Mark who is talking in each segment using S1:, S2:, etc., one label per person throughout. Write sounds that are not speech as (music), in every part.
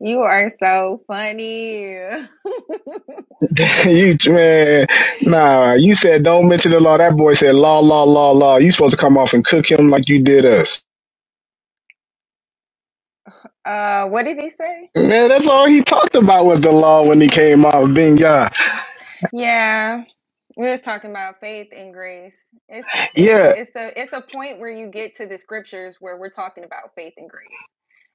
S1: You are so funny. (laughs)
S2: (laughs) you man, nah. You said don't mention the law. That boy said law, law, law, law. You supposed to come off and cook him like you did us.
S1: Uh, what did he say?
S2: Man, that's all he talked about was the law when he came off being God.
S1: Yeah, we was talking about faith and grace. It's it's
S2: Yeah,
S1: it's a it's a point where you get to the scriptures where we're talking about faith and grace,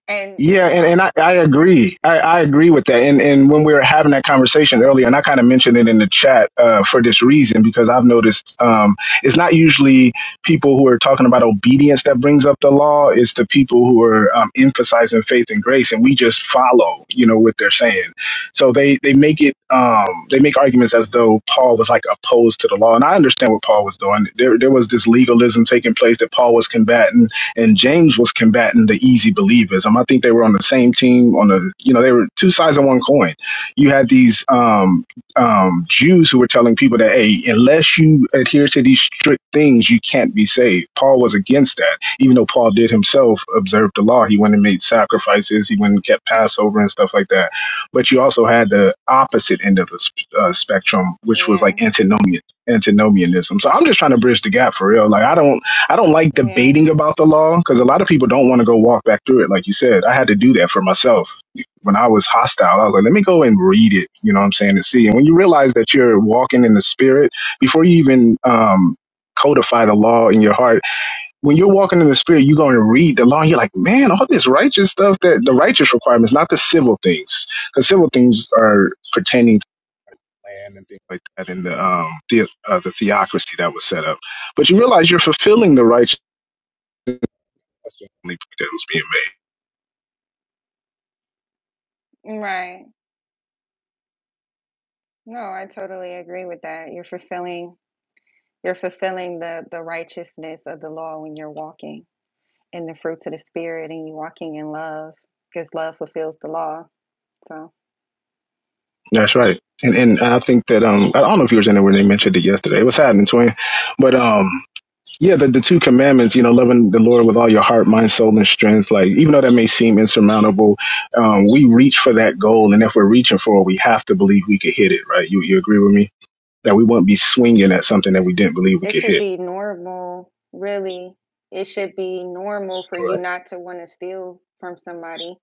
S1: and you
S2: Yeah, and, and
S1: know,
S2: I, I agree. I, I agree with that. And and when we were having that conversation earlier, and I kind of mentioned it in the chat uh, for this reason, because I've noticed um, it's not usually people who are talking about obedience that brings up the law. It's the people who are um, emphasizing faith and grace, and we just follow, you know, what they're saying. So they they make it um, they make arguments as though Paul was like opposed to the law, and I understand what Paul was doing. There there was this legalism taking place that Paul was combating and James was combating the easy believers. Um, I think they were on the same team on the you know they were two sides of one coin. You had these um, um, Jews who were telling people that hey, unless you adhere to these strict things, you can't be saved. Paul was against that, even though Paul did himself observe the law. He went and made sacrifices. He went and kept Passover and stuff like that. But you also had the opposite end of the uh, spectrum, which was
S1: yeah,
S2: like antinomian antinomianism. So I'm just trying to bridge the gap for real. Like I don't I don't like
S1: yeah,
S2: debating about the law because a lot of people don't want to go walk back through it. Like you said, I had to do that for myself. When I was hostile, I was like, let me go and read it, you know what I'm saying, and see. And when you realize that you're walking in the spirit, before you even um, codify the law in your heart, when you're walking in the spirit, you're going to read the law and you're like, man, all this righteous stuff that the righteous requirements, not the civil things, because civil things are pertaining to land and things like that and the, um, the, uh, the theocracy that was set up. But you realize you're fulfilling the righteous that's the only point that was being made.
S1: right. No, I totally agree with that. You're fulfilling you're fulfilling the the righteousness of the law when you're walking in the fruits of the spirit and you're walking in love because love fulfills the law. So.
S2: That's right. And and I think that um I don't know if you were in there when they mentioned it yesterday. It was happening, twin. But um yeah, the, the two commandments, you know, loving the Lord with all your heart, mind, soul, and strength, like even though that may seem insurmountable, um, we reach for that goal and if we're reaching for it, we have to believe we could hit it, right? You you agree with me? That we won't be swinging at something that we didn't believe we
S1: It
S2: could
S1: should
S2: hit.
S1: be normal, really. It should be normal for
S2: right?
S1: you not to want to steal from somebody.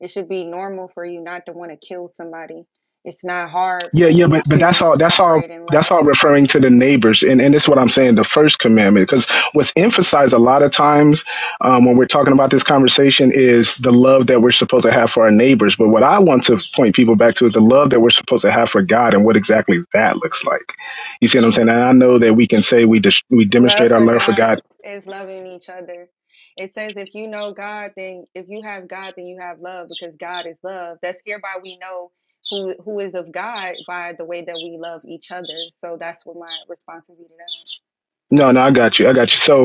S1: It should be normal for you not to want to kill somebody. It's not hard
S2: Yeah,
S1: for
S2: yeah,
S1: you
S2: but but that's
S1: to
S2: all. That's all.
S1: operate in
S2: That's all
S1: love.
S2: referring to the neighbors, and and it's what I'm saying. The first commandment, because what's emphasized a lot of times um, when we're talking about this conversation is the love that we're supposed to have for our neighbors. But what I want to point people back to is the love that we're supposed to have for God, and what exactly that looks like. You see what I'm saying? And I know that we can say we dis- we demonstrate
S1: Love
S2: our
S1: for
S2: love for
S1: God
S2: God.
S1: is loving each other. It says if you know God, then if you have God, then you have love because God is love. That's hereby we know who who is of God by the way that we love each other. So that's what my response would be to that.
S2: No, no, I got you. I got you. So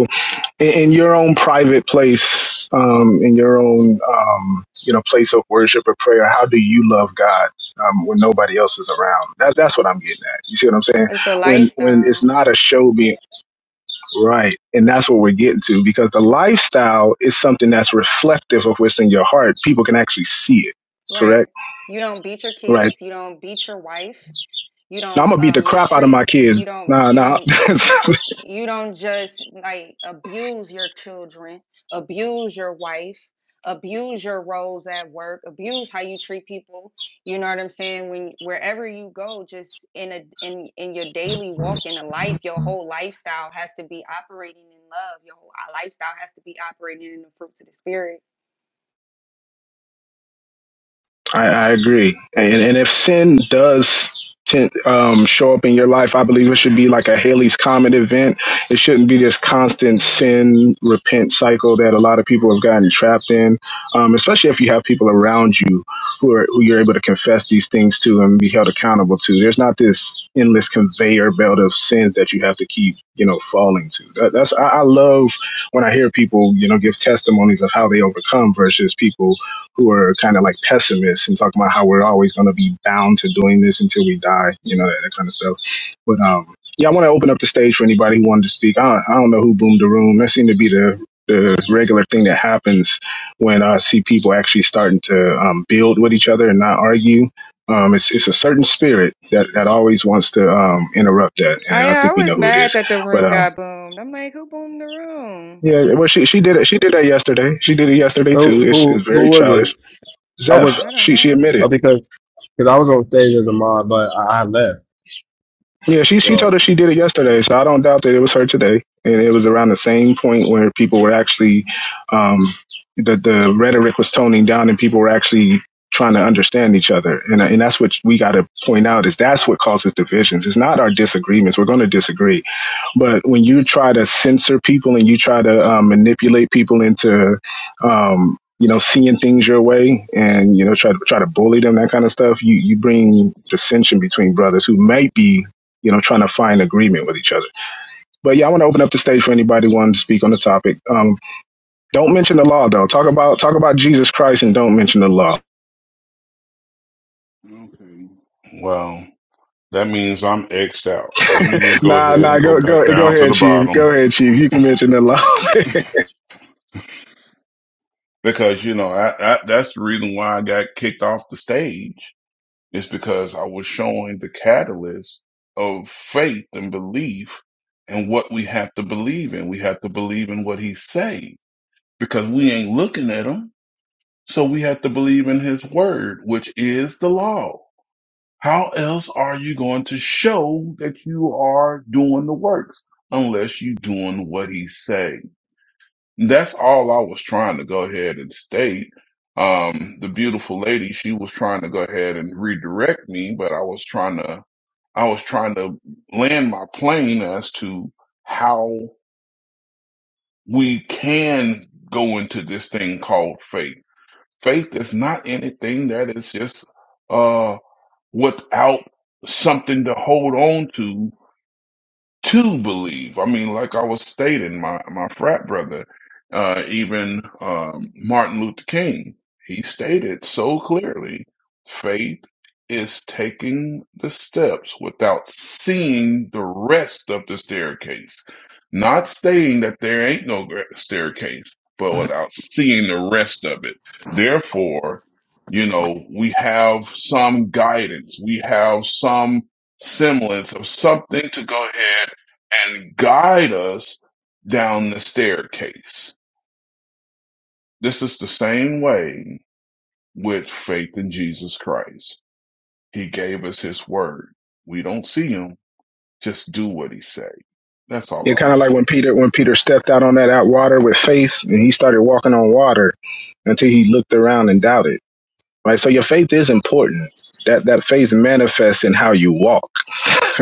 S2: in, in your own private place, um, in your own um, you know place of worship or prayer, how do you love God um, when nobody else is around? That, that's what I'm getting at. You see what I'm saying?
S1: It's a
S2: When when
S1: lifestyle.
S2: it's not a show being right, and that's what we're getting to because the lifestyle is something that's reflective of what's in your heart. People can actually see it.
S1: Right.
S2: Correct?
S1: You don't beat your
S2: Right.
S1: kids, you don't beat your wife, you
S2: Now I'm
S1: don't
S2: gonna beat
S1: uh,
S2: the crap out of my
S1: mistreat,
S2: kids.
S1: you don't
S2: Nah,
S1: you
S2: nah.
S1: don't
S2: (laughs)
S1: you don't just like abuse your children, abuse your wife, abuse your roles at work, abuse how you treat people. You know what I'm saying? When wherever you go, just in a in in your daily walk in a life, your whole lifestyle has to be operating in love. Your whole uh, lifestyle has to be operating in the fruits of the spirit
S2: I, I agree. And and if sin does tend, um, show up in your life, I believe it should be like a Haley's Comet event. It shouldn't be this constant sin repent cycle that a lot of people have gotten trapped in. Um, especially if you have people around you who are who you're able to confess these things to and be held accountable to. There's not this endless conveyor belt of sins that you have to keep you know falling to. That, that's I, I love when I hear people you know give testimonies of how they overcome versus people who are kind of like pessimists and talking about how we're always going to be bound to doing this until we die, you know, that, that kind of stuff. But um, yeah, I want to open up the stage for anybody who wanted to speak. I, I don't know who boomed the room. That seemed to be the the regular thing that happens when uh, I see people actually starting to um, build with each other and not argue. Um, it's it's a certain spirit that, that always wants to um, interrupt that, and
S1: I
S2: I
S1: I
S2: think we know
S1: was
S2: who it
S1: mad
S2: is.
S1: that the
S2: But
S1: room
S2: um,
S1: got boomed. I'm like, who boomed the room?
S2: yeah, well, she she did it. She did that yesterday. She did it yesterday too.
S3: Who
S2: It's, it's
S3: who
S2: very
S3: who was
S2: childish.
S3: it? I was
S2: Zeph,
S1: I don't
S2: she she
S1: know.
S2: admitted.
S3: uh, because because I was on stage as a mod, but I, I left.
S2: Yeah, she she told
S3: So
S2: us she did it yesterday, so I don't doubt that it was her today. And it was around the same point where people were actually um, the the rhetoric was toning down, and people were actually trying to understand each other. And and that's what we got to point out is that's what causes divisions. It's not our disagreements. We're going to disagree but when you try to censor people and you try to um, manipulate people into, um, you know, seeing things your way and you know try to try to bully them, that kind of stuff, you you bring dissension between brothers who might be, you know, trying to find agreement with each other. But yeah, I want to open up the stage for anybody wanting to speak on the topic. Um, don't mention the law though. Talk about talk about Jesus Christ and don't mention the law.
S4: Okay. Well, that means I'm X'd out. Let me just go
S2: Nah,
S4: ahead and
S2: nah,
S4: go
S2: go
S4: back
S2: go go
S4: down to
S2: ahead,
S4: the
S2: Chief. Go
S4: bottom
S2: ahead, Chief. You can mention the law. (laughs)
S4: because, you know, I, I, that's the reason why I got kicked off the stage is because I was showing the catalyst of faith and belief and what we have to believe in. We have to believe in what he say because we ain't looking at him. So we have to believe in his word, which is the law. How else are you going to show that you are doing the works unless you doing what he say? That's all I was trying to go ahead and state. Um, the beautiful lady, she was trying to go ahead and redirect me, but I was trying to, I was trying to land my plane as to how we can go into this thing called faith. Faith is not anything that is just uh, without something to hold on to to believe. I mean, like I was stating, my, my frat brother, uh, even um, Martin Luther King, he stated so clearly faith is taking the steps without seeing the rest of the staircase. Not saying that there ain't no gra- staircase, but without seeing the rest of it. Therefore, you know, we have some guidance, we have some semblance of something to go ahead and guide us down the staircase. This is the same way with faith in Jesus Christ. He gave us his word. We don't see him. Just do what he say. That's all
S2: Yeah,
S4: I
S2: kind of
S4: was
S2: like when
S4: saying.
S2: Peter when Peter stepped out on that out water with faith, and he started walking on water until he looked around and doubted. Right. So your faith is important. That that faith manifests in how you walk.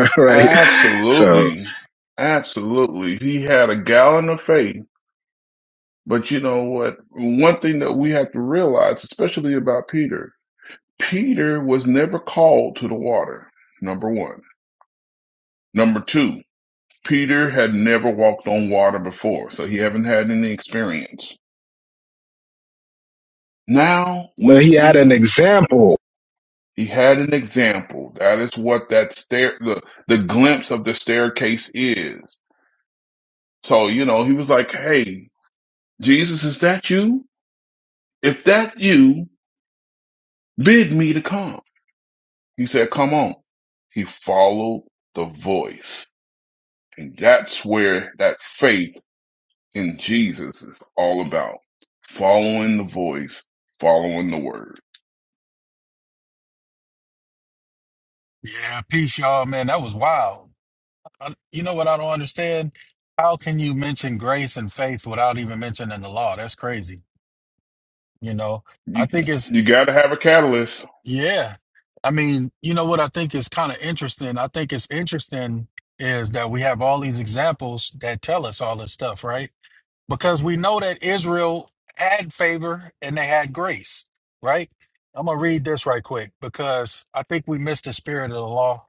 S2: (laughs) Right. So,
S4: Absolutely. Absolutely. He had a gallon of faith. But you know what? One thing that we have to realize, especially about Peter, Peter was never called to the water. Number one. Number two, Peter had never walked on water before, so he haven't had any experience. Now
S2: but
S4: we
S2: he had an
S4: see
S2: example.
S4: he had an example. That is what that stair, the, the glimpse of the staircase is. So, you know, he was like, Hey, Jesus, is that you? If that you, bid me to come. He said, come on. He followed the voice. And that's where that faith in Jesus is all about. Following the voice, following the word.
S5: Yeah, peace, y'all, man. That was wild. I, you know what I don't understand? How can you mention grace and faith without even mentioning the law? That's crazy. You know, I
S4: You
S5: think it's,
S4: you got to have a catalyst.
S5: yeah. I mean, you know what I think is kind of interesting? I think it's interesting is that we have all these examples that tell us all this stuff, right? because we know that Israel had favor and they had grace, right? I'm gonna read this right quick because I think we missed the spirit of the law,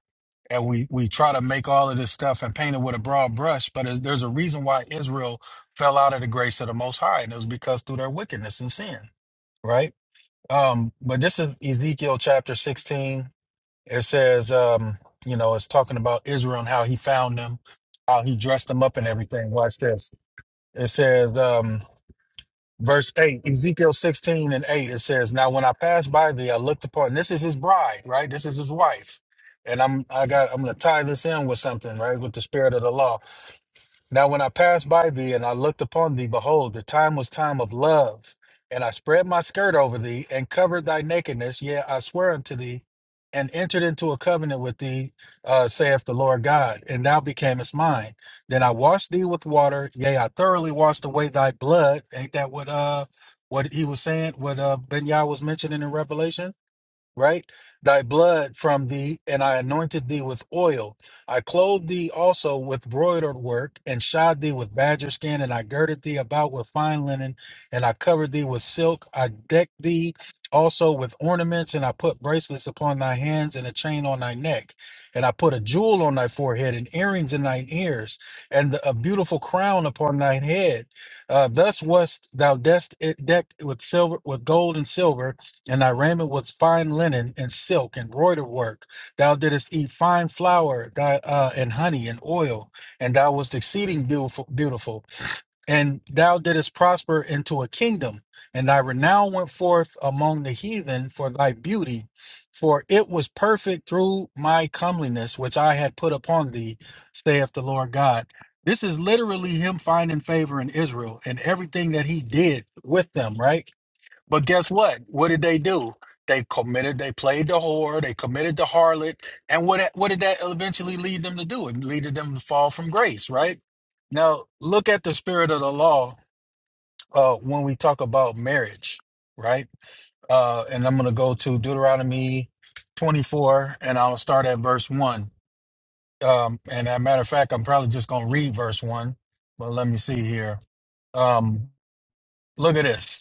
S5: and we we try to make all of this stuff and paint it with a broad brush. But it's- there's a reason why Israel fell out of the grace of the Most High, and it was because through their wickedness and sin, right? Um, but this is Ezekiel chapter 16. It says, um, you know, it's talking about Israel and how he found them, how he dressed them up and everything. Watch this. It says, um, Verse 8, Ezekiel 16 and 8, it says, Now when I passed by thee, I looked upon this is his bride, right? This is his wife. And I'm I got I'm gonna tie this in with something, right? With the spirit of the law. Now, when I passed by thee and I looked upon thee, behold, the time was time of love. And I spread my skirt over thee and covered thy nakedness. Yea, I swear unto thee and entered into a covenant with thee, uh, saith the Lord God. And thou becamest mine. Then I washed thee with water. Yea, I thoroughly washed away thy blood. Ain't that what uh what he was saying? What uh Ben Yah was mentioning in Revelation? right? Thy blood from thee, and I anointed thee with oil. I clothed thee also with broidered work, and shod thee with badger skin, and I girded thee about with fine linen, and I covered thee with silk. I decked thee also with ornaments, and I put bracelets upon thy hands, and a chain on thy neck. And I put a jewel on thy forehead, and earrings in thine ears, and a beautiful crown upon thine head. Uh, thus wast thou dest- eh, decked with silver, with gold and silver, and thy raiment was fine linen and silk and broider work. Thou didst eat fine flour thy, uh, and honey and oil, and thou wast exceeding beautiful, beautiful. And thou didst prosper into a kingdom, and thy renown went forth among the heathen for thy beauty, for it was perfect through my comeliness which I had put upon thee, saith the Lord God. This is literally him finding favor in Israel and everything that he did with them, right? But guess what? What did they do? They committed. They played the whore. They committed the harlot. And what what did that eventually lead them to do? It leaded them to fall from grace, right? Now look at the spirit of the law uh, when we talk about marriage, right? Uh, and I'm going to go to Deuteronomy 24, and I'll start at verse one. Um, and as a matter of fact, I'm probably just going to read verse one. But let me see here. Um, look at this.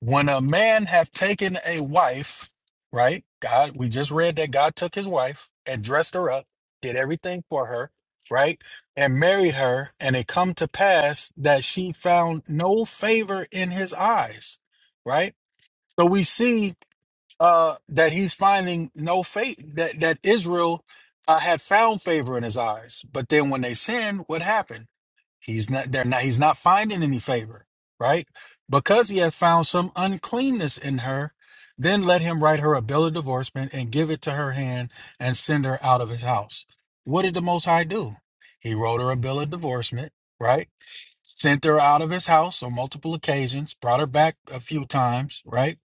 S5: When a man hath taken a wife, right? God, we just read that God took his wife and dressed her up, did everything for her, right? And married her, and it come to pass that she found no favor in his eyes, right? So we see uh that he's finding no faith that that Israel uh, had found favor in his eyes, but then when they sinned, what happened? He's not they're not he's not finding any favor, right? Because he hath found some uncleanness in her, then let him write her a bill of divorcement and give it to her hand and send her out of his house. What did the most high do? He wrote her a bill of divorcement, right? Sent her out of his house on multiple occasions, brought her back a few times, right?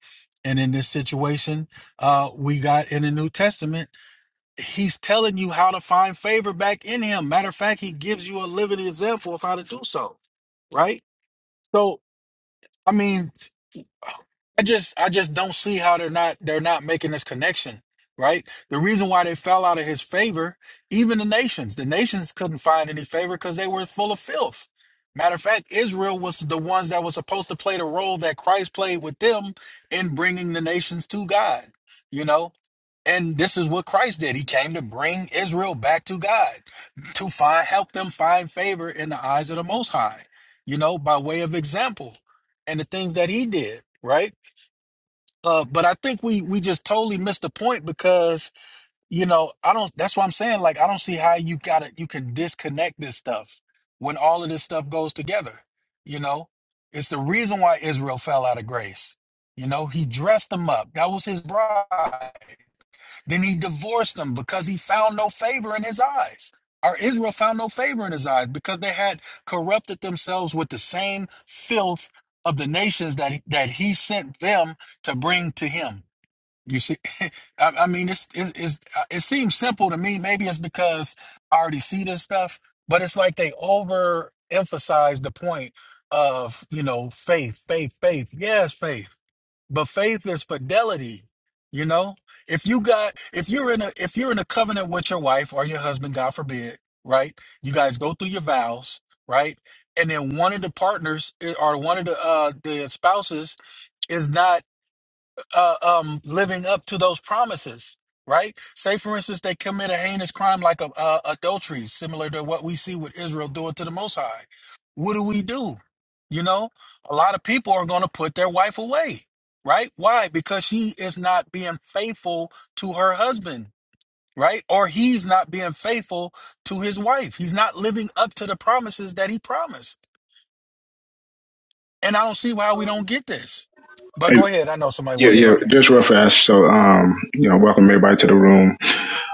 S5: And in this situation, uh, we got in the New Testament he's telling you how to find favor back in him. Matter of fact, he gives you a living example of how to do so. Right? So, I mean, I just I just don't see how they're not they're not making this connection, right? The reason why they fell out of his favor, even the nations, the nations couldn't find any favor because they were full of filth. Matter of fact, Israel was the ones that was supposed to play the role that Christ played with them in bringing the nations to God. You know, and this is what Christ did. He came to bring Israel back to God, to find help them find favor in the eyes of the Most High, you know, by way of example and the things that he did, right? Uh, but I think we we just totally missed the point because, you know, I don't that's what I'm saying. Like, I don't see how you gotta you can disconnect this stuff when all of this stuff goes together, you know? It's the reason why Israel fell out of grace. You know, he dressed them up. That was his bride. Then he divorced them because he found no favor in his eyes. Or Israel found no favor in his eyes because they had corrupted themselves with the same filth of the nations that he, that he sent them to bring to him. You see, (laughs) I, I mean, it's, it's, it's, uh, it seems simple to me. Maybe it's because I already see this stuff, but it's like they overemphasize the point of, you know, faith, faith, faith. Yes, faith but faith is fidelity you know if you got if you're in a if you're in a covenant with your wife or your husband god forbid right you guys go through your vows right and then one of the partners eh, or one of the uh the spouses is not uh, um, living up to those promises, right? Say, for instance, they commit a heinous crime like a, uh adultery, similar to what we see with Israel doing to the Most High. What do we do? You know, a lot of people are going to put their wife away, right? Why? Because she is not being faithful to her husband, right? Or he's not being faithful to his wife. He's not living up to the promises that he promised. And I don't see why we don't get this. But
S2: And,
S5: go ahead. I know somebody
S2: yeah,
S5: want to
S2: yeah.
S5: talk.
S2: Just real fast. So, um, you know, welcome everybody to the room.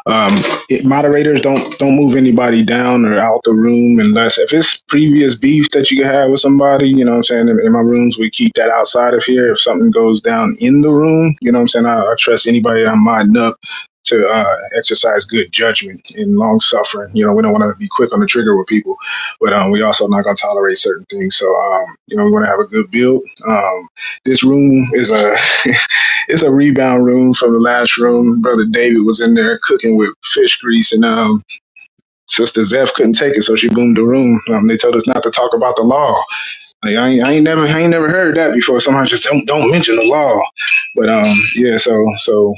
S2: Um, it, moderators don't don't move anybody down or out the room unless if it's previous beef that you have with somebody. You know what I'm saying? In, in my rooms, we keep that outside of here. If something goes down in the room, you know what I'm saying? I, I trust anybody that I'm modding up to uh, exercise good judgment and long suffering. You know, we don't want to be quick on the trigger with people, but um, we also not going to tolerate certain things. So, um, you know, we want to have a good build. Um, this room is a (laughs) It's a rebound room from the last room. Brother David was in there cooking with fish grease, and um, Sister Zeph couldn't take it, so she boomed the room. Um, they told us not to talk about the law. Like, I, ain't, I ain't never, I ain't never heard that before. Sometimes just don't, don't mention the law. But um, yeah, so so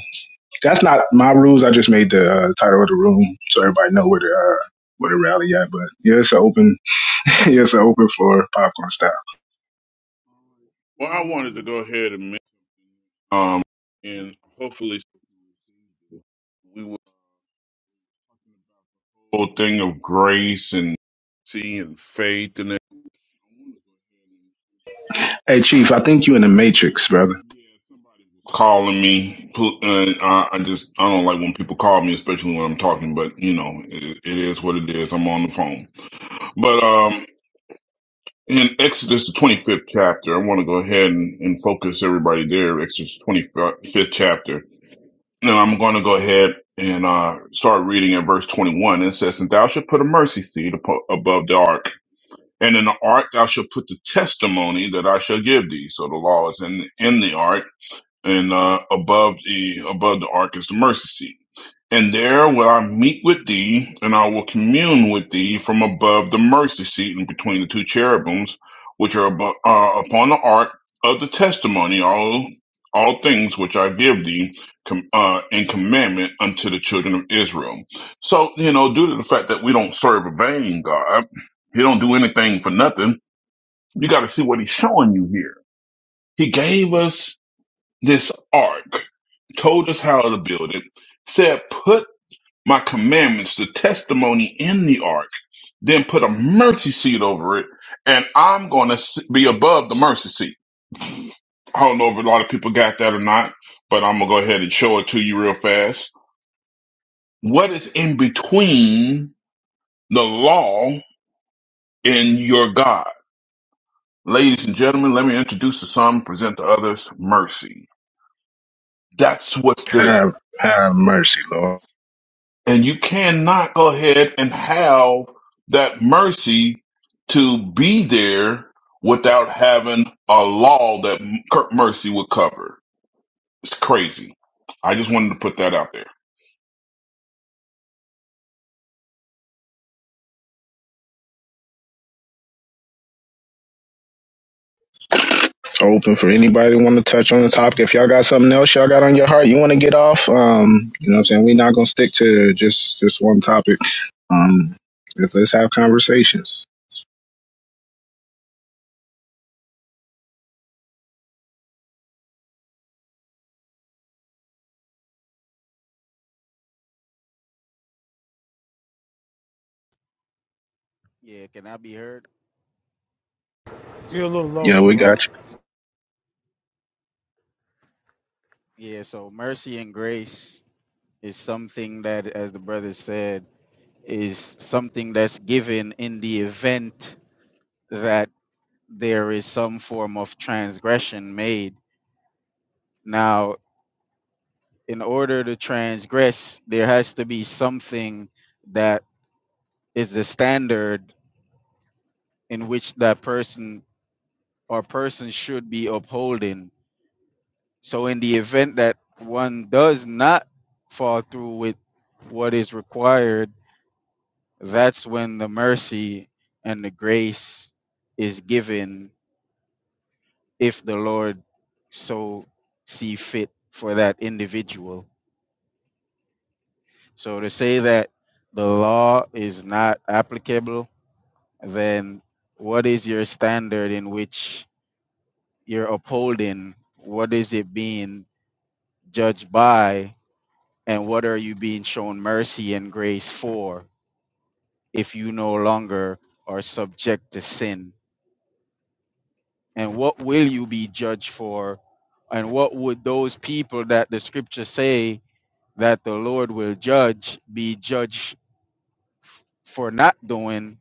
S2: that's not my rules. I just made the uh, title of the room so everybody know where to uh, where to rally at. But yeah, it's an open, (laughs) yeah, it's an open floor, popcorn style.
S4: Well, I wanted to go ahead and make, um, and hopefully we will whole thing of grace and see and faith and that.
S2: Hey, Chief, I think you in the Matrix, brother.
S4: Yeah, somebody was calling me, pu- and I, I just I don't like when people call me, especially when I'm talking. But you know, it, it is what it is. I'm on the phone, but um. In Exodus, the 25th chapter, I want to go ahead and, and focus everybody there, Exodus 25th chapter. And I'm going to go ahead and uh, start reading at verse 21. It says, And thou shalt put a mercy seat apo- above the ark, and in the ark thou shalt put the testimony that I shall give thee. So the law is in, in the ark and uh, above the above the ark is the mercy seat. And there will I meet with thee, and I will commune with thee from above the mercy seat and between the two cherubims, which are abo- uh, upon the ark of the testimony, all all things which I give thee com- uh, in commandment unto the children of Israel. So you know, due to the fact that we don't serve a vain God, He don't do anything for nothing. You got to see what He's showing you here. He gave us this ark told us how to build it, said, Put my commandments, the testimony in the ark, then put a mercy seat over it, and I'm going to be above the mercy seat. I don't know if a lot of people got that or not, but I'm going to go ahead and show it to you real fast. What is in between the law and your God? Ladies and gentlemen, let me introduce the some, present the others mercy. That's what's there.
S2: Have have mercy, Lord.
S4: And you cannot go ahead and have that mercy to be there without having a law that m- mercy would cover. It's crazy. I just wanted to put that out there.
S2: It's open for anybody want to touch on the topic. If y'all got something else y'all got on your heart, you want to get off. Um, you know what I'm saying? We're not gonna stick to just just one topic. Um, let's, let's have conversations.
S6: Yeah, can I be heard?
S7: You're a little low,
S2: Yeah, we
S7: Siobhan.
S2: got you.
S6: Yeah, so mercy and grace is something that, as the brother said, is something that's given in the event that there is some form of transgression made. Now, in order to transgress, there has to be something that is the standard in which that person or person should be upholding. So, in the event that one does not fall through with what is required, that's when the mercy and the grace is given if the Lord so see fit for that individual. So to say that the law is not applicable, then what is your standard in which you're upholding? What is it being judged by? And what are you being shown mercy and grace for if you no longer are subject to sin? and what will you be judged for and what would those people that the scripture say that the lord will judge be judged f- for not doing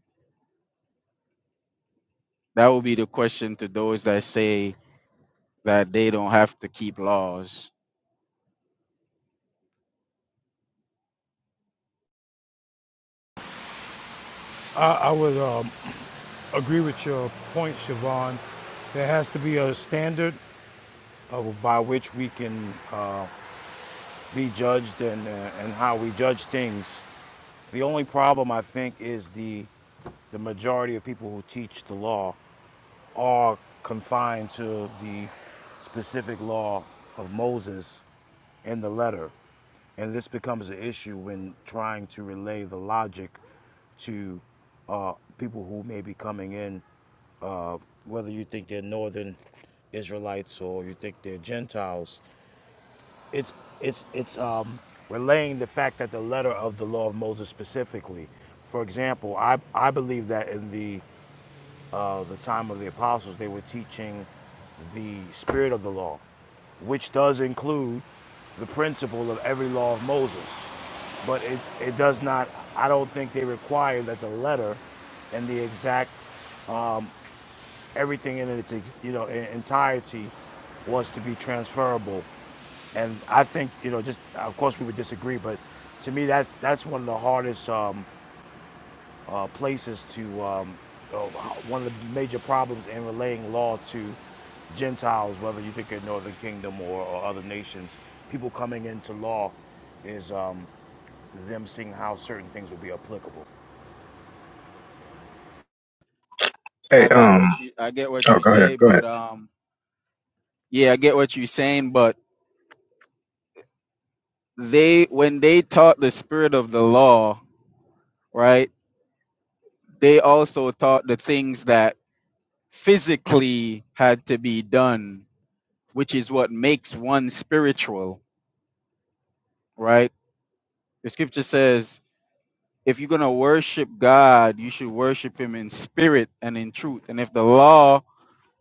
S6: that will be the question to those that say that they don't have to keep laws
S7: I, I would um, agree with your point, Siobhan. There has to be a standard of, by which we can uh, be judged and, uh, and how we judge things. The only problem, I think, is the, the majority of people who teach the law are confined to the specific law of Moses in the letter. And this becomes an issue when trying to relay the logic to uh, people who may be coming in, uh, whether you think they're northern Israelites or you think they're Gentiles. It's it's it's um, relaying the fact that the letter of the law of Moses specifically. For example, I I believe that in the uh, the time of the apostles, they were teaching the spirit of the law, which does include the principle of every law of Moses. But it, it does not, I don't think they require that the letter and the exact, everything in its ex- you know, en- entirety was to be transferable. And I think, you know, just, of course we would disagree, but to me that that's one of the hardest um, uh, places to um, uh, one of the major problems in relaying law to Gentiles, whether you think of Northern Kingdom or, or other nations, people coming into law is um, them seeing how certain things will be applicable.
S2: Hey,
S6: i got
S2: um,
S6: what you i get what
S2: oh,
S6: you
S2: go ahead,
S6: say
S2: go ahead.
S6: but um yeah i get what you're saying but they when they taught the spirit of the law right they also taught the things that physically had to be done which is what makes one spiritual, right? The scripture says, if you're going to worship God, you should worship him in spirit and in truth. And if the law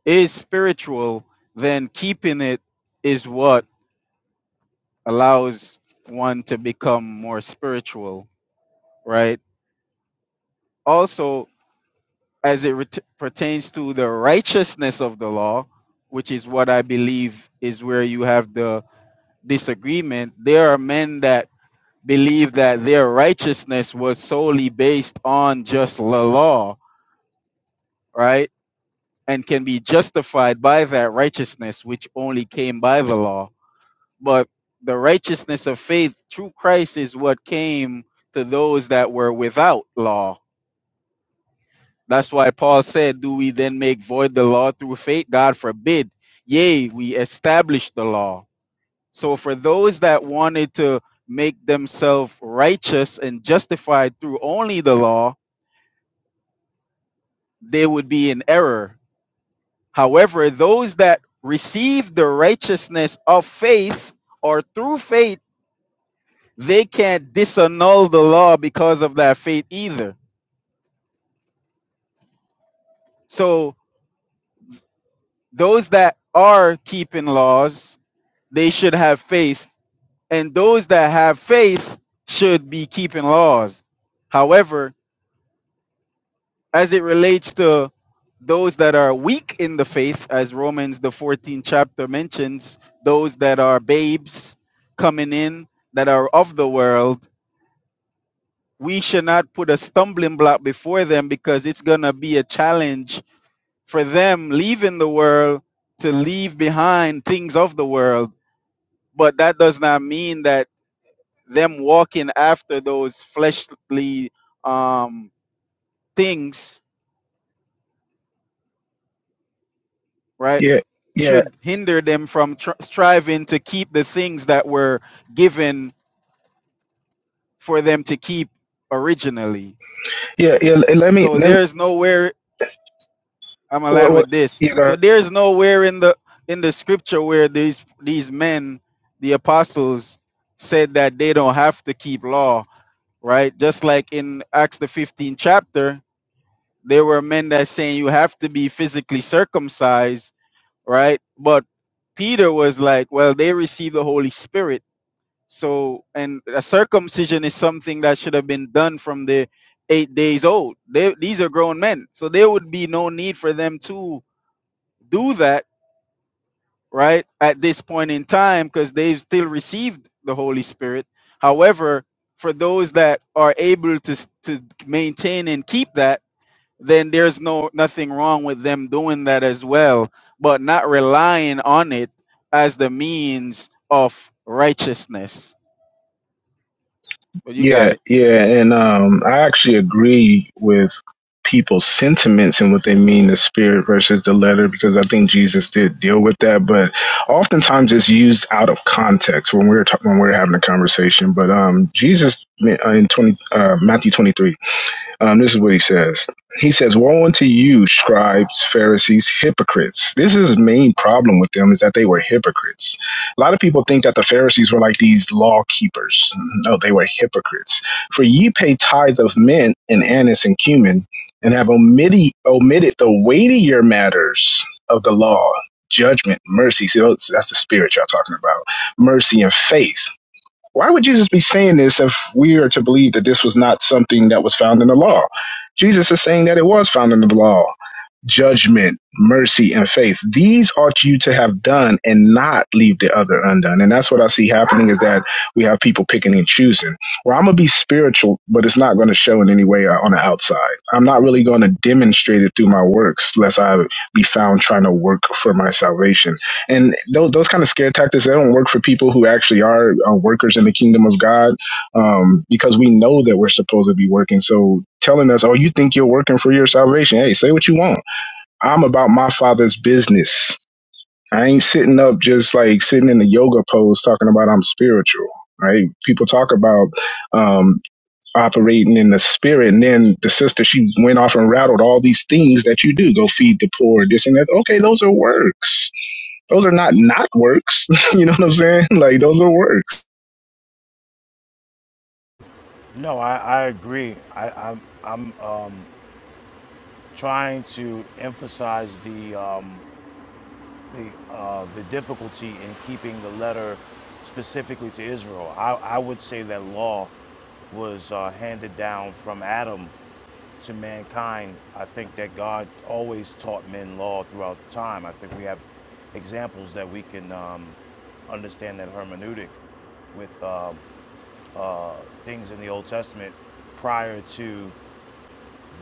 S6: is spiritual, then keeping it is what allows one to become more spiritual, right? Also, as it ret- pertains to the righteousness of the law, which is what I believe is where you have the disagreement, there are men that believed that their righteousness was solely based on just the law, right? And can be justified by that righteousness, which only came by the law. But the righteousness of faith through Christ is what came to those that were without law. That's why Paul said, Do we then make void the law through faith? God forbid. Yea, we establish the law. So for those that wanted to make themselves righteous and justified through only the law, they would be in error. However, those that receive the righteousness of faith or through faith, they can't disannul the law because of that faith either. So, those that are keeping laws, they should have faith, and those that have faith should be keeping laws. However, as it relates to those that are weak in the faith, as Romans the 14th chapter mentions, those that are babes coming in that are of the world, we should not put a stumbling block before them because it's going to be a challenge for them leaving the world to leave behind things of the world. But that does not mean that them walking after those fleshly um, things right,
S2: Yeah, yeah,
S6: should hinder them from tr- striving to keep the things that were given for them to keep originally.
S2: yeah, yeah. Let me
S6: So
S2: let me.
S6: there is nowhere I'm gonna
S2: Well,
S6: land
S2: well,
S6: with this.
S2: yeah, go ahead.
S6: So there is nowhere in the in the scripture where these these men, the apostles, said that they don't have to keep law, right? Just like in Acts the 15th chapter, there were men that saying you have to be physically circumcised, right? But Peter was like, well, they received the Holy Spirit So, and a circumcision is something that should have been done from the eight days old. They, these are grown men, so there would be no need for them to do that right at this point in time because they've still received the Holy Spirit. However, for those that are able to s- to maintain and keep that, then there's no nothing wrong with them doing that as well, but not relying on it as the means of righteousness. But you got
S2: Yeah,
S6: it.
S2: yeah, and um, I actually agree with people's sentiments and what they mean the spirit versus the letter because I think Jesus did deal with that, but oftentimes it's used out of context when we're ta- when we're having a conversation. But um, Jesus uh, in twenty uh, Matthew twenty three. Um, this is what he says. He says, Woe unto you, scribes, Pharisees, hypocrites. This is his main problem with them is that they were hypocrites. A lot of people think that the Pharisees were like these law keepers. No, they were hypocrites. For ye pay tithe of mint and anise and cumin, and have omitted, omitted the weightier matters of the law, judgment, mercy. See, that's the spirit y'all talking about. Mercy and faith why would Jesus be saying this if we are to believe that this was not something that was found in the law? Jesus is saying that it was found in the law. Judgment, mercy, and faith. These ought you to have done and not leave the other undone. And that's what I see happening is that we have people picking and choosing. Well, I'm going to be spiritual, but it's not going to show in any way on the outside. I'm not really going to demonstrate it through my works, lest I be found trying to work for my salvation and those, those kind of scare tactics they don't work for people who actually are uh, workers in the kingdom of god um, because we know that we're supposed to be working so telling us oh you think you're working for your salvation hey say what you want i'm about my father's business i ain't sitting up just like sitting in the yoga pose talking about i'm spiritual right people talk about um, operating in the spirit and then the sister she went off and rattled all these things that you do go feed the poor this and that okay those are works those are not not works. (laughs) you know what I'm saying? (laughs) Like those are works.
S7: No, I, I agree. I, I'm, I'm trying to emphasize the, um, the, uh, the difficulty in keeping the letter specifically to Israel. I, I would say that law was uh, handed down from Adam To mankind, I think that God always taught men law throughout time. I think we have examples that we can um, understand that hermeneutic with um things in the Old Testament prior to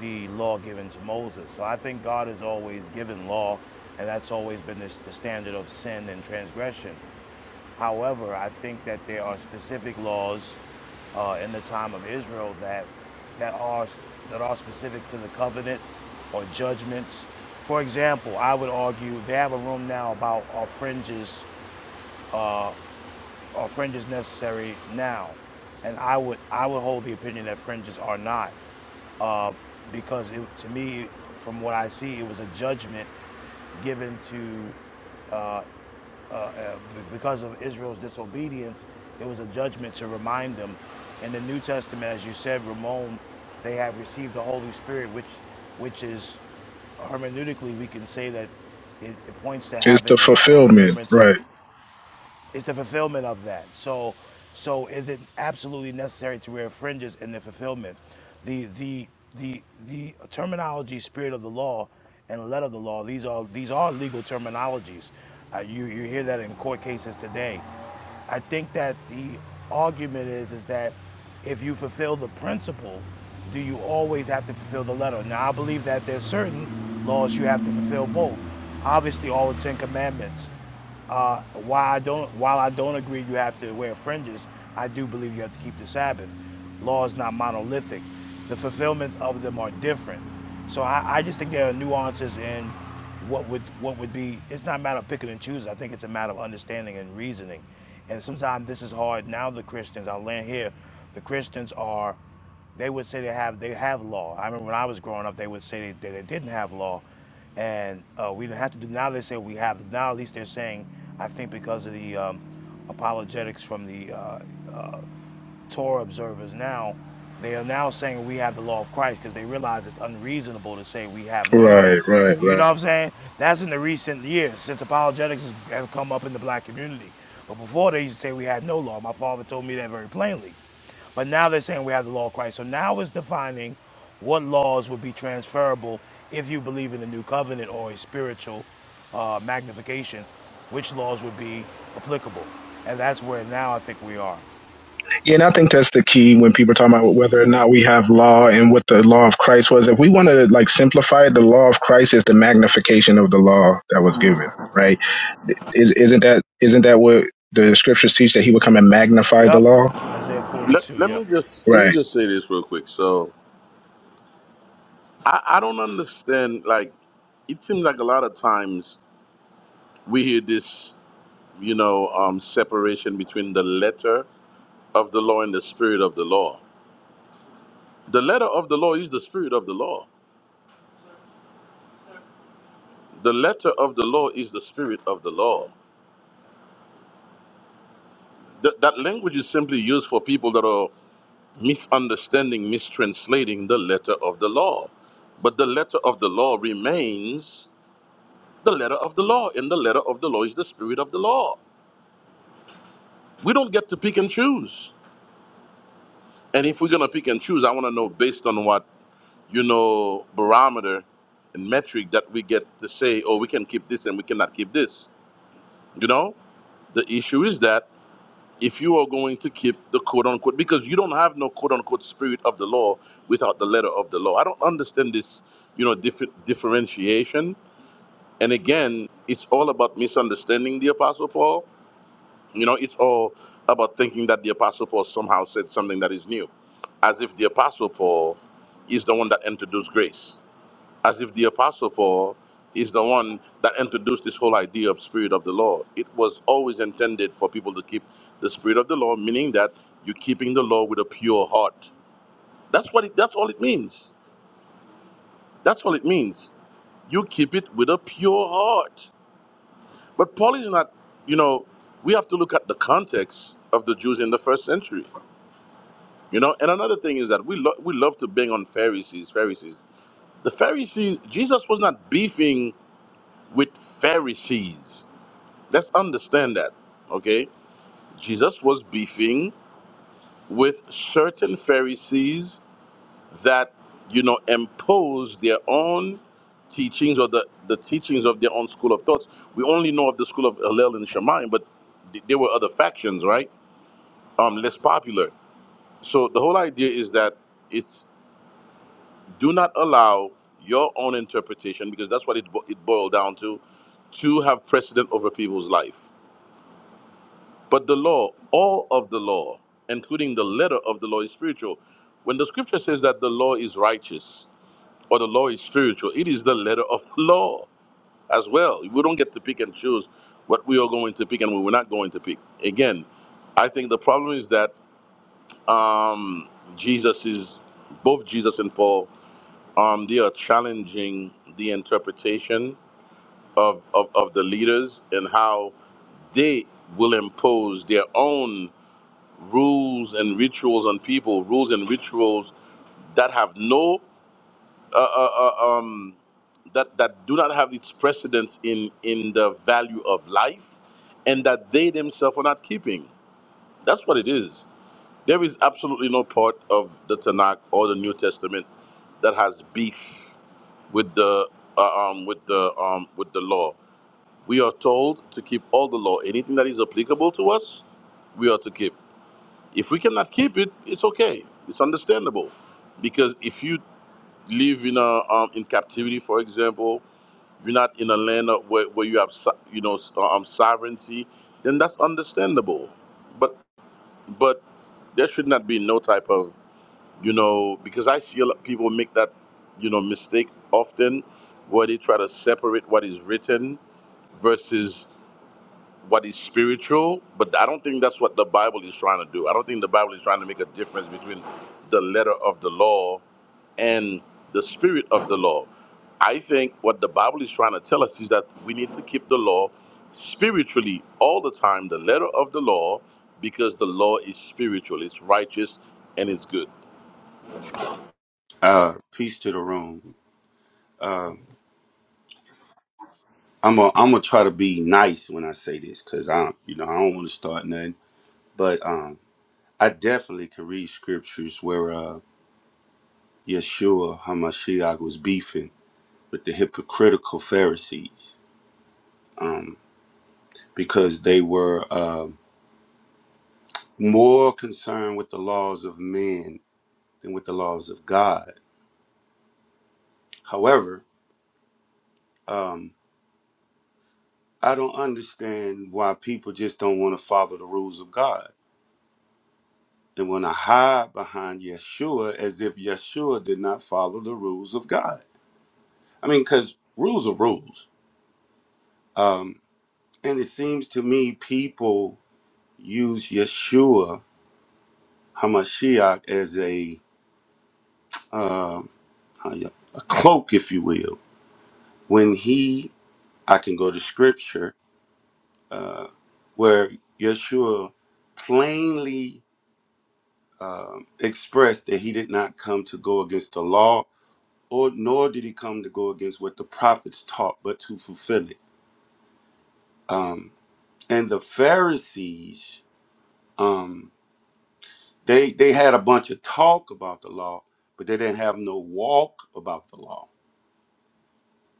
S7: the law given to Moses. So I think God has always given law, and that's always been this, the standard of sin and transgression. However, I think that there are specific laws uh, in the time of Israel that that are that are specific to the covenant or judgments. For example, I would argue they have a room now about are fringes are fringes necessary now, and I would I would hold the opinion that fringes are not uh, because it, to me, from what I see, it was a judgment given to uh, uh, because of Israel's disobedience, it was a judgment to remind them. In the New Testament, as you said, Ramon, they have received the Holy Spirit, which, which is hermeneutically, we can say that it, it points to
S2: It's the
S7: having a, a
S2: fulfillment,
S7: remembrance of
S2: right?
S7: it's the fulfillment of that. So, so is it absolutely necessary to wear fringes in the fulfillment? The the the the terminology, spirit of the law, and letter of the law. These are these are legal terminologies. Uh, you you hear that in court cases today. I think that the argument is is that if you fulfill the principle, do you always have to fulfill the letter? Now I believe that there's certain laws you have to fulfill both. Obviously, all the Ten Commandments uh, while I don't, while I don't agree you have to wear fringes, I do believe you have to keep the Sabbath. Law is not monolithic. The fulfillment of them are different. So I, I just think there are nuances in what would what would be. It's not a matter of picking and choosing. I think it's a matter of understanding and reasoning. And sometimes this is hard. Now the Christians, I'll land here. The Christians are they would say they have they have law. I remember when I was growing up, they would say that they, they didn't have law, and uh, we didn't have to do. Now they say we have. Now at least they're saying, I think because of the um, apologetics from the uh, uh, Torah observers now, they are now saying we have the law of Christ because they realize it's unreasonable to say we have no law.
S2: Right, right,
S7: You know
S2: right.
S7: what I'm saying? That's in the recent years since apologetics has come up in the black community. But before they used to say we had no law. My father told me that very plainly. But now they're saying we have the law of Christ. So now it's defining what laws would be transferable if you believe in the new covenant or a spiritual uh, magnification, which laws would be applicable. And that's where now I think we are.
S2: Yeah, and I think that's the key when people are talking about whether or not we have law and what the law of Christ was. If we want to like simplify it, the law of Christ is the magnification of the law that was given, right? Is isn't that isn't that what the scriptures teach that he would come and magnify the
S7: Yep.
S2: law?
S7: Isaiah
S8: Let,
S7: 42.
S8: let
S7: Yep.
S8: me just let me
S2: Right.
S8: just say this real quick. So I, I don't understand. Like it seems like a lot of times we hear this, you know, um, separation between the letter of the law and the spirit of the law. The letter of the law is the spirit of the law. The letter of the law is the spirit of the law. That that language is simply used for people that are misunderstanding, mistranslating the letter of the law. But the letter of the law remains the letter of the law. And the letter of the law is the spirit of the law. We don't get to pick and choose. And if we're gonna pick and choose, I wanna know based on what, you know, barometer and metric that we get to say, oh, we can keep this and we cannot keep this. You know? The issue is that if you are going to keep the quote unquote because you don't have no quote unquote spirit of the law without the letter of the law. I don't understand this, you know, different differentiation. And again, it's all about misunderstanding the apostle Paul You know, it's all about thinking that the Apostle Paul somehow said something that is new, as if the Apostle Paul is the one that introduced grace, as if the Apostle Paul is the one that introduced this whole idea of Spirit of the Law. It was always intended for people to keep the Spirit of the Law, meaning that you're keeping the law with a pure heart. That's what it, that's all it means. That's all it means. You keep it with a pure heart. But Paul is not, you know, we have to look at the context of the Jews in the first century You know, and another thing is that we lo- we love to bang on Pharisees, Pharisees. The Pharisees, Jesus was not beefing with Pharisees. Let's understand that, okay? Jesus was beefing with certain Pharisees that you know impose their own teachings or the, the teachings of their own school of thoughts. We only know of the school of Hillel and Shammai, but th- there were other factions, right? Um, less popular. So the whole idea is that it's do not allow your own interpretation because that's what it, bo- it boiled down to to have precedent over people's life but the law all of the law including the letter of the law is spiritual when the scripture says that the law is righteous or the law is spiritual it is the letter of the law as well we don't get to pick and choose what we are going to pick and what we're not going to pick again i think the problem is that um, jesus is both jesus and paul um, they are challenging the interpretation of, of, of the leaders and how they will impose their own rules and rituals on people, rules and rituals that have no, uh, uh, uh, um, that, that do not have its precedence in, in the value of life and that they themselves are not keeping. That's what it is. There is absolutely no part of the Tanakh or the New Testament that has beef with the uh, um, with the um, with the law. We are told to keep all the law. Anything that is applicable to us, we are to keep. If we cannot keep it, it's okay. It's understandable, because if you live in a um, in captivity, for example, you're not in a land of- where, where you have so- you know s- uh, um, sovereignty, then that's understandable. But but there should not be no type of you know, because I see a lot people make that, you know, mistake often where they try to separate what is written versus what is spiritual. But I don't think that's what the Bible is trying to do. I don't think the Bible is trying to make a difference between the letter of the law and the spirit of the law. I think what the Bible is trying to tell us is that we need to keep the law spiritually all the time, the letter of the law, because the law is spiritual, it's righteous, and it's good.
S9: Uh, peace to the room. Uh, I'm gonna I'm gonna try to be nice when I say this because I you know I don't want to start nothing, but um, I definitely could read scriptures where uh, Yeshua Hamashiach was beefing with the hypocritical Pharisees um, because they were uh, more concerned with the laws of men than with the laws of God. However, um, I don't understand why people just don't want to follow the rules of God and want to hide behind Yeshua as if Yeshua did not follow the rules of God. I mean, because rules are rules. Um, and it seems to me people use Yeshua Hamashiach as a uh, how you- a cloak, if you will. When he, I can go to Scripture uh, where Yeshua plainly um expressed that he did not come to go against the law or nor did he come to go against what the prophets taught, but to fulfill it. Um, and the Pharisees, um, they they had a bunch of talk about the law, but they didn't have no walk about the law.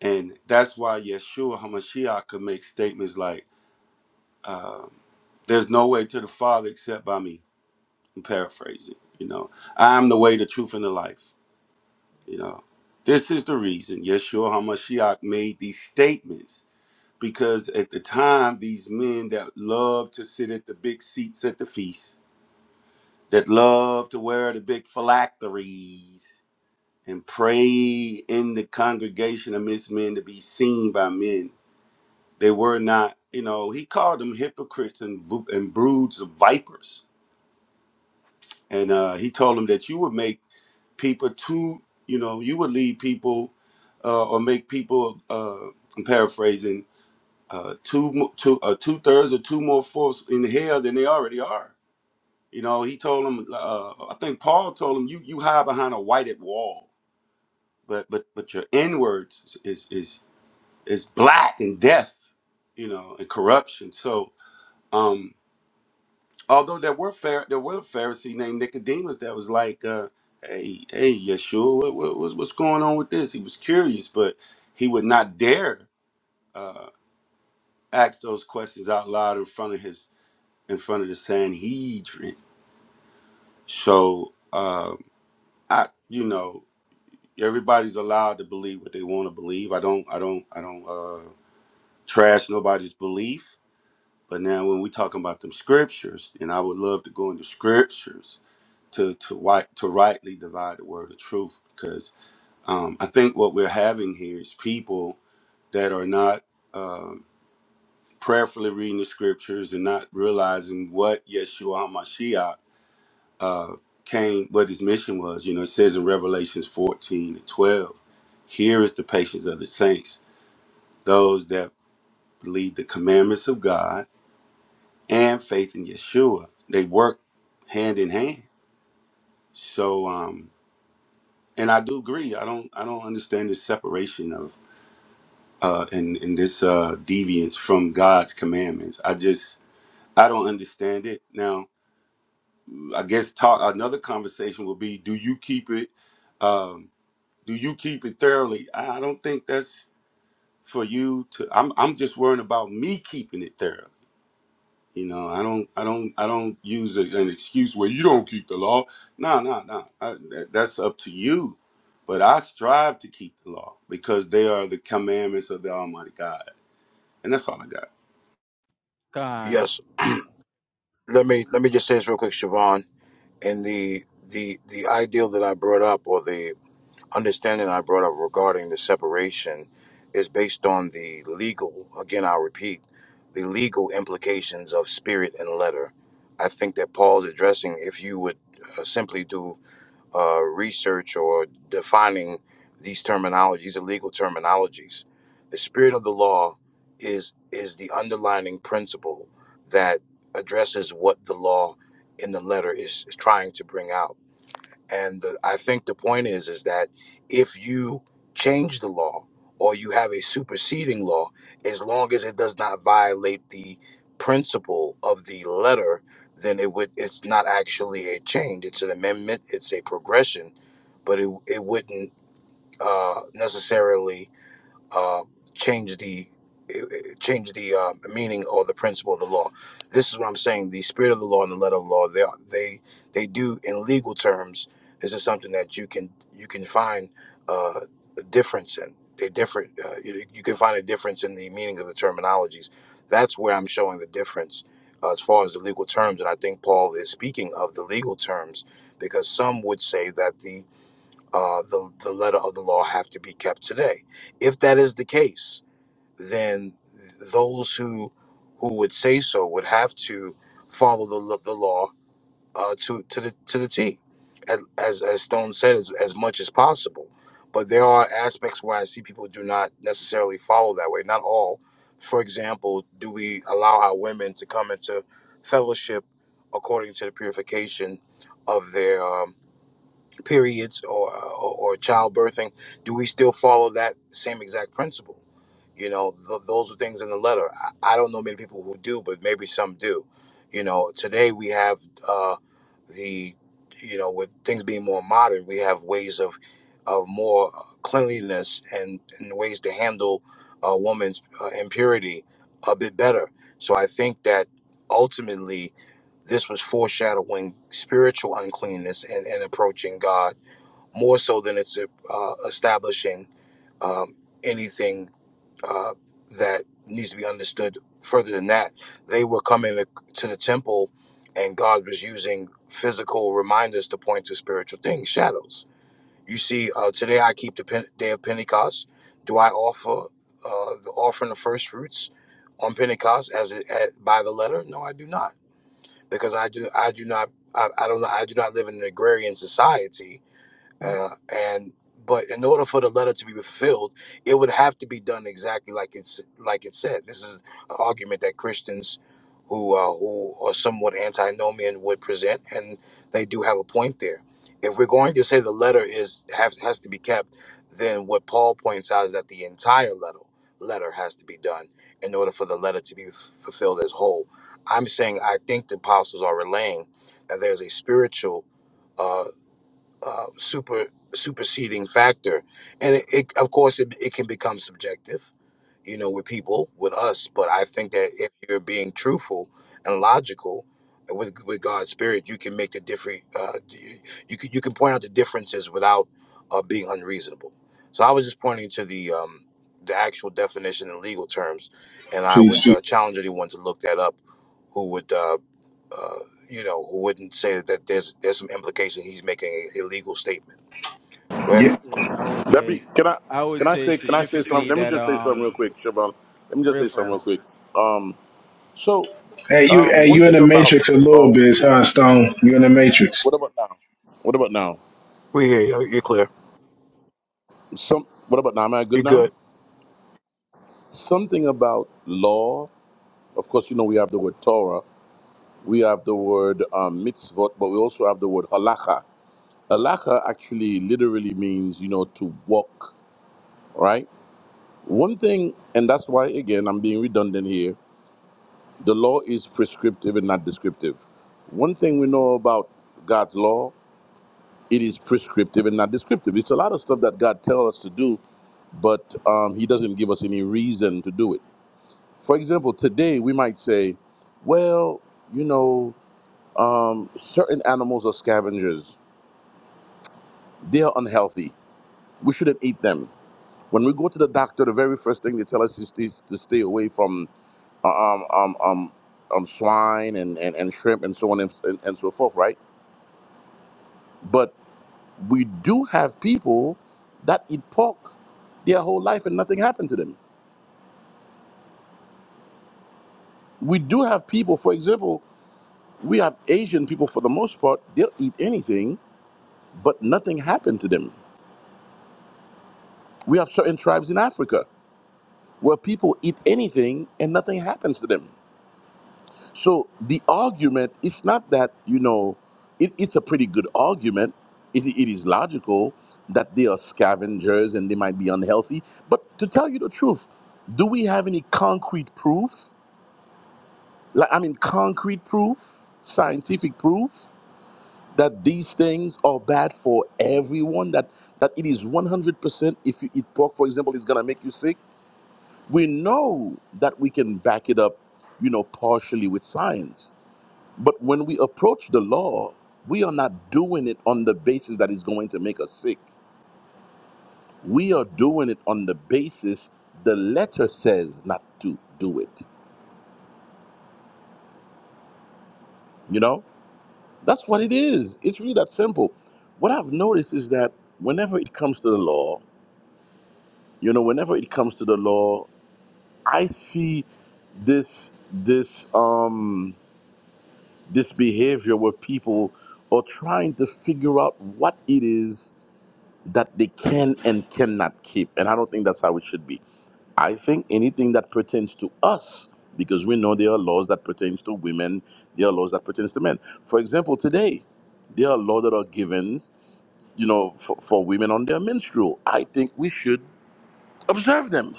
S9: And that's why Yeshua Hamashiach could make statements like, um, "There's no way to the Father except by me." I'm paraphrasing. You know, I'm the way, the truth, and the life. You know, this is the reason Yeshua Hamashiach made these statements because at the time these men that love to sit at the big seats at the feast that love to wear the big phylacteries and pray in the congregation amidst men to be seen by men they were not you know he called them hypocrites and, vo- and broods of vipers and uh, he told them that you would make people too you know you would lead people uh, or make people uh, i'm paraphrasing uh, two mo- two uh, two thirds or two more fourths in hell than they already are. You know, he told them. Uh, I think Paul told them, "You you hide behind a whited wall, but but but your inwards is is is black and death. You know, and corruption." So, um, although there were Phar- there were a Pharisee named Nicodemus that was like, uh, "Hey, hey, Yeshua, what, what what's what's going on with this?" He was curious, but he would not dare uh, ask those questions out loud in front of his in front of the Sanhedrin. So um, I, you know, everybody's allowed to believe what they want to believe. I don't, I don't, I don't uh, trash nobody's belief. But now when we talking about them scriptures, and I would love to go into scriptures to to right, to rightly divide the word of truth because um, I think what we're having here is people that are not um prayerfully reading the scriptures and not realizing what Yeshua HaMashiach uh, Cain, what his mission was. You know, it says in Revelations 14 and 12, here is the patience of the saints, those that believe the commandments of God and faith in Yeshua. They work hand in hand. So, um, and I do agree. I don't, I don't understand this separation of, uh, and, and this, uh, deviance from God's commandments. I just, I don't understand it. Now, I guess talk, another conversation will be, do you keep it? Um, Do you keep it thoroughly? I I don't think that's for you to. I'm I'm just worrying about me keeping it thoroughly. You know, I don't I don't I don't use a, an excuse where you don't keep the law. No, no, no. I- that- That's up to you. But I strive to keep the law because they are the commandments of the Almighty God, and that's all I got.
S7: Yes. Let me let me just say this real quick, Siobhan. And the the the ideal that I brought up or the understanding I brought up regarding the separation is based on the legal again I'll repeat, the legal implications of spirit and letter. I think that Paul's addressing if you would uh, simply do uh, research or defining these terminologies, illegal terminologies. The spirit of the law is is the underlining principle that addresses what the law in the letter is, is trying to bring out and the, I think the point is is that if you change the law or you have a superseding law, as long as it does not violate the principle of the letter, then it would it's not actually a change. It's an amendment. It's a progression, but it it wouldn't uh, necessarily uh, change the change the uh, meaning or the principle of the law. This is what I'm saying. The spirit of the law and the letter of the law, they are, they they do in legal terms. This is something that you can you can find uh, a difference in. They different. Uh, you, you can find a difference in the meaning of the terminologies. That's where I'm showing the difference uh, as far as the legal terms. And I think Paul is speaking of the legal terms because some would say that the uh, the, the letter of the law have to be kept today. If that is the case, then those who who would say so would have to follow the, lo- the law uh, to to the to the T, as as, as Stone said, as, as much as possible. But there are aspects where I see people do not necessarily follow that way. Not all. For example, do we allow our women to come into fellowship according to the purification of their um, periods or, or or childbirthing, do we still follow that same exact principle? You know, th- those are things in the letter. I, I don't know many people who do, but maybe some do. You know, today we have uh, the, you know, with things being more modern, we have ways of of more cleanliness and, and ways to handle a woman's uh, impurity a bit better. So I think that ultimately this was foreshadowing spiritual uncleanness and, and approaching God more so than it's uh, establishing um, anything uh, that needs to be understood further than that. They were coming to to the temple, and God was using physical reminders to point to spiritual things, shadows. You see, uh, today I keep the Pen- day of Pentecost. Do I offer uh, the offering of first fruits on Pentecost as it at, by the letter? No, I do not, because I do I do not I, I don't I do not live in an agrarian society uh, and but in order for the letter to be fulfilled, it would have to be done exactly like it's like it said. This is an argument that Christians who uh, who are somewhat antinomian would present, and they do have a point there. If we're going to say the letter is has, has to be kept, then what Paul points out is that the entire letter letter has to be done in order for the letter to be f- fulfilled as whole. I'm saying I think the apostles are relaying that there's a spiritual. uh, uh, super superseding factor and it, it of course it, it can become subjective you know with people with us but i think that if you're being truthful and logical with with god's spirit you can make the different uh, you, you can you can point out the differences without uh, being unreasonable so i was just pointing to the um the actual definition in legal terms and i
S2: Peace,
S7: would
S2: peace.
S7: uh, challenge anyone to look that up who would uh you know who wouldn't say that there's there's some implication he's making a a legal statement go ahead
S2: Yeah.
S6: Yeah, I would
S8: Let me
S6: say,
S8: can I
S6: I would
S8: can I
S6: say
S8: say can I say something?
S6: specifically
S8: Let me
S6: that
S8: just say something
S6: um,
S8: real quick, Siobhan. Let me just
S6: real
S8: say something real
S6: fast.
S8: quick. Um, so
S2: Hey, you.
S8: um,
S2: Hey,
S8: one
S2: you in
S8: thing
S2: the
S8: about
S2: matrix a little
S8: law.
S2: bit, huh, Stone? You in the matrix?
S8: What about now? What about now?
S7: We hear you. You're clear.
S8: Some. What about now? Am I good
S7: You're
S8: now?
S7: good.
S8: Something about law. Of course, you know we have the word Torah. We have the word um, mitzvot, but we also have the word halacha. Halacha actually literally means you know to walk, right? One thing, and that's why again I'm being redundant here The law is prescriptive and not descriptive. One thing we know about God's law, it is prescriptive and not descriptive. It's a lot of stuff that God tells us to do, but um, He doesn't give us any reason to do it. For example, today we might say, well, you know, um, certain animals are scavengers, they are unhealthy. We shouldn't eat them. When we go to the doctor, the very first thing they tell us is to to stay away from uh, um, um, um, um, swine and, and, and shrimp and so on and, and, and so forth, right? But we do have people that eat pork their whole life and nothing happened to them. We do have people, for example, we have Asian people for the most part, they'll eat anything, but nothing happened to them. We have certain tribes in Africa where people eat anything and nothing happens to them. So the argument its not that, you know, it, it's a pretty good argument. It, it is logical that they are scavengers and they might be unhealthy. But to tell you the truth, do we have any concrete proof? Like, I mean, concrete proof, scientific proof that these things are bad for everyone, that, that it is 100% if you eat pork, for example, it's going to make you sick. We know that we can back it up, you know, partially with science but when we approach the law, we are not doing it on the basis that it's going to make us sick. We are doing it on the basis the letter says not to do it. You know? That's what it is. It's really that simple. What I've noticed is that whenever it comes to the law, you know, whenever it comes to the law, I see this this um this behavior where people are trying to figure out what it is that they can and cannot keep. And I don't think that's how it should be. I think anything that pertains to us, because we know there are laws that pertains to women, there are laws that pertains to men. For example, today, there are laws that are given, you know, for, for women on their menstrual. I think we should observe them.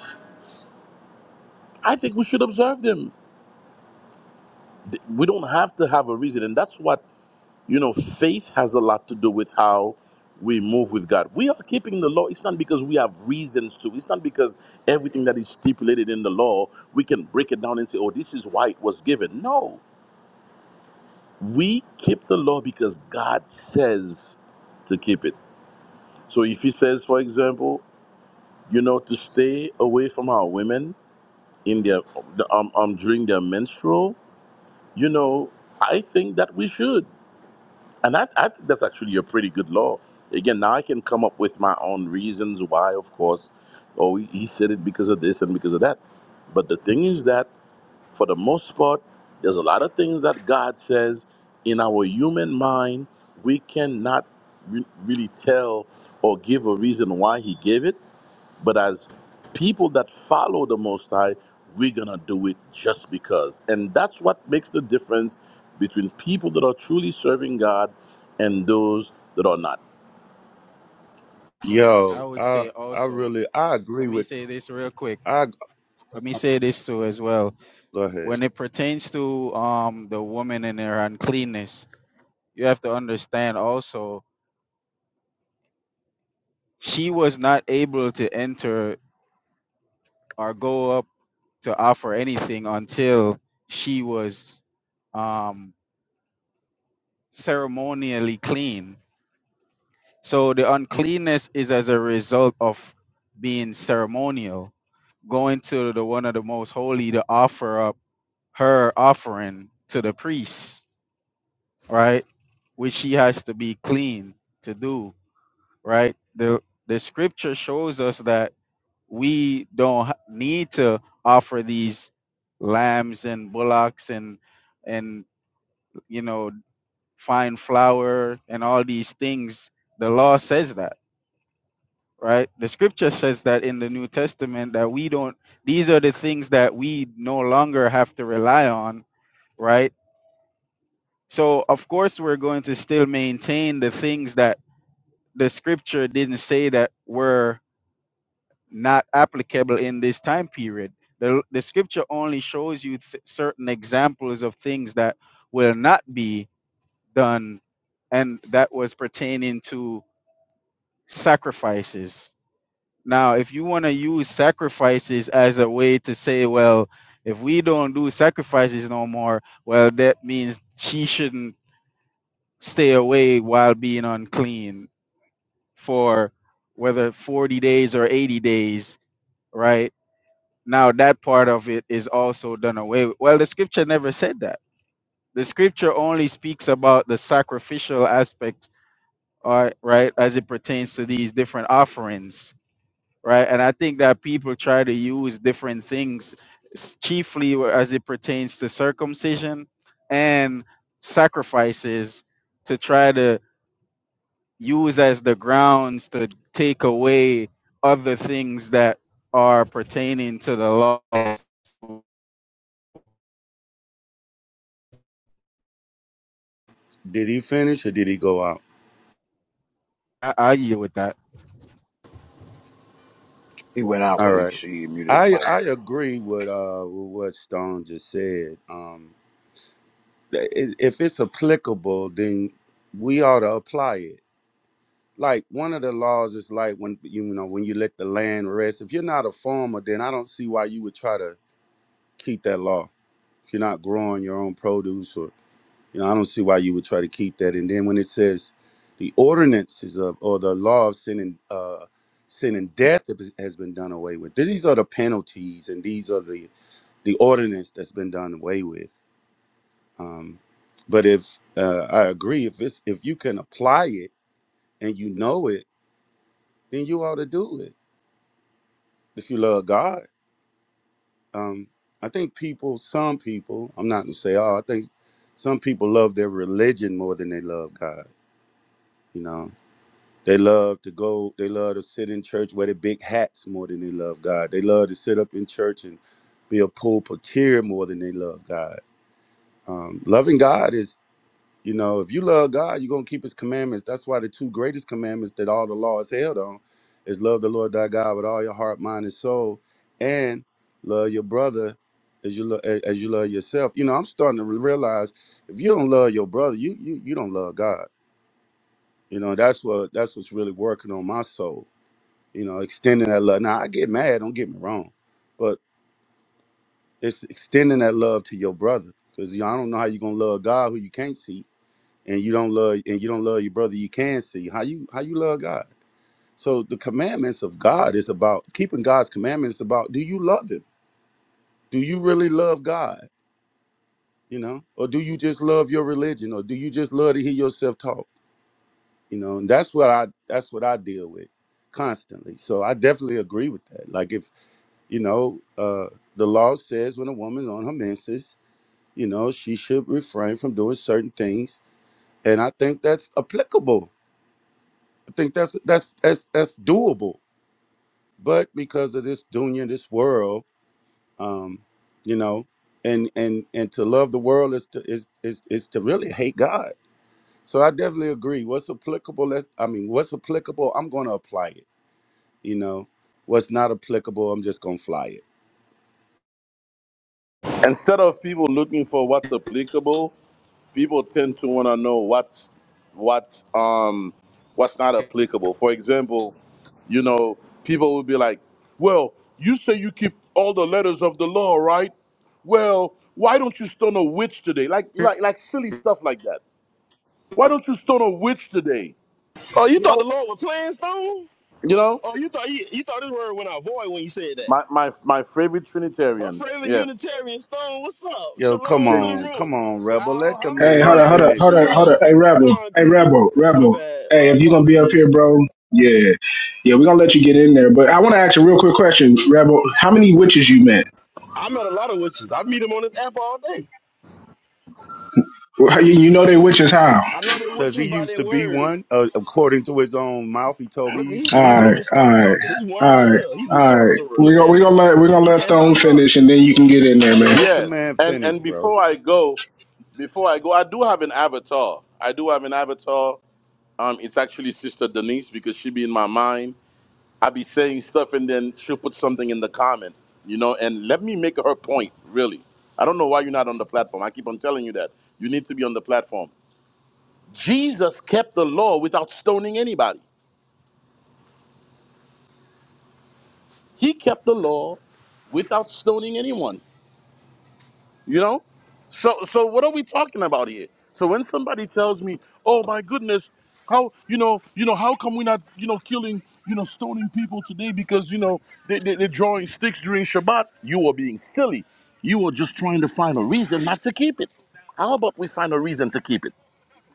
S8: I think we should observe them. Th- We don't have to have a reason, and that's what You know, faith has a lot to do with how we move with God. We are keeping the law. It's not because we have reasons to. It's not because everything that is stipulated in the law, we can break it down and say, oh, this is why it was given. No. We keep the law because God says to keep it. So if He says, for example, you know, to stay away from our women in their um, um during their menstrual, you know, I think that we should. And I, I think that's actually a pretty good law. Again, now I can come up with my own reasons why, of course, oh, he he said it because of this and because of that. But the thing is that, for the most part, there's a lot of things that God says in our human mind, we cannot re- really tell or give a reason why he gave it. But as people that follow the Most High, we're going to do it just because. And that's what makes the difference between people that are truly serving God and those that are not.
S6: Khan, I
S9: Yo,
S6: would
S9: I
S6: say
S9: I
S6: also.
S9: really I agree
S6: Let me
S9: with
S6: say this real quick.
S9: I
S6: Let me say this too as well.
S9: go
S6: When
S9: ahead.
S6: it pertains to um the woman and her uncleanness, you have to understand also she was not able to enter or go up to offer anything until she was um ceremonially clean. So the uncleanness is as a result of being ceremonial, going to the one of the most holy to offer up her offering to the priest, right? Which she has to be clean to do, right? The the scripture shows us that we don't ha- need to offer these lambs and bullocks and and you know fine flour and all these things. The law says that right? The scripture says that in the New Testament that we don't these are the things that we no longer have to rely on, right? So of course we're going to still maintain the things that the scripture didn't say that were not applicable in this time period. The, the scripture only shows you th- certain examples of things that will not be done and that was pertaining to sacrifices Now, if you want to use sacrifices as a way to say, well, if we don't do sacrifices no more, well, that means she shouldn't stay away while being unclean for whether 40 days or 80 days, right? Now, that part of it is also done away with. Well, the scripture never said that. The scripture only speaks about the sacrificial aspect, uh, right, as it pertains to these different offerings right? And I think that people try to use different things, s- chiefly wh- as it pertains to circumcision and sacrifices, to try to use as the grounds to take away other things that are pertaining to the law. I
S9: Did he finish or did he go out?
S6: I argue with that.
S7: He went out,
S9: All
S7: but he
S9: right.
S7: she muted his
S9: I
S7: mic.
S9: I agree with uh with what Stone just said. Um i- if it's applicable, then we ought to apply it. Like one of the laws is like when you know when you let the land rest. If you're not a farmer, then I don't see why you would try to keep that law. If you're not growing your own produce, or you know, I don't see why you would try to keep that. And then when it says the ordinances of or the law of sin and uh, sin and death has has been done away with. These are the penalties, and these are the the ordinance that's been done away with Um, but if uh, I agree, if it's if you can apply it and you know it, then you ought to do it. If you love God, um, I think people, some people, I'm not gonna say all. I think some people love their religion more than they love God. You know, they love to go, they love to sit in church, wear the big hats more than they love God. They love to sit up in church and be a pulpiteer more than they love God. Um, loving God is You know, if you love God, you're gonna keep his commandments. That's why the two greatest commandments that all the law is held on is love the Lord thy God with all your heart, mind, and soul, and love your brother as you lo- a- as you love yourself. You know, I'm starting to realize if you don't love your brother, you you you don't love God. You know, that's what that's what's really working on my soul. You know, extending that love. Now I get mad, don't get me wrong, but it's extending that love to your brother. Because you know, I don't know how you're gonna love God who you can't see and you don't love and you don't love your brother you can see how you how you love god so the commandments of god is about keeping god's commandments about do you love him do you really love god you know or do you just love your religion or do you just love to hear yourself talk you know and that's what i that's what i deal with constantly so i definitely agree with that like if you know uh the law says when a woman's on her menses you know she should refrain from doing certain things and i think that's applicable I think that's that's that's that's doable. But because of this dunya, this world, um, you know, and and and to love the world is to is is is to really hate God. So I definitely agree. What's applicable? Let's. I mean, what's applicable? I'm going to apply it. You know, what's not applicable? I'm just going to fly it.
S8: Instead of people looking for what's applicable, people tend to want to know what's what's um what's not applicable. For example, you know, people will be like, "Well, you say you keep all the letters of the law, right? Well, why don't you stone a witch today? Like like like silly stuff like that. Why don't you stone a witch today?
S10: Oh, you
S8: You
S10: thought the
S8: know,
S10: Lord was playing Stone?
S8: you know,
S10: Oh, you thought you, you thought this word went out void when you said that.
S8: my my my favorite
S10: My
S8: Trinitarian.
S10: favorite
S8: Yeah.
S10: Unitarian Stone, what's up?
S9: Yo, come
S10: Shalom to the
S9: on,
S10: room.
S9: come on, rebel. Let the
S2: Hey,
S9: man
S8: All
S2: hold
S8: right.
S2: up, hold
S10: Alhamdulillah,
S2: up,
S9: finish,
S2: hold up, hold
S10: Mashiach.
S2: up.
S9: bro.
S2: Hey, Rebel. Hey,
S10: Concrete.
S2: Rebel,
S10: My
S2: Rebel.
S10: bad.
S2: Hey,
S10: My
S2: if you are going to be up
S10: apologies.
S2: here, bro, yeah. Yeah, we're going to let you get in there. But I want to ask a real quick question, Rebel. How many witches you met?
S10: I met a lot of witches. I meet them on this app all day.
S2: Well, You you know they witches how?
S10: I know they're
S9: Cause he
S10: witches by
S9: used
S10: their
S9: to be
S10: word.
S9: one. Uh, according to his own mouth, he told me he
S10: Look,
S9: used
S10: he
S9: to
S2: All
S9: be
S10: can't
S2: right,
S9: one.
S10: even
S2: all
S10: stop
S2: right,
S10: talking. This one
S2: all
S10: right
S2: right,
S10: here, he's a
S2: all right.
S10: sorcerer.
S2: We're
S10: Look
S2: gonna
S10: at
S2: we
S10: him.
S2: gonna let we gonna
S10: He
S2: let
S10: can't
S2: Stone
S10: stop talking.
S2: finish, and then you can get in there,
S9: Yeah,
S2: man.
S9: let the
S8: Yeah.
S9: man
S8: And
S9: finish,
S8: and
S9: bro.
S8: before I go, before I go, I do have an avatar. I do have an avatar Um, it's actually Sister Denise because she be in my mind. I be saying stuff and then she'll put something in the comment, you know, and let me make her point, really. I don't know why you're not on the platform. I keep on telling you that. You need to be on the platform. Jesus kept the law without stoning anybody. He kept the law without stoning anyone. You know? So so what are we talking about here? So when somebody tells me, "Oh my goodness, how you know, you know, how come we're not, you know, killing, you know, stoning people today because you know they, they, they're drawing sticks during Shabbat?" You are being silly. You are just trying to find a reason not to keep it. How about we find a reason to keep it?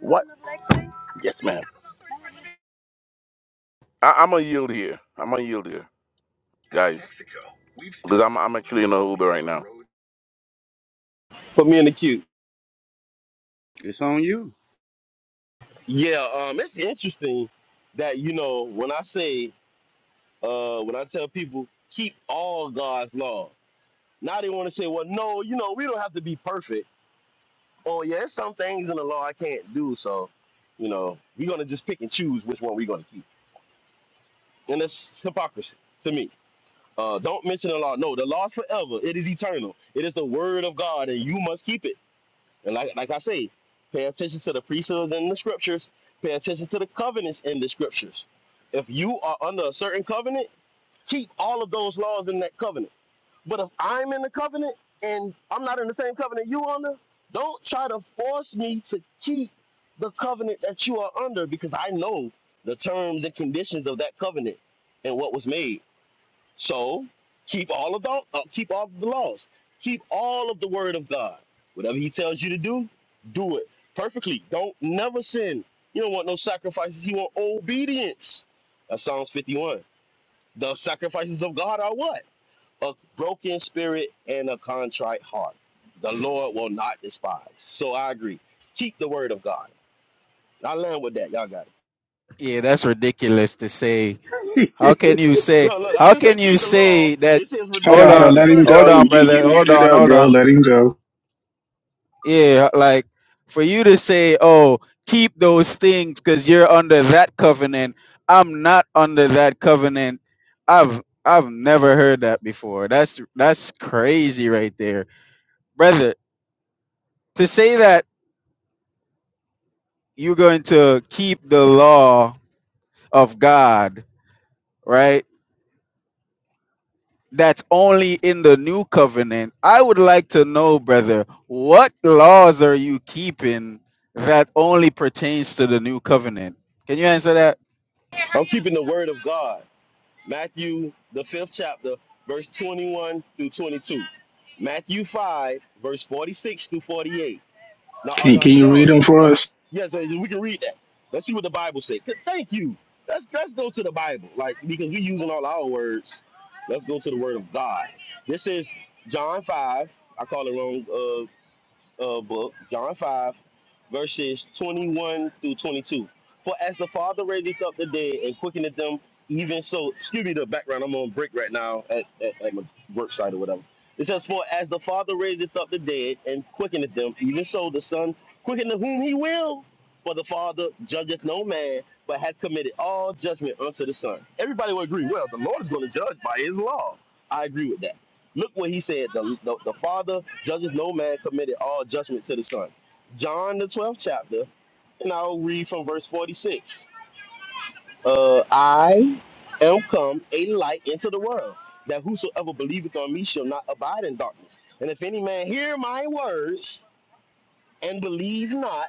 S8: What? Yes, ma'am. I, I'm a yield here. I'm a yield here, guys, because I'm I'm actually in a Uber right now.
S10: Put me in the queue.
S9: It's on you.
S10: Yeah, um, it's interesting that you know when I say uh, when I tell people keep all God's law, now they want to say, well, no, you know, we don't have to be perfect. Oh yeah, there's some things in the law I can't do, so you know, we're gonna just pick and choose which one we're gonna keep, and that's hypocrisy to me. Uh, don't mention the law. No, the law's forever. It is eternal. It is the word of God, and you must keep it. And like like I say, pay attention to the precepts in the scriptures. Pay attention to the covenants in the scriptures. If you are under a certain covenant, keep all of those laws in that covenant But if I'm in the covenant and I'm not in the same covenant you under, don't try to force me to keep the covenant that you are under because I know the terms and conditions of that covenant and what was made. So keep all of the uh, keep all of the laws, keep all of the word of God. Whatever He tells you to do, do it perfectly. Don't never sin. You don't want no sacrifices. You want obedience. That's Psalms 51. The sacrifices of God are what? a broken spirit and a contrite heart the lord will not despise so i agree keep the word of god i land with that y'all got it
S6: Yeah, that's ridiculous to say.
S9: (laughs)
S6: How can you say?
S10: look look i
S6: How
S10: just say
S6: can you
S10: keep the law
S6: say that?
S10: It's just
S2: Hold on,
S6: Hold
S2: hold
S10: ridiculous
S6: on,
S2: on.
S10: it's
S2: Let him
S10: crazy
S6: hold
S2: go.
S6: on,
S2: You you
S6: brother. Hold
S2: muted
S6: on,
S2: up,
S6: hold
S2: bro.
S6: on.
S2: Let him go.
S6: Yeah, like for you to say, "Oh, keep those things cuz you're under that covenant." I'm not under that covenant. I've I've never heard that before. That's that's crazy right there. Brother, to say that you're going to keep the law of God, right? That's only in the new covenant. I would like to know, brother, what laws are you keeping that only pertains to the new covenant? Can you answer that?
S10: i'm keeping the word of god matthew the fifth chapter verse 21 through 22 matthew 5 verse 46 through 48 No, uh,
S2: Can you,
S10: not
S2: can you read
S10: John.
S2: him for
S10: That,
S2: us?
S10: yes, uh, we can read that. Let's see what the Bible says. Th- Thank you. Let's let's go to the Bible, like because we using all our words. Let's go to the Word of God. This is John five. I call it wrong. uh, uh, book, John 5, verses 21 through 22. For as the Father raised up the dead and quickened them, even so, excuse me the background, I'm on break right now at, at, at my work site or whatever. It says, For as the Father raiseth up the dead and quickeneth them, even so the Son quickeneth whom he will. For the Father judgeth no man, but hath committed all judgment unto the Son. Everybody will agree, well, the Lord is going to judge by his law. I agree with that. Look what he said. The, the, the Father judges no man, committed all judgment to the Son. John, the 12th chapter, and I'll read from verse 46. Uh, I am come a light into the world, that whosoever believeth on me shall not abide in darkness. And if any man hear my words and believe not,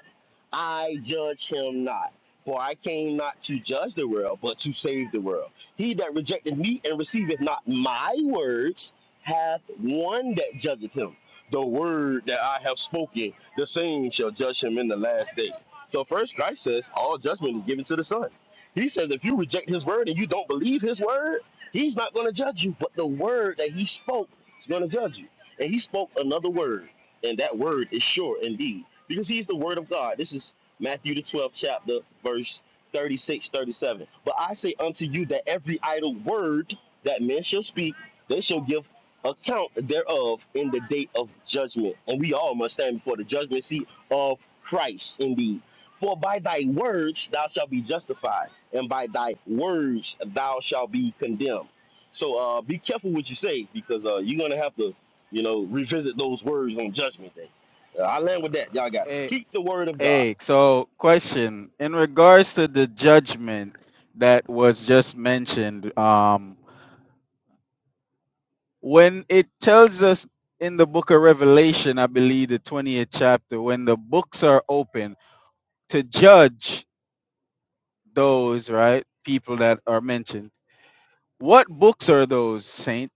S10: I judge him not. For I came not to judge the world, but to save the world. He that rejected me and receiveth not my words hath one that judgeth him. The word that I have spoken, the same shall judge him in the last day. So first Christ says, all judgment is given to the Son. He says, if you reject his word and you don't believe his word, he's not going to judge you, but the word that he spoke is going to judge you. And he spoke another word and that word is sure indeed because he's the word of god this is matthew the 12th chapter verse 36, 37. but i say unto you that every idle word that men shall speak they shall give account thereof in the day of judgment and we all must stand before the judgment seat of christ indeed for by thy words thou shalt be justified and by thy words thou shalt be condemned so uh, be careful what you say because uh, you're gonna have to you know, revisit those words on Judgment Day. Uh, I land with that. Y'all got it. keep the word of God.
S6: Hey, so question in regards to the judgment that was just mentioned, um, when it tells us in the book of Revelation, I believe the 20th chapter, when the books are open to judge those, right, people that are mentioned, what books are those, Saint?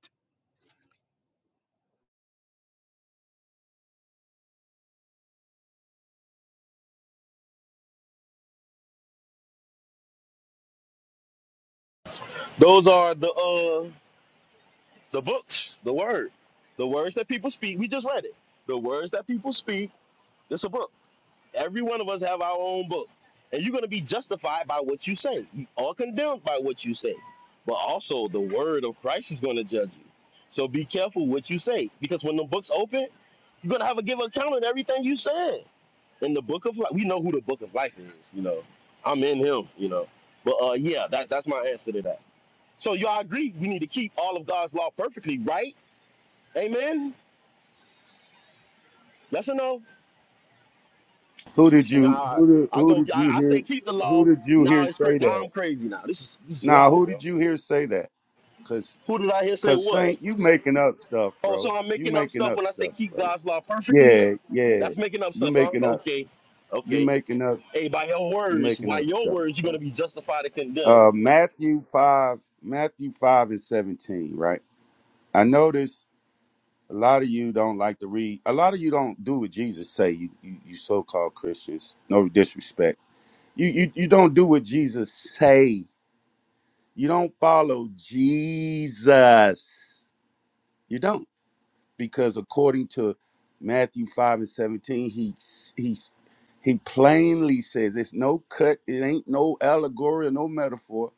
S10: Those are the uh the books, the word, the words that people speak. We just read it. The words that people speak. It's a book. Every one of us have our own book, and you're gonna be justified by what you say, or condemned by what you say. But also, the word of Christ is gonna judge you. So be careful what you say, because when the book's open, you're gonna have a give account of everything you said. in the book of life, we know who the book of life is. You know, I'm in him. You know, but uh, yeah, that, that's my answer to that. So y'all agree we need to keep all of God's law perfectly, right? Amen. Yes or no?
S9: Who did
S10: See,
S9: you
S10: nah,
S9: who did,
S10: I
S9: who
S10: go.
S9: did
S10: I,
S9: you
S10: I say
S9: hear
S10: keep the
S9: who
S10: law.
S9: did you
S10: Now
S9: hear
S10: it's cra-
S9: say
S10: now
S9: that?
S10: I'm crazy. Now this is this is
S9: Now,
S10: wild,
S9: who
S10: bro.
S9: did you hear say that? Cause
S10: Who did I hear say
S9: cause
S10: what?
S9: Saint, you making up stuff,
S10: Oh,
S9: bro.
S10: so I'm
S9: You
S10: making up
S9: making
S10: stuff
S9: up
S10: when I say
S9: stuff,
S10: keep
S9: bro.
S10: God's law perfectly.
S9: Yeah, yeah.
S10: That's making up
S9: You
S10: stuff, huh?
S9: making up
S10: Okay,
S9: you
S10: okay.
S9: making up
S10: Hey, by your
S9: you
S10: words,
S9: making
S10: by
S9: up
S10: your
S9: stuff,
S10: words, you're
S9: bro.
S10: gonna be justified and condemned.
S9: Uh Matthew five Matthew five and seventeen, right? I notice a lot of you don't like to read a lot of you don't do what Jesus say, you you, you so called Christians. No disrespect. You, you you don't do what Jesus say You don't follow Jesus. You don't because according to Matthew 5 and 17, he he he plainly says it's no cut, it ain't no allegory or no metaphor.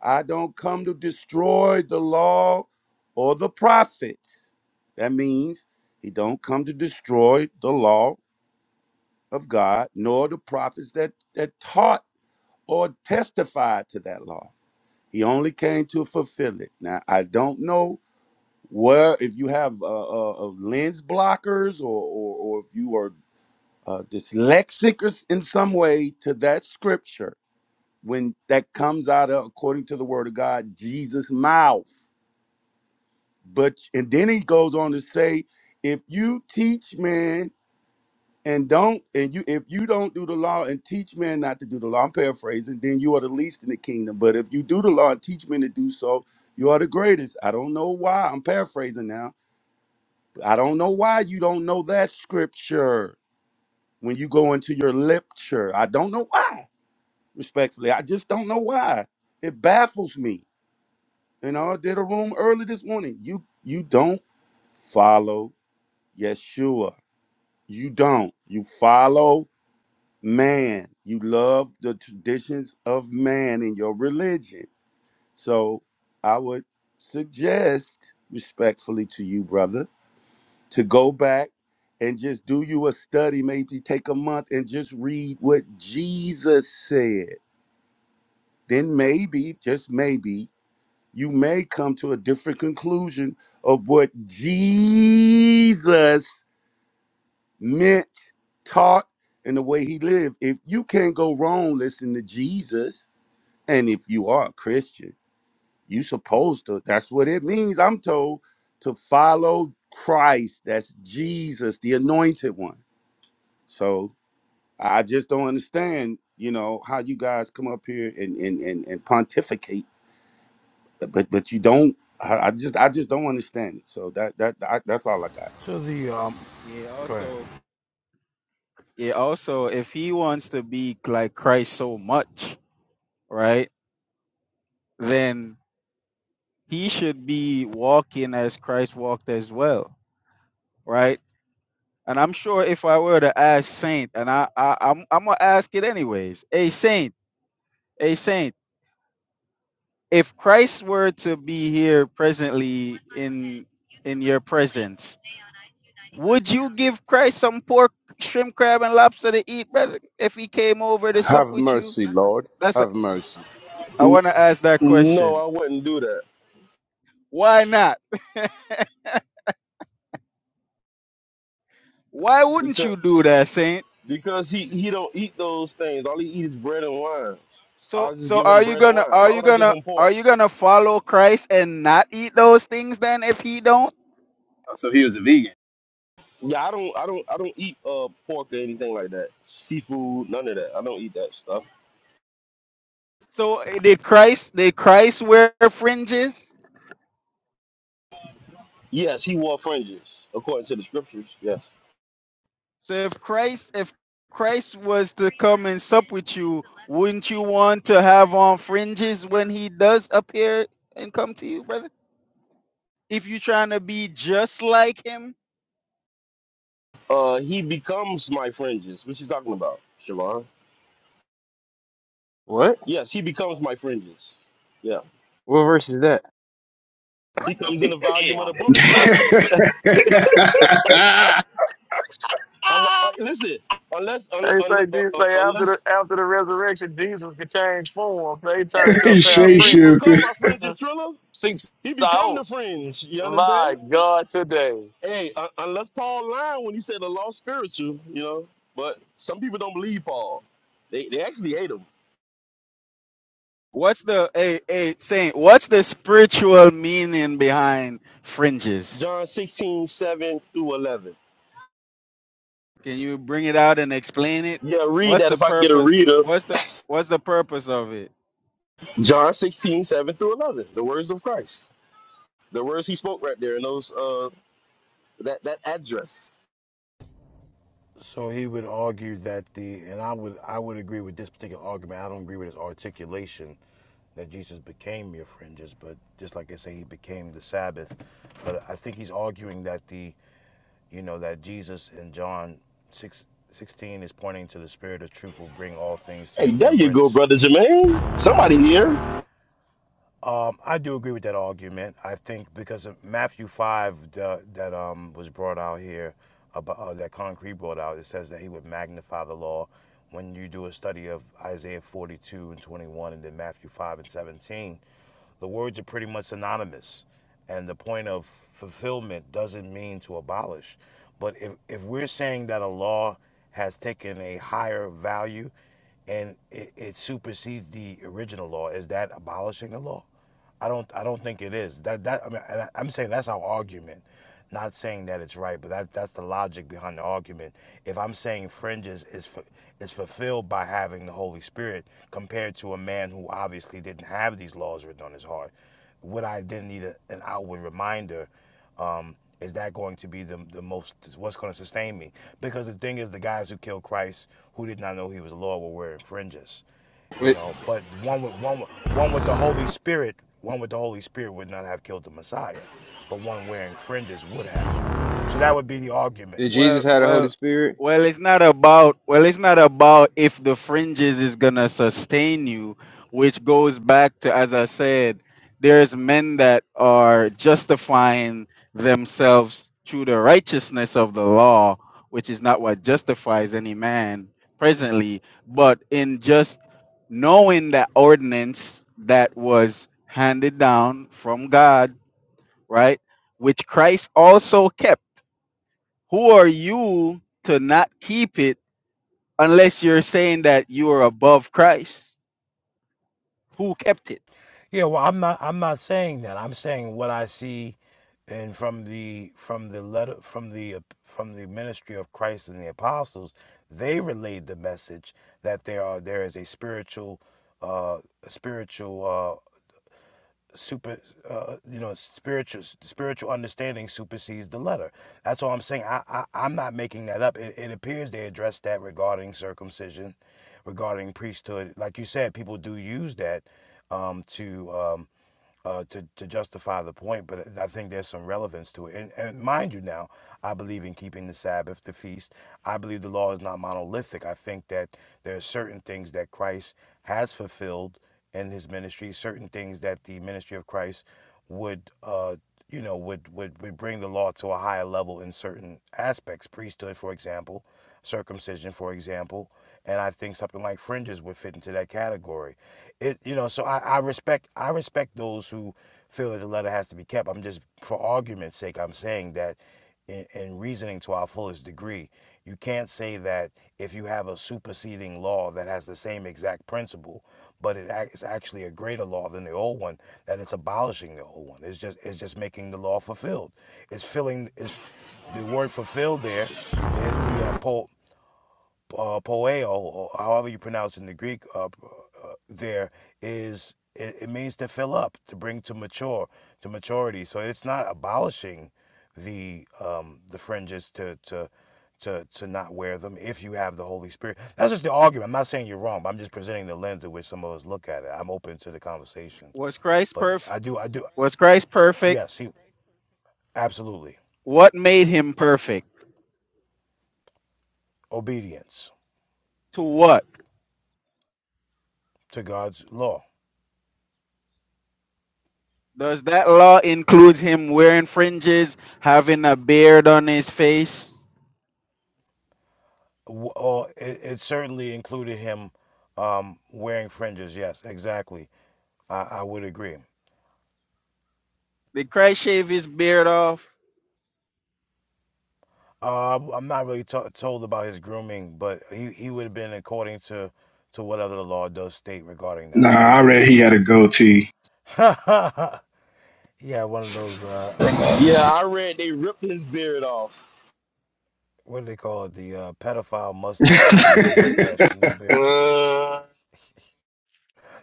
S9: I don't come to destroy the law or the prophets. That means he don't come to destroy the law of God nor the prophets that that taught or testified to that law. He only came to fulfill it. Now I don't know Well, if you have uh, uh, uh, lens blockers or, or, or if you are uh, dyslexic or s- in some way to that scripture, when that comes out of, according to the word of God, Jesus' mouth. But and then he goes on to say, if you teach men and don't and you if you don't do the law and teach men not to do the law, I'm paraphrasing, then you are the least in the kingdom. But if you do the law and teach men to do so, you are the greatest. I don't know why. I'm paraphrasing now I don't know why you don't know that scripture when you go into your lecture. I don't know why, respectfully. I just don't know why. It baffles me. You know, I did a room early this morning. You you don't follow Yeshua. You don't. You follow man. You love the traditions of man in your religion. So I would suggest respectfully to you, brother to go back and just do you a study, maybe take a month and just read what Jesus said. Then maybe, just maybe, you may come to a different conclusion of what Jesus meant, taught, and the way he lived. If you can't go wrong, listen to Jesus. And if you are a Christian, you supposed to. That's what it means, I'm told, to follow Christ. That's Jesus, the anointed one. So I just don't understand, you know, how you guys come up here and and and, and pontificate, but but you don't. I I just I just don't understand it. So that that I, that's all I got.
S7: So the um,
S6: Yeah,
S7: go ahead.
S6: also, yeah, also, if he wants to be like Christ so much, right, then he should be walking as Christ walked as well right? And I'm sure if I were to ask Saint, and I, I I'm I'm gonna ask it anyways. Hey Saint, hey Saint, if Christ were to be here presently in in your presence, would you give Christ some pork, shrimp, crab, and lobster to eat, brother? If he came over to sup
S8: Have
S6: with you,
S8: mercy, Lord.
S6: that's a,
S8: Have mercy.
S6: I
S10: N-
S6: want to ask that
S10: No,
S6: question.
S10: I wouldn't do that.
S6: Why not? (laughs) Why wouldn't
S10: Because
S6: you do that, Saint?
S10: because he he don't eat those things. All he eats is bread and wine.
S6: So
S10: I'll just
S6: so
S10: give
S6: are
S10: him
S6: you
S10: bread and
S6: gonna
S10: wine.
S6: are
S10: Why
S6: you
S10: would I give
S6: gonna
S10: him
S6: are
S10: pork?
S6: you gonna follow Christ and not eat those things then if he don't?
S11: Oh, so he was a vegan.
S10: Yeah, I don't I don't I don't eat uh pork or anything like that. Seafood, none of that. I don't eat that stuff.
S6: So eh, did Christ did Christ wear fringes?
S10: Yes, he wore fringes according to the scriptures. Yes.
S6: So if Christ if Christ was to come and sup with you, wouldn't you want to have on fringes when he does appear and come to you, brother? If you're trying to be just like him,
S10: Uh, he becomes my fringes. What you talking about, Siobhan?
S11: What?
S10: Yes, he becomes my fringes. Yeah,
S11: What verse is that?
S10: he comes in the volume of the
S12: Damn.
S2: (laughs)
S10: book,
S2: he
S10: right? Unle- uh, listen, unless un,
S12: They
S10: un,
S12: say,
S10: uh,
S12: they
S10: uh,
S12: say after the
S10: unless
S12: after the resurrection, Jesus could change form. They turned to a
S10: eh, eh,
S12: pair of
S10: yeah, he
S12: fringes.
S10: become
S2: shapeshifted.
S10: my fringes, Triller.
S12: Six
S10: He become the
S12: out.
S10: fringe. You
S12: My
S10: understand?
S12: God, today.
S10: Hey, un- unless Paul lied when he said the lost spiritual, you know. But some people don't believe Paul. They, they actually hate him.
S6: what's the a a saying? What's the spiritual meaning behind fringes?
S10: John 16 7 through 11.
S6: Can you bring it out and explain it?
S10: Yeah, read
S6: What's
S10: that
S6: the
S10: if I can get a
S6: purpose?
S10: reader.
S6: What's the what's the purpose of it?
S10: John 16 7 through 11. The words of Christ. The words he spoke right there in those, uh, that, that address.
S7: So he would argue that the, and I would I would agree with this particular argument. I don't agree with his articulation that Jesus became your friend, just but just like I say, he became the Sabbath. But I think he's arguing that the, you know, that Jesus in John six sixteen is pointing to the Spirit of Truth will bring all things to
S10: Hey,
S7: your
S10: there you go,
S7: remembrance
S10: Brother Jermaine. Somebody here.
S7: Um, I do agree with that argument. I think because of Matthew five the, that um, was brought out here, about, uh, that concrete brought out, it says that he would magnify the law. When you do a study of Isaiah forty two and twenty one, and then Matthew five and seventeen, the words are pretty much synonymous, and the point of fulfillment doesn't mean to abolish. But if if we're saying that a law has taken a higher value, and it, it supersedes the original law, is that abolishing a law? I don't I don't think it is. That that I mean I- I'm saying that's our argument. Not saying that it's right, but that that's the logic behind the argument. If I'm saying fringes is fu- is fulfilled by having the Holy Spirit compared to a man who obviously didn't have these laws written on his heart, would I then need a, an outward reminder? Um, is that going to be the the most what's going to sustain me? Because the thing is, the guys who killed Christ, who did not know he was Lord, were wearing fringes you
S11: Wait,
S7: know. But one with one one with the Holy Spirit, one with the Holy Spirit would not have killed the Messiah, but one wearing fringes would have. So that would be the argument.
S11: did Jesus
S6: Well,
S11: have the Holy
S6: well,
S11: Spirit?
S6: well. It's not about well. It's not about if the fringes is gonna sustain you, which goes back to as I said, there's men that are justifying themselves through the righteousness of the law, which is not what justifies any man presently, but in just knowing that ordinance that was handed down from God, right, which Christ also kept who are you to not keep it unless you're saying that you are above Christ? Who kept it?
S7: Yeah, well, I'm not I'm not saying that. I'm saying what I see, and from the from the letter from the uh, from the ministry of Christ and the apostles, they relayed the message that there are there is a spiritual uh spiritual uh, super uh, you know spiritual spiritual understanding supersedes the letter that's all i'm saying i, I i'm not making that up it, it appears they addressed that regarding circumcision regarding priesthood like you said people do use that um, to um, uh, to, to justify the point, but I think there's some relevance to it. And, and mind you, now, I believe in keeping the Sabbath, the feast. I believe the law is not monolithic. I think that there are certain things that Christ has fulfilled in his ministry, certain things that the ministry of Christ would. Uh, you know, would, would, would bring the law to a higher level in certain aspects, priesthood, for example, circumcision, for example and I think something like Fringes would fit into that category. It you know, so I, I respect I respect those who feel that the letter has to be kept. I'm just for argument's sake, I'm saying that in, in reasoning to our fullest degree, you can't say that if you have a superseding law that has the same exact principle, but it's actually a greater law than the old one, that it's abolishing the old one. It's just it's just making the law fulfilled. It's filling is the word fulfill there is the uh, po- uh, poeo, or however you pronounce it in the Greek, uh, uh, there is it, it means to fill up, to bring to mature, to maturity. So it's not abolishing the um, the fringes to to to to not wear them if you have the Holy Spirit. That's just the argument. I'm not saying you're wrong, but I'm just presenting the lens in which some of us look at it. I'm open to the conversation,
S6: Was Christ
S7: but
S6: perfect?
S7: I do I do
S6: Was Christ perfect?
S7: yes, he absolutely
S6: What made him perfect?
S7: obedience
S6: To what?
S7: to God's law.
S6: Does that law include him wearing fringes, having a beard on his face?
S7: Well, it, it certainly included him um, wearing fringes. Yes, exactly. I, I would agree.
S6: Did Christ shave his beard off?
S7: Uh, I'm not really to told about his grooming, but he, he would have been according to, to whatever the law does state regarding
S2: Nah,
S7: that.
S2: I
S7: That's
S2: read he had a goatee.
S7: (laughs) yeah, one of those uh,
S10: Yeah, I read they ripped his beard off.
S7: what do they call it? The uh, pedophile
S2: (laughs)
S7: mustache. He had the big
S2: hey,
S7: mustache with no beard.
S12: Uh,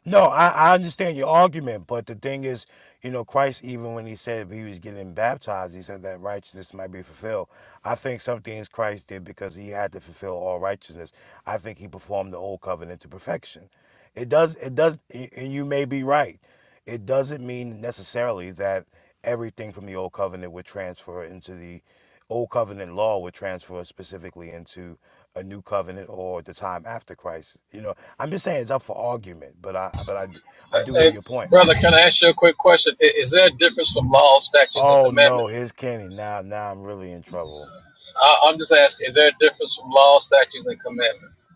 S7: No, I, I understand your argument, but the thing is, you know, Christ, even when he said he was getting baptized, he said that righteousness might be fulfilled. I think some things Christ did because he had to fulfill all righteousness. I think he performed the old covenant to perfection. It does, it does, and you may be right. It doesn't mean necessarily that everything from the old covenant would transfer into the old covenant law would transfer specifically into a new covenant or the time after Christ. You know, I'm just saying it's up for argument, but I but I I do hear
S13: Hey,
S7: your point.
S13: brother, can I ask you a quick question? I- Is there a difference from law, statutes, and
S7: Oh no,
S13: commandments?
S7: here's Kenny. Now now I'm really in trouble.
S13: I- I'm just asking, is there a difference from law, statutes, and commandments?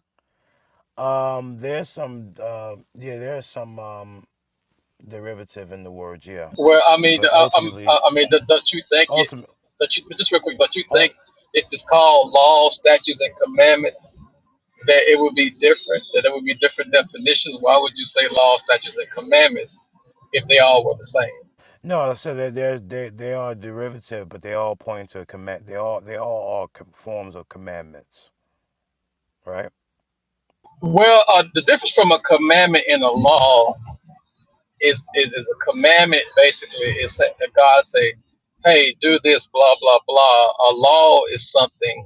S7: Um, there's some uh, yeah, there's some um derivative in the words yeah,
S13: Well, I mean,
S7: but
S13: I, I'm,
S7: ultimately
S13: I I mean, don't don't you think it?
S7: ultimate.
S13: Don't you just real quick? Don't you
S7: Oh,
S13: think if it's called law, statutes, and commandments, that it would be different? That there would be different definitions? Why would you say law, statutes, and commandments if they all were the same?
S7: no, I said that they're, they they are derivative, but they all point to command. They all they all are com- forms of commandments, right?
S13: Well, uh, the difference from a commandment and a law It's, it's, it's a commandment, basically. It's that God say, hey, do this, blah, blah, blah. A law is something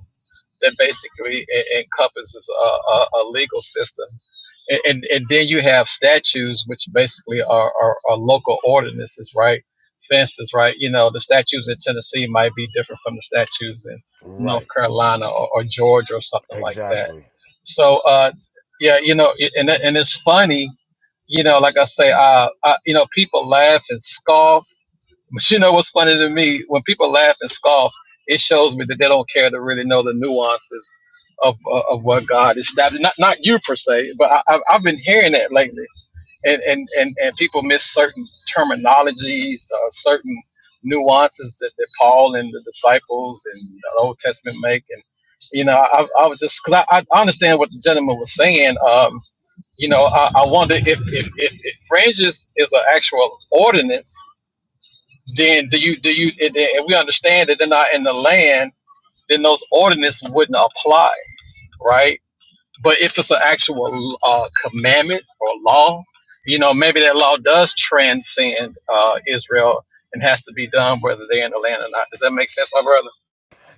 S13: that basically e- encompasses a, a, a legal system. And, and, and then you have statutes, which basically are, are, are local ordinances, right? Fences, right? You know, the statutes in Tennessee might be different from the statutes in North
S7: Right,
S13: Carolina or, or Georgia or something like that.
S7: exactly.
S13: So, uh, yeah, you know, it- and, it- and it's funny, you know, like I say, uh, I, you know, people laugh and scoff but you know what's funny to me? When people laugh and scoff, it shows me that they don't care to really know the nuances of of, of what God established. Not not you per se, but I, I've I've been hearing that lately, and and and, and people miss certain terminologies, uh, certain nuances that, that Paul and the disciples and the Old Testament make, and you know, I, I was just because I, I understand what the gentleman was saying. Um, you know, I, I wonder if if if, if fringes is an actual ordinance then do you do you and then- we understand that they're not in the land then those ordinances wouldn't apply right but if it's an actual uh, commandment or law you know maybe that law does transcend uh, israel and has to be done whether they're in the land or not does that make sense my brother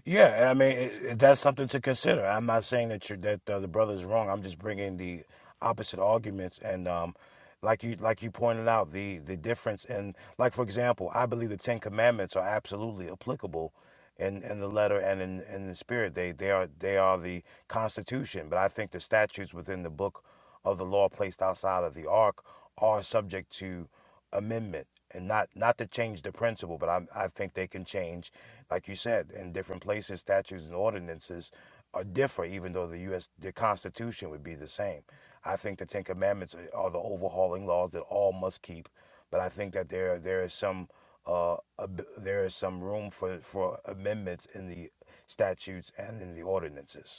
S7: Yeah, I mean it, that's something to consider. I'm not saying that you're that uh, the brother's wrong. I'm just bringing the opposite arguments and um, like you like you pointed out the the difference And like for example, I believe the Ten Commandments are absolutely applicable in in the letter and in in the spirit. They they are they are the Constitution, but I think the statutes within the book of the law placed outside of the ark are subject to amendment and not not to change the principle but I, I think they can change like you said in different places statutes and ordinances are differ even though the US the constitution would be the same I think the 10 commandments are are the overhauling laws that all must keep but I think that there there is some uh, ab- there is some room for, for amendments in the statutes and in the ordinances.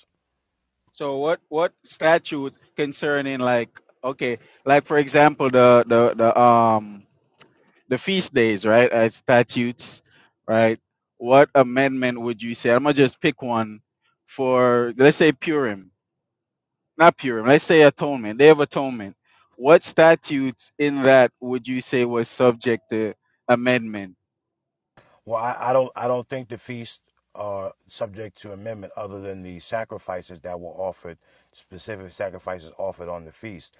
S6: So what what statute concerning like okay, like for example the the the um the feast days, right, as statutes, right? What amendment would you say? I'm gonna just pick one for let's say Purim, not Purim. Let's say Atonement, Day of Atonement. What statutes in that would you say was subject to amendment?
S7: Well, I, I don't I don't think the feasts are subject to amendment other than the sacrifices that were offered, specific sacrifices offered on the feast.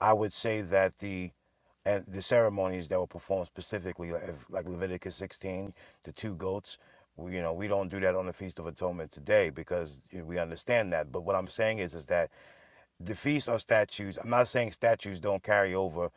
S7: I would say that the and the ceremonies that were performed specifically, like, if, like Leviticus 16, the two goats, we, you know, we don't do that on the Feast of Atonement today because you know, we understand that. But what I'm saying is, is that the feasts are statues. I'm not saying statues don't carry over,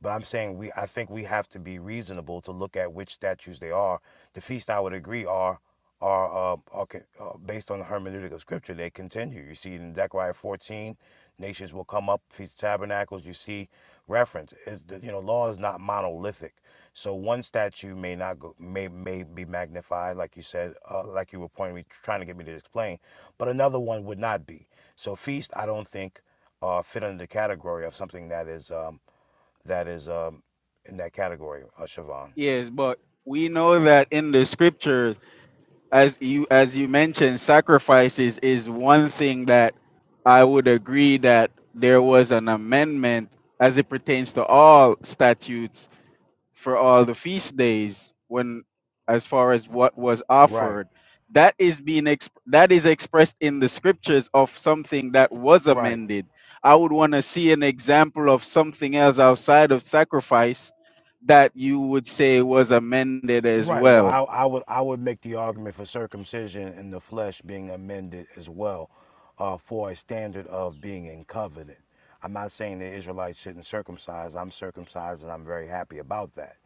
S7: but I'm saying we. I think we have to be reasonable to look at which statues they are. The feasts, I would agree, are are, uh, are uh, based on the hermeneutic of scripture. They continue. You see in Zechariah 14, nations will come up. Feast of Tabernacles. You see reference. Is the you know law is not monolithic. So one statue may not go, may may be magnified, like you said, uh, like you were pointing me, trying to get me to explain, but another one would not be. So feast, I don't think, uh, fit under the category of something that is um, that is um, in that category, uh, Siobhan.
S6: Yes, but we know that in the scripture, as you as you mentioned, sacrifices is one thing that I would agree that there was an amendment as it pertains to all statutes for all the feast days when as far as what was
S7: Right,
S6: offered that is being exp- that is expressed in the scriptures of something that was
S7: right.
S6: amended i would want to see an example of something else outside of sacrifice that you would say was amended as
S7: Right. Well,
S6: well
S7: I, I would I would make the argument for circumcision and the flesh being amended as well, uh, for a standard of being in covenant. I'm not saying the Israelites shouldn't circumcise. I'm circumcised and I'm very happy about that.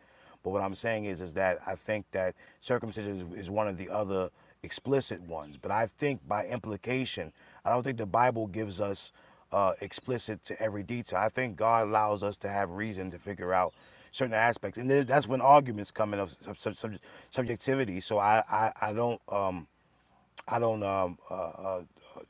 S7: But what I'm saying is is that I think that circumcision is, is one of the other explicit ones. But I think by implication, I don't think the Bible gives us uh, explicit to every detail. I think God allows us to have reason to figure out certain aspects, and then that's when arguments come in of sub- sub- subjectivity. So I, I, I don't. Um, I don't um, uh, uh,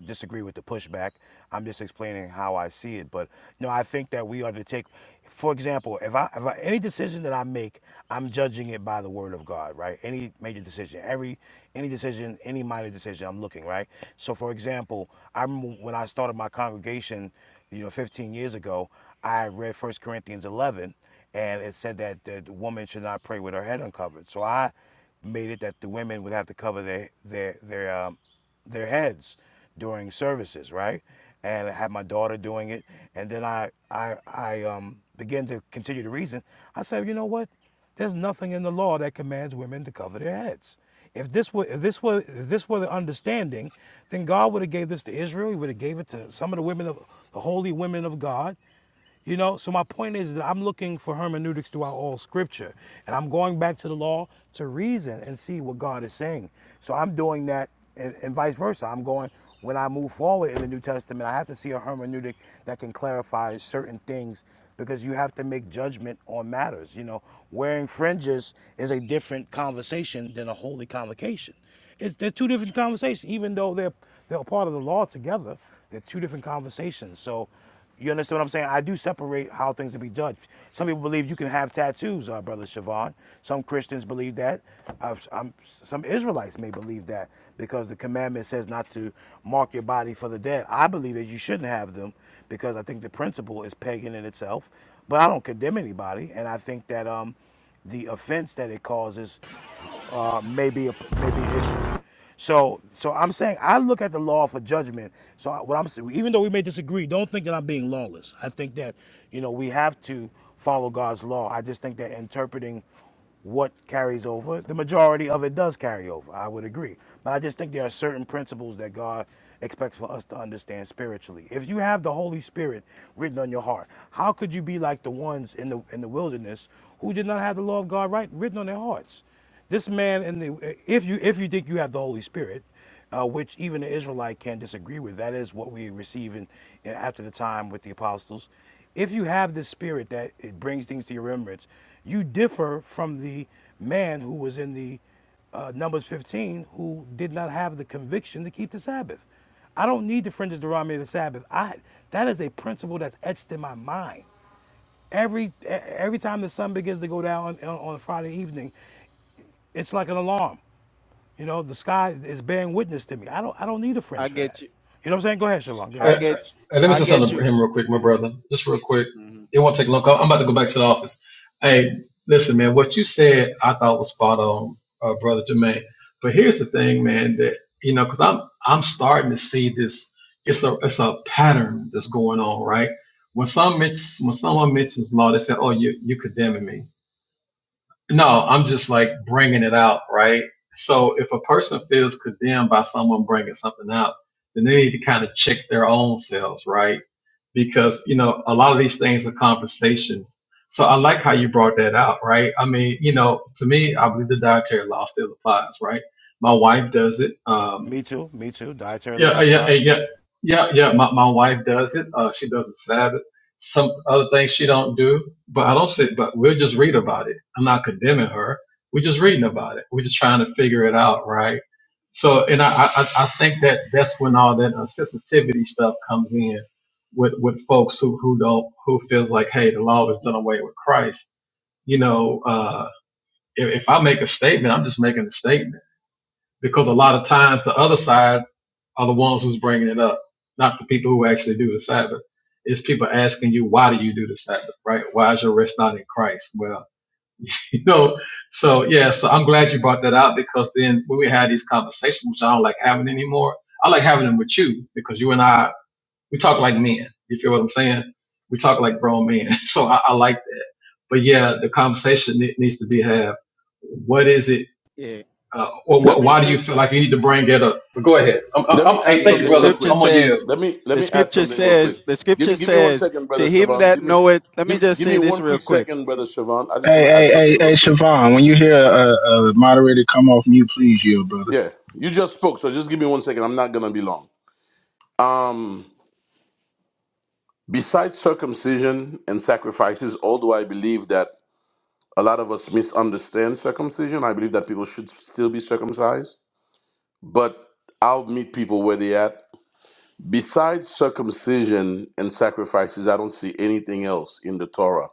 S7: disagree with the pushback. I'm just explaining how I see it. But no, I think that we ought to take, for example, if I, if I any decision that I make, I'm judging it by the word of God, right? Any major decision, every any decision, any minor decision, I'm looking right. So, for example, I remember when I started my congregation, you know, 15 years ago, I read First Corinthians 11, and it said that the woman should not pray with her head uncovered. So I made it that the women would have to cover their their their um, their heads during services, right? And I had my daughter doing it, and then I I I um, began to continue to reason. I said, you know what? There's nothing in the law that commands women to cover their heads. If this were if this were if this were the understanding, then God would have gave this to Israel. He would have gave it to some of the women of the holy women of God you know, so my point is that I'm looking for hermeneutics throughout all scripture. And I'm going back to the law to reason and see what God is saying. So I'm doing that and, and vice versa. I'm going, when I move forward in the New Testament, I have to see a hermeneutic that can clarify certain things because you have to make judgment on matters. You know, wearing fringes is a different conversation than a holy convocation. It's, they're two different conversations, even though they're they're a part of the law together. They're two different conversations. So you understand what I'm saying? I do separate how things are be judged. Some people believe you can have tattoos, uh, brother Siobhan. Some Christians believe that. Uh, um, some Israelites may believe that because the commandment says not to mark your body for the dead. I believe that you shouldn't have them because I think the principle is pagan in itself. But I don't condemn anybody, and I think that um, the offense that it causes uh, may be a, may be an issue. So, so I'm saying I look at the law for judgment. So what I'm saying, even though we may disagree, don't think that I'm being lawless. I think that you know we have to follow God's law. I just think that interpreting what carries over, the majority of it does carry over. I would agree, but I just think there are certain principles that God expects for us to understand spiritually. If you have the Holy Spirit written on your heart, how could you be like the ones in the in the wilderness who did not have the law of God right written on their hearts? This man, in the, if you if you think you have the Holy Spirit, uh, which even the Israelite can disagree with, that is what we receive in, in- after the time with the apostles. If you have this spirit that it brings things to your remembrance, you differ from the man who was in the uh, Numbers 15 who did not have the conviction to keep the Sabbath. I don't need the fringes to rob me of the Sabbath. I that is a principle that's etched in my mind. Every e- every time the sun begins to go down on, on Friday evening, it's like an alarm. You know, the sky is bearing witness to me. I don't I don't need a
S6: i
S7: fringe for
S6: get
S7: that.
S6: you
S7: You know what I'm saying? Go ahead, Siobhan. Go
S6: i
S13: Hey,
S7: ahead.
S6: get
S13: hey, let me
S6: i
S13: say
S6: get
S13: something to
S6: you
S13: him real quick, my brother. Just real quick.
S6: Mhm.
S13: It won't take long. I'm about to go back to the office. Hey, listen, man. What you said, I thought was spot on, uh, brother Jermaine. But here's the thing, man. That you know, because I'm I'm starting to see this. It's a it's a pattern that's going on, right? When some mentions, when someone mentions law, they say, "Oh, you you condemning me." No, I'm just like bringing it out, right? So if a person feels condemned by someone bringing something out, then they need to kind of check their own selves, right? Because, you know, a lot of these things are conversations. So I like how you brought that out, right? I mean, you know, to me, I believe the dietary law still applies, right? My wife does it. Um,
S7: Me too. Me too. Dietary
S13: yeah,
S7: law
S13: uh, yeah, uh,
S7: applies.
S13: yeah,
S7: Yep.
S13: yeah, yeah. My, my wife does it. Uh, she does the Sabbath. Some other things she don't do, but I don't say. But we'll just read about it. I'm not condemning her. We're just reading about it. We're just trying to figure it out, right? So, and I, I, I I think that that's when all that uh, sensitivity stuff comes in with with folks who who don't who feels like, hey, the law is done away with Christ. You know, uh, if, if I make a statement, I'm just making a statement because a lot of times the other side are the ones who's bringing it up, not the people who actually do the Sabbath. It's people asking you, why do you do the Sabbath, right? Why is your rest not in Christ? Well, (laughs) you know, so yeah, so I'm glad you brought that out because then when we had these conversations, which I don't like having anymore, I like having them with you because you and I, we talk like men. You feel what I'm saying? We talk like grown men. (laughs) So I, I like that. But yeah, the conversation ne- needs to be had. What is it?
S6: yeah
S13: Uh, or
S6: yeah
S13: wh-
S8: Let
S6: the
S8: me
S13: why do you
S6: scripture
S13: feel like you need to bring that up? But go ahead. I'm, I'm,
S8: Let
S13: I'm-
S8: me add
S13: hey,
S6: yeah
S13: thank you,
S6: the
S8: something real
S13: brother.
S6: scripture
S13: I'm
S8: quick.
S13: on
S6: says
S13: you.
S8: Let me let
S6: the
S8: me add
S6: scripture
S8: something real quick.
S6: says the
S8: Give
S6: scripture
S8: me give me one
S6: says
S8: second,
S6: to
S8: brother
S6: him
S8: Siobhan.
S6: that
S8: Give me
S6: knoweth let me
S8: give
S6: just
S8: give me
S6: say this
S8: one
S6: real
S8: quick
S6: quick
S8: second, brother Siobhan. I just want to add
S2: hey,
S8: something
S2: hey, hey,
S8: real quick.
S2: Siobhan, when you hear a, a moderator come off mute, please yield, brother.
S8: Yeah, you just spoke, so just give me one second. I'm not gonna be long. Um, besides circumcision and sacrifices, although I believe that a lot of us misunderstand circumcision, I believe that people should still be circumcised. But I'll meet people where they at. Besides circumcision and sacrifices, I don't see anything else in the Torah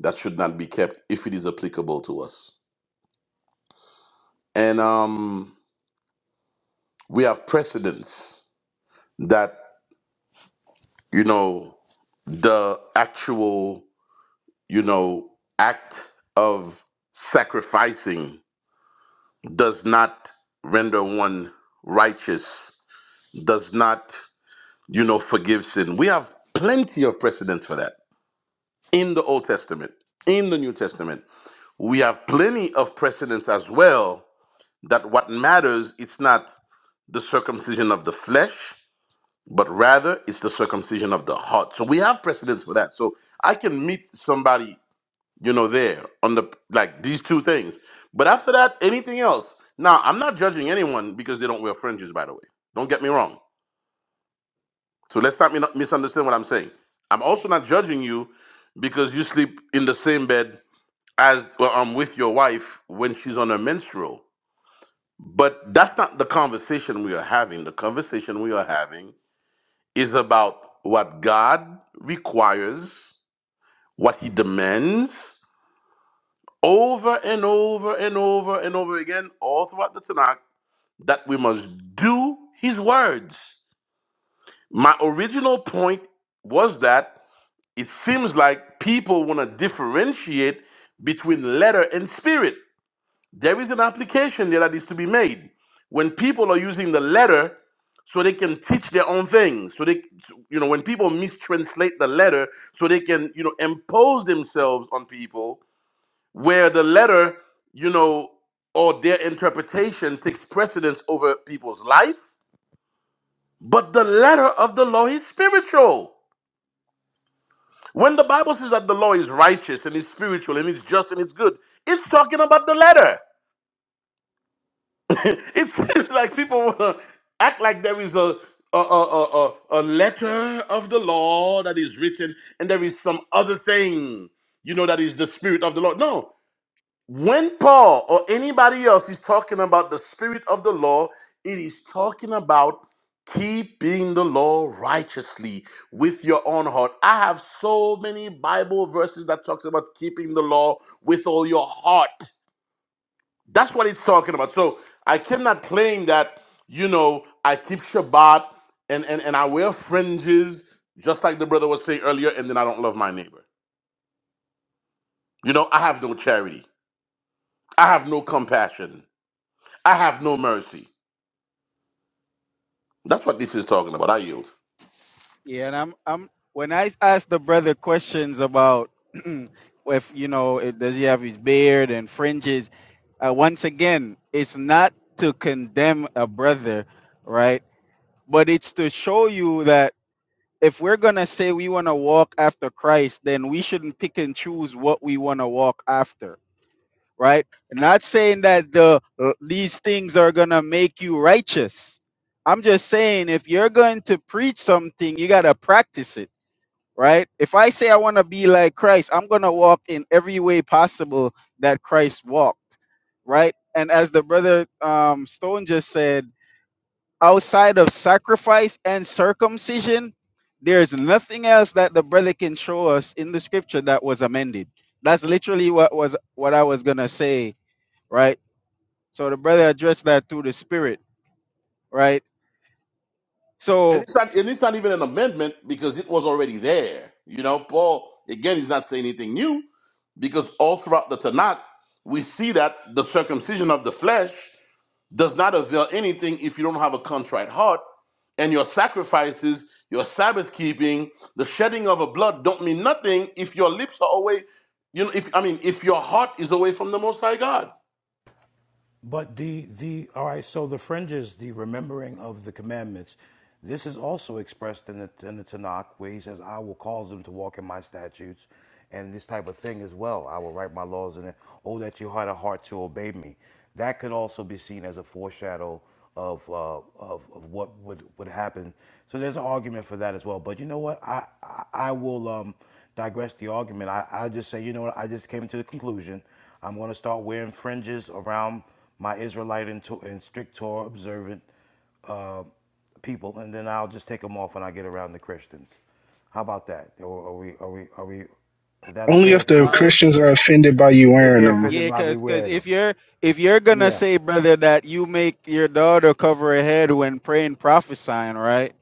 S8: that should not be kept if it is applicable to us. And um, we have precedents that, you know, the actual, you know, act of sacrificing does not render one righteous, does not, you know, forgive sin. We have plenty of precedents for that in the Old Testament, in the New Testament. We have plenty of precedents as well that what matters, it's not the circumcision of the flesh, but rather it's the circumcision of the heart. So we have precedents for that. So I can meet somebody, you know, there on the like these two things. But after that, anything else. Now, I'm not judging anyone because they don't wear fringes, by the way. Don't get me wrong. So let's not mi- misunderstand what I'm saying. I'm also not judging you because you sleep in the same bed as well, um, with your wife when she's on her menstrual. But that's not the conversation we are having. The conversation we are having is about what God requires, what He demands, over and over and over and over again, all throughout the Tanakh, that we must do His words. My original point was that it seems like people want to differentiate between letter and spirit. There is an application there that is to be made when people are using the letter so they can teach their own things. So they, you know, when people mistranslate the letter so they can, you know, impose themselves on people where the letter, you know, or their interpretation takes precedence over people's life. But the letter of the law is spiritual. When the Bible says that the law is righteous and it's spiritual and it's just and it's good, it's talking about the letter. (laughs) it seems like people want to act like there is a a, a, a, a a letter of the law that is written and there is some other thing you know that is the spirit of the law no when paul or anybody else is talking about the spirit of the law it is talking about keeping the law righteously with your own heart i have so many bible verses that talks about keeping the law with all your heart that's what he's talking about. So I cannot claim that, you know, I keep Shabbat and, and, and I wear fringes, just like the brother was saying earlier, and then I don't love my neighbor. You know, I have no charity. I have no compassion. I have no mercy. That's what this is talking about. I yield.
S6: Yeah, and I'm I'm when I asked the brother questions about (clears throat) if you know it, does he have his beard and fringes, uh, once again, it's not to condemn a brother, right? But it's to show you that if we're gonna say we want to walk after Christ, then we shouldn't pick and choose what we want to walk after, right? Not saying that the uh, these things are gonna make you righteous. I'm just saying if you're going to preach something, you gotta practice it right? If I say I want to be like Christ, I'm going to walk in every way possible that Christ walked, right? And as the brother um, Stone just said, outside of sacrifice and circumcision, there's nothing else that the brother can show us in the scripture that was amended. That's literally what was what I was gonna say, right? So the brother addressed that through the spirit, right?
S8: And
S6: So
S8: it's not and it's not even an amendment because it was already there. You know, Paul, again, he's not saying anything new because all throughout the Tanakh, we see that the circumcision of the flesh does not avail anything if you don't have a contrite heart, and your sacrifices, your Sabbath keeping, the shedding of a blood don't mean nothing if your lips are away. You know, if I mean, if your heart is away from the Most High God.
S7: But the the all right. So the fringes, the remembering of the commandments, this is also expressed in the in the Tanakh, where he says, "I will cause them to walk in my statutes," and this type of thing as well. I will write my laws in it. Oh, that you had a heart to obey me. That could also be seen as a foreshadow of uh, of, of what would would happen. So there's an argument for that as well. But you know what? I I, I will um, digress the argument. I I just say, you know what? I just came to the conclusion I'm going to start wearing fringes around my Israelite and, to- and strict Torah observant uh, people, and then I'll just take them off when I get around the Christians. How about that? Or are we? Are we? Are we? Is that a
S2: Only
S7: fair
S2: if the
S7: conclusion?
S6: uh,
S2: Christians are offended by you
S7: If
S2: wearing
S7: they're
S2: them.
S7: offended
S6: Yeah,
S7: by me
S6: cause cause
S7: wearing them,
S6: if you're if you're gonna
S7: yeah,
S6: say, brother, that you make your daughter cover her head when praying, prophesying, right?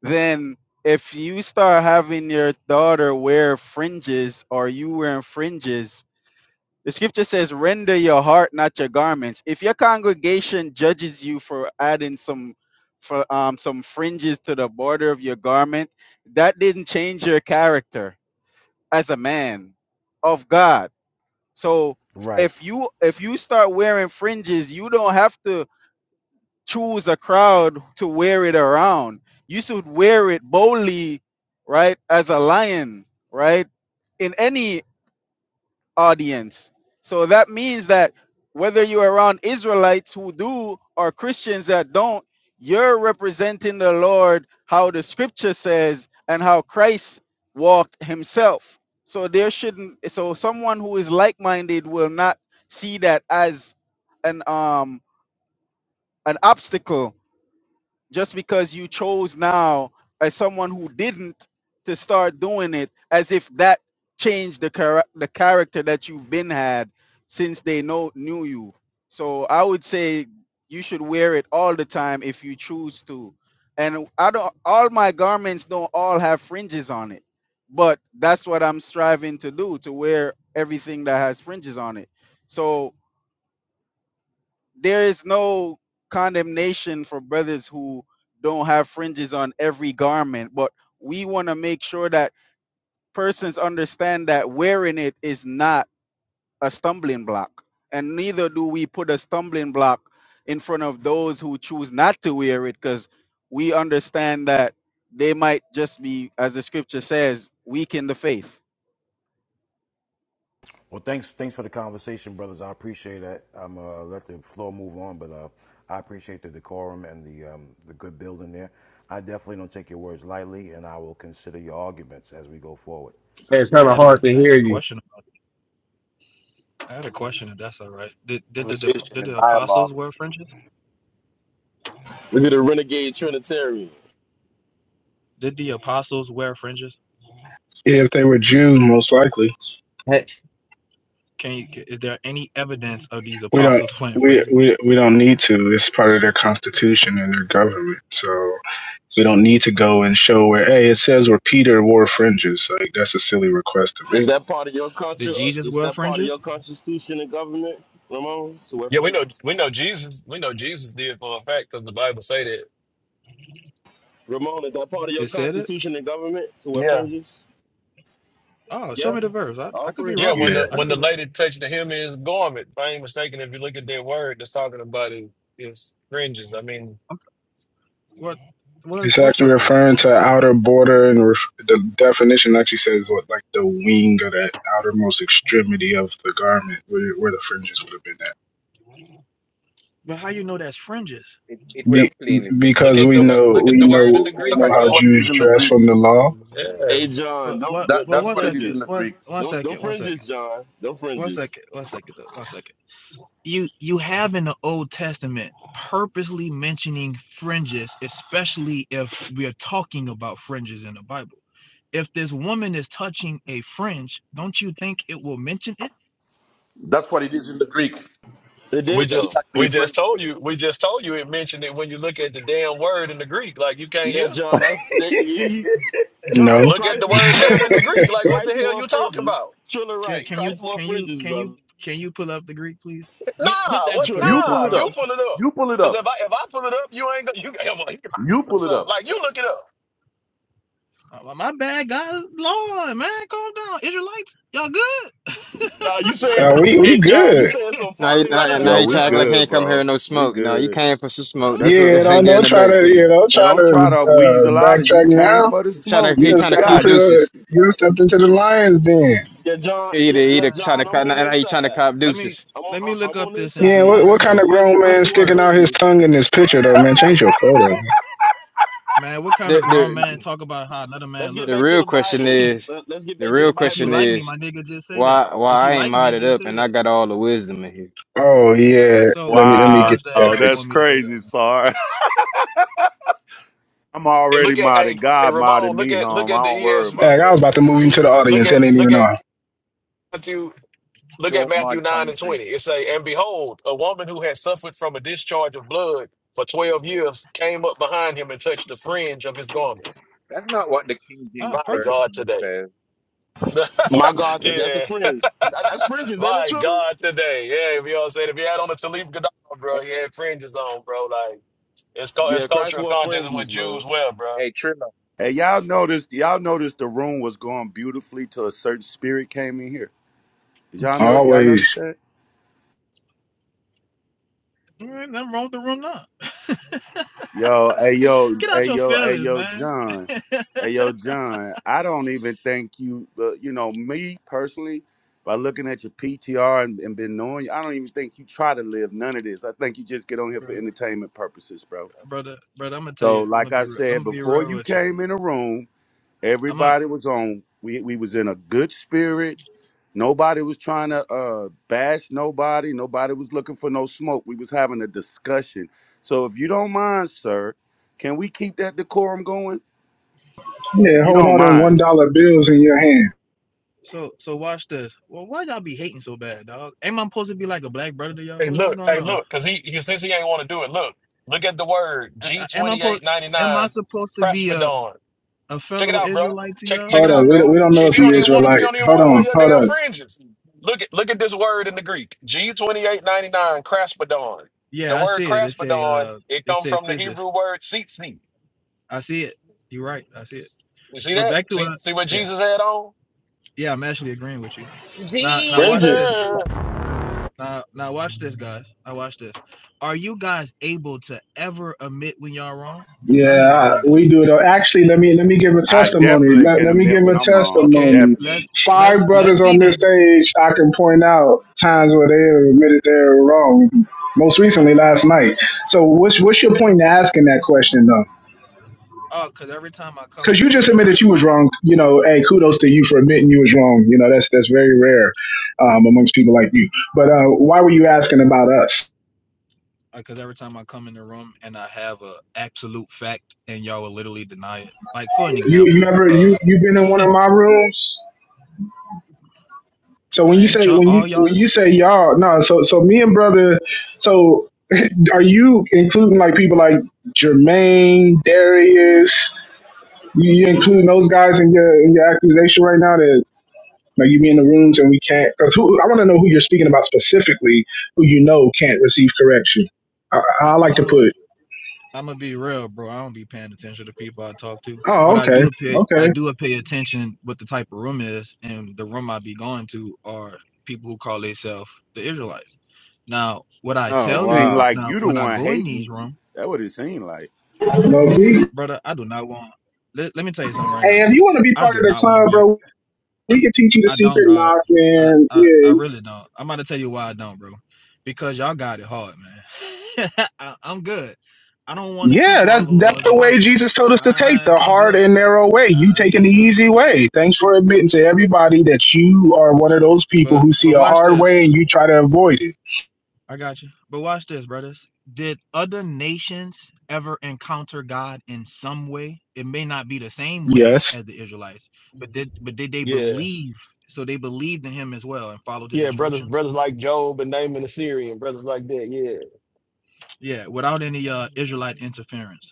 S6: Then if you start having your daughter wear fringes or you wearing fringes, the scripture says, "Render your heart, not your garments." If your congregation judges you for adding some for um some fringes to the border of your garment, that didn't change your character as a man of God so
S7: right.
S6: if you if you start wearing fringes, you don't have to choose a crowd to wear it around. You should wear it boldly, right? As a lion, right? In any audience. So that means that whether you're around Israelites who do or Christians that don't, you're representing the Lord how the scripture says and how Christ walked himself. So there shouldn't so someone who is like-minded will not see that as an um an obstacle just because you chose now as someone who didn't to start doing it as if that changed the chara- the character that you've been had since they know knew you so i would say you should wear it all the time if you choose to and i don't all my garments don't all have fringes on it but that's what i'm striving to do to wear everything that has fringes on it so there is no condemnation for brothers who don't have fringes on every garment, but we want to make sure that persons understand that wearing it is not a stumbling block. And neither do we put a stumbling block in front of those who choose not to wear it because we understand that they might just be, as the scripture says, weak in the faith.
S7: Well, thanks. Thanks for the conversation, brothers. I appreciate that. I'm uh, let the floor move on, but uh, I appreciate the decorum and the um, the good building there. I definitely don't take your words lightly, and I will consider your arguments as we go forward.
S3: it's
S14: I
S3: kind of
S14: had
S7: Thank you.
S3: hard
S14: a
S3: to
S14: I had
S3: hear
S14: a
S3: you.
S14: question. about- I had a question. If that's all right, did did the
S7: conversation
S14: did
S7: and
S14: the
S7: dialogue
S14: apostles wear fringes?
S10: Look at the renegade Trinitarian.
S14: Did the apostles wear fringes?
S2: If they were Jews, most likely,
S3: Hey,
S14: Can you, is there any evidence of these
S2: we don't.
S14: apostles (laughs) wearing
S2: We,
S14: fringes?
S2: we we don't need to. It's part of their constitution and their government. So we don't need to
S14: Okay.
S2: go and show where. Hey, it says where Peter wore fringes. Like that's a silly request to
S10: Is
S2: make.
S10: that part of your
S14: Did
S10: culture?
S14: Jesus
S10: Is
S14: wear
S10: that part of your
S14: fringes?
S10: constitution and government, Ramon, to wear
S12: yeah, we know
S10: fringes?
S12: we know Jesus. We know Jesus did for a fact because the Bible say that.
S10: Ramon, is that part of your
S14: It said it.
S10: constitution and government to wear
S12: Yeah.
S10: fringes?
S14: Oh, show
S10: Yeah,
S14: me the verse. I,
S10: all
S14: I could be
S10: fringes.
S12: Yeah, when
S2: Yeah.
S14: wrong.
S12: the
S14: I
S12: when
S14: could be
S12: the
S14: wrong.
S12: lady touched the hem of his garment, if I ain't mistaken, if you look at that word that's talking about it, it's fringes. I mean,
S14: I'm, what what
S2: It's
S14: what
S2: actually
S14: fringes?
S2: referring to outer border, and ref- the definition actually says what, like the wing or the outermost extremity of the garment, where, where the fringes would have been at.
S14: But how you know that's fringes?
S15: It, it would have
S2: Be-
S15: plainly said
S12: look
S2: because
S15: printed.
S12: at
S2: we
S12: the
S15: It
S12: word
S2: know,
S12: look at
S2: we
S12: the
S15: never
S12: word
S15: said,
S12: in the
S2: know, we
S8: That's
S12: Greek,
S2: know
S8: actually
S2: how
S12: bro.
S8: what it is
S2: Jews
S8: in the
S2: dress
S8: Greek.
S2: from the law.
S12: Yeah.
S10: Hey, John,
S14: But
S10: them,
S14: what?
S8: That
S10: them,
S14: Well,
S10: them
S8: that's
S14: one
S8: what it is
S14: second.
S8: in
S10: fringes.
S8: the
S14: One
S8: Greek.
S14: one
S10: Them, them
S14: second. One
S10: fringes,
S14: second.
S10: John. Them
S14: One
S10: fringes.
S14: second. One second. though, One second. you you have in the Old Testament purposely mentioning fringes, especially if we are talking about fringes in the Bible. If this woman is touching a fringe, don't you think it will mention it?
S8: That's what it is in the Greek.
S10: They
S8: It,
S12: We
S10: did,
S8: it is
S10: though.
S12: just
S8: actually
S12: we just
S8: fringes.
S12: told you we just told you it mentioned it when you look at the damn word in the Greek. Like you can't
S10: Yeah,
S12: hear.
S10: John, that's, they, you, you- John,
S2: No,
S12: Look at the
S10: Christ
S2: (laughs)
S12: word him in the Greek. Like what the
S10: Christ
S12: hell
S10: wore
S12: you talking
S10: fringes.
S12: about?
S10: Triller
S14: Can,
S10: right.
S14: can you
S10: Christ wore
S14: can you
S10: fringes,
S14: can
S10: brother.
S14: you can you pull up the Greek, please,
S10: Get, get
S12: Nah,
S10: that
S12: what
S14: and put in a
S10: Triller.
S8: You pull
S12: nah,
S8: it
S14: profile
S12: you
S14: picture?
S8: up.
S12: pull it up.
S8: You pull it
S12: Cause
S8: up.
S12: if I if I pull it up, you ain't gonna you (laughs) you can
S8: You
S12: find
S8: pull
S12: us
S8: it up.
S12: Like you look it up.
S14: Uh, my bad, guys. Lord, man, calm down. Israelites, y'all good,
S10: Nah, you said,
S2: uh, we we
S10: hey, John, you
S2: good.
S10: saying some
S11: Now you
S14: (laughs)
S10: folly right
S11: now,
S14: brother,
S10: now,
S11: now
S9: Yo,
S11: you trying
S9: we
S11: to
S14: brother.
S11: act
S10: John.
S11: like he
S9: good,
S11: ain't come here
S9: bro.
S11: with no
S9: We
S11: smoke. No, you
S9: good.
S11: came for some smoke.
S14: Oh
S11: That's what
S2: Yeah,
S11: (laughs)
S14: man,
S11: they
S2: don't
S11: giving
S2: don't
S11: it
S2: try
S11: back
S2: to
S11: to
S2: you
S11: you.
S2: know
S9: Hey,
S2: trying
S9: don't try
S2: to
S9: to
S2: uh,
S9: weasel out of you.
S2: backtrack
S9: Came
S2: now.
S9: for the
S11: He Trying to
S9: smoke
S2: You
S11: he
S9: and
S2: done
S9: you
S11: trying to
S2: stepped
S11: cop
S9: got it.
S2: into
S11: deuces.
S2: you done stepped into the lion's den.
S10: Yeah, John. Yeah,
S11: Either
S10: yeah,
S11: either trying
S10: John.
S11: to
S10: I'm
S11: cop
S14: man.
S11: now
S10: on their
S11: now you trying to
S10: side.
S11: cop
S14: Let me
S11: deuces.
S10: I'm
S14: let
S10: on.
S14: me
S10: I-
S14: look
S10: am
S14: up
S10: on their
S14: this in
S2: Yeah,
S10: side
S14: Greek
S10: in
S2: what
S10: this
S14: right
S2: what kind
S14: quick.
S10: matter.
S2: of
S14: What's
S2: grown
S14: what's
S2: man
S10: Christ
S14: the
S10: wore
S2: sticking
S14: verse?
S2: out his
S10: fringes.
S2: tongue in this
S9: (laughs)
S2: picture though, man? Change your photo.
S14: Man, what kind of
S11: The
S14: grown
S11: the
S14: man talk about how another
S10: Let's
S14: man
S10: get
S14: look?
S11: the
S10: back to
S11: real
S10: the
S11: question
S10: Bible.
S11: is
S10: Let- Let's get
S11: the
S10: back to
S14: If,
S10: the
S11: real
S14: if you
S10: Bible,
S11: question
S14: like
S10: though.
S14: me,
S11: is
S14: my nigga, just say that.
S11: why why
S14: If you
S11: I ain't
S14: like me,
S11: modded
S14: just
S11: up
S14: say
S11: and I
S14: that.
S11: got all the wisdom in here.
S2: Oh yeah,
S14: So
S2: let me
S14: what's
S2: let
S14: the
S2: me
S9: Wow,
S2: get
S14: verse that
S2: that
S14: y'all
S9: that's
S14: want
S2: fixed.
S14: me to look
S9: crazy,
S14: at? Man?
S9: Sar. (laughs) I'm
S12: And
S9: already
S12: look at
S9: modded.
S12: hey hey
S9: God modded
S12: Ramon, look
S9: me
S12: at look
S9: home. I
S12: at the
S9: don't worry about
S2: Dang, I
S12: ESV.
S9: that.
S2: was about to move
S12: If
S2: him
S12: you
S2: to the
S12: look
S2: audience
S12: at
S2: and didn't even
S12: look at
S2: know.
S12: Matthew Look at
S15: don't
S12: Matthew
S15: mud
S12: 9 and
S15: concrete.
S12: 20. It say, And behold, a woman who had suffered from a discharge of blood for 12 years came up behind him and touched the fringe of his garment.
S15: That's not what the King James
S14: Ah,
S12: My
S14: perfect.
S12: God,
S15: Version
S12: today.
S15: says.
S12: (laughs)
S10: My
S12: yeah.
S10: God, said that's a
S12: (laughs)
S10: fringe. That- That's fringes, ain't it,
S12: My
S10: Trevor?
S12: God, today. Yeah, we all said if he had on a Talib Gadar,
S15: Hey,
S12: bro, he had fringes on, bro. Like, it's, cul-
S10: Yeah,
S12: it's
S10: Christ
S12: cultural
S10: wore
S12: context and what
S10: fringes, man.
S12: Jews wear, bro.
S15: hey Trilla.
S9: Hey, y'all noticed y'all noticed the room was going beautifully till a certain spirit came in here. Did y'all know y'all notice
S2: Always.
S9: that?
S14: All right, nothing wrong with the room now. (laughs)
S9: Yo, hey
S15: Hey,
S9: yo,
S14: Get out
S9: hey
S14: your
S9: yo, hey
S14: feelings,
S9: yo,
S14: man.
S9: John. Hey yo, John. I don't even think you uh, you know, me personally, by looking at your PTR and, and been knowing you, I don't even think you try to live none of this. I think you just get on here for
S14: Bro,
S9: entertainment purposes, bro.
S14: brother, brother, I'm gonna tell
S9: So
S14: you, I'm
S9: like
S14: gonna be
S9: I
S14: real. I'm
S9: said,
S14: gonna be
S9: before
S14: real
S9: you
S14: with you.
S9: came in the room,
S14: I'm gonna
S9: everybody was on we we was in a good spirit Nobody was trying to uh, bash nobody. Nobody was looking for no smoke. We was having a discussion. So if you don't mind, sir, can we keep that decorum going? If
S2: Yeah,
S9: you
S2: hold
S9: don't
S2: all them one
S9: mind,
S2: dollar bills in your hand.
S14: so so watch this. Well, why y'all be hating so bad, dog? Am I supposed to be like a black brother to y'all?
S12: Hey,
S14: What, what's
S12: look.
S14: going
S12: Hey,
S14: on?
S12: look. Because he, he, since he ain't want to do it, look. Look at the word
S14: I, I, am I supposed am I
S12: G2899,
S14: supposed to be a,
S12: Crespidon.
S14: a
S12: Check it
S14: fellow
S12: out, bro.
S14: Israelite to
S12: Check
S14: y'all,
S12: check
S2: Hold
S12: it
S2: up,
S12: out,
S14: man?
S2: we don't, we
S12: bro.
S2: don't know
S12: Shit,
S2: if
S12: you
S14: I'm
S2: you
S12: don't even want
S14: confused.
S12: to you
S2: Israelite.
S12: don't even
S2: Hold
S12: want to wear
S2: on,
S12: your
S2: hold
S12: damn
S2: up.
S12: fringes. Look at look at this word in the Greek. G twenty eight ninety nine craspedon. The
S14: Yeah, I
S12: word
S14: see it. It's a
S12: craspedon,
S14: uh
S12: it
S14: it's
S12: comes
S14: a
S12: from the
S14: physics.
S12: Hebrew word tzitzit.
S14: I see it. You're right. I see it.
S12: You see
S14: But
S12: that?
S14: back to what
S12: See
S14: I
S12: see what
S14: yeah.
S12: Jesus had on?
S14: Yeah, I'm actually agreeing with you. Now now watch
S10: Fringes.
S14: this.
S12: Jesus.
S15: Trilla.
S14: Now now watch this guys. Now watch this. Are you guys able to ever admit when y'all wrong? Cuz I
S2: Yeah,
S14: never
S2: I,
S14: seen this
S2: we
S14: before.
S2: do it. Actually, let me let me give a
S9: I
S2: testimony.
S9: definitely
S2: Let,
S9: can
S2: let me
S9: admit
S2: give
S9: when
S2: a
S9: I'm wrong.
S14: Okay,
S2: testimony.
S9: Definitely.
S14: let's
S2: Five
S14: let's let's
S2: brothers
S14: see
S2: on this
S14: then.
S2: stage, I can point out times where they have admitted they were wrong. Most recently,
S14: Okay.
S2: last night. So, what's what's your point in asking that question,
S14: Oh, cuz every time I come
S2: because
S14: to
S2: you just admitted
S14: Israelite
S2: you was
S14: room,
S2: wrong. You know, hey, kudos to you for admitting you was wrong. You know, that's that's very rare um, amongst people like you. But uh, why were you asking about us?
S14: because every time I come in the room and I have a absolute fact and y'all will literally deny it. Like for an
S2: You you
S14: example,
S2: ever you
S14: uh
S2: you been in one of my rooms? So when you
S14: ain't
S2: say
S14: y'all
S2: when you
S14: all y'all
S2: when you say y'all no, so so me and brother, so (laughs) are you including like people like Jermaine, Darius? You, you including those guys in your in your accusation right now? that Now you be in the rooms and we can't because who I want to know who you're speaking about specifically, who you know can't receive correction. I,
S14: I,
S2: I like to
S14: I'm a
S2: put,
S14: I'm gonna be real, bro. I don't be paying attention to people I talk to,
S2: oh
S14: but I
S2: okay,
S14: do pay I
S2: okay,
S14: do pay attention what the type of room is, and the room I be going to are people who call themselves the Israelites. Now, what I
S9: It
S11: Oh
S14: tell
S9: seemed
S14: you
S11: wow.
S9: like
S14: now
S9: you the
S14: when I
S9: one
S14: go in these
S9: hating.
S14: rooms,
S9: That what it seemed like.
S2: low key.
S14: brother, I do not want. Let, let me tell you something right now,
S2: Hey, if
S14: brother.
S2: you want to be
S14: I
S2: part
S14: do
S2: of the
S14: not want
S2: club,
S14: to be.
S2: bro, we can teach you the
S14: I don't,
S2: secret
S14: dog.
S2: knock,
S14: I,
S2: man.
S14: I, I
S2: Yeah,
S14: really don't. I'm about to tell you why I don't, bro. Because y'all got it hard, man. (laughs) I, I'm good. I don't want to keep
S2: yeah, that's
S14: all those
S2: that's
S14: laws
S2: the way
S14: impossible.
S2: Jesus told us to take
S14: I, I
S2: the
S14: can't do
S2: hard
S14: it.
S2: and narrow way. You
S14: I, I
S2: taking the
S14: can't do it,
S2: easy
S14: brother.
S2: way. Thanks for admitting to everybody that you are one of those people
S14: But
S2: who see
S14: but
S2: a
S14: watch
S2: hard
S14: this.
S2: way and you try to avoid it.
S14: I got you. But watch this, brothers. Did other nations ever encounter God in some way? It may not be the same way
S2: Yes,
S14: as the Israelites, but did but did they
S12: Yeah.
S14: believe? So they believed in Him as well and followed His
S12: Yeah, brothers
S14: instructions.
S12: brothers like Job and Naaman the Syrian, brothers like that, yeah.
S14: Yeah, without any uh, Israelite interference.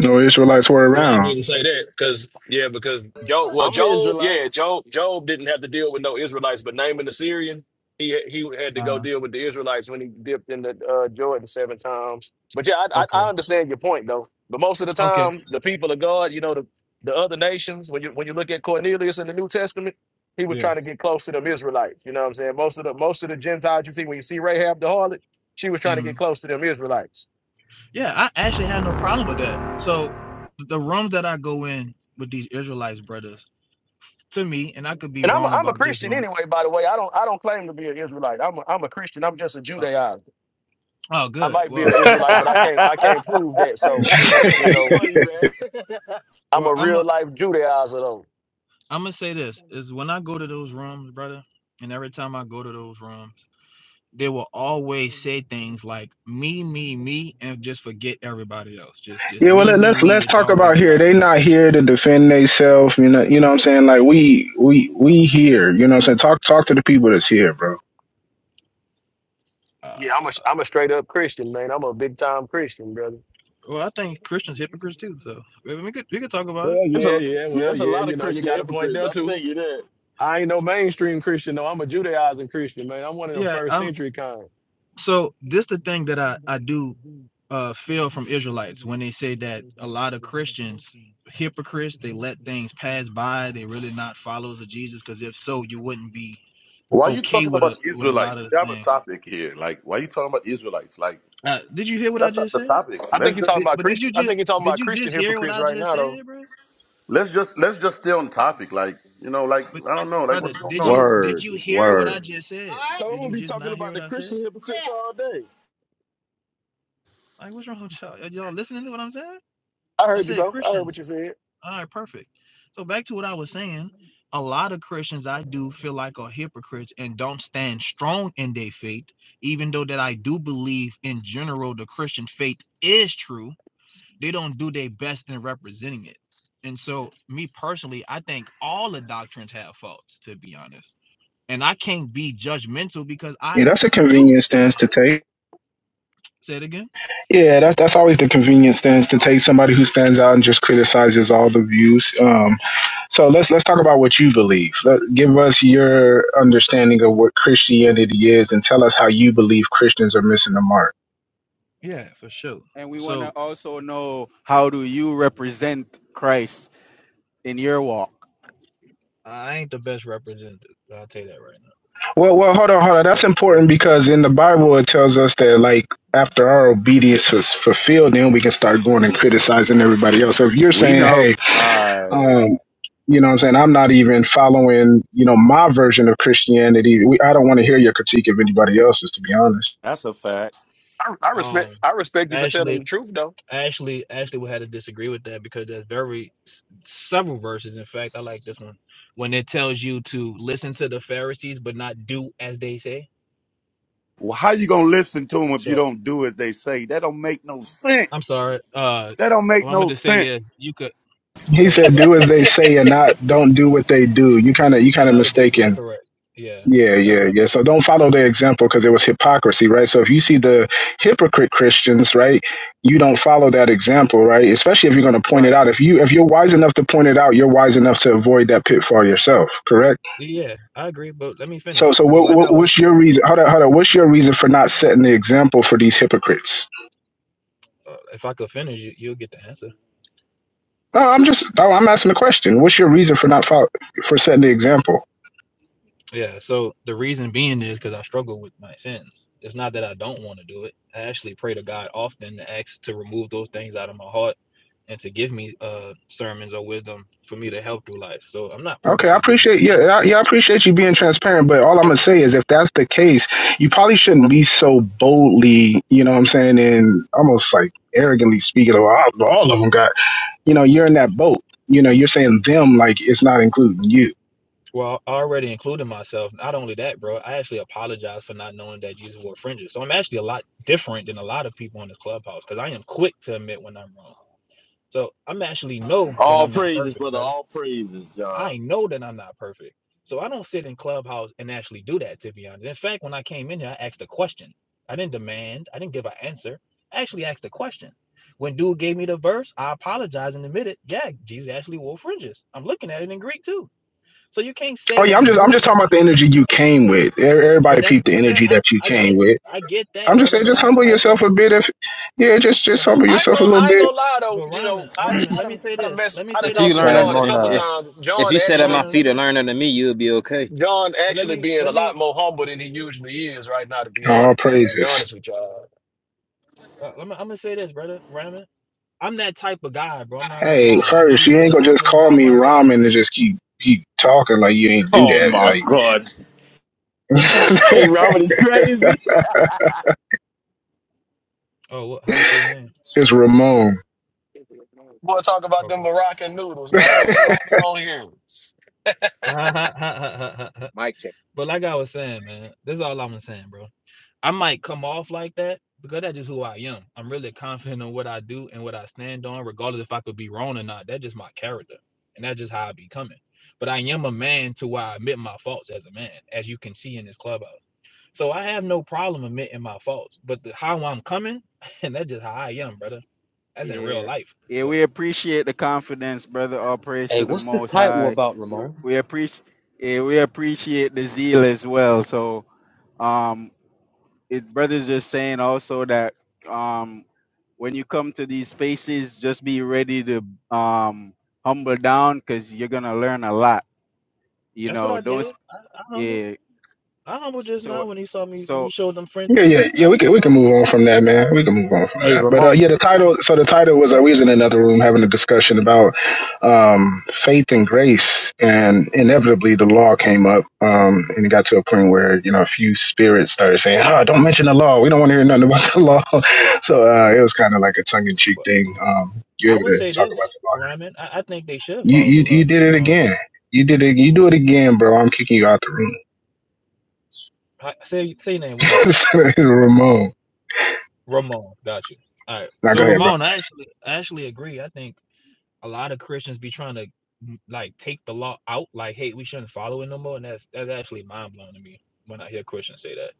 S2: no Israelites were
S12: Well, I
S2: around.
S12: wouldn't say that because yeah, because Job. Well,
S10: I'm an
S12: Job,
S10: Israelite.
S12: yeah, Job. Job didn't have to deal with no Israelites, but Naaman the Syrian, he he had to go
S14: Uh-huh.
S12: deal with the Israelites when he dipped in the uh, Jordan seven times. But yeah, I, I
S14: Okay.
S12: I understand your point though. But most of the
S14: Okay.
S12: time, the people of God, you know, the the other nations, when you when you look at Cornelius in the New Testament, he was
S14: Yeah.
S12: trying to get close to them Israelites. You know what I'm saying? Most of the most of the Gentiles you see when you see Rahab the harlot, she was trying to get
S14: Mhm.
S12: close to them Israelites.
S14: Yeah, I actually had no problem with that. So th- the rooms that I go in with these Israelites brothers, to me, and I could be
S12: And I'm a,
S14: wrong
S12: I'm a
S14: about this
S12: Christian
S14: room.
S12: anyway. By the way, I don't I don't claim to be an Israelite. I'm a, I'm a Christian. I'm just a
S14: Oh,
S12: Judaizer.
S14: oh
S12: I
S14: good.
S12: might be an
S14: Well,
S12: Israelite, but I can't I
S9: (laughs)
S12: can't prove that. So,
S10: Hey, Triller,
S12: you
S2: (laughs)
S10: you
S12: know,
S10: funny, man.
S12: I'm
S14: well,
S12: a
S14: I'm i
S12: real life Judaizer though.
S14: I'm gonna say this is when I go to those rooms, brother, and every time I go to those rooms, they will always say things like me, me, me, and just forget everybody else. Just, just
S2: Yeah, well
S14: me,
S2: let,
S14: me,
S2: let's
S14: me.
S2: let's
S14: It's
S2: talk
S14: always
S2: about here.
S14: about
S2: They
S14: me.
S2: not here to defend themselves, you know you know what I'm saying? Like we we we here, you know what I'm saying? Talk talk to the people that's here, bro.
S14: Uh,
S12: Yeah, I'm a I'm a straight up Christian man. I'm a big time Christian brother.
S14: well, I think Christians hypocrites too. So we we could we could talk about it.
S12: Well,
S10: It's
S12: yeah,
S10: a
S12: yeah,
S10: yeah.
S12: well,
S10: It's a
S12: yeah.
S10: lot of
S12: You know, you
S10: Christian
S12: got a point
S10: hypocrites.
S12: there
S10: I'm
S12: too.
S10: telling you that.
S12: I ain't no mainstream Christian though. I'm a Judaizing Christian man. I'm one of them
S14: Yeah,
S12: first
S14: I'm
S12: century kind.
S14: so this the thing that I I do uh
S12: Well,
S14: feel
S12: as
S14: from
S12: soon as it
S14: Israelites
S12: isn't,
S14: when they
S12: when
S14: say
S12: they
S14: that
S12: say
S14: a
S12: that
S14: lot of
S12: you're out of
S14: Christians
S12: person,
S14: hypocrites they
S12: hypocrites
S14: let
S12: and
S14: things
S12: that's in the
S14: pass
S12: same
S14: by they
S12: lie.
S14: really not followers of Jesus because if so you wouldn't be
S8: Why are you
S14: okay
S8: talking
S14: with a
S8: about the
S14: with a lot
S8: Israelites?
S14: of
S8: We
S14: the
S8: have a
S14: things.
S8: topic here. Like, why are you talking about Israelites? Like,
S14: Uh, did you hear what I
S8: that's not
S14: just
S8: the
S14: said?
S8: topic.
S12: I think
S8: Let's
S12: you're talking
S8: just
S14: Did,
S12: about
S14: but did you
S12: Christian. I think
S14: just
S12: you're talking
S14: did
S12: about
S14: you
S12: Christian
S14: just hear what
S12: hypocrites
S14: I
S12: right
S14: just
S12: now, though.
S14: said, bro?
S8: Let's just let's just stay on topic. Like you know, like
S14: But
S8: I don't know,
S12: I
S8: like
S14: brother,
S8: what's going
S12: really-
S14: did
S8: on
S14: you
S8: here,
S12: really
S14: did
S9: word,
S14: you hear what I
S12: Yeah.
S9: word.
S14: just said?
S10: So I'm
S14: Did
S10: gonna
S14: you
S10: be
S14: just
S10: talking
S14: not hear
S10: about
S14: what
S10: the
S14: I said?
S10: Christian hypocrites all day.
S14: Like what's wrong with y'all? Are y'all listening to what I'm saying?
S12: I
S14: I
S12: heard you,
S14: said
S12: bro. I heard what
S14: Christians.
S12: you said.
S14: All right, perfect. So back to what I was saying, a lot of Christians I do feel like are hypocrites and don't stand strong in their faith, even though that I do believe in general the Christian faith is true. They don't do their best in representing it. And so, me personally, I think all the doctrines have faults, to be honest. And I can't be judgmental because
S2: Yeah,
S14: I
S2: that's a
S14: too
S2: convenient stance
S14: sin.
S2: to take.
S14: Say it again.
S2: Yeah, that's that's always the convenient stance to take. Somebody who stands out and just criticizes all the views. Um, so let's let's talk about what you believe. Let, give us your understanding of what Christianity is, and tell us how you believe Christians are missing the mark.
S14: Yeah, for sure.
S6: And we want to
S14: So
S6: also know how do you represent Christ in your walk?
S14: I ain't the best representative. I'll tell you that right now.
S2: Well, well, hold on, hold on. That's
S14: So
S2: important because in the Bible it tells us that like after our obedience was fulfilled, then we can start going and criticizing everybody else. So if you're
S9: We
S2: saying,
S9: know.
S2: hey,
S9: Aye,
S2: um, you know what I'm saying, I'm not even following, you know, my version of Christianity. We, I don't want to hear your critique of anybody else's, to be honest.
S9: that's a fact.
S12: I, I respect.
S14: Um,
S12: I respect you for telling
S14: actually,
S12: the truth, though.
S14: actually, actually, would have to disagree with that because there's very s- several verses. In fact, I like this one when it tells you to listen to the Pharisees but not do as they say.
S9: Well, how you gonna listen to them if you
S14: So
S9: don't do as they say? That don't make no
S14: I'm
S9: sense.
S14: sorry. Uh,
S9: That don't make
S14: what I'm going
S9: no
S14: to say is
S9: sense.
S14: you could.
S2: He
S14: So
S2: said,
S14: what I
S2: do
S14: meant
S2: as
S14: to,
S2: they say and not don't do what they do. You kind of you kind
S14: and
S2: of
S14: I what they do.
S2: mistaken
S14: Correct. Yeah.
S2: Yeah,
S14: So that's what
S2: yeah,
S14: I
S2: yeah.
S14: meant to.
S2: So
S14: say.
S2: don't follow their example because it was hypocrisy, right? So if you see the hypocrite Christians, right, you don't follow that example, right? Especially if you're
S14: R-
S2: going to point it
S14: Right.
S2: out. If you if you're wise enough to point it out, you're wise enough to avoid that pitfall yourself, correct?
S14: Yeah, I agree. But let me
S2: So
S14: finish.
S2: so
S14: So
S2: what,
S14: like I
S2: what
S14: was,
S2: what's your reason? Hold on, hold on. What's your reason for not setting the example for these hypocrites?
S14: uh, if I could finish, you, you'll get the answer.
S2: No, I'm just oh, I'm asking the question. What's your reason for not follow, for setting the example?
S14: Yeah, so the reason being is because I struggle with my sins. It's not that I don't want to do it. I actually pray to God often to ask to remove those things out of my heart and to give me uh sermons or wisdom for me to help through life. So I'm not
S2: Okay, I
S14: purposely doing
S2: appreciate
S14: these
S2: yeah,
S14: things.
S2: I, yeah, I appreciate you being transparent. But all I'm gonna say is, if that's the case, you probably shouldn't be so boldly, you know, what I'm saying, and almost like arrogantly speaking of all, all of them. Got you know, you're in that boat. You know, you're saying them like it's not including you.
S14: Well, I already included myself. Not only that, bro, I actually apologize for not knowing that Jesus wore fringes. So I'm actually a lot different than a lot of people in this clubhouse because I am quick to admit when I'm wrong. So I'm actually know that
S10: All
S14: I'm not
S10: praises,
S14: perfect,
S10: brother.
S14: brother.
S10: All praises, John.
S14: I know that I'm not perfect. So I don't sit in clubhouse and actually do that, to be honest. In fact, when I came in here, I asked a question. I didn't demand, I didn't give an answer. I actually asked a question. When dude gave me the verse, I apologized and admitted, yeah, Jesus actually wore fringes. I'm looking at it in Greek too. So you can't
S2: Oh
S14: say that
S2: yeah, I'm
S14: I'm
S2: just I'm
S14: doing
S2: just talking about
S14: something,
S2: the energy you came with. E-
S14: but
S2: Everybody
S14: that's
S2: peeped the
S14: yeah,
S2: energy
S14: I,
S2: that you
S14: I
S2: came
S14: get
S2: with.
S14: I get
S2: I'm
S14: that,
S2: just
S14: brother,
S2: saying,
S14: but
S2: just
S14: I'm the
S2: humble
S14: type
S2: yourself
S14: of
S2: a bit. If yeah, just just
S14: but I
S2: humble
S12: I ain't
S2: yourself a
S12: gonna.
S2: little
S12: I ain't
S2: bit.
S12: gonna lie, though.
S14: but
S12: You know,
S14: Ramen,
S12: I
S14: Ramen,
S12: I
S14: let me
S12: done
S14: say
S12: I done
S14: this.
S12: mess.
S14: Let me
S12: I
S14: say
S12: done
S11: If
S14: this
S11: you
S12: talked
S16: What's
S12: to
S14: though,
S11: learn
S12: John
S11: under-
S14: brother.
S12: a
S16: on?
S11: if
S12: couple
S16: Uh,
S11: if,
S12: times.
S11: if
S12: John
S11: you
S14: But
S11: sit at
S12: actually.
S11: my
S14: Ramen, let
S11: feet and
S14: me
S11: learn under me, you'll be okay.
S12: John
S14: but let
S12: actually
S14: me
S12: being a
S14: let
S12: lot
S14: me
S12: more humble than he usually is right now, to be
S2: All
S12: honest. To be
S2: praises.
S12: honest with y'all.
S14: uh, I'm, I'm gonna say this, brother. Ramen. I'm that type of guy, bro. I'm not gonna
S2: Hey,
S14: lie. I
S2: first,
S14: do
S2: you
S14: feel
S2: ain't gonna just
S14: confident
S2: call
S14: about
S2: me
S14: myself.
S2: ramen and just keep keep talking like you ain't do
S16: Oh my
S2: that.
S16: god.
S2: Like
S10: Hey, Robert is crazy.
S14: Oh, what, how you say your name?
S2: (laughs) it's Ramon.
S12: Boy, talk about them
S14: Okay.
S12: Moroccan
S2: (laughs)
S12: noodles, man. What's
S2: yeah,
S12: going on here?
S14: (laughs) but
S15: Mic check.
S14: like I was saying, man, this is all I'm saying, bro. I might come off like that because that's just who I am. I'm really confident in what I do and what I stand on, regardless if I could be wrong or not. That's just my character, and that's just how I be coming. But I am a man to where I admit my faults as a man, as you can see in this clubhouse. So I have no problem admitting my faults, but the, how I'm coming, and (laughs) that's just how I am, brother. That's in real
S6: Yeah.
S14: life.
S6: Yeah, we
S14: So
S6: appreciate the confidence, brother. All praise
S16: hey,
S6: to the
S16: what's this
S6: Most
S16: title
S6: High.
S16: about,
S6: We,
S16: Ramon?
S6: we appreciate, yeah, we appreciate the zeal as well. So, um. his brother's just saying also that um when you come to these spaces just be ready to um humble down because you're gonna learn a lot you
S14: that's what
S6: know
S14: I
S6: don't
S14: did.
S6: s-
S14: I humbled.
S6: yeah
S14: I humbled just
S6: so
S14: now when he saw me when he
S6: so
S14: showed them fringes.
S2: yeah, yeah. We
S14: I
S2: can we can
S14: humbled.
S2: move on from that, man. We can move on from
S16: Hey,
S2: that. But uh,
S16: Ramon.
S2: yeah, the title. So the title was uh, we was
S16: Yeah.
S2: in another room having a discussion about um, faith and grace, and inevitably the law came up, um, and it got to a point where you know a few spirits started saying, "Ah, don't mention the law. We don't want to hear nothing about the law." (laughs) so uh, it was kind of like a tongue in cheek
S14: But
S2: thing. Um, you're
S14: I
S2: able
S14: would
S2: to
S14: say
S2: talk about
S14: this,
S2: the law
S14: Raymond. I, I think they should
S2: You
S14: follow the
S2: you
S14: law.
S2: you did it
S14: Um,
S2: again. You did it. You do it again, bro. I'm kicking you out the
S14: hi- say say your name one more time.
S2: room. (laughs) Ramon.
S14: Ramon, got you. All right.
S2: Now go
S14: So
S2: ahead, bro.
S14: Ramon, I actually I actually agree. I think a lot of Christians be trying to mm, like take the law out. Like, hey, we shouldn't follow it no more. And that's that's actually mind blowing to me when I hear Christians say that.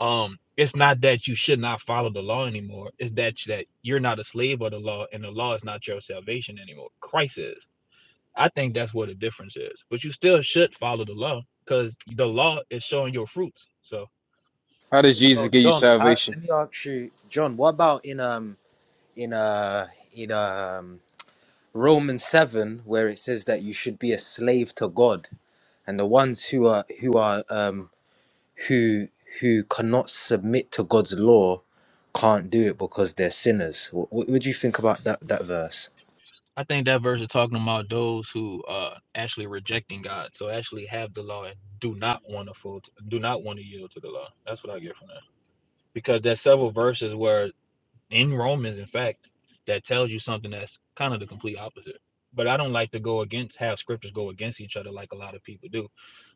S14: um it's not that you should not follow the law anymore it's that that you're not a slave of the law and the law is not your salvation anymore christ is i think that's what the difference is but you still should follow the law because the law is showing your fruits so
S11: How does Jesus
S16: Oh,
S11: give you
S16: John. How,
S11: salvation?
S16: let me ask you, John. What about in um in uh in um Romans seven, where it says that you should be a slave to God, and the ones who are who are um who who cannot submit to God's law can't do it because they're sinners. What, what do you think about that that verse?
S14: i think that verse is talking about those who are actually rejecting god so actually have the law and do not want to fold do not want to yield to the law that's what i get from that because there's several verses where in Romans, in fact, that tells you something that's kind of the complete opposite. But I don't like to go against have scriptures go against each other like a lot of people do.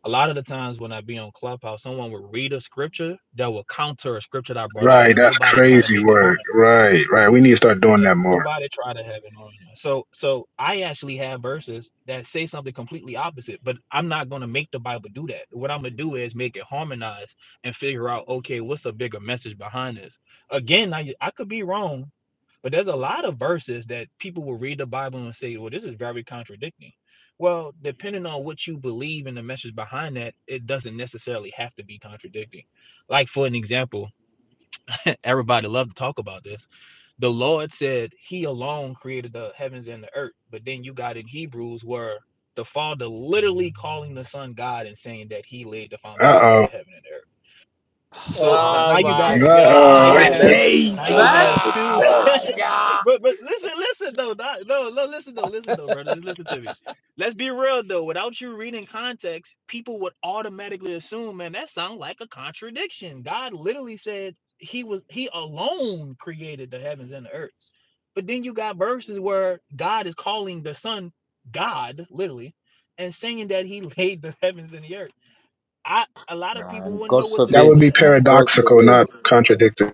S14: A lot of the times when I be on Clubhouse, someone would read a scripture that will counter a scripture that I brought up,
S2: Right,
S14: but
S2: that's
S14: nobody try to
S2: crazy
S14: make it harm.
S2: work. Right, right. We need to start doing that more.
S14: Nobody try to have it on. So so I actually have verses that say something completely opposite, but I'm not gonna make the Bible do that. What I'm gonna do is make it harmonize and figure out okay, what's a bigger message behind this? Again, I I could be wrong, but there's a lot of verses that people will read the Bible and say, well, this is very contradicting. Well, depending on what you believe and the message behind that, it doesn't necessarily have to be contradicting. Like, for an example, everybody love to talk about this. The Lord said he alone created the heavens and the earth. But then you got in Hebrews where the Father literally calling the Son God and saying that he laid the
S2: Uh
S14: foundations of
S2: oh.
S14: the heaven and the earth. So
S12: Oh
S14: now you
S16: Oh
S12: my
S14: got,
S2: Uh
S16: my
S14: now
S2: oh.
S14: you
S2: (laughs)
S17: Hey,
S12: God.
S14: have,
S17: let's
S14: now
S16: days,
S14: you
S17: let's
S16: man.
S17: not
S14: have
S17: get to
S14: two
S12: Oh
S17: that,
S12: my
S17: man.
S12: God.
S14: but but listen, listen though, not, no, no, listen though, listen though, brother, just listen to me. Let's be real though. Without you reading context, people would automatically assume, man, that sounds like a contradiction. God literally said he was he alone created the heavens and the earth. But then you got verses where God is calling the Son God, literally, and saying that he (laughs) laid the heavens and the earth. I a lot of people
S16: Man,
S14: wouldn't know
S16: God
S14: what to
S2: That
S14: do
S16: forbid.
S2: would
S14: with
S2: be
S14: that.
S16: Man, God
S2: paradoxical,
S16: forbid.
S2: not contradictory.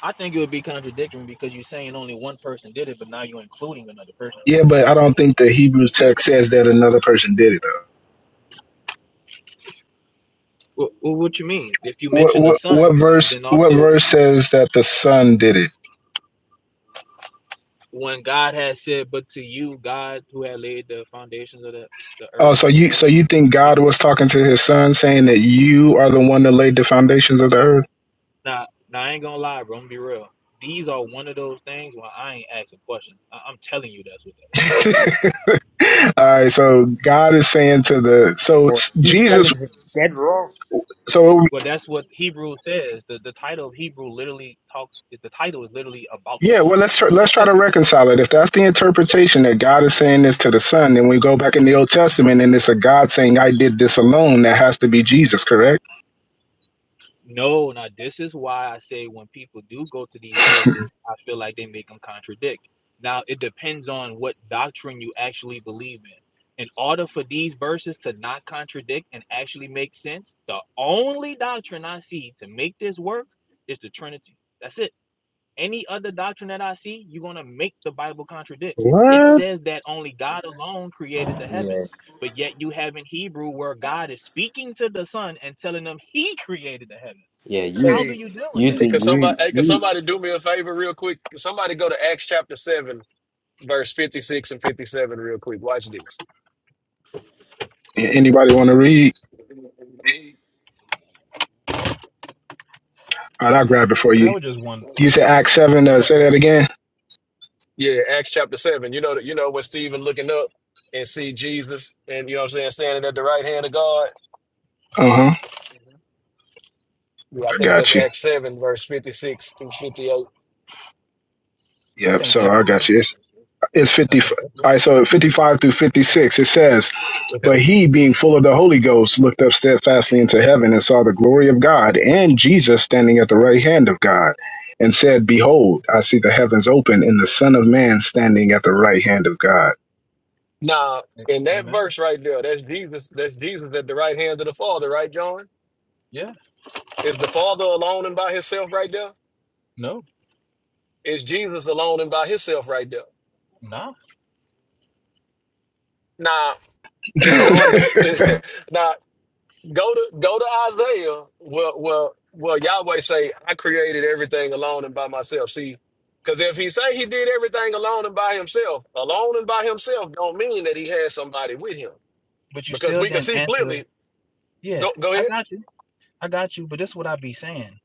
S14: I think it would be contradictory because you're saying only one person did it, but now you're including another person.
S2: Yeah, but I don't think the Hebrew text says that another person did it though.
S14: Well, well, what you mean? If you
S2: What
S14: mention the
S2: what what
S14: Son, and
S2: verse
S14: then
S2: what
S14: also
S2: verse
S14: in,
S2: says that the son did it?
S14: when God has said, "But to you, God, who had laid the foundations of the, the
S2: Oh,
S14: earth
S2: so
S14: and the
S2: you so
S14: heavens,"
S2: you
S14: in
S2: think
S14: the
S2: God
S14: Hebrew.
S2: was talking to his son saying that you are the one that laid the foundations of the
S14: I,
S2: earth?
S14: now, now I ain't gonna lie, bro. I'm gonna be real. These are one of those things where I ain't asking questions. I, I'm telling you that's what that is.
S2: (laughs) All right, so God is saying to the so
S16: Or you
S2: Jesus,
S16: telling him dead wrong.
S2: so
S14: Well, that's what Hebrew says. The the title of Hebrew literally talks. The title is literally about the
S2: yeah,
S14: Son.
S2: well let's try, let's try to reconcile it. If that's the interpretation that God is saying this to the Son, then we go back in the Old Testament and it's a God saying, "I did this alone." That has to be Jesus, correct?
S14: No, now this is why I say when people do go to these verses, I feel like they make them contradict. Now it depends on what doctrine you actually believe in. In order for these verses to not contradict and actually make sense, the only doctrine I see to make this work is the Trinity. That's it. Any other doctrine that I see, you're going to make the Bible contradict.
S2: What?
S14: It says that only God alone created the
S16: Yeah,
S14: heavens, but yet you have in Hebrew where God is speaking to the Son and telling them He created the heavens.
S16: yeah.
S14: How
S16: You,
S14: do
S12: Hey,
S14: you deal with
S16: you do.
S12: hey,
S14: that?
S12: could somebody
S16: You,
S12: hey, could
S16: you.
S12: somebody do me a favor real quick? Could somebody go to Acts chapter seven, verse fifty-six and fifty-seven real quick. Watch this.
S2: Anybody want to read? All right, I'll grab it for
S14: But I
S2: you.
S14: would just want.
S2: You said Acts seven. Uh, say that
S14: I
S2: again.
S12: Yeah, Acts chapter seven. You know that you know when Stephen looking up and see Jesus and you know what I'm saying, standing at the right hand of God.
S2: Uh huh.
S12: Yeah, I
S2: I
S12: think that's
S2: got you.
S12: Acts seven, verse fifty six through fifty eight.
S2: Yep.
S14: think
S2: So
S14: that
S2: I got you. It's
S14: proves.
S2: it's
S14: I
S2: fifty.
S14: think that
S2: All
S14: proves.
S2: right. So fifty five through fifty six. It says. But
S12: Okay.
S2: he, being full of the Holy Ghost, looked up steadfastly into heaven and saw the glory of God and Jesus standing at the right hand of God, and said, Behold, I see the heavens open and the Son of Man standing at the right hand of God.
S12: Now, in that
S14: Amen.
S12: verse right there, that's Jesus, that's Jesus at the right hand of the Father, right, John?
S14: Yeah.
S12: Is the Father alone and by himself right there?
S14: No.
S12: Is Jesus alone and by himself right there?
S14: No. Nah.
S12: Now,
S2: (laughs) he
S12: is God the (laughs) now Go to go to Isaiah. Well, well, well. Yahweh say, "I created everything alone and by myself." See, because if he say he did everything alone and by himself, alone and by himself don't mean that he had somebody with him.
S14: But you
S12: Because
S14: still
S12: we can
S14: didn't
S12: see
S14: answer.
S12: clearly.
S14: Yeah.
S12: Go go
S14: I
S12: ahead.
S14: got you. I got you, but this is what I be saying.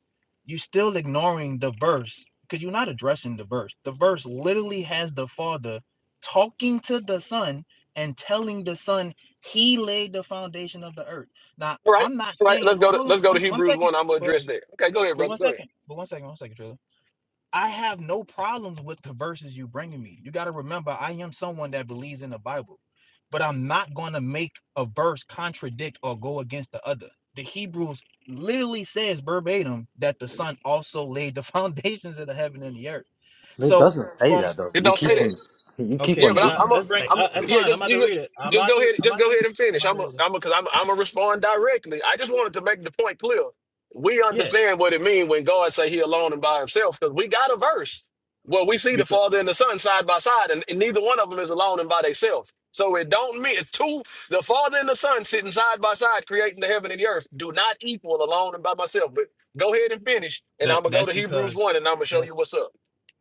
S14: You still ignoring the verse because you're not addressing the verse. The verse literally has the father talking to the son and telling the son he laid the foundation of the earth. Now
S12: All right,
S14: I'm not
S12: all right.
S14: saying
S12: Let's go
S14: hold,
S12: to
S14: hold on
S12: let's go to
S14: one, one
S12: Hebrews
S14: second,
S12: one. I'm gonna
S14: but
S12: address that. Okay, go ahead,
S14: but
S12: brother.
S14: one
S12: Go ahead.
S14: second, but one second, one second, Trilla. I have no problems with the verses you bringing me. You got to remember, I am someone that believes in the Bible, but I'm not going to make a verse contradict or go against the other. The Hebrews literally says verbatim that the Son also laid the (laughs) foundations of the heaven and the earth.
S16: No, It
S14: So
S16: doesn't say
S14: from
S16: that though.
S12: It
S16: You
S12: don't say
S16: keep
S14: yeah,
S12: that.
S16: on, you keep
S14: okay,
S12: Yeah,
S16: on
S12: but
S14: can
S12: I,
S16: doing
S14: I?
S12: I'm
S16: it.
S12: a,
S14: Let's bring.
S18: Hey,
S12: I'm
S14: Uh, that's
S12: yeah.
S14: fine. I'm
S12: Just
S14: about
S12: you,
S14: to
S12: ju-
S14: read it. I'm
S12: just
S14: about
S12: go
S14: to.
S12: ahead,
S14: I'm
S12: just
S14: about to.
S12: go ahead and
S14: I'm
S12: finish.
S14: about
S12: I'm
S14: to
S12: a,
S14: read it.
S12: I'm a, cause I'm, a, I'm a respond directly. I just wanted to make the point clear. We
S14: Yeah,
S12: understand what it means when God say He alone and by Himself, because we got a verse where we see the
S14: because
S12: Father and the Son side by side, and, and neither one of them is alone and by themselves. So it don't mean two. The Father and the Son sitting side by side, creating the heaven and the earth, do not equal alone and by myself. But go ahead and finish, and
S14: that
S12: I'm gonna go
S14: that's
S12: to Hebrews
S14: because
S12: one, and I'm gonna show
S14: that
S12: you what's up.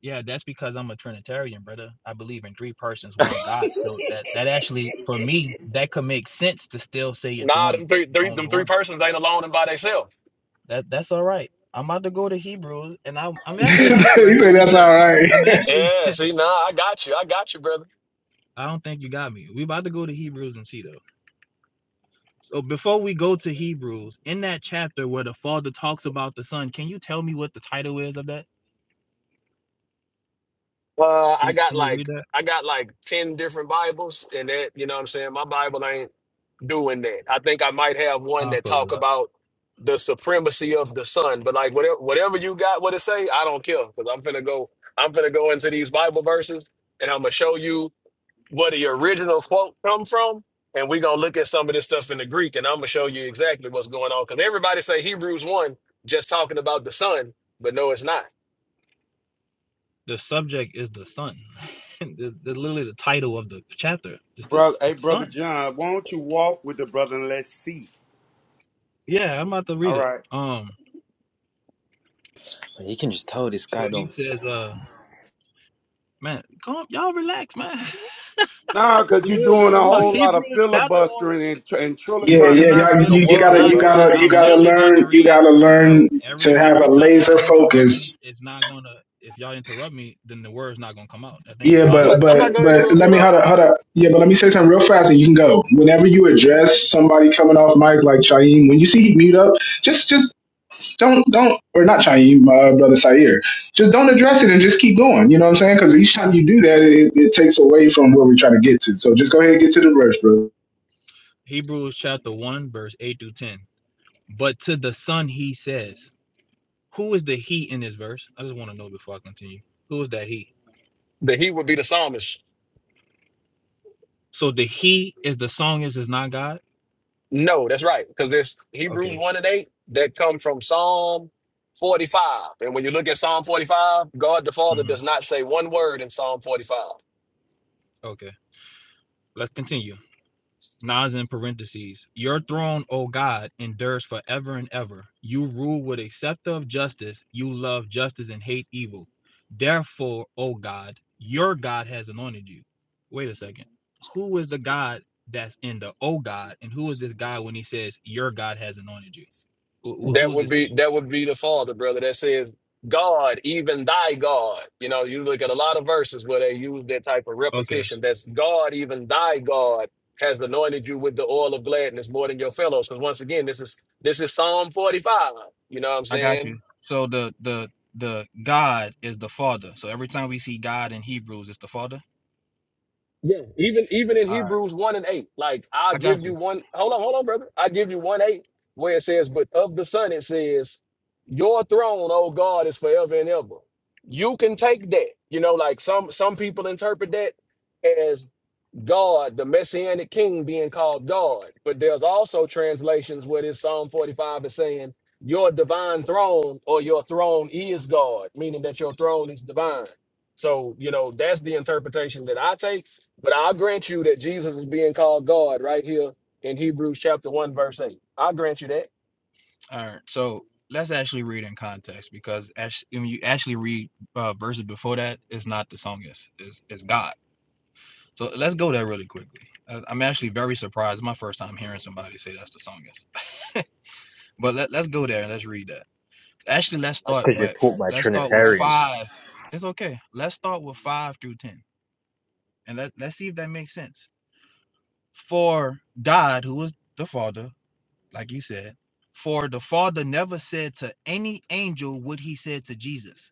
S14: Yeah, that's because I'm a Trinitarian, brother. I believe in three persons, one God. So that that actually, for me, that could make sense to still say it's
S12: Nah,
S14: one,
S12: them three, three
S14: only
S12: them three
S14: one.
S12: persons ain't alone and by themselves.
S14: That that's all right. I'm about to go to Hebrews, and I'm I'm actually interested
S2: said, That's
S14: into.
S2: all right. (laughs)
S14: I'm actually.
S12: Yeah, see, nah, I got you. I got you, brother.
S14: (laughs) I don't think you got me. We about to go to Hebrews and see though. So before we go to Hebrews, in that chapter where the Father talks about the Son, can you tell me what the title is of that?
S12: Uh,
S14: Can
S12: I
S14: you,
S12: got
S14: can you read
S12: like
S14: that?
S12: I got like ten different Bibles, and that you know what I'm saying. My Bible ain't doing that. I think I might have one
S14: I'll
S12: that
S14: pull
S12: talk
S14: it up.
S12: about the supremacy of the Son, but like whatever whatever you got, what it say, I don't care because I'm gonna go. I'm gonna go into these Bible verses, and I'm gonna show you where the original quote come from, and we gonna look at some of this stuff in the Greek, and I'm gonna show you exactly what's going on because everybody say Hebrews one just talking about the Son, but no, it's not.
S14: the subject is the sun. (laughs) the, the- literally the title of the chapter is the,
S9: brother.
S14: is
S9: Hey,
S14: the
S9: brother
S14: sun.
S9: John, why don't you walk with the brother and let's see?
S14: Yeah, I'm about to
S9: All
S14: read it.
S9: right.
S14: Um,
S16: Man, you can just tell this
S14: so
S16: guy
S14: he
S16: don't.
S14: says, uh, man, calm, y'all relax, man.
S9: Nah, cause
S12: You
S9: you're
S12: good,
S9: doing a
S12: brother?
S14: (laughs)
S12: You
S14: so
S9: whole
S12: good?
S9: lot of
S14: Hebrews chapter one.
S9: filibustering and tr- and truly
S2: Yeah,
S9: trying to
S14: It's
S2: yeah,
S14: not
S9: get
S2: y'all,
S9: to
S14: feel.
S9: the
S2: you, you
S14: It's
S2: gotta,
S9: word,
S14: not,
S2: you
S9: bro.
S14: brother.
S2: gotta, you
S14: I'm
S2: gotta
S14: literally about to
S2: learn, you
S14: read,
S2: gotta
S14: bro.
S2: learn to
S14: Every
S2: have a
S14: every time
S2: laser
S14: y'all interrupt
S2: focus
S14: me, it's not gonna. If y'all interrupt me, then the word's not gonna come out. I think it's
S2: Yeah,
S12: I'm
S2: but
S12: not.
S14: logical.
S12: I'm
S2: but
S12: not gonna
S2: but
S12: interrupt you,
S2: let me
S12: bro.
S2: hold up, hold up. Yeah, but let me say something real fast, and you can go. Whenever you address somebody coming off mic like Chaim, when you see he mute up, just just don't don't or not Chaim, uh, brother Sair, just don't address it and just keep going. You know what I'm saying? Because each time you do that, it, it takes away from where we're trying to get to. So just go ahead and get to the verse, bro.
S14: Hebrews chapter one, verse eight through ten. But to the son he says. Who is the he in this verse? I just want to know before I continue. Who is that he?
S12: That he would be the psalmist.
S14: So the he is the song is is not God?
S12: No, that's right. Because there's Hebrews
S14: Okay.
S12: one and eight that come from Psalm 45, and when you look at Psalm 45, God the Father
S14: mhm,
S12: does not say one word in Psalm 45.
S14: Okay. Let's continue. Nas in parentheses. Your throne, O God, endures forever and ever. You rule with a scepter of justice. You love justice and hate evil. Therefore, O God, your God has anointed you. Wait a second. Who is the God that's in the O God? And who is this God when he says, Your God has anointed you? who-
S12: That
S14: who's
S12: would
S14: this to?
S12: be that would be the father, brother, that says, God, even thy God. You know, you look at a lot of verses where they use that type of
S14: Okay.
S12: repetition. That's God, even thy God has anointed you with the oil of gladness more than your fellows. Because once again, this is this is Psalm 45. You know what I'm
S14: I got
S12: saying?
S14: you. So the the the God is the Father. So every time we see God in Hebrews, it's the Father.
S12: Yeah, even even in
S14: All right,
S12: Hebrews one and eight, like I'll
S14: I
S12: give
S14: got
S12: you
S14: you.
S12: one. Hold on, hold on, brother. I give you one eight where it says, "But of the Son," it says, "Your throne, O God, is forever and ever." You can take that, you know, like some some people interpret that God, the messianic king being called God. But there's also translations where this Psalm 45 is saying, Your divine throne or your throne is God, meaning that your throne is divine. So, you know, that's the interpretation that I take. But i grant you that Jesus is being called God right here in Hebrews chapter 1, verse 8. i grant you that.
S14: All right, so let's actually read in context because actually, when you actually read uh, verses before that, it's not the song is it's, it's God. So let's go there really quickly. I- I'm actually very surprised. It's my first time hearing somebody say that's the song is. (laughs) But let, let's go there and let's read that. Actually, let's
S16: That's
S14: start.
S16: because you're
S14: But
S16: taught by
S14: let's start with
S16: Trinitarians.
S14: five. It's okay. Let's start with five through ten, and let let's see if that makes sense. For God, who is the Father, like you said, for the Father never said to any angel what he said to Jesus.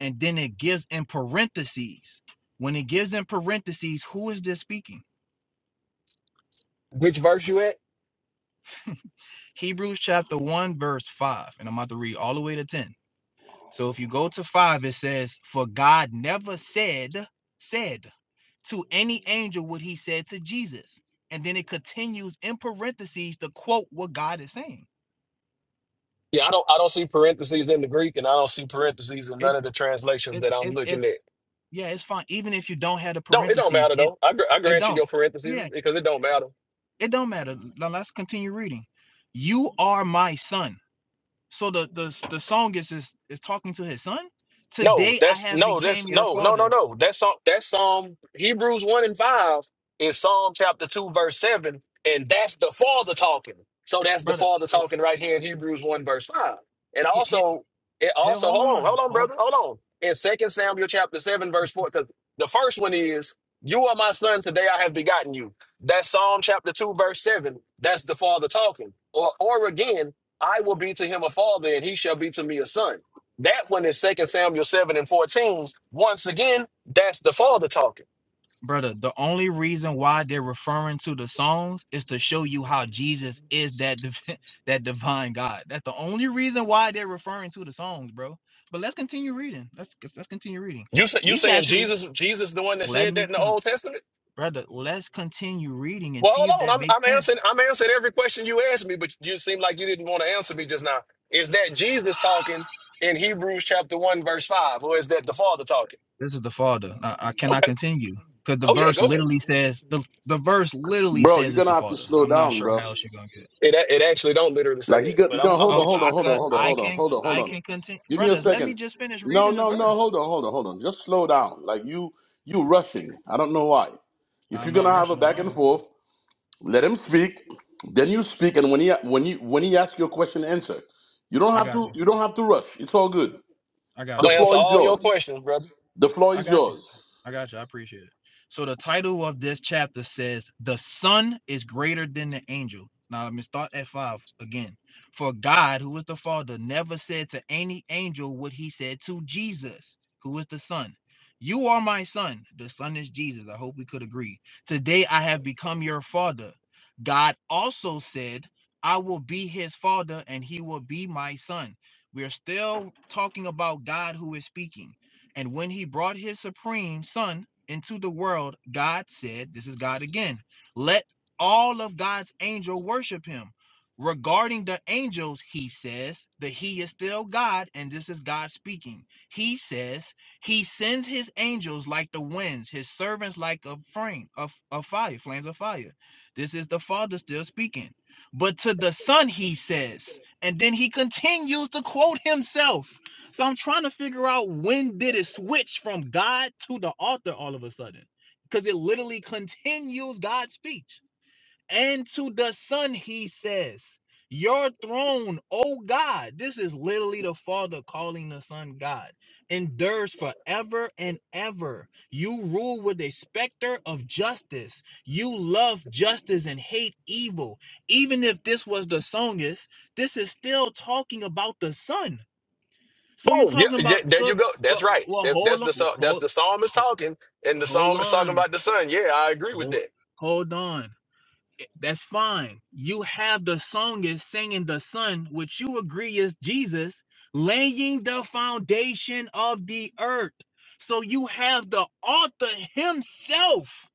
S14: And then it gives in parentheses. When it gives in parentheses, who is this speaking?
S12: Which verse you at?
S14: Hebrews chapter 1, verse 5. And I'm about to read all the way to 10. So if you go to 5, it says, For God never said, said to any angel what he said to Jesus. And then it continues in parentheses to quote what God is saying
S12: Yeah, I don't I don't see parentheses in the Greek and I don't see parentheses in
S14: It.
S12: none of the translations
S14: It's
S12: that I'm
S14: it's
S12: looking at.
S14: it's yeah, it's fine. Even if you don't have the
S12: Don't it don't
S14: parentheses,
S12: matter
S14: it
S12: though. I, gr- I
S14: it
S12: grant you
S14: don't.
S12: your parentheses
S14: Yeah,
S12: because it don't matter.
S14: it don't matter. Now let's continue reading. You are my son. So the the the song is is, is talking to his son.
S12: No,
S14: Today I
S12: that's
S14: have
S12: no, that's
S14: became your
S12: no, no, no,
S14: father,
S12: no. That's um, that's um, Hebrews one and five in Psalm chapter two, verse seven, and that's the Father talking. So that's the
S14: brother.
S12: Father
S14: oh,
S12: talking right here in Hebrews one, verse five, and
S14: he- he-
S12: also, it also,
S14: hold
S12: hold on,
S14: on,
S12: hold on,
S14: hold
S12: brother, hold on. In Second Samuel chapter seven, verse four, because the first one is, "You are my son; today I have begotten you." That's Psalm chapter two, verse seven. That's the Father talking. Or, or again, "I will be to him a father, and he shall be to me a son." That one is Second Samuel 7 and 14. Once again, that's the Father talking.
S14: brother, the only reason why they're referring to the songs is to show you how Jesus is that div- (laughs) that divine God. That's the only reason why they're referring to the songs, bro. But let's continue reading. Let's let's continue reading.
S12: You say, you
S14: These
S12: saying
S14: actually
S12: Jesus Jesus the one that
S14: let
S12: said that
S14: me
S12: in the
S14: come,
S12: Old Testament?
S14: brother. Let's continue reading and
S12: Well,
S14: see if
S12: hold
S14: that
S12: on. I'm,
S14: makes
S12: I'm answering.
S14: sense.
S12: I'm answering every question you asked me, but you seem like you didn't want to answer me just now. Is that Jesus talking in Hebrews chapter one verse five, or is that the Father talking?
S14: This is the Father. I, I cannot
S12: Okay.
S14: continue because the
S12: Oh yeah,
S14: verse
S12: go ahead.
S14: literally says the the verse literally
S8: bro? You're
S14: says it's
S8: gonna
S14: the
S8: have to
S14: Father.
S8: slow
S14: I'm not
S8: down,
S14: sure
S8: bro.
S14: how else you're gonna get.
S12: It a- it actually don't literally say
S8: Like he
S12: that,
S8: got
S12: but I'm
S8: no.
S12: I'm
S8: Hold
S14: Oh,
S8: on,
S12: with
S8: hold
S12: you.
S14: I
S8: on, hold
S14: could,
S8: on, hold on,
S14: I
S8: hold on,
S14: can,
S8: hold on, hold
S14: I
S8: on.
S14: can continue,
S8: Give me a
S14: brothers. Let me
S8: second.
S14: just finish
S8: No,
S14: reading the
S8: no, no.
S14: verse.
S8: Hold on, hold on, hold on. Just slow down. Like you, you rushing. I don't know why. If
S14: I'm
S8: you're gonna
S14: not
S8: have a
S14: rushing at
S8: back and
S14: all.
S8: forth, let him speak. Then you speak, and when he when you when he asks your question, answer. You don't
S14: I
S8: have
S14: got
S8: to.
S14: you.
S8: You don't have to rush. It's all good.
S14: I
S12: I'm
S14: got
S8: The
S14: you.
S12: gonna answer
S8: floor is
S12: all your
S8: yours.
S12: questions, brother.
S8: The floor
S14: I
S8: is
S14: got you.
S8: yours.
S14: I got you. I appreciate it. So the title of this chapter says, "The Son is greater than the angel." Now let me start at five again. For God, who is the Father, never said to any angel what He said to Jesus, who is the Son. You are my son. The son is Jesus. I hope we could agree. Today I have become your father. God also said, I will be his father and he will be my son. We're still talking about God who is speaking. And when he brought his supreme son into the world, God said, This is God again, let all of God's angels worship him. Regarding the angels, he says that he is still God, and this is God speaking. He says he sends his angels like the winds, his servants like a frame of, of fire, flames of fire. This is the Father still speaking. But to the Son, he says, and then he continues to quote himself so I'm trying to figure out when did it switch from God to the author all of a sudden? Because it literally continues God's speech. And to the Son, he says, Your throne, O God. This is literally the Father calling the Son God, endures forever and ever. You rule with a specter of justice. You love justice and hate evil. Even if this was the songist, this is still talking about the Son so you're
S12: Boom. Yeah,
S14: talking
S12: yeah,
S14: about
S12: there
S14: so
S12: you go.
S14: well
S12: That's right.
S14: well
S12: That, that's
S14: hold on
S12: the
S14: well,
S12: psal- that's
S14: hold
S12: the psalmist
S14: ho-
S12: talking, and the
S14: hold
S12: psalm is talking
S14: on
S12: about the son. Yeah, I agree with
S14: hold
S12: that.
S14: hold on. Eh, That's fine. You have the songist singing the son, which you agree is Jesus, laying the foundation of the earth. So you have the author himself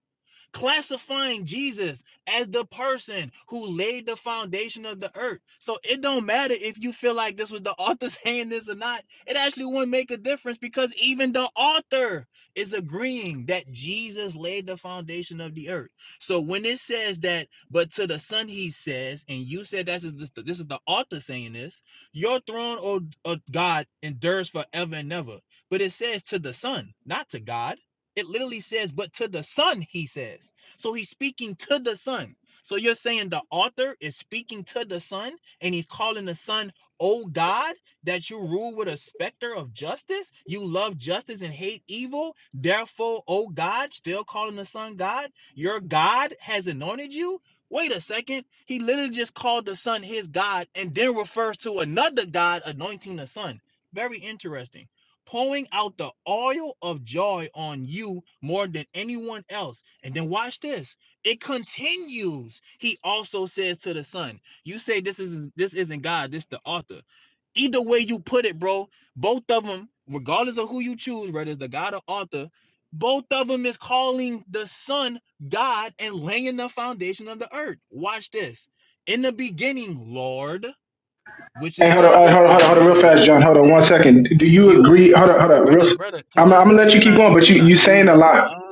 S14: classifying Jesus as the person who laid the foundation of the earth. So it don't matter if you feel like this was the (laughs) author saying this or not. It actually wouldn't make a difference because even the author is agreeing that Jesus laid the foundation of the earth. So when it says that, but to the son he says, and you said this is this, this is the author saying this, your throne, O, o God, endures forever and ever. But it says to the son, not to God it literally says, but to the Son, he says. So he's speaking to the Son. So you're saying the author is speaking to the Son and he's calling the Son, oh God, that you rule with a specter of justice? You love justice and hate evil. Therefore, oh God, still calling the Son God, your God has anointed you? Wait a second. He literally just called the Son his God and then refers to another God anointing the Son. Very interesting pouring out the oil of joy on you more than anyone else. And then watch this. It continues. He also says to the son, you say this isn't this isn't God, this the author. Either way you put it, bro, both of them, regardless of who you choose, whether it's the God or author, both of them is calling the son God and laying the foundation of the earth. Watch this. In the beginning, Lord, which
S2: Hey,
S14: is
S2: hold on, uh,
S14: saying the
S2: hold on, hold on,
S14: son,
S2: hold on, real
S14: because if
S2: fast,
S14: you
S2: John.
S14: read
S2: Hold on
S14: 10,
S2: one second. Do you
S14: you."
S2: agree? Hold on, hold on, real.
S14: Brother, brother,
S2: I'm, I'm
S14: cannot,
S2: gonna let you keep
S14: cannot,
S2: going,
S14: you
S2: but you
S14: cannot
S2: you
S14: do
S2: saying a
S14: that,
S2: lot.
S14: dog.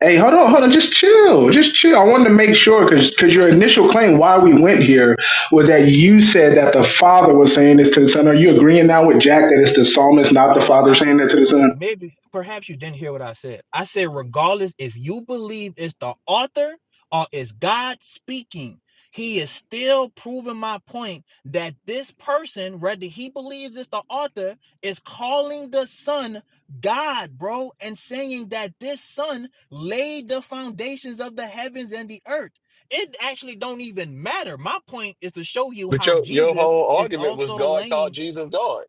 S2: Hey, hold on, hold on. Just chill. Just chill. I wanted to make sure because because your initial claim why we went here was that you said that the father was saying this to the son. Are you agreeing now with Jack that it's the psalmist, not the
S14: No, I'm
S2: father,
S14: not.
S2: saying that to the son?
S14: Maybe, perhaps you didn't hear what I said. I said, regardless if you believe it's the author or it's God speaking, he is still proving my point that this person, whether he believes it's the author, is calling the son God, bro, and saying that this son laid the foundations of the heavens and the earth. It actually don't even matter. My point is to show you
S12: But
S14: how
S12: your your
S14: Jesus
S12: whole
S14: is
S12: argument was
S14: also
S12: God
S14: laying
S12: called Jesus God.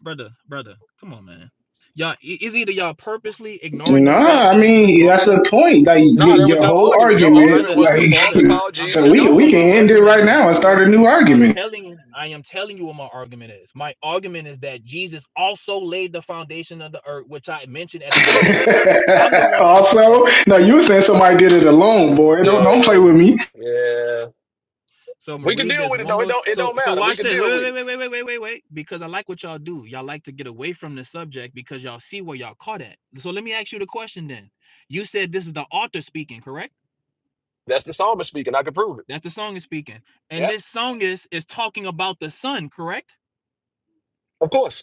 S14: brother, brother, come on, man. Y'all, i- it's either y'all purposely ignoring the fact
S2: Nah, I
S14: that
S2: mean that's
S14: regardless,
S2: the point. Like your,
S12: No, that was
S2: your
S12: your
S2: whole
S12: argument. Your
S14: but
S2: argument.
S12: argument
S14: brother,
S12: was the
S2: Like
S14: brother,
S12: Father
S14: my,
S12: called
S2: (laughs)
S14: I'm
S2: so
S12: Jesus
S14: telling
S2: we
S14: you
S12: God.
S14: what
S2: we can
S14: my
S2: end it
S14: argument
S2: right
S14: is.
S2: now and start a
S14: See,
S2: new
S14: I'm
S2: argument.
S14: telling, I am telling you what my argument is. My argument is that Jesus also laid the foundation of the earth, which I mentioned at the beginning. I'm the
S2: (laughs)
S14: one that brought that up.
S2: also, no, you were saying somebody did it alone, boy. Don't don't play
S12: Yeah,
S2: with me.
S12: yeah.
S14: So I'm gonna
S12: We can
S14: read
S12: deal
S14: this
S12: with it
S14: one
S12: though. It
S14: more. t-
S12: don't it
S14: so
S12: don't
S14: so
S12: matter. We
S14: watch
S12: can
S14: this. Wait
S12: deal with
S14: wait
S12: it.
S14: wait wait wait wait wait wait. Because I like what y'all do. Y'all like to get away from the subject because y'all see where y'all caught at. So let me ask you the question then. You said this is the author speaking, correct?
S12: That's the psalmist speaking. I can prove it.
S14: That's the song is speaking, and
S12: Yeah,
S14: this song is is talking about the son, correct?
S12: of course.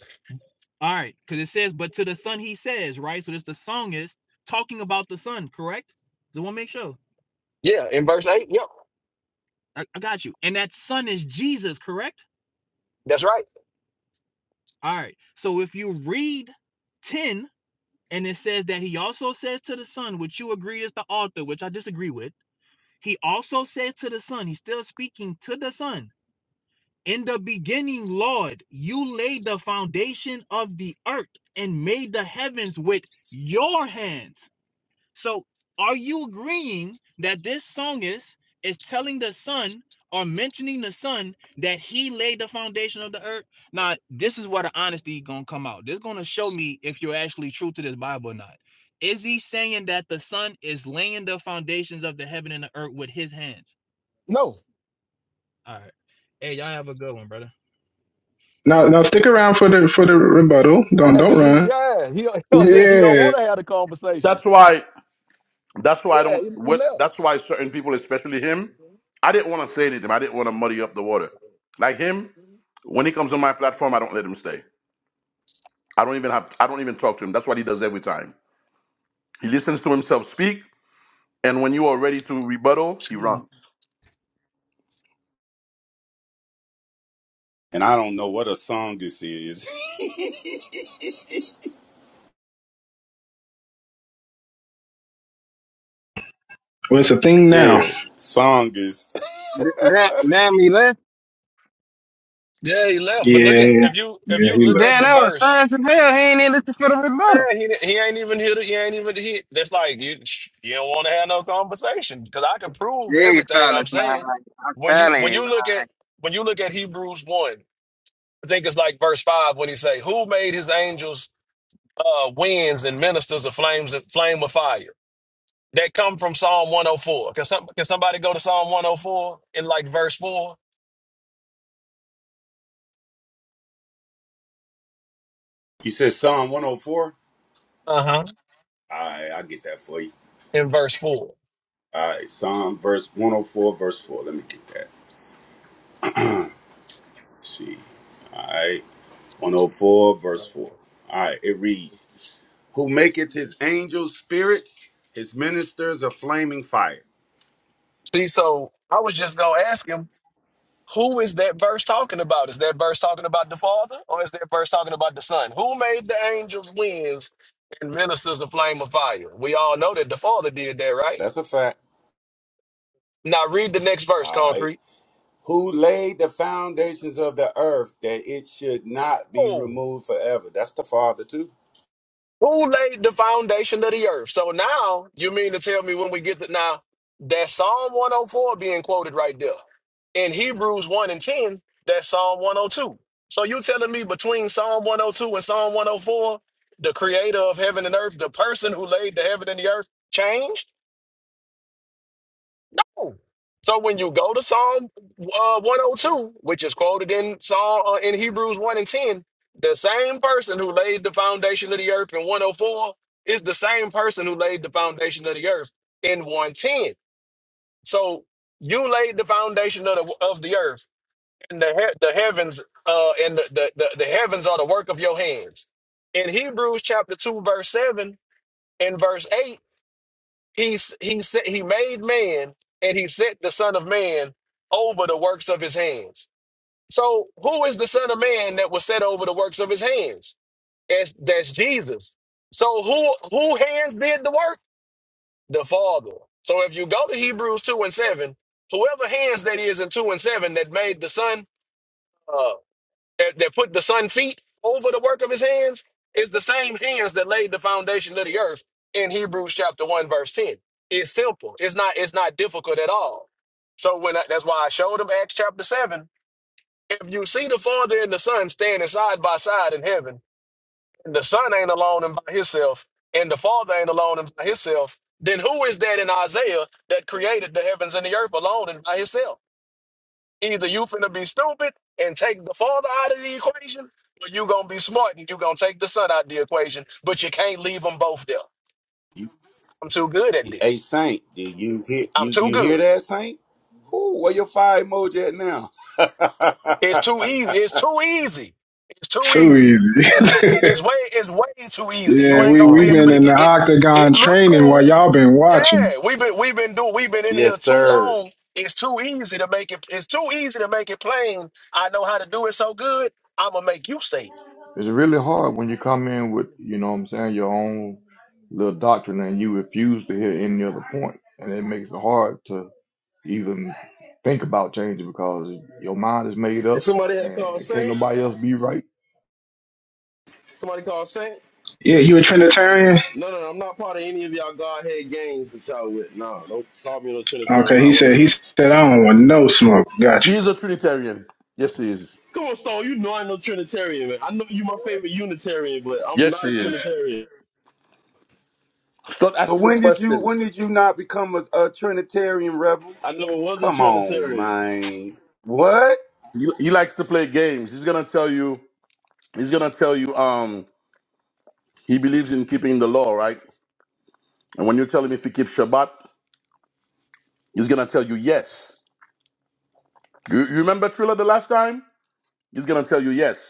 S14: All right, because it says, "But to the son he says," right? So this the song is talking about the son, correct? Just want to make sure.
S12: Yeah, in verse eight. Yep,
S14: I, I got you. And that son is Jesus, correct?
S12: that's right.
S14: All right. So if you read ten And it says that he also says to the son, which you agreed is the author, which I disagree with. He also says to the son, he's still speaking to the son. In the beginning, Lord, you laid the foundation of the earth and made the heavens with your hands. So, are you agreeing that this songist is telling the sun or mentioning the sun that he laid the foundation of the earth? Now, this is where the honesty gonna come out. This is gonna show me if you're actually true to this Bible or not. Is he saying that the sun is laying the foundations of the heaven and the earth with his hands?
S12: No,
S14: All right. Hey, y'all have a good one, brother.
S2: No, no, stick around for the for the rebuttal. Don't
S12: Yeah,
S2: don't
S12: because you,
S2: run.
S12: yeah, he, (laughs) you know what I'm saying? He don't
S2: Yeah.
S12: want to have the conversation.
S8: That's why. That's
S12: Yeah,
S8: why I don't.
S12: he, he
S8: What?
S12: left.
S8: That's why certain people, especially him, I didn't want to say anything. I didn't want to muddy up the water. Like him, when he comes on my platform, I don't let him stay. I don't even have. I don't even talk to him. That's what he does every time. He listens to himself speak, and when you are ready to rebuttal, he runs.
S9: And I don't know what a songist is. (laughs)
S2: Well, it's a thing now.
S9: yeah, songist.
S11: Th- That damn me left.
S12: Yeah, he left. But look
S2: Yeah,
S12: at if you if
S2: yeah,
S12: you
S2: he
S12: look
S2: left.
S12: at
S11: Damn,
S12: the
S11: that was
S12: verse,
S11: fast as hell. He ain't even listen for the rebuttal.
S12: man, he he ain't even here. He ain't even here. That's like you you don't want to have no conversation because I can prove
S11: These
S12: everything I'm
S11: fellas, man.
S12: saying.
S11: I'm
S12: When you
S11: telling
S12: when
S11: you,
S12: you look at
S11: man.
S12: when you look at Hebrews one, I think it's like verse five when he say, "Who made his angels uh, winds and ministers of flames flame of fire?" that come from Psalm 104. Can, some, can somebody go to Psalm 104 in like verse 4?
S9: You said Psalm 104. All
S12: Uh huh.
S9: right, I get that for you.
S12: In verse 4.
S9: All right, Psalm verse 104, verse four. Let me get that. Let's see. All right, 104, verse four. All right, it reads. who maketh his angels spirits, his ministers a flaming fire.
S12: See, so I was just going to ask him, who is that verse talking about? Is that verse talking about the Father or is that verse talking about the Son? Who made the angels winds and ministers the flame of fire? We all know that the Father did that, right?
S9: That's a fact.
S12: Now read the next verse,
S9: All right.
S12: Concrete.
S9: Who laid the foundations of the earth that it should not be
S12: Oh.
S9: removed forever? That's the Father too.
S12: Who laid the foundation of the earth? So now you mean to tell me when we get to now that Psalm 104 being quoted right there in Hebrews 1 and 10, that's Psalm 102. So you telling me between Psalm 102 and Psalm 104, the creator of heaven and earth, the person who laid the heaven and the earth changed? So when you go to Psalm uh, 102, which is quoted in Psalm uh, in Hebrews 1 and 10, the same person who laid the foundation of the earth in 104 is the same person who laid the foundation of the earth in 110. So you laid the foundation of the of the earth and the he- the heavens uh and the, the the the heavens are the work of your hands. In Hebrews chapter 2 verse 7 and verse 8 he s- he set, he made man and he set the son of man over the works of his hands. So who is the son of man that was set over the works of his hands? That's that's Jesus. So who who hands did the work? The Father. So if you go to Hebrews 2 and 7, whoever hands that is in 2 and 7 that made the son, uh, that, that put the sun feet over the work of his hands is the same hands that laid the foundation of the earth in Hebrews chapter 1 verse 10. It's simple. It's not it's not difficult at all. So when I, that's why I showed him Acts chapter 7. If you see the Father and the Son standing side by side in heaven, and the Son ain't alone and by himself, and the Father ain't alone and by himself, then who is that in Isaiah that created the heavens and the earth alone and by himself? Either you finna be stupid and take the father out of the equation, or you gonna be smart and you gonna take the son out of the equation, but you can't leave them both there.
S9: You,
S12: I'm too good at
S9: a
S12: this.
S9: saint. Did you hear
S12: I'm
S9: you
S12: too
S9: you hear
S12: good.
S9: that saint? Who? Where your fire emoji at now?
S12: It's
S9: (laughs)
S12: too easy. It's too easy. It's too
S2: Too
S12: easy.
S2: easy. (laughs)
S12: It's way it's way too easy. You
S2: yeah,
S19: comes
S12: ain't
S2: we
S12: gonna
S2: we
S12: be
S19: hard when
S2: been
S12: able to
S19: you
S2: in the
S12: get it.
S2: octagon
S12: It look
S2: training while
S12: cool.
S2: y'all been watching.
S12: Yeah, we've been we've been doing we've been in here
S9: yes,
S12: too
S9: sir.
S12: long. It's too easy to make it. It's too easy to make it plain. I know how to do it so good. I'm gonna make you say it.
S19: it's really hard when you come in with you know what i'm saying your own little doctrine and you refuse to hear any other point and it makes it hard to even think about changing because your mind is made
S10: And
S19: up
S10: somebody had called
S19: and can't
S10: Saint.
S19: nobody else be right
S10: Somebody called Saint.
S2: Yeah, you a Trinitarian?
S10: No, no, no, I'm not part of any of y'all Godhead gangs that y'all with. Nah, don't call me no Trinitarian. I'm
S2: Okay, he
S10: not one of
S2: said he
S10: those.
S2: said I don't want no smoke.
S8: He
S2: Gotcha.
S8: is a Trinitarian. Yes, he is.
S10: Come on, Stone. You know I'm no Trinitarian, man. I know you my favorite Unitarian, but I'm
S8: Yes,
S10: not a
S8: he is.
S10: Trinitarian.
S8: Stop
S9: But
S8: asking me
S9: when did you
S8: questions.
S9: when did you not become a, a Trinitarian rebel?
S10: I never was a
S9: Come on,
S10: Trinitarian.
S9: man. What?
S8: He, he likes to play games. He's gonna tell you. He's gonna tell you. Um, he believes in keeping the law, right? And when you tell him if he keeps Shabbat, he's gonna tell you yes. You, you remember Triller the last time? He's gonna tell you yes.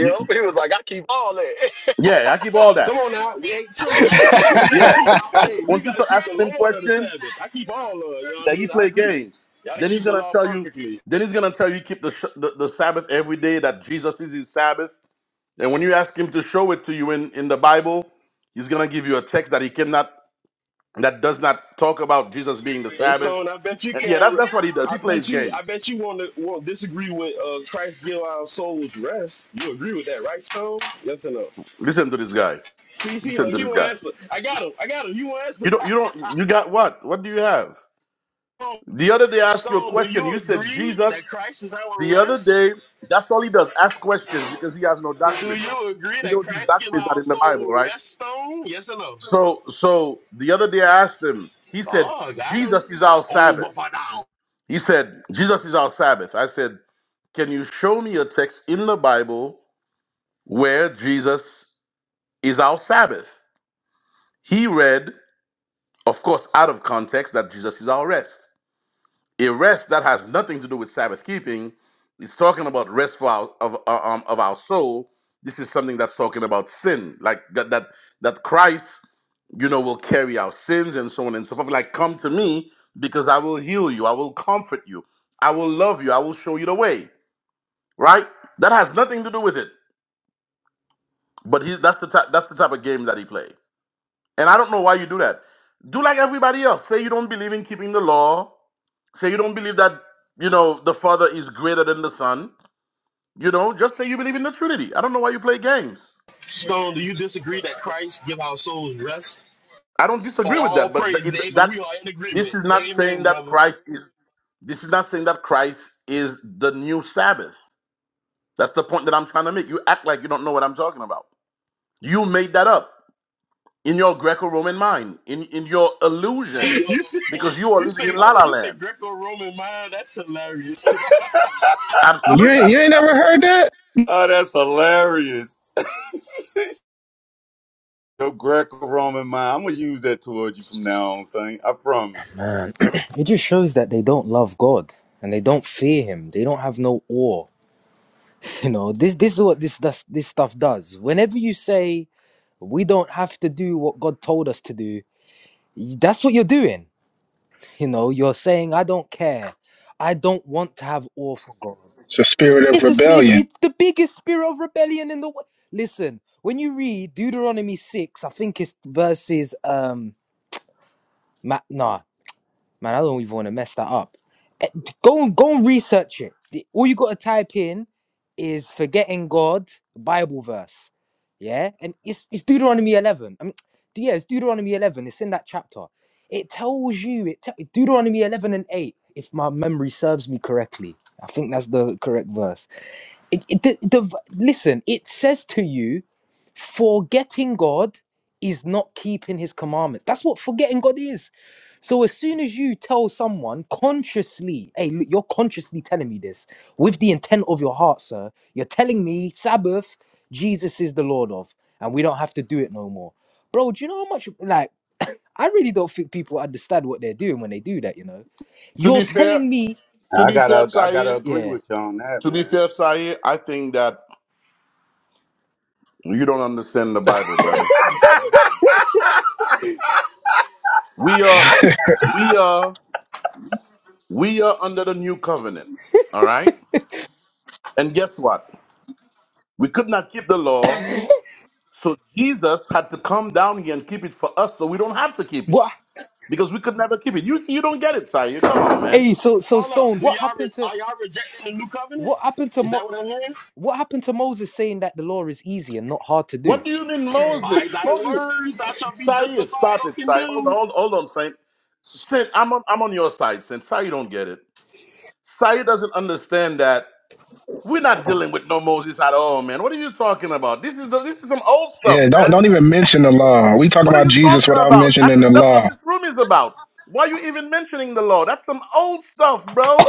S8: You,
S12: he was like, I keep all that.
S8: Yeah, I keep all
S10: Come
S8: that.
S10: on now. we ain't
S2: you
S10: Trilla.
S2: (laughs)
S10: Amen. We got to
S9: (laughs)
S8: Yeah,
S10: keep, hey,
S8: but
S10: we
S8: once you
S10: got to
S8: start
S10: keep the
S8: asking him
S10: Lord of the
S8: questions,
S10: Sabbath. I keep all of it. You know what I
S8: that he
S10: mean? I
S8: play
S10: agree.
S8: games,
S10: Got to
S8: then he's
S10: keep the
S8: gonna
S10: law
S8: tell you.
S10: perfectly.
S8: Then he's gonna tell you keep the, sh- the the Sabbath every day. That Jesus is his Sabbath. And when you ask him to show it to you in in the Bible, he's gonna give you a text that he cannot that does not talk about Jesus being the
S10: Hey
S8: Sabbath.
S10: Stone, I bet you
S8: And yeah, that,
S10: can't.
S8: that's what he does. He
S10: I bet
S8: plays
S10: you.
S8: games.
S10: I bet you want to won't disagree with uh, Christ give our souls rest. You agree with that, right, Stone? Yes or no?
S8: Listen to this guy.
S10: CC,
S8: Listen
S10: like
S8: to
S10: he
S8: this
S10: won't
S8: guy.
S10: answer. I got him. I got him. You won't answer.
S8: You don't. You don't. You got what? What do you have?
S10: Stone,
S8: The other day I asked you a
S10: Stone, do
S8: question.
S10: you
S8: You said
S10: agree
S8: Jesus.
S10: that Christ is our
S8: The other
S10: rest?
S8: day, that's all he does: ask questions because he has no
S10: Do
S8: doctrine.
S10: you agree
S8: He
S10: that
S8: knows his
S10: Christ give
S8: doctrine is
S10: our
S8: not in the
S10: soul
S8: Bible, right?
S10: rest, Stone? Yes or no?
S8: So, so the other day I asked him. He said
S10: Oh, got him.
S8: Jesus is our
S10: Over
S8: Sabbath.
S10: for now.
S8: He said Jesus is our Sabbath. I said, can you show me a text in the Bible where Jesus is our Sabbath? He read, of course, out of context, that Jesus is our rest. A rest that has nothing to do with Sabbath keeping is talking about rest for our, of uh, um, of our soul. This is something that's talking about sin, like that that that Christ, you know, will carry our sins and so on and so forth. Like, come to me because I will heal you, I will comfort you, I will love you, I will show you the way. Right? That has nothing to do with it. But he that's the type that's the type of game that he play. And I don't know why you do that. Do like everybody else. Say you don't believe in keeping the law. Say you don't believe that, you know, the Father is greater than the Son. You know, just say you believe in the Trinity. I don't know why you play games.
S10: Stone, do you disagree that Christ give our souls rest?
S8: I don't disagree
S10: Oh,
S8: with
S10: all
S8: that, but
S10: praise,
S8: th- it,
S10: amen.
S8: that
S10: We are in
S8: this
S10: agreement.
S8: is not saying
S10: Amen,
S8: that
S10: brother.
S8: Christ is this is not saying that Christ is the new Sabbath. That's the point that I'm trying to make. You act like you don't know what I'm talking about. You made that up in your Greco-Roman mind, in in your
S10: (laughs)
S8: illusion,
S10: you say,
S8: because you are
S10: you say,
S8: living in La
S10: hold on,
S8: La
S10: you say
S8: Land.
S10: Greco-Roman mind. That's hilarious. (laughs)
S2: you
S8: Absolutely.
S2: ain't you ain't never heard that?
S9: Oh, that's hilarious. Your Greco-Roman mind. I'm gonna use that towards you from now on, son. I promise.
S16: Man, (clears throat) it just shows that they don't love God and they don't fear Him. They don't have no awe. (laughs) You know, this this is what this this, this stuff does. Whenever you say we don't have to do what God told us to do, that's what you're doing You know, you're saying, I don't care. I don't want to have awe for God.
S2: It's a spirit of
S16: It's, a, sp- it-
S2: rebellion.
S16: it's the biggest spirit of rebellion in the world. Listen, when you read Deuteronomy 6, I think it's verses, um, ma- nah. Man, I don't even want to mess that up. Eh, Go and go and research it. The- All you gotta type in is forgetting God Bible verse. Yeah, and it's it's Deuteronomy eleven. I mean, yeah, it's Deuteronomy eleven. It's in that chapter. It tells you it te- Deuteronomy eleven and eight. If my memory serves me correctly, I think that's the correct verse. It, it, the, the v- listen, it says to you, forgetting God is not keeping His commandments. That's what forgetting God is so as soon as you tell someone consciously, hey, look, you're consciously telling me this with the intent of your heart, sir. You're telling me Sabbath, Jesus is the Lord of, and we don't have to do it no more. Bro, do you know how much like I really don't think people understand what they're doing when they do that, you know?
S8: To
S16: You're
S8: be fair,
S16: telling me,
S8: to
S9: I
S8: be fair,
S9: gotta, I gotta
S8: Saeed,
S9: agree
S16: yeah.
S9: with you on that,
S8: to be
S9: man.
S8: fair, Saeed, I think that You don't understand the Bible, brother. We are we are we are under the new covenant. All right? And guess what? We could not keep the law, so Jesus had to come down here and keep it for us so we don't have to keep it.
S16: What
S8: Because we could never keep it. You you don't get it, Sayer. Come on, man.
S16: hey, so so
S10: hold up,
S16: Stone,
S10: do
S16: what
S10: y'all
S16: happened
S10: re-
S16: to
S10: are y'all rejecting the new covenant?
S16: what happened to
S10: Is that
S16: Mo-
S10: what I'm hearing?
S16: what happened to Moses saying that the law is easy and not hard to
S8: What
S16: do?
S8: do you mean
S10: By
S8: Moses?
S10: thy
S8: Moses
S10: words, thou shalt be
S8: Sayer,
S10: justified
S8: stop
S10: or
S8: it, Sayer. Hold on,
S10: condemned.
S8: hold, hold on, Saint. Saint, I'm on I'm on your side, Saint. Sayer don't get it. Sayer doesn't understand that We're not dealing with no Moses at all, man. What are you talking about? This is the, this is some old stuff,
S2: Yeah, don't
S8: man.
S2: don't even mention the law. We talking
S8: What are
S2: about
S8: you
S2: Jesus
S8: talking
S2: without
S8: about?
S2: mentioning
S8: Actually,
S2: the
S8: that's what
S2: law.
S8: this room is about. Why you even mentioning the law? That's some old stuff, bro.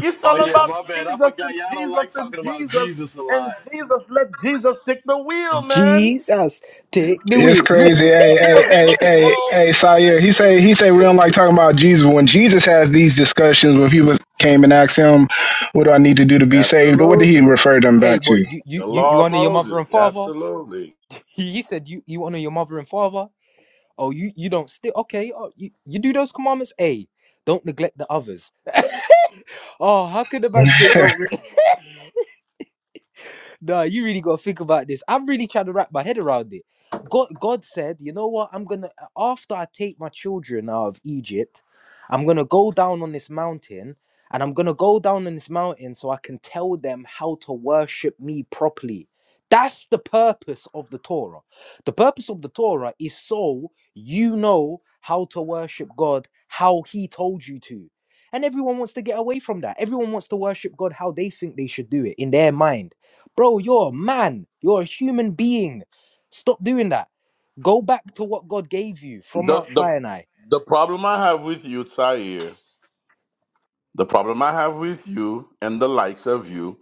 S8: It's
S10: Oh
S8: all
S10: yeah,
S8: about
S10: my bad. I
S8: Jesus
S10: forgot
S8: and
S10: y'all don't
S8: Jesus
S10: like
S8: and
S10: talking about
S8: Jesus
S10: Jesus a
S8: and
S10: lot.
S8: Jesus. Let Jesus take the wheel, man.
S16: Jesus, take the
S2: It's
S16: wheel.
S12: (laughs) Man,
S2: crazy. Hey, hey,
S12: Feels me,
S2: hey,
S12: like,
S2: hey,
S12: bro.
S2: hey, Sire. He say he say we don't like talking about Jesus. When Jesus has these discussions, when people came and asked him, "What do I need to do to be saved?" What did he
S9: Absolutely.
S2: refer them
S16: Hey,
S2: back
S16: boy,
S2: to?
S16: you you
S9: The
S16: you
S9: law
S16: you
S9: of
S16: honor your mother
S9: Moses.
S16: and father.
S9: Absolutely.
S16: He, he said you you honor your mother and father. Oh, you you don't still okay? Oh, you, you do those commandments. Hey, don't neglect the others. (laughs) oh, how could a
S2: (laughs)
S16: man say
S2: a,
S16: don't? no, you really gotta think about this. I'm really trying to wrap my head around it. God, God said, you know what? I'm gonna after I take my children out of Egypt, I'm gonna go down on this mountain, and I'm gonna go down on this mountain so I can tell them how to worship me properly. That's the purpose of the Torah. The purpose of the Torah is so you know how to worship God, how He told you to. And everyone wants to get away from that. Everyone wants to worship God how they think they should do it in their mind Bro, you're a man. You're a human being. Stop doing that. Go back to what God gave you from
S8: The
S16: Mount
S8: the
S16: Sinai.
S8: the problem I have with you, Tahir, the problem I have with you and the likes of you,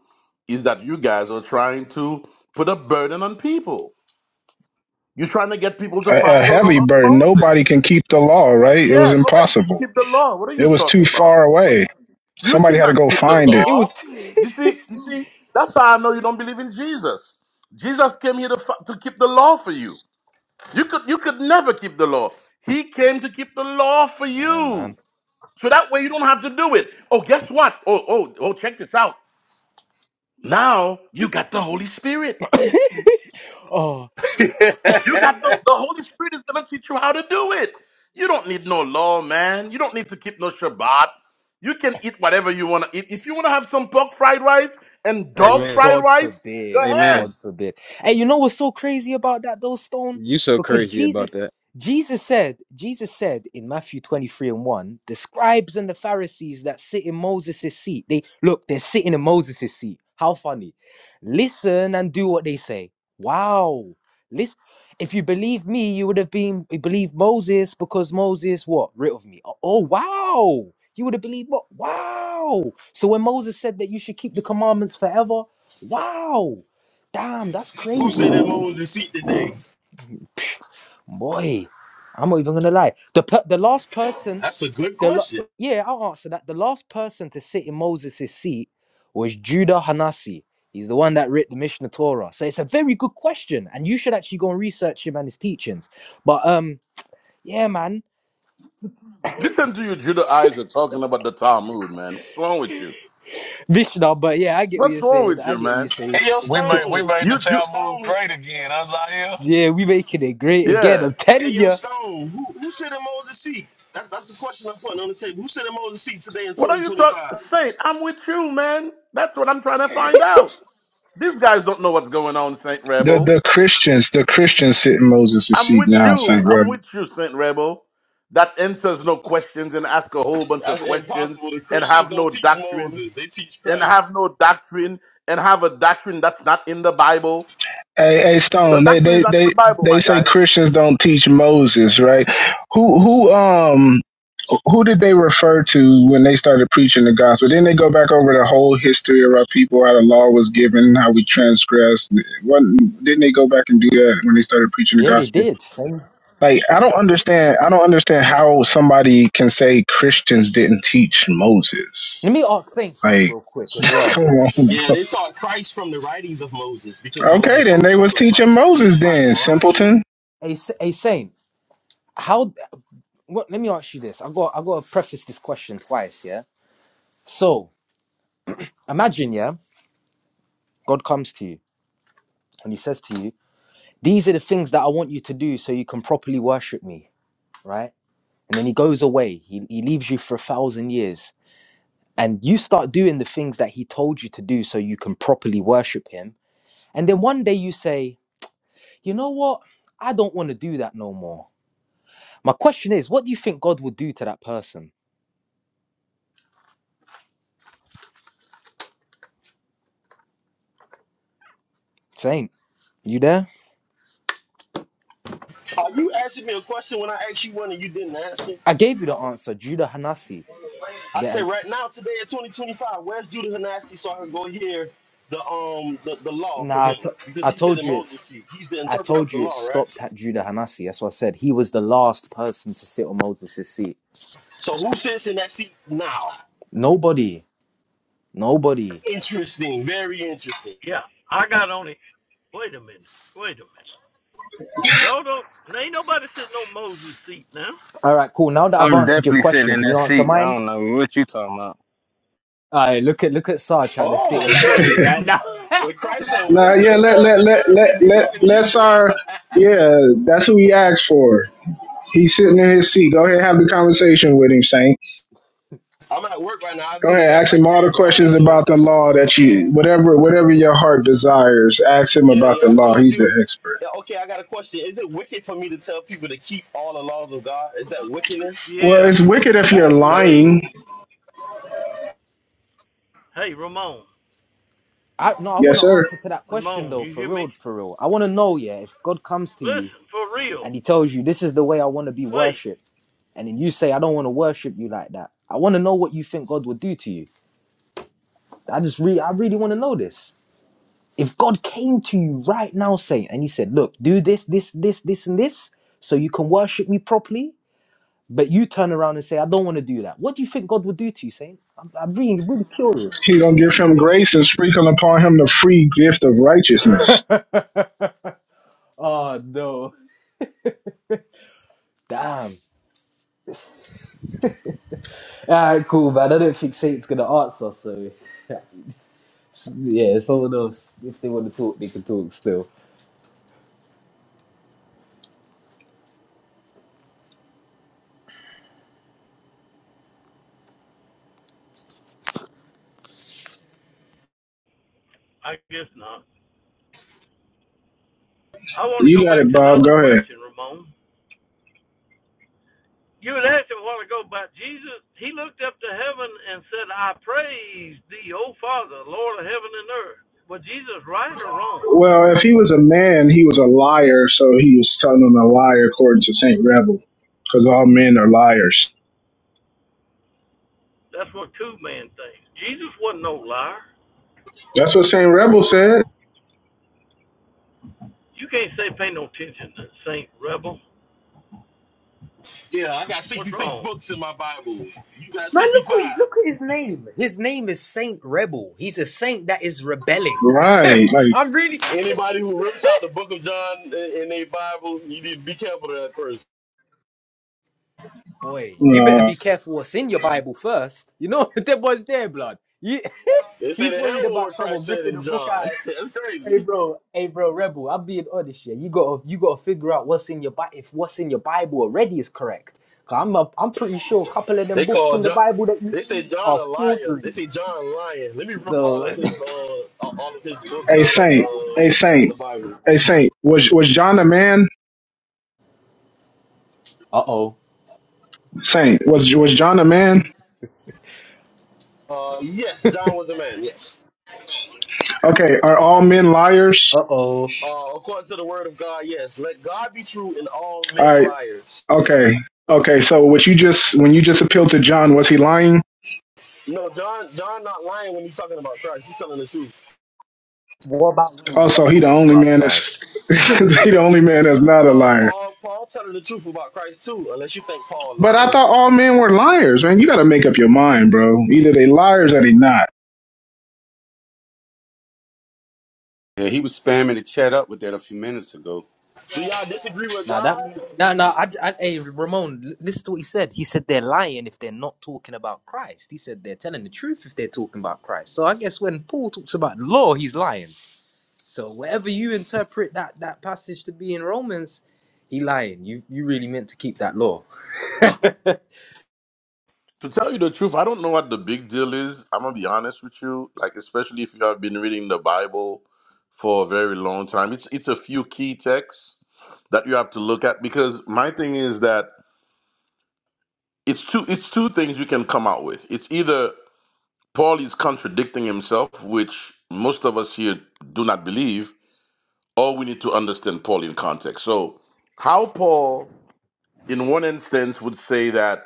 S8: is that you guys are trying to put a burden on people. You're trying to get people to follow
S2: a
S8: the
S2: heavy
S8: law of
S2: burden.
S8: Moses.
S2: Nobody can keep the law, right? It was
S8: Yeah, nobody can
S2: impossible.
S8: keep the law. What are
S2: It
S8: you
S2: was too
S8: talking about?
S2: far away.
S8: You
S2: Somebody had to
S8: cannot
S2: go
S8: keep the
S2: find it.
S16: It
S8: law.
S16: was.
S8: You see, you see, that's how I know you don't believe in Jesus. Jesus came here to, fi- to keep the law for you. You could you could never keep the law. He came to keep the law for
S16: (laughs) Damn, man.
S8: you. So that way you don't have to do it. Oh, guess what? Oh, oh, oh, check this out. Now you got the Holy Spirit.
S16: (coughs) oh.
S9: (laughs) yeah,
S8: You got the, the Holy Spirit is going to teach you how to do it. You don't need no law, man. You don't need to keep no Shabbat. You can eat whatever you want to eat. If you want to have some pork fried rice and
S11: amen,
S8: dog
S11: amen.
S8: fried
S16: God
S8: rice, go
S16: forbid.
S8: ahead.
S16: God forbid. And you know what's so crazy about that though, Stone?
S11: You so
S16: Because
S11: crazy about
S16: Jesus
S11: that.
S16: Jesus said, Jesus said in Matthew 23 and 1, the scribes and the Pharisees that sit in Moses' seat, they look, they're sitting in Moses' seat. How funny. Listen and do what they say. Wow. Listen. If you believe me, you would have been you believed Moses because Moses what? Writ of me. Oh, oh, wow. You would have believed what? Wow. So when Moses said that you should keep the commandments forever, Wow. Damn, that's
S10: Who
S16: crazy.
S10: said that Moses seat today?
S16: Boy, I'm not even gonna lie. The per- the last person,
S10: That's a good
S16: the la-
S10: question.
S16: yeah, I'll answer that. The last person to sit in Moses' seat was Judah Hanasi. He's the one that wrote the Mishnah Torah. So it's a very good question, and you should actually go and research him and his teachings. But um, yeah, man,
S8: Listen to you Judaizer talking about the Talmud, man. What's wrong with you?
S16: Mishnah. But yeah, I get what
S8: What's
S16: you're
S8: wrong
S16: saying.
S8: with
S16: I
S8: you,
S16: get what you're
S8: man?
S16: saying.
S10: Hey yo,
S12: We made we
S10: Stone,
S12: made the
S8: You Jew.
S12: Talmud
S10: Stone,
S12: great again. Us out here,
S16: Yeah, we making it great again.
S8: Yeah.
S16: I'm
S10: hey
S16: telling
S10: yo,
S16: you.
S10: Stone. Who who said that Moses seat? That, that's the question I'm putting on the table. Who said that Moses seat today in
S8: What are you talking?
S10: 2025?
S8: Saint, I'm with you, man. That's what I'm trying to find out. These guys don't know what's going on, Saint
S2: The
S8: Rebel.
S2: the Christians, the Christians sit in Moses'
S8: I'm
S2: seat
S8: with
S2: now,
S8: you.
S2: Saint
S8: I'm
S2: Rev.
S8: with you, Saint Rebel. That answers no questions and ask a whole bunch of
S10: That's
S8: questions
S10: impossible. The
S8: and
S10: Christians
S8: have
S10: don't
S8: no
S10: teach
S8: doctrine
S10: Moses; they teach
S8: and
S10: Christ.
S8: have no doctrine and have a doctrine that's not in the Bible.
S2: Hey, hey,
S8: The
S2: Stone. They
S8: doctrine is
S2: they
S8: not in the
S2: they
S8: Bible,
S2: they
S8: my guy.
S2: say Christians don't teach Moses, right? Who who um who did they refer to when they started preaching the gospel? Didn't they go back over the whole history of our people, how the law was given, how we transgressed? Wasn't, didn't they go back and do that when they started preaching the
S16: Yeah, they
S2: gospel?
S16: did. Saint.
S2: Like, I don't understand. I don't understand how somebody can say Christians didn't teach Moses.
S16: Let me ask Saint something
S2: Like,
S16: real quick
S2: (laughs)
S16: as
S2: come
S16: well.
S2: on.
S10: Yeah, they taught Christ from the writings of Moses because
S2: Okay,
S10: Moses
S2: then
S10: wrote
S2: they
S10: wrote
S2: was
S10: of
S2: teaching
S10: Christ.
S2: Moses
S10: Unless Christ
S2: then,
S10: lying.
S2: simpleton.
S16: Hey, S- hey Saint. how well, let me ask you this i got i got to preface this question twice yeah so imagine yeah god comes to you and he says to you these are the things that i want you to do so you can properly worship me right and then he goes away he, he leaves you for a thousand years and you start doing the things that he told you to do so you can properly worship him and then one day you say you know what i don't want to do that no more my question is what do you think god will do to that person saint you there
S10: Are you asking me a question when I asked you one and you didn't answer?
S16: i gave you the answer judah hanasi
S10: I
S16: Yeah, I,
S10: said right now, today in 2025, where's Judah Hanasi so I can go hear the um the, the law from
S16: nah, I,
S10: him
S16: t-
S10: because
S16: I
S10: he said
S16: told
S10: in
S16: you
S10: Moses'
S16: it's.
S10: seat. He's the
S16: I
S10: interpreter of
S16: told
S10: the
S16: you it
S10: law, right?
S16: stopped at Judah Hanasi. That's what I said. He was the last person to sit on Moses' seat.
S10: So who sits in that seat now?
S16: Nobody, nobody.
S10: Interesting, very interesting.
S18: yeah, I got on it. Wait a minute. Wait a minute. Y'all don't. Ain't nobody sitting on Moses' seat now.
S16: All right, cool. Now that I've
S11: I'm
S16: answered your
S11: definitely sitting
S16: question,
S11: in
S16: can you
S11: that
S16: answer
S11: seat. I
S16: mine?
S11: don't know what you talking about.
S16: All right, look at look at Sarge trying to sit in
S10: Oh,
S16: that seat
S10: so
S16: right now. (laughs)
S10: When Christ said, Woe
S2: Nah,
S10: to the
S2: yeah, let
S10: scribes
S2: let
S10: and the
S2: let
S10: Pharisees,
S2: let
S10: he's
S2: let
S10: talking to
S2: let's
S10: you.
S2: our yeah, that's who he asked for. He's sitting in his seat. Go ahead, have the conversation with him, Saint.
S10: I'm at work right now. I
S2: Go
S10: do the
S2: ahead,
S10: best
S2: ask
S10: I
S2: him all the
S10: can, though. I'm
S2: questions
S10: listening.
S2: about the law that you, whatever, whatever your heart desires. Ask him
S10: Yeah,
S2: about
S10: yeah.
S2: the
S10: I
S2: law.
S10: told
S2: He's the
S10: you.
S2: expert.
S10: Yeah, okay, I got a question. Is it wicked for me to tell people to keep all the laws of God? Is that wickedness?
S2: Well,
S18: Yeah,
S2: it's
S18: it's
S2: wicked if you're
S18: against
S10: That's
S18: the rules.
S10: crazy.
S2: lying.
S18: Hey, Ramon.
S16: I, no, I want
S2: Yes,
S16: to
S2: sir.
S16: answer to that question
S18: Ramon,
S16: though,
S18: you
S16: for
S18: hear me?
S16: real, for real. I want to know, yeah, if God comes to you
S18: Listen, for
S16: and
S18: real.
S16: He tells you this is the way I want to be
S18: Wait.
S16: worshipped, and then you say I don't want to worship you like that. I want to know what you think God would do to you. I just really, I really want to know this. If God came to you right now, saying, and He said, Look, do this, this, this, this, and this, so you can worship me properly, but you turn around and say, I don't want to do that, what do you think God would do to you, Saint? I'm, I'm really, really curious.
S2: He's gonna give him grace and sprinkle upon him the free gift of righteousness.
S16: Oh, no. Damn. All right, cool, man. I don't think Saint's going to answer, so s- yeah, someone else, if they want to talk, they can talk still.
S18: I guess not. I want to go
S2: You got
S18: back
S2: it,
S18: to the
S2: Bob.
S18: other
S2: Go ahead.
S18: question, Ramon. You had asked him a while ago about Jesus. He looked up to heaven and said, I praise thee, O Father, Lord of heaven and earth. Was Jesus right or wrong?
S2: Well, if he was a man, he was a liar, so he was telling him a liar according to Saint Rebel, because all men are liars.
S18: That's what two men think. Jesus wasn't no liar.
S2: That's what Saint Rebel said.
S18: You can't say pay no attention to Saint Rebel.
S10: Yeah, I got
S18: What's
S10: 66
S18: wrong?
S10: books in my Bible. You got
S16: Man, look at you,
S10: 65.
S16: look at his name. His name is Saint Rebel. He's a saint that is rebelling.
S2: Right.
S16: (laughs)
S2: Like.
S16: I'm really.
S10: Anybody who rips out the book of John in, in their Bible, you need to be careful of that person.
S16: Boy, you better
S2: uh,
S16: be careful what's in your Bible first. You know, (laughs) that boy's there, blood. He,
S10: They
S16: (laughs)
S10: say
S16: he's
S10: the hell
S16: worried
S10: with
S16: about
S10: what
S16: someone
S10: Christ said
S16: ripping the
S10: in
S16: book
S10: John.
S16: out.
S10: (laughs) That's crazy.
S16: Hey, bro. Hey, bro, Rebel, I'm being honest here. You gotta, you gotta figure out what's in your Bible, if what's in your Bible already is correct. i I'm, a, I'm pretty sure a couple of them
S10: They
S16: books
S10: call
S16: in the
S10: John.
S16: Bible that you
S10: They say
S16: read
S10: John a
S16: are
S10: liar. They say
S16: forgeries.
S10: John lying. Let me rip all
S16: So,
S10: of his
S16: (laughs)
S10: uh all of his books
S2: Hey
S10: out of
S2: Saint, hey
S10: uh the
S2: Saint,
S10: Bible.
S2: hey Saint. Was was John a man?
S16: uh-oh.
S2: Saint, was was John a man?
S10: Uh, yes, John was a man. Yes.
S2: Okay, are all men liars?
S16: Uh-oh.
S10: Uh, according to the word of God, yes. Let God be true and all
S2: All
S10: men
S2: right,
S10: liars.
S2: okay, okay. So what you just when you just appealed to John, was he lying?
S10: No, John, John not lying when he's talking about Christ. He's telling the truth.
S16: What about what he's
S2: Also,
S16: not
S2: he the
S16: talking
S2: only
S16: about?
S2: man that's (laughs) he the only man that's not a
S10: No,
S2: liar.
S10: Paul, Paul telling the truth about Christ too. Unless you think Paul
S2: But I
S10: lying.
S2: thought all men were liars, man. You got to make up your mind, bro. Either they liars or they not.
S9: he was spamming the chat up with that a few minutes ago.
S10: Do y'all disagree with
S16: Now
S10: God?
S16: that means no, no. I, I, hey, Ramon, l- listen to what he said. He said they're lying if they're not talking about Christ. He said they're telling the truth if they're talking about Christ. So I guess when Paul talks about law, he's lying. So whatever you interpret that that passage to be in Romans, he lying. You you really meant to keep that law. (laughs)
S8: To tell you the truth, I don't know what the big deal is. I'm gonna be honest with you. Like, especially if you have been reading the Bible for a very long time. It's it's a few key texts that you have to look at because my thing is that it's two it's two things you can come out with. It's either Paul is contradicting himself, which most of us here do not believe, or we need to understand Paul in context. So, how Paul, in one instance, would say that,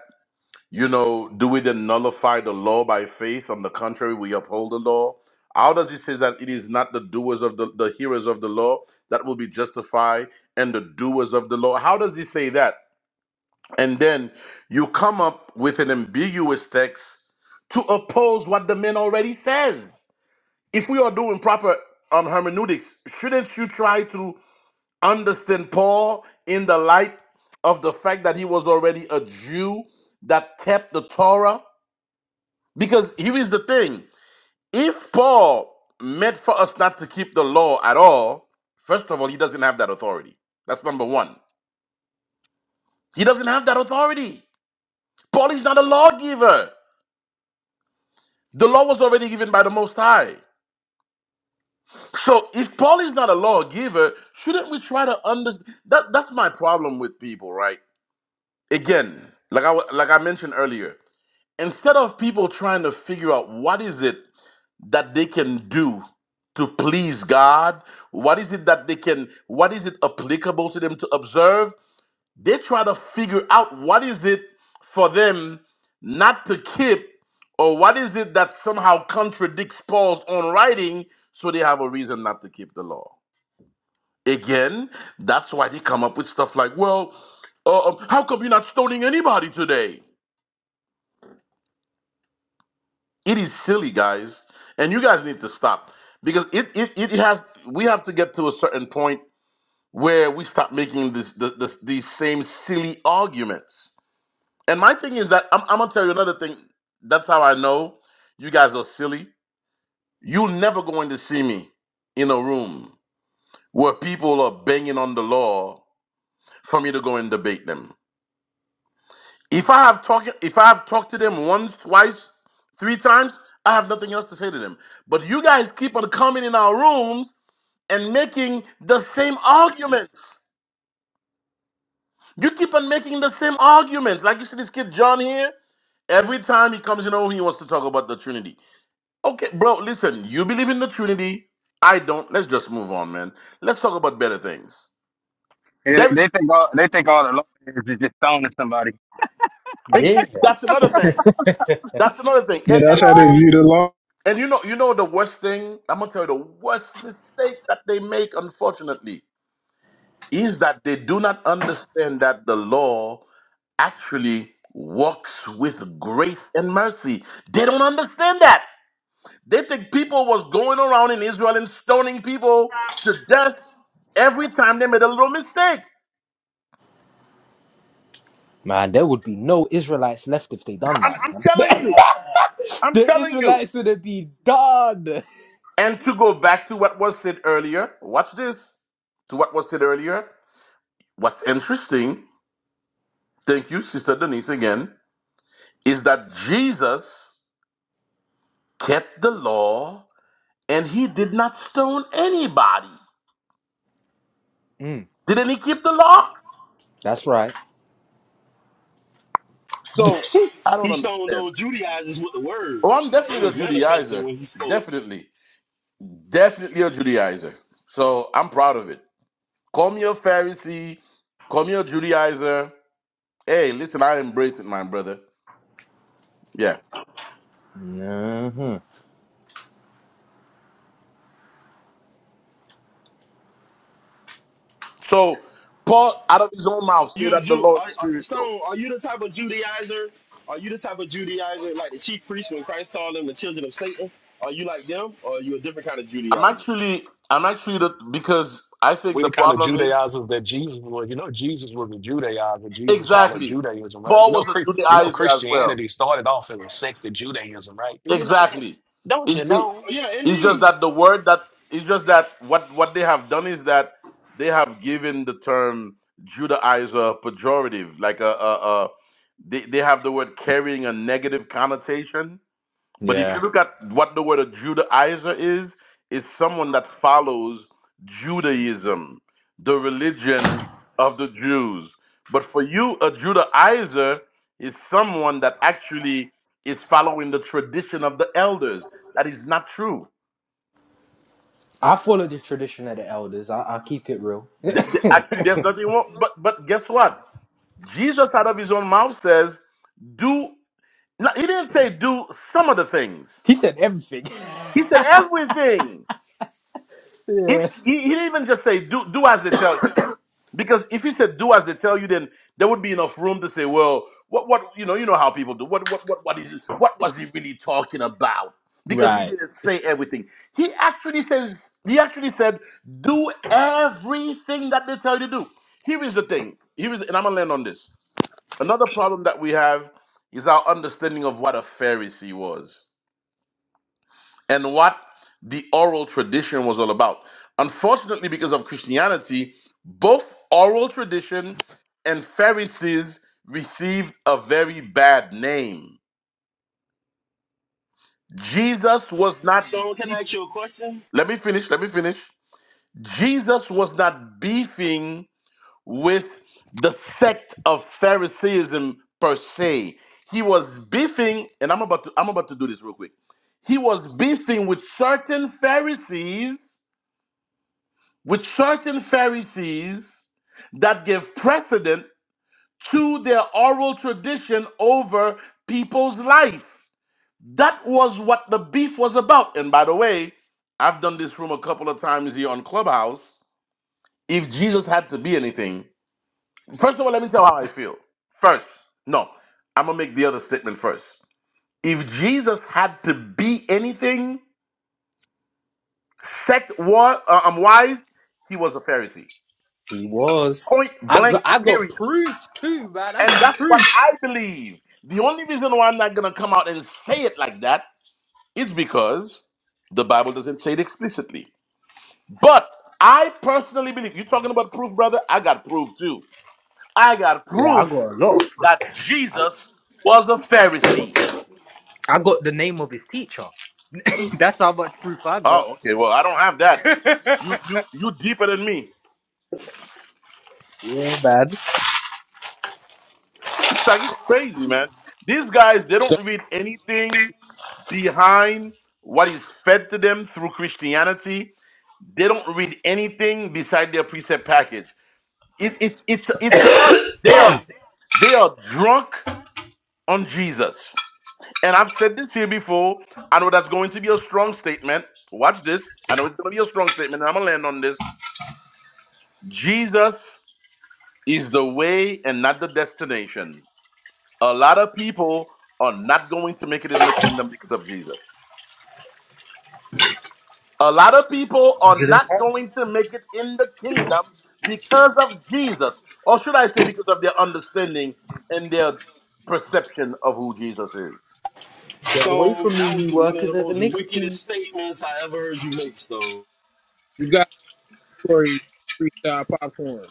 S8: you know, do we then nullify the law by faith? On the contrary, we uphold the law. How does he say that it is not the doers of the, the hearers of the law that will be justified and the doers of the law? How does he say that? And then you come up with an ambiguous text to oppose what the man already says. if we are doing proper um, hermeneutics, shouldn't you try to understand Paul in the light of the fact that he was already a Jew that kept the Torah? Because here is the thing if Paul meant for us not to keep the law at all, first of all, he doesn't have that authority. That's number one. He doesn't have that authority. Paul is not a lawgiver. The law was already given by the Most High. So if Paul is not a lawgiver, shouldn't we try to understand? That that's my problem with people, right? Again, like I wa- like I mentioned earlier, instead of people trying to figure out what is it that they can do to please God, what is it that they can, what is it applicable to them to observe, they try to figure out what is it for them not to keep, or what is it that somehow contradicts Paul's own writing, so they have a reason not to keep the law. Again, that's why they come up with stuff like, well, uh, um, how come you're not stoning anybody today? It is silly, guys. And you guys need to stop because it, it, it has, we have to get to a certain point where we stop making this, this, this these same silly arguments. And my thing is that I'm, I'm going to tell you another thing. That's how I know you guys are silly. you are never going to see me in a room where people are banging on the law for me to go and debate them If I have talked if I have talked to them once, twice, three times, I have nothing else to say to them. But you guys keep on coming in our rooms and making the same arguments. You keep on making the same arguments. Like you see this kid John here, every time he comes in over, he wants to talk about the Trinity. Okay, bro, listen, you believe in the Trinity. I don't. Let's just move on, man. Let's talk about better things.
S11: They, they
S8: That,
S11: they think all they think all the lawyers is just throwing at somebody.
S16: Yeah,
S8: that's another thing. That's another thing.
S2: Yeah,
S8: And
S2: that's how they
S8: and
S11: (laughs)
S2: view the law.
S8: And you know, you know the worst thing, I'm gonna tell you the worst mistake that they make, unfortunately, is that they do not understand that the law actually walks with grace and mercy. They don't understand that. They think people was going around in Israel and stoning people to death every time they made a little mistake.
S16: man. There would be no Israelites left if they
S8: (laughs)
S16: done
S8: I'm,
S16: that,
S8: I'm
S16: man.
S8: telling you. I'm
S16: The
S8: telling you.
S16: Israelites would have been done.
S8: And to go back to what was said earlier, watch this. To what was said earlier, what's interesting thank you, Sister Denise, again, is that Jesus kept the law and he did not stone anybody.
S16: Mm,
S8: Didn't he keep the law?
S16: that's right.
S8: So I don't
S10: He stoned
S8: understand.
S10: those Judaizers with the word.
S8: Oh, I'm
S10: It
S8: definitely a
S10: was manifesting
S8: Judaizer.
S10: when he spoke.
S8: Definitely. Definitely a Judaizer. So I'm proud of it. Call me a Pharisee. Call me a Judaizer. Hey, listen, I embrace it, my brother. Yeah.
S16: hmm
S8: So Paul, out of his own mouth,
S10: You
S8: say
S10: the
S8: that the
S10: Jew?
S8: law
S10: Are,
S8: is
S10: are,
S8: spiritual.
S10: Stone? Are you the type of Judaizer? Are you the type of Judaizer like the chief priest when Christ called them the children of Satan? Are you like them, or are you a different kind of
S8: I'm
S10: Judaizer?
S8: actually, I'm actually the, because I think
S12: we
S8: the
S12: the kind of
S8: problem is
S12: Judaizers that Jesus was. You know, Jesus was a Judaizer. Jesus followed
S8: exactly.
S12: Judaism, right? You
S8: Paul
S12: know,
S8: was a
S12: Chri- you know,
S8: Judaizer as well.
S12: Christianity started off as a sect of Judaism, right? Do you know that?
S8: Exactly.
S12: Don't you
S8: It, it,
S12: know?
S10: Oh, Yeah,
S8: it's just
S10: indeed.
S8: that the word that it's just that what what they have done is that they have given the term Judaizer pejorative, like a, a, a they they have the word carrying a negative connotation But if
S16: Yeah.
S8: you look at what the word of Judaizer is, it's someone that follows Judaism, the religion of the Jews. But for you, a Judaizer is someone that actually is following the tradition of the elders. That is not true.
S16: I follow the tradition of the elders. I, I'll keep it real.
S8: Th- th- Actually, there's nothing wrong. But but guess what? Jesus out of his own mouth says, "Do." No, he didn't say do some of the things.
S16: He said everything.
S8: He said everything.
S16: (laughs)
S8: He,
S16: yeah.
S8: he, he didn't even just say do do as they tell Because if he said do as they tell you, then there would be enough room to say, well, what what you know, you know how people do. What what what what is what was he really talking about? Because he
S16: Right.
S8: didn't say everything. He actually says he actually said, do everything that they tell you to do. Here is the thing. Here is and I'm gonna land on this. Another problem that we have is our understanding of what a Pharisee was and what the oral tradition was all about. Unfortunately, because of Christianity, both oral tradition and Pharisees received a very bad name. Jesus was not
S10: Stone, can I ask
S8: beefing.
S10: you a question?
S8: Let me finish. Let me finish. Jesus was not beefing with the sect of Phariseeism per se. He was beefing, and I'm about to I'm about to do this real quick. He was beefing with certain Pharisees with certain Pharisees that give precedent to their oral tradition over people's life. That was what the beef was about. And by the way, I've done this room a couple of times here on Clubhouse. If Jesus had to be anything, first of all, let me tell how I feel. First, no, I'm gonna make the other statement first. If Jesus had to be anything, sect war, uh, I'm wise, he was a Pharisee.
S16: He was.
S8: Point
S16: I
S8: blank,
S16: got, I got
S8: period.
S16: proof too, man. I
S8: And
S16: got
S8: that's what
S16: proof.
S8: I believe. The only reason why I'm not going to come out and say it like that is because the Bible doesn't say it explicitly. But I personally believe, you're talking about proof, brother? I got proof too. I got
S16: Yeah, I
S8: proof
S16: got a lot of proof.
S8: that Jesus was a Pharisee.
S16: I got the name of his teacher. (laughs) That's how much proof I got.
S8: Oh, okay. Well, I don't have that. You you you deeper than me.
S16: Yeah, man.
S8: It's like it's crazy, man. These guys, they
S20: So
S8: don't read anything behind what is fed to them through Christianity They don't read anything beside their precept package. It, it's it's it's a, it- they are they are drunk on Jesus. And I've said this here before. I know that's going to be a strong statement. Watch this. I know it's going to be a strong statement, and I'm gonna land on this. Jesus is the way and not the destination. A lot of people are not going to make it in the kingdom because of Jesus. A lot of people are not going to make it in the kingdom because of Jesus, or should I say, because of their understanding and their perception of who Jesus is.
S16: Get away
S10: Stone,
S16: from me,
S10: that was
S16: you
S10: one of
S16: workers
S10: the
S16: of
S10: most wickedest
S16: iniquity.
S10: statements I ever heard you make, Stone.
S20: you got Corey freestyle popcorn.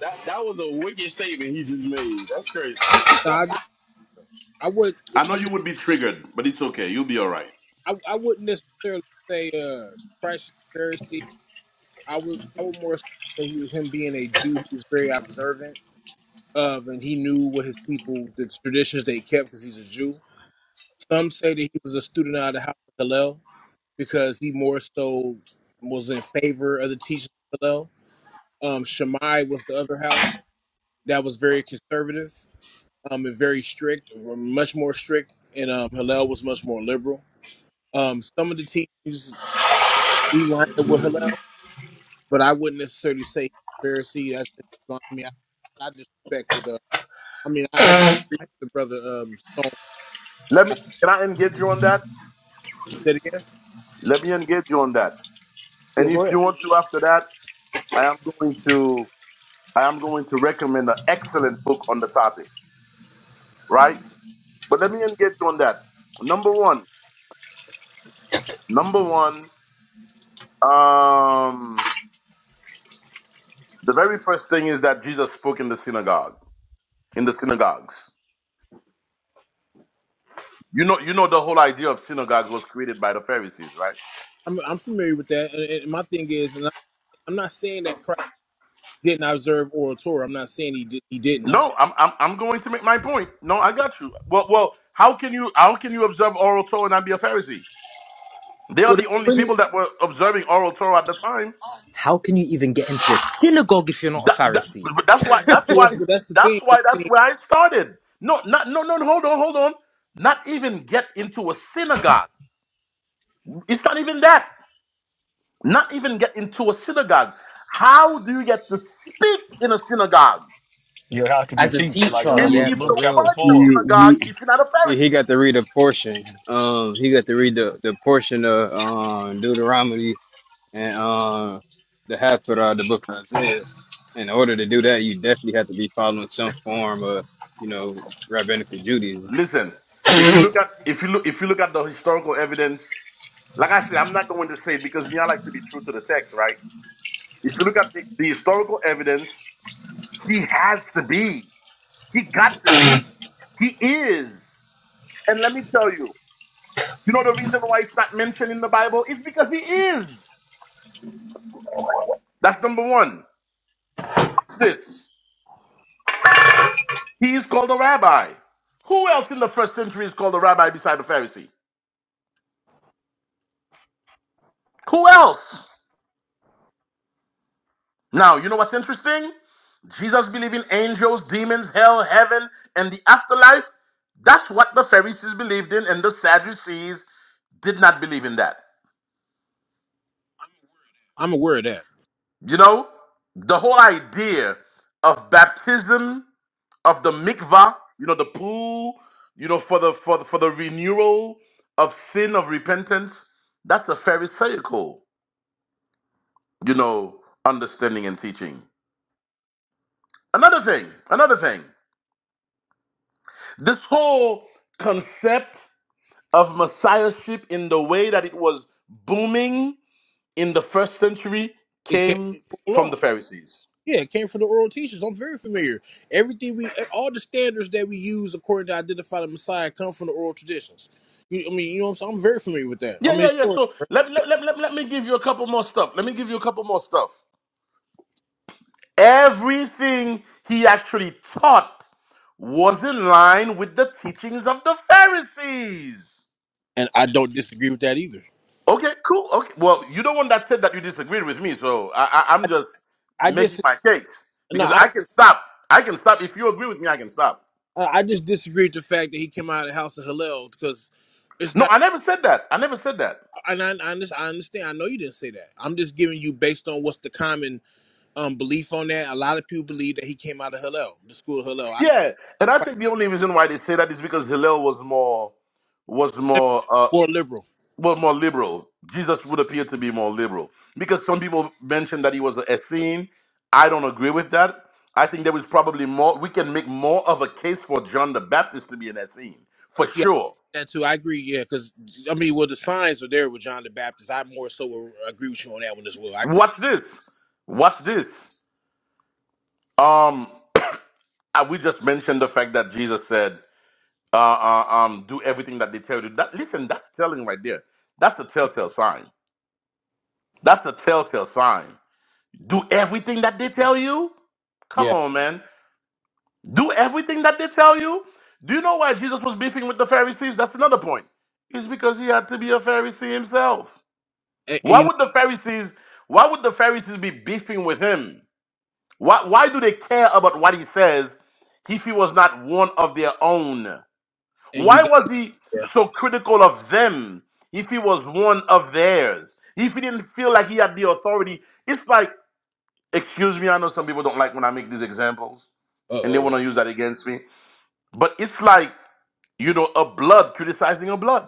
S10: That that was a wicked statement he just made. That's crazy.
S20: No, I just I would
S8: I know
S20: I, would-
S8: you would be triggered, but it's okay. You'll be all right.
S20: I, I wouldn't necessarily say uh Christ is Pharisee. I would I would more so say he, him being a Jew, he was very observant of and he knew what his people the traditions they kept because he's a Jew. Some say that he was a student out of the house of Hillel because he more so was in favor of the teachings of Hillel. Um, Shammai was the other house that was very conservative. um, and very strict, were much more strict, and um, Hillel was much more liberal. Um, some of the teachings do line up with Hillel, but I wouldn't necessarily say Pharisee. That's I mean, I, I disrespect with the. I mean, I, I disagree with the brother um, Stone.
S8: Let
S20: I
S8: me can I engage you on that?
S20: said again.
S8: Let me engage you on that.
S20: Yeah,
S8: And
S20: go
S8: if
S20: ahead.
S8: you want to after that, I am going to I am going to recommend an excellent book on the topic, right? But let me engage you on that. Number one, number one, um The very first thing is that Jesus spoke in the synagogue, in the synagogues. You know, you know the whole idea of synagogues was created by the Pharisees, right?
S20: I'm, I'm familiar with that, and, and my thing is, and I, I'm not saying that Christ didn't observe oral Torah. I'm not saying he did, he didn't. I'm saying,
S8: No, I'm I'm, I'm going to make my point. No, I got you. Well, well, how can you how can you observe oral Torah and not be a Pharisee? They are
S20: well,
S8: the only
S20: that's-
S8: people that were observing oral Torah at the time.
S16: How can you even get into a synagogue if you're not a
S8: That, that,
S16: Pharisee?
S8: but that's why that's
S20: yes,
S8: why
S20: but that's the
S8: that's
S20: thing. But
S8: why
S20: I
S8: that's
S20: mean,
S8: where I started. No, not no no no, hold on, hold on. Not even get into a synagogue. It's not even that. not even get into a synagogue. How do you get to speak in a synagogue
S12: Yeah, how
S16: (laughs)
S12: could you
S16: As a
S12: teach like
S11: You
S16: teacher,
S12: uh,
S11: know,
S8: and
S16: yeah,
S12: Luke
S8: give
S16: for
S12: Luke
S8: the
S12: chapter
S16: real.
S8: word in a
S12: four?
S11: he
S8: synagogue
S11: he-
S8: if you're not a
S11: he he
S8: Pharisee?
S11: got to read a portion. Um, he got to read the, the portion of um Deuteronomy and uh, the half Torah, the book of Isaiah. In order to do that, you definitely have to be following some form of, you know, rabbinical Judaism.
S8: Listen, if you look at if you look if you look at the historical evidence, like I said, I'm not going to say it because me, I like to be true to the text, right? If you look at the, the historical evidence, he has to be. He got to be. He is. And let me tell you, you know the reason why it's not mentioned in the Bible? It's because he is. That's number one. Watch this. He is called a rabbi. Who else in the first century is called a rabbi beside the Pharisee? Who else? Now, you know what's interesting? Jesus believed in angels, demons, hell, heaven, and the afterlife. That's what the Pharisees believed in, and the Sadducees did not believe in that.
S20: I'm aware of that.
S8: You know, the whole idea of baptism, of the mikvah, you know, the pool, you know, for the for the, for the renewal of sin of repentance, that's a Pharisaical. you know, understanding and teaching. Another thing, another thing, this whole concept of messiahship in the way that it was booming in the first century
S20: It can't
S8: came
S20: be
S8: from
S20: law.
S8: the Pharisees.
S20: Yeah, it came from the oral teachers. I'm very familiar. Everything we, all the standards that we use according to identify the Messiah come from the oral traditions. You, I mean, you know what I'm saying? I'm very familiar with that.
S8: Yeah,
S20: I'm a
S8: yeah, yeah.
S20: historian,
S8: So let, let, let, let, let me give you a couple more stuff. Let me give you a couple more stuff. Everything he actually taught was in line with the teachings of the Pharisees.
S20: and I don't disagree with that either.
S8: Okay, cool. Okay, well, you don't want that said that you disagreed with me, so I, I, I'm just
S20: I
S8: making
S20: just
S8: my case
S20: no,
S8: because
S20: I
S8: I can stop. I can stop if you agree with me. I can stop.
S20: uh, I just disagree with the fact that he came out of the house of Hillel because it's
S8: No,
S20: not.
S8: I never said that. I never said that.
S20: And I, I, under- I understand. I know you didn't say that. I'm just giving you based on what's the common um, belief on that. A lot of people believe that he came out of Hillel, the school of Hillel. I,
S8: Yeah,
S20: I
S8: and I
S20: quite
S8: think the only reason why they say that is because Hillel was more was more uh
S20: more liberal.
S8: well more liberal. Jesus would appear to be more liberal because some people mentioned that he was a Essene. I don't agree with that. I think there was probably more. We can make more of a case for John the Baptist to be an Essene for
S20: Yeah,
S8: sure
S20: that too. I agree. Yeah, because I mean, well, the signs are there with John the Baptist. I more so will agree with you on that one as well. I agree.
S8: Watch this. Watch this. Um, uh, we just mentioned the fact that Jesus said, uh, uh, um, "Do everything that they tell you." That listen, that's telling right there. That's a telltale sign. That's a telltale sign. Do everything that they tell you. Come
S20: Yeah,
S8: on, man. Do everything that they tell you. Do you know why Jesus was beefing with the Pharisees? That's another point. It's because he had to be a Pharisee himself.
S20: and, and
S8: Why
S20: you know,
S8: would the Pharisees? Why would the Pharisees be beefing with him? Why, why do they care about what he says if he was not one of their own?
S20: and you
S8: Why
S20: got.
S8: was he so critical of them if he was one of theirs? If he didn't feel like he had the authority? It's like, excuse me, I know some people don't like when I make these examples
S20: Uh
S8: and they
S20: oh.
S8: want to use that against me, but it's like, you know, a blood criticizing a blood.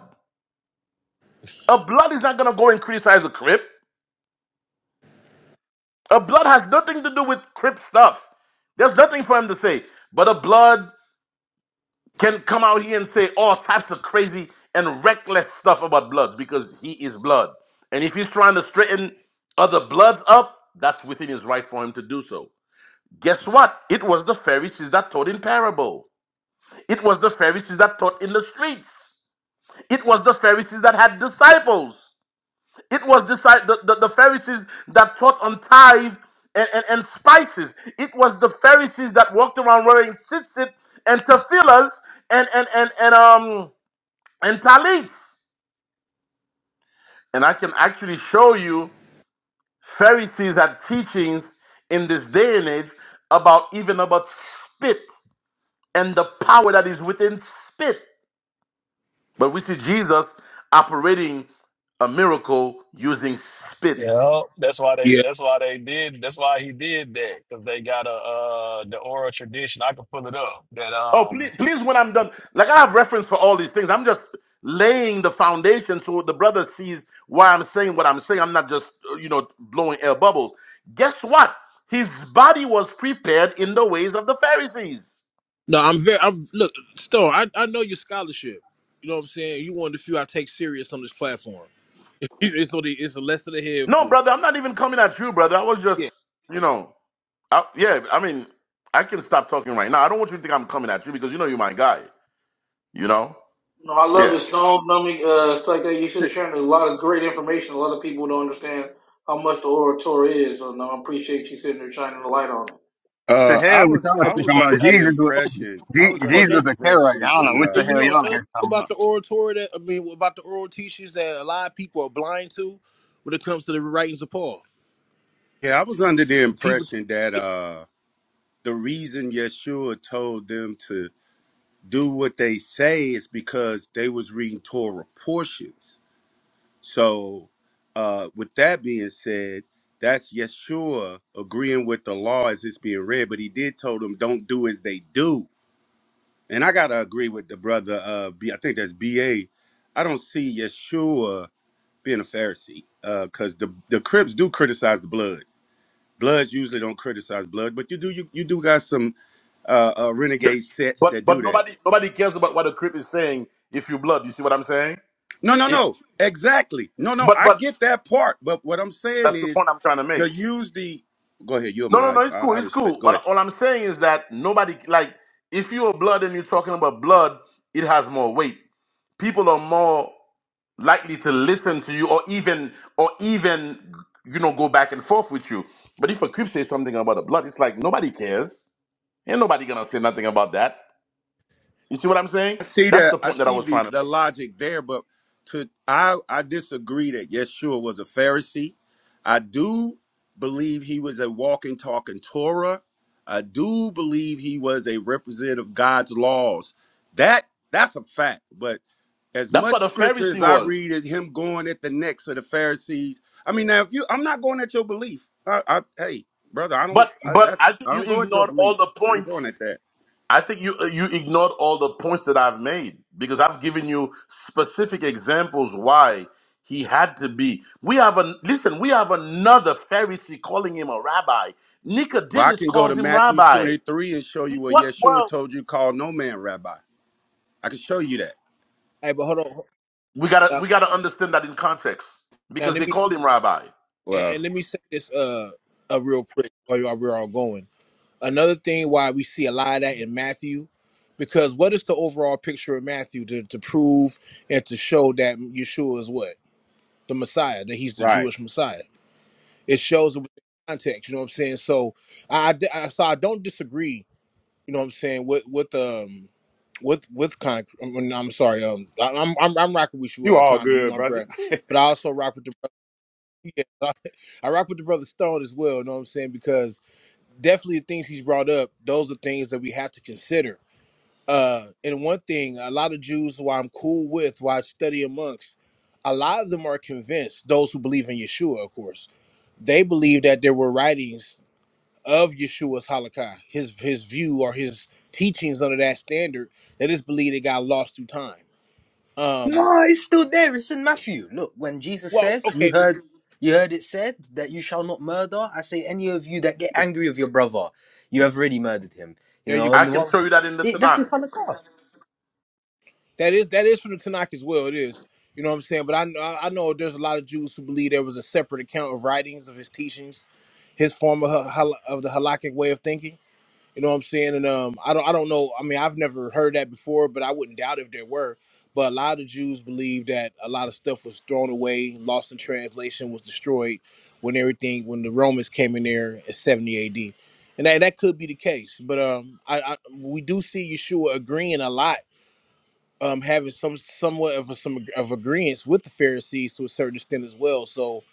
S8: A blood is not going to go and criticize a crip. A blood has nothing to do with crip stuff. There's nothing for him to say. But a blood can come out here and say all types of crazy and reckless stuff about bloods because he is blood. And if he's trying to straighten other bloods up, that's within his right for him to do so. Guess what? It was the Pharisees that taught in parable. It was the Pharisees that taught in the streets. It was the Pharisees that had disciples. It was deci- the, the, the Pharisees that taught on tithe and, and, and spices. It was the Pharisees that walked around wearing tzitzit and tefillahs and, and, and, and um and Talit. And I can actually show you Pharisees had teachings in this day and age about even about spit and the power that is within spit. But we see Jesus operating a miracle using spit.
S12: Yeah, that's why they.
S20: Yeah.
S12: That's why they did. That's why he did that because they got a uh the oral tradition. I can pull it up. That
S8: Oh, please,
S12: um,
S8: please, when I'm done, like I have reference for all these things. I'm just laying the foundation so the brother sees why I'm saying what I'm saying. I'm not just, uh, you know, blowing air bubbles. Guess what? His body was prepared in the ways of the Pharisees.
S20: No, I'm very. I'm look, Stone. I, I know your scholarship. You know what I'm saying. You one of the few I take serious on this platform. (laughs) It's only it's a lesson ahead
S8: No,
S20: for.
S8: brother, I'm not even coming at you, brother. I was just,
S20: Yeah.
S8: you know, I, yeah. I mean, I can stop talking right now. I don't want you to think I'm coming at you because you know you're my guy. You know,
S21: No, I love it,
S8: yeah.
S21: Stone. Dummy, uh, it's like that. You should have shared a lot of great information. A lot of people don't understand how much the orator is, and I appreciate you sitting there shining the light on it.
S11: What
S9: Uh,
S11: the
S9: I
S11: hell we y'all
S9: was,
S20: And
S9: I
S11: talking
S20: but
S9: was
S20: you-
S9: under
S11: about?
S20: and
S9: the
S11: Jesus was
S9: impression, I
S11: Je-
S20: you
S9: was
S20: know
S9: under the
S11: Jesus
S20: another
S11: was a Karaite.
S9: impression
S11: I don't know
S9: when,
S11: what
S20: and
S11: the
S9: uh,
S20: you
S11: hell
S20: know
S11: y'all
S20: another thing
S11: here talking
S20: about
S11: about.
S20: the oratory that I mean about the oral teachings that a lot of people are blind to when it comes to the writings of Paul.
S9: yeah, I was under the
S20: People.
S9: impression that,
S20: Hey,
S9: uh, the reason Yeshua told them to do what they say is because they was reading Torah portions. So, uh, with that being said, that's Yeshua agreeing with the law as it's being read, but he did tell them don't do as they do. And I gotta agree with the brother. Uh, B, I think that's B A. I don't see Yeshua being a Pharisee uh, because the the Crips do criticize the Bloods. Bloods usually don't criticize Blood, but you do you you do got some uh, uh renegade sets
S8: But
S9: that do
S8: but
S9: that.
S8: nobody nobody cares about what a creep is saying. If you blood, you see what I'm saying?
S9: No, no,
S8: If
S9: no. Exactly. No, no.
S8: but
S9: I
S8: but
S9: get that part, but what I'm saying
S8: that's the
S9: is
S8: point I'm trying to
S9: To
S8: make.
S9: use the go ahead, you're
S8: No no
S9: my
S8: no,
S9: I,
S8: it's cool,
S9: I
S8: it's
S9: respect.
S8: cool.
S9: Go
S8: All,
S9: ahead.
S8: all I'm saying is that nobody like if you're blood and you're talking about blood, it has more weight people are more likely to listen to you or even or even you know go back and forth with you. But if a creep says something about the blood, it's like nobody cares. Ain't nobody gonna say nothing about that. You see what I'm saying?
S9: I see
S8: That's
S9: that.
S8: the
S9: I
S8: point that I
S9: see
S8: was
S9: the,
S8: trying to
S9: the
S8: make.
S9: logic there, but to I I disagree that Yeshua was a Pharisee. I do believe he was a walking, talking Torah. I do believe he was a representative of God's laws. That that's a fact. But as
S8: That's what
S9: much
S8: a
S9: scripture
S8: Pharisee
S9: as I
S8: was.
S9: read is him going at the necks of the Pharisees. I mean, now if you, I'm not going at your belief. I, I hey, brother, I don't.
S8: But
S9: I,
S8: but
S9: that's
S8: I think
S9: I
S8: you
S9: don't go at your
S8: ignored all
S9: belief.
S8: the
S9: I ain't
S8: points
S9: going at that.
S8: I think you uh, you ignored all the points that I've made because I've given you specific examples why he had to be. We have a listen. We have another Pharisee calling him a rabbi.
S9: Well, I
S8: Nicodemus
S9: can go to
S8: calls him
S9: Matthew
S8: rabbi.
S9: 23 and show
S8: In
S9: you what
S8: what
S9: Yeshua
S8: world?
S9: told you, call no man rabbi. I can show you that.
S20: but hold on.
S8: We gotta
S20: Now,
S8: we gotta understand that in context
S20: now
S8: because
S20: let
S8: they
S20: me
S8: called him rabbi.
S20: and,
S9: Well,
S20: and let me say this uh, uh real quick while y'all- we're all going. Another thing why we see a lot of that in Matthew, because what is the overall picture of Matthew to, to prove and to show that Yeshua is what the Messiah, that he's the
S9: right.
S20: Jewish Messiah. It shows it with the context. You know what I'm saying? So I, I so I don't disagree. You know what I'm saying with with um with with con. I'm, I'm sorry. Um, I, I'm I'm I'm rocking with you,
S9: You
S20: uh,
S9: all
S20: Tommy. You
S9: good,
S20: my
S9: brother.
S20: brother, but I also rock with the Yeah, (laughs) I, I rock with the brother Stone as well. You know what I'm saying? Because definitely the things he's brought up, those are things that we have to consider. Uh, and one thing, a lot of Jews who I'm cool with, who I study amongst, a lot of them are convinced. Those who believe in Yeshua, of course, they believe that there were writings of Yeshua's halakha, his his view or his teachings under that standard. That is believed it got lost through time. Um,
S16: No, it's still there. It's in Matthew. Look, when Jesus
S20: well,
S16: says, "You
S20: okay, well,
S16: heard, you heard it said that you shall not murder." I say, any of you that get
S20: yeah,
S16: angry with your brother, you have already murdered him. You
S20: there you go.
S16: know,
S8: I
S16: and the
S8: can
S16: one
S8: show you that in the
S16: it, that's
S8: Tanakh.
S16: the son of God.
S20: That is that is from the Tanakh as well. It is. You know what I'm saying? But I I know there's a lot of Jews who believe there was a separate account of writings of his teachings, his form of hal- of the halakhic way of thinking. You know what I'm saying? And um, I don't I don't know. I mean, I've never heard that before, but I wouldn't doubt if there were. But a lot of Jews believe that a lot of stuff was thrown away, lost in translation, was destroyed when everything when the Romans came in there in 70 AD. And that, that could be the case, but um, I, I we do see Yeshua agreeing a lot um, having some somewhat of a, some of agreement with the Pharisees to a certain extent as well. So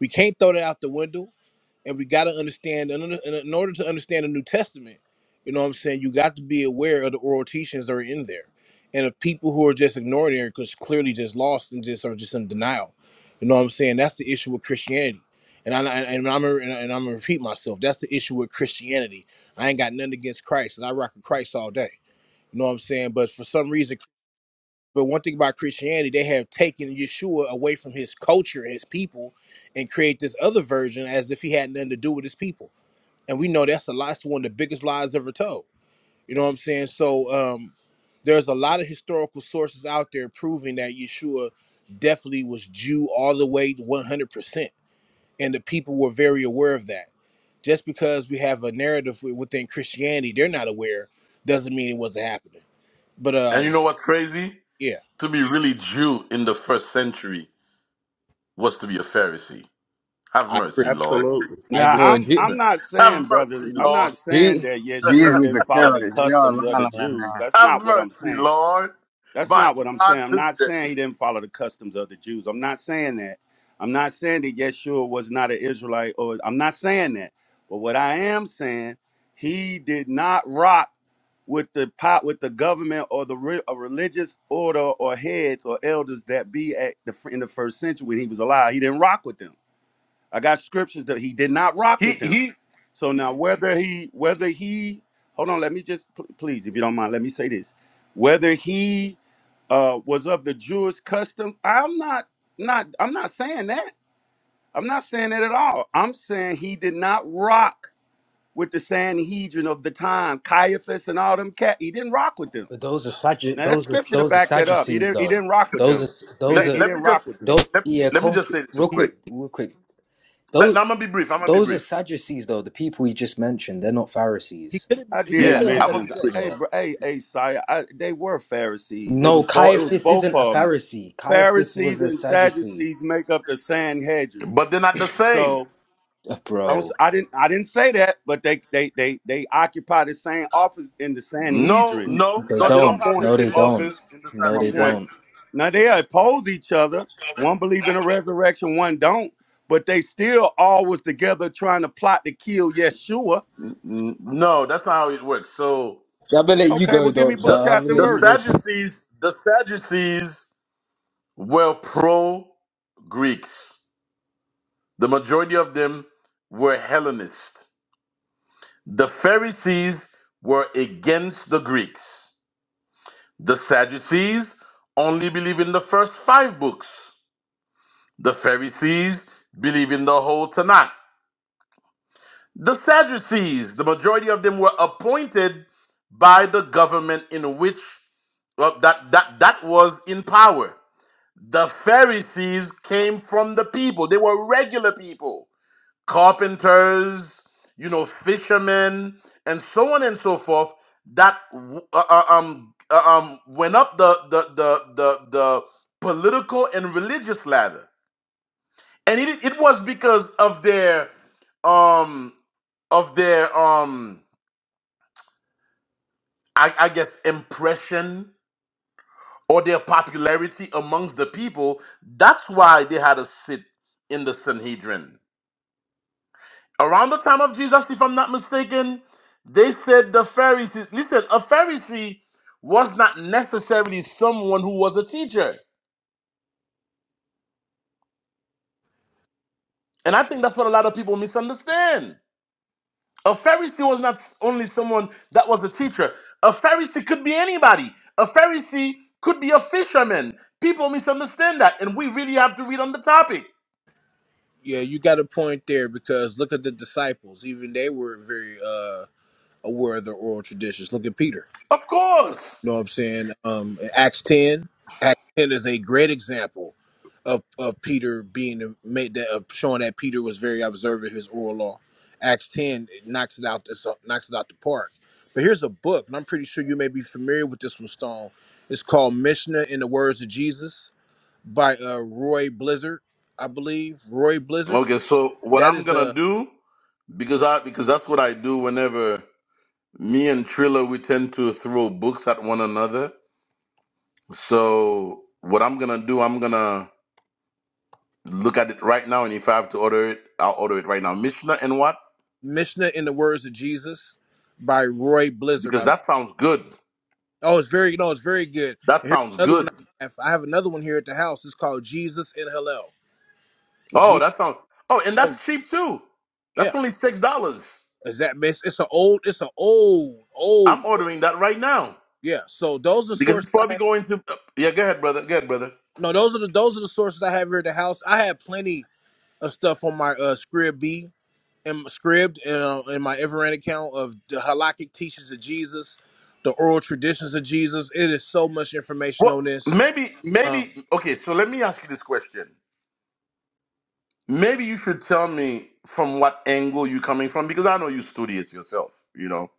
S20: we can't throw that out the window, and we got to understand. In order, in order to understand the New Testament, you know what I'm saying, you got to be aware of the oral teachings that are in there, and of people who are just ignoring it because clearly just lost and just are just in denial. You know what I'm saying? That's the issue with Christianity. And, I, and I'm and I'm gonna repeat myself. That's the issue with Christianity. I ain't got nothing against Christ, 'cause I rock with Christ all day. You know what I'm saying? But for some reason, but one thing about Christianity, they have taken Yeshua away from his culture and his people and create this other version as if he had nothing to do with his people. And we know that's a lie. It's one of the biggest lies ever told. You know what I'm saying? So um, there's a lot of historical sources out there proving that Yeshua definitely was Jew all the way to 100%. And the people were very aware of that. Just because we have a narrative wi- within Christianity, they're not aware, doesn't mean it wasn't happening. But uh,
S8: And you know what's crazy?
S20: yeah,
S8: To be really Jew in the first century was to be a Pharisee. Have
S20: I
S9: (laughs)
S20: agree.
S8: mercy, Lord.
S9: Absolutely.
S20: I agree.
S9: Now,
S11: Well,
S9: I'm
S11: G,
S9: I'm not saying,
S8: Have
S9: brothers,
S8: mercy,
S9: I'm
S8: Lord.
S9: not saying
S11: G,
S9: that
S11: Jesus
S9: Yeshua
S11: was a
S9: didn't follow the
S11: Karaite. Y'all
S9: customs
S11: lying
S9: of
S11: on
S9: the
S11: that
S9: Jews.
S11: man.
S9: That's
S8: Have
S9: not what I'm
S8: mercy,
S9: saying.
S8: Lord.
S9: That's
S8: My
S9: not what I'm
S8: God,
S9: saying. I'm not saying
S8: today.
S9: he didn't follow the customs of the Jews. I'm not saying that. I'm not saying that Yeshua was not an Israelite or I'm not saying that. But what I am saying, he did not rock with the pot with the government or the re- a religious order or heads or elders that be at the in the first century when he was alive. He didn't rock with them. I got scriptures that he did not rock
S8: He
S9: with them.
S8: he.
S9: So now whether he whether he hold on, let me just pl- please, if you don't mind, let me say this. Whether he uh, was of the Jewish custom, I'm not not I'm not saying that. I'm not saying that at all. I'm saying he did not rock with the Sanhedrin of the time, Caiaphas and all them cat. He didn't rock with them.
S16: But those are Saddu-
S9: Now that
S16: those are
S9: scripture to
S16: those are
S9: back that up. He
S16: Sadducees
S9: didn't. He
S16: though.
S9: didn't rock with them.
S16: Those are
S9: He
S16: those
S8: Let,
S9: didn't. He
S16: are
S8: let me
S9: didn't rock
S8: just
S9: with them.
S16: those,
S8: let,
S16: yeah.
S8: let me just
S16: Conc-
S8: say this real
S16: real
S8: quick.
S16: quick, real quick.
S8: Let-
S16: Those
S8: I'm gonna be brief. I'm gonna be
S16: those are
S8: brief.
S16: Sadducees though. The people you just mentioned, they're not
S20: He
S16: Pharisees.
S20: could have.
S9: I
S20: He could have
S9: did
S8: Yeah,
S20: been
S16: That
S20: off
S16: Cai-
S8: I'm
S20: another
S8: gonna
S9: mention.
S8: be
S20: set.
S8: brief.
S9: Hey,
S16: yeah.
S9: bro. Hey, hey, Sire. I, they were Pharisees. It
S16: No,
S9: was both. It was
S16: Caiaphas
S9: both
S16: isn't a
S9: of them.
S16: Pharisee. Caiaphas was
S9: Pharisees
S16: a
S9: and
S16: Sadducee.
S9: Sadducees make up the Sanhedrin.
S8: But they're not the same.
S9: So
S16: Uh,
S9: don't.
S16: Bro,
S9: I didn't. I didn't say that. But they. They. They. They occupy the same office in the
S8: No,
S9: Sanhedrin.
S8: no,
S16: they
S8: no.
S9: That's
S8: They
S9: my
S8: don't
S16: don't.
S8: have the
S9: point.
S16: No,
S8: same
S16: they don't.
S8: office in the
S9: That's
S16: No,
S9: my
S8: San
S16: they
S9: point.
S8: Adrian.
S16: don't.
S9: Now they oppose each other. One believe in a resurrection, one don't. But they still all was together trying to plot to kill Yeshua.
S8: No, that's not how it works. So
S16: I'm gonna let you
S9: Okay, well
S16: go,
S9: give me
S16: Doctor.
S9: book,
S8: the
S16: I'm gonna
S9: chapter, and
S16: let
S8: the
S16: you go.
S9: verse.
S8: Sadducees, the Sadducees were pro Greeks. The majority of them were Hellenists. The Pharisees were against the Greeks. The Sadducees only believe in the first five books. The Pharisees believe in the whole Tanakh. The Sadducees, the majority of them were appointed by the government in which well, that, that, that was in power. The Pharisees came from the people, they were regular people. carpenters, you know, fishermen, and so on and so forth that uh, uh, um uh, um went up the the the the, the political and religious ladder, and it it was because of their um of their um I, I guess impression or their popularity amongst the people. That's why they had a sit in the Sanhedrin around the time of Jesus, if I'm not mistaken, they said the Pharisees, listen, a Pharisee was not necessarily someone who was a teacher. And I think that's what a lot of people misunderstand. A Pharisee was not only someone that was a teacher, a Pharisee could be anybody. A Pharisee could be a fisherman. People misunderstand that, and we really have to read on the topic.
S20: Yeah, you got a point there because look at the disciples. Even they were very uh, aware of their oral traditions. Look at Peter.
S8: Of course.
S20: You know what I'm saying? Um, in Acts 10. Acts 10 is a great example of, of Peter being the- made that of showing that Peter was very observant of his oral law. Acts 10 it knocks it out. This knocks it out the park. But here's a book, and I'm pretty sure you may be familiar with this one, Stone. It's called Mishnah in the Words of Jesus by uh, Roy Blizzard, I believe. Roy Blizzard.
S8: Okay, so what
S20: That
S8: I'm
S20: is
S8: gonna
S20: a
S8: do, because I because that's what I do whenever Me and Trilla, we tend to throw books at one another. So what I'm gonna do, I'm gonna look at it right now, and if I have to order it, I'll order it right now. Mishnah and what?
S20: Mishnah in the Words of Jesus by Roy Blizzard.
S8: Because
S20: I,
S8: that sounds good.
S20: oh, it's very no, it's very good.
S8: That
S20: And here's
S8: sounds
S20: another one.
S8: good.
S20: I have, I have another one here at the house. It's called Jesus in Hillel.
S8: Oh,
S20: G.
S8: that sounds. Oh, and that's
S20: Oh,
S8: cheap too.
S20: yeah.
S8: That's only six dollars.
S20: Is that it's, it's an old it's an old
S8: I'm
S20: old book.
S8: ordering that right now
S20: Yeah. So those are the
S8: because
S20: sources
S8: it's
S20: I
S8: probably
S20: have.
S8: going to. uh, Yeah, go ahead, brother. Go ahead, brother.
S20: No, those are the those are the sources I have here at the house. I have plenty of stuff on my uh Scrib in my script and uh, in my Everand account of the halakhic teachings of Jesus, the oral traditions of Jesus. It is so much information
S8: Well,
S20: on this.
S8: maybe,
S20: Um,
S8: maybe. Okay, so let me ask you this question. Maybe you should tell me from what angle you're coming from because I know you're studious yourself. You know,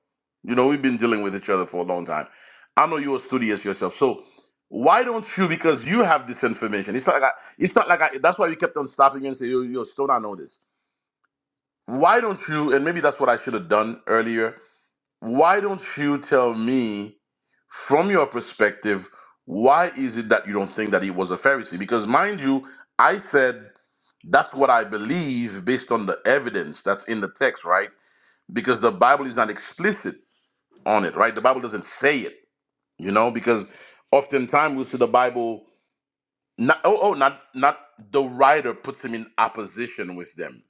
S8: you know we've been dealing with each other for a long time. I know you're studious yourself. So why don't you? Because you have this information. It's not like I, it's not like I, that's why you kept on stopping you and say, "Yo, yo, Stone, I know this." Why don't you? And maybe that's what I should have done earlier why don't you tell me from your perspective why is it that you don't think that he was a pharisee because mind you i said that's what i believe based on the evidence that's in the text right because the bible is not explicit on it right the bible doesn't say it you know because oftentimes we see the bible not oh, oh not not the writer puts him in opposition with them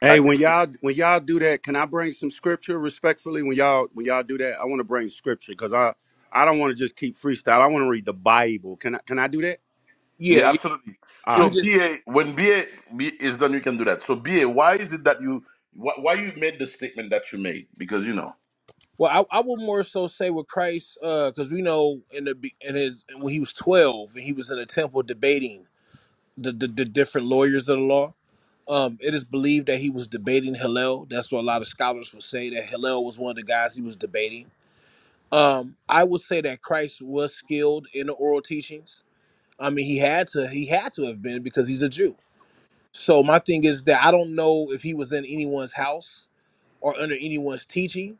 S9: Hey,
S8: like
S9: when y'all when y'all do that, can I bring some scripture respectfully? When y'all when y'all do that, I want to bring scripture because I I don't want to just keep freestyle. I want to read the Bible. Can I can I do that?
S20: yeah,
S8: Yeah,
S20: yeah.
S8: absolutely.
S9: All
S20: Let me
S9: right.
S8: So
S20: just.
S8: BA, when BA, is done, you can do that. So BA, why is it that you, why, why you made the statement that you made? Because you know,
S20: Well, I, I would more so say with Christ, because we know in the be- in his when he was twelve and he was in the temple debating the the, the different lawyers of the law. Um, it is believed that he was debating Hillel. That's what a lot of scholars would say that Hillel was one of the guys he was debating. Um, I would say that Christ was skilled in the oral teachings I mean, he had to he had to have been because he's a Jew. So my thing is that I don't know if he was in anyone's house or under anyone's teaching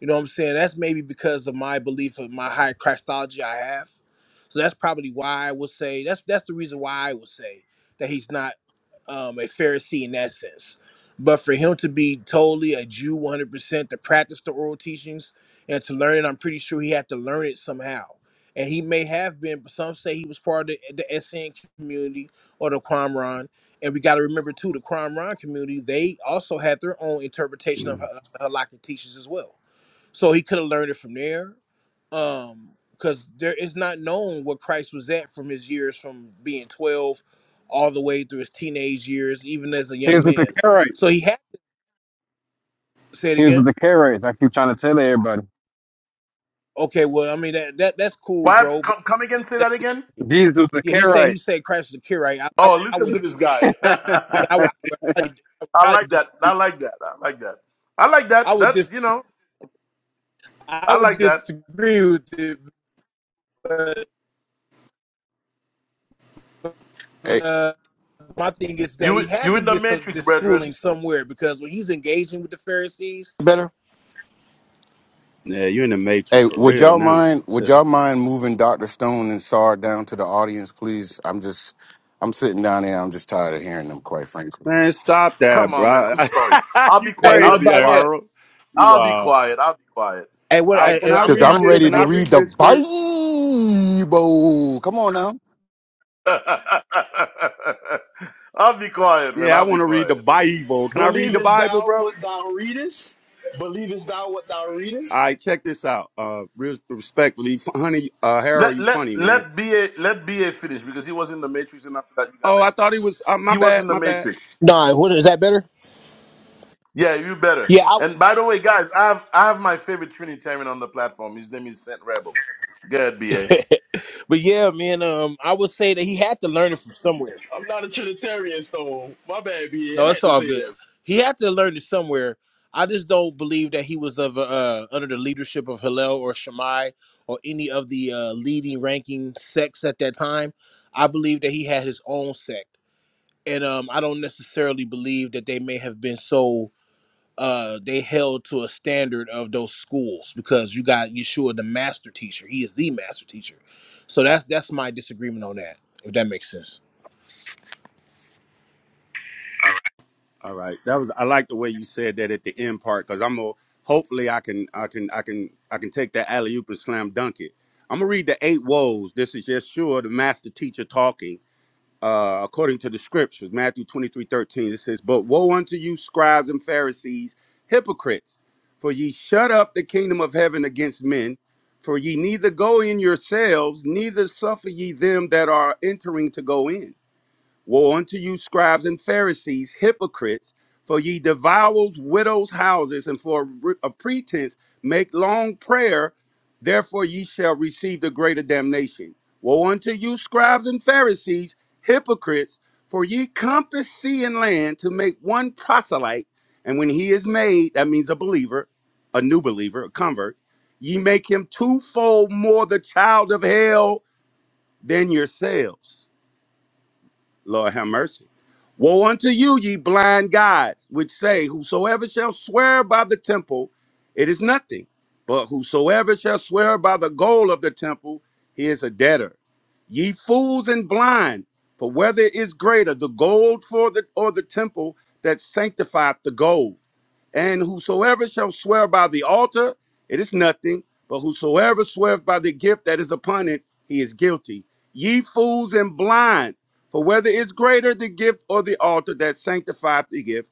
S20: you know what I'm saying? That's maybe because of my belief of my high Christology I have. So that's probably why I would say that's that's the reason why I would say that he's not um, a Pharisee in that sense. But for him to be totally a Jew 100% to practice the oral teachings and to learn it, I'm pretty sure he had to learn it somehow. And he may have been, but some say he was part of the, the SN community or the Qumran. And we got to remember too, the Qumran community, they also had their own interpretation of
S9: (clears throat)
S20: Hal- Halakhic teachings as well. So he could have learned it from there. Um, because there is not known what Christ was at from his years from being 12 all the way through his teenage years, even as a
S11: He
S20: young
S11: was with the
S20: man. So
S11: Karaites.
S20: he had say it
S11: He was with
S20: again.
S11: the Karaites. I keep trying to tell everybody.
S20: Okay, well, I mean that that that's cool,
S8: why
S20: bro. But
S8: come, come again, say
S20: that,
S8: that again.
S11: Jesus was a
S20: yeah, he said
S11: Karaite.
S20: he said Christ was a cure, right? I, I,
S8: Oh,
S20: I
S8: listen
S20: would
S8: to this guy. (laughs)
S20: yeah,
S11: (laughs)
S20: I would
S8: I
S20: I would highly- I would highly
S8: like that.
S20: disagree.
S8: I like that. I like that. I like
S20: I
S8: that.
S20: would
S8: That
S20: dis
S8: you know,
S20: I
S8: I
S20: would
S8: like that.
S20: disagree with it.
S22: Hey,
S20: uh, my thing is that
S8: You
S20: he had
S8: you
S20: to
S8: in the
S20: get some
S8: matrix,
S20: this schooling
S8: brethren.
S20: somewhere because when he's engaging with the Pharisees, Better?
S9: Yeah, you're in the matrix
S22: hey,
S9: for
S22: would
S9: real
S22: y'all
S9: now.
S22: mind?
S9: (laughs)
S22: Would y'all mind moving Doctor Stone and Sar down to the audience, please? I'm just, I'm sitting down there. I'm just tired of hearing them, quite frankly.
S9: Man, stop that,
S8: Come on, man.
S9: bro.
S8: I'm sorry.
S9: (laughs)
S8: I'll be
S9: you
S20: hey,
S8: quiet.
S20: what
S8: I'll be
S9: crazy,
S20: about now?
S8: quiet.
S9: Harold. You
S8: I'll be
S9: wild.
S8: quiet. I'll be quiet.
S20: Hey, what?
S9: All
S8: I'll
S9: right,
S8: be.
S20: Hey,
S9: can I
S20: am
S22: Because
S20: am
S9: read
S20: I
S22: I'm
S20: still
S9: it?
S20: in the
S22: ready
S9: Can
S22: to
S9: I
S22: read
S9: read
S20: Matrix?
S22: the
S9: this script?
S22: Bible. Come on now.
S8: (laughs) I'll be quiet, man.
S9: Yeah, I
S8: I'll be
S9: want to read the
S8: quiet.
S9: Bible.
S10: (laughs)
S9: Can I read the
S10: Believest
S9: Bible,
S10: thou
S9: bro? All
S10: what thou readest? Believest thou what thou readest?
S9: right, check this out. Uh, res- respectfully, F- honey, uh, Harold,
S8: Let
S9: you
S8: let
S9: funny man.
S8: let BA let BA finish because he was in the Matrix and after that you got
S9: Oh, I
S8: next.
S9: thought he was. Uh, my
S8: He was
S9: bad,
S8: in the
S9: my bad.
S8: Matrix.
S20: No, what is that better?
S8: Yeah, you better.
S20: Yeah, I,
S8: And by the way, guys, I have I have my favorite Trinitarian on the platform. His name is Saint Rebel. Good BA.
S20: but yeah, man. Um, I would say that he had to learn it from somewhere.
S10: I'm not a Trinitarian, Stone. My bad, BA. I
S20: No,
S10: had
S20: it's
S10: to
S20: all
S10: say
S20: good.
S10: that.
S20: He had to learn it somewhere. I just don't believe that he was of uh, under the leadership of Hillel or Shammai or any of the uh, leading ranking sects at that time. I believe that he had his own sect. and um, I don't necessarily believe that they may have been so uh, they held to a standard of those schools because you got Yeshua the master teacher. He is the master teacher. So that's that's my disagreement on that. If that makes sense.
S9: All right, that was. I like the way you said that at the end part because I'm gonna. Hopefully, I can, I can, I can, I can take that alley oop and slam dunk it. I'm gonna read the eight woes. This is Yeshua, the master teacher, talking. uh, according to the scriptures, Matthew 23 13, it says, But woe unto you, scribes and Pharisees, hypocrites, for ye shut up the kingdom of heaven against men, for ye neither go in yourselves, neither suffer ye them that are entering to go in. Woe unto you, scribes and Pharisees, hypocrites, for ye devour widows' houses, and for a pretense make long prayer. Therefore ye shall receive the greater damnation. Woe unto you, scribes and Pharisees, hypocrites, for ye compass sea and land to make one proselyte, and when he is made, that means a believer, a new believer, a convert, ye make him twofold more the child of hell than yourselves. Lord have mercy. Woe unto you, ye blind guides, which say, Whosoever shall swear by the temple, it is nothing. But whosoever shall swear by the gold of the temple, he is a debtor. Ye fools and blind, for whether is greater, the gold for the or the temple that sanctifieth the gold? And whosoever shall swear by the altar, it is nothing, but whosoever sweareth by the gift that is upon it, he is guilty. Ye fools and blind, for whether is greater the gift or the altar that sanctifieth the gift,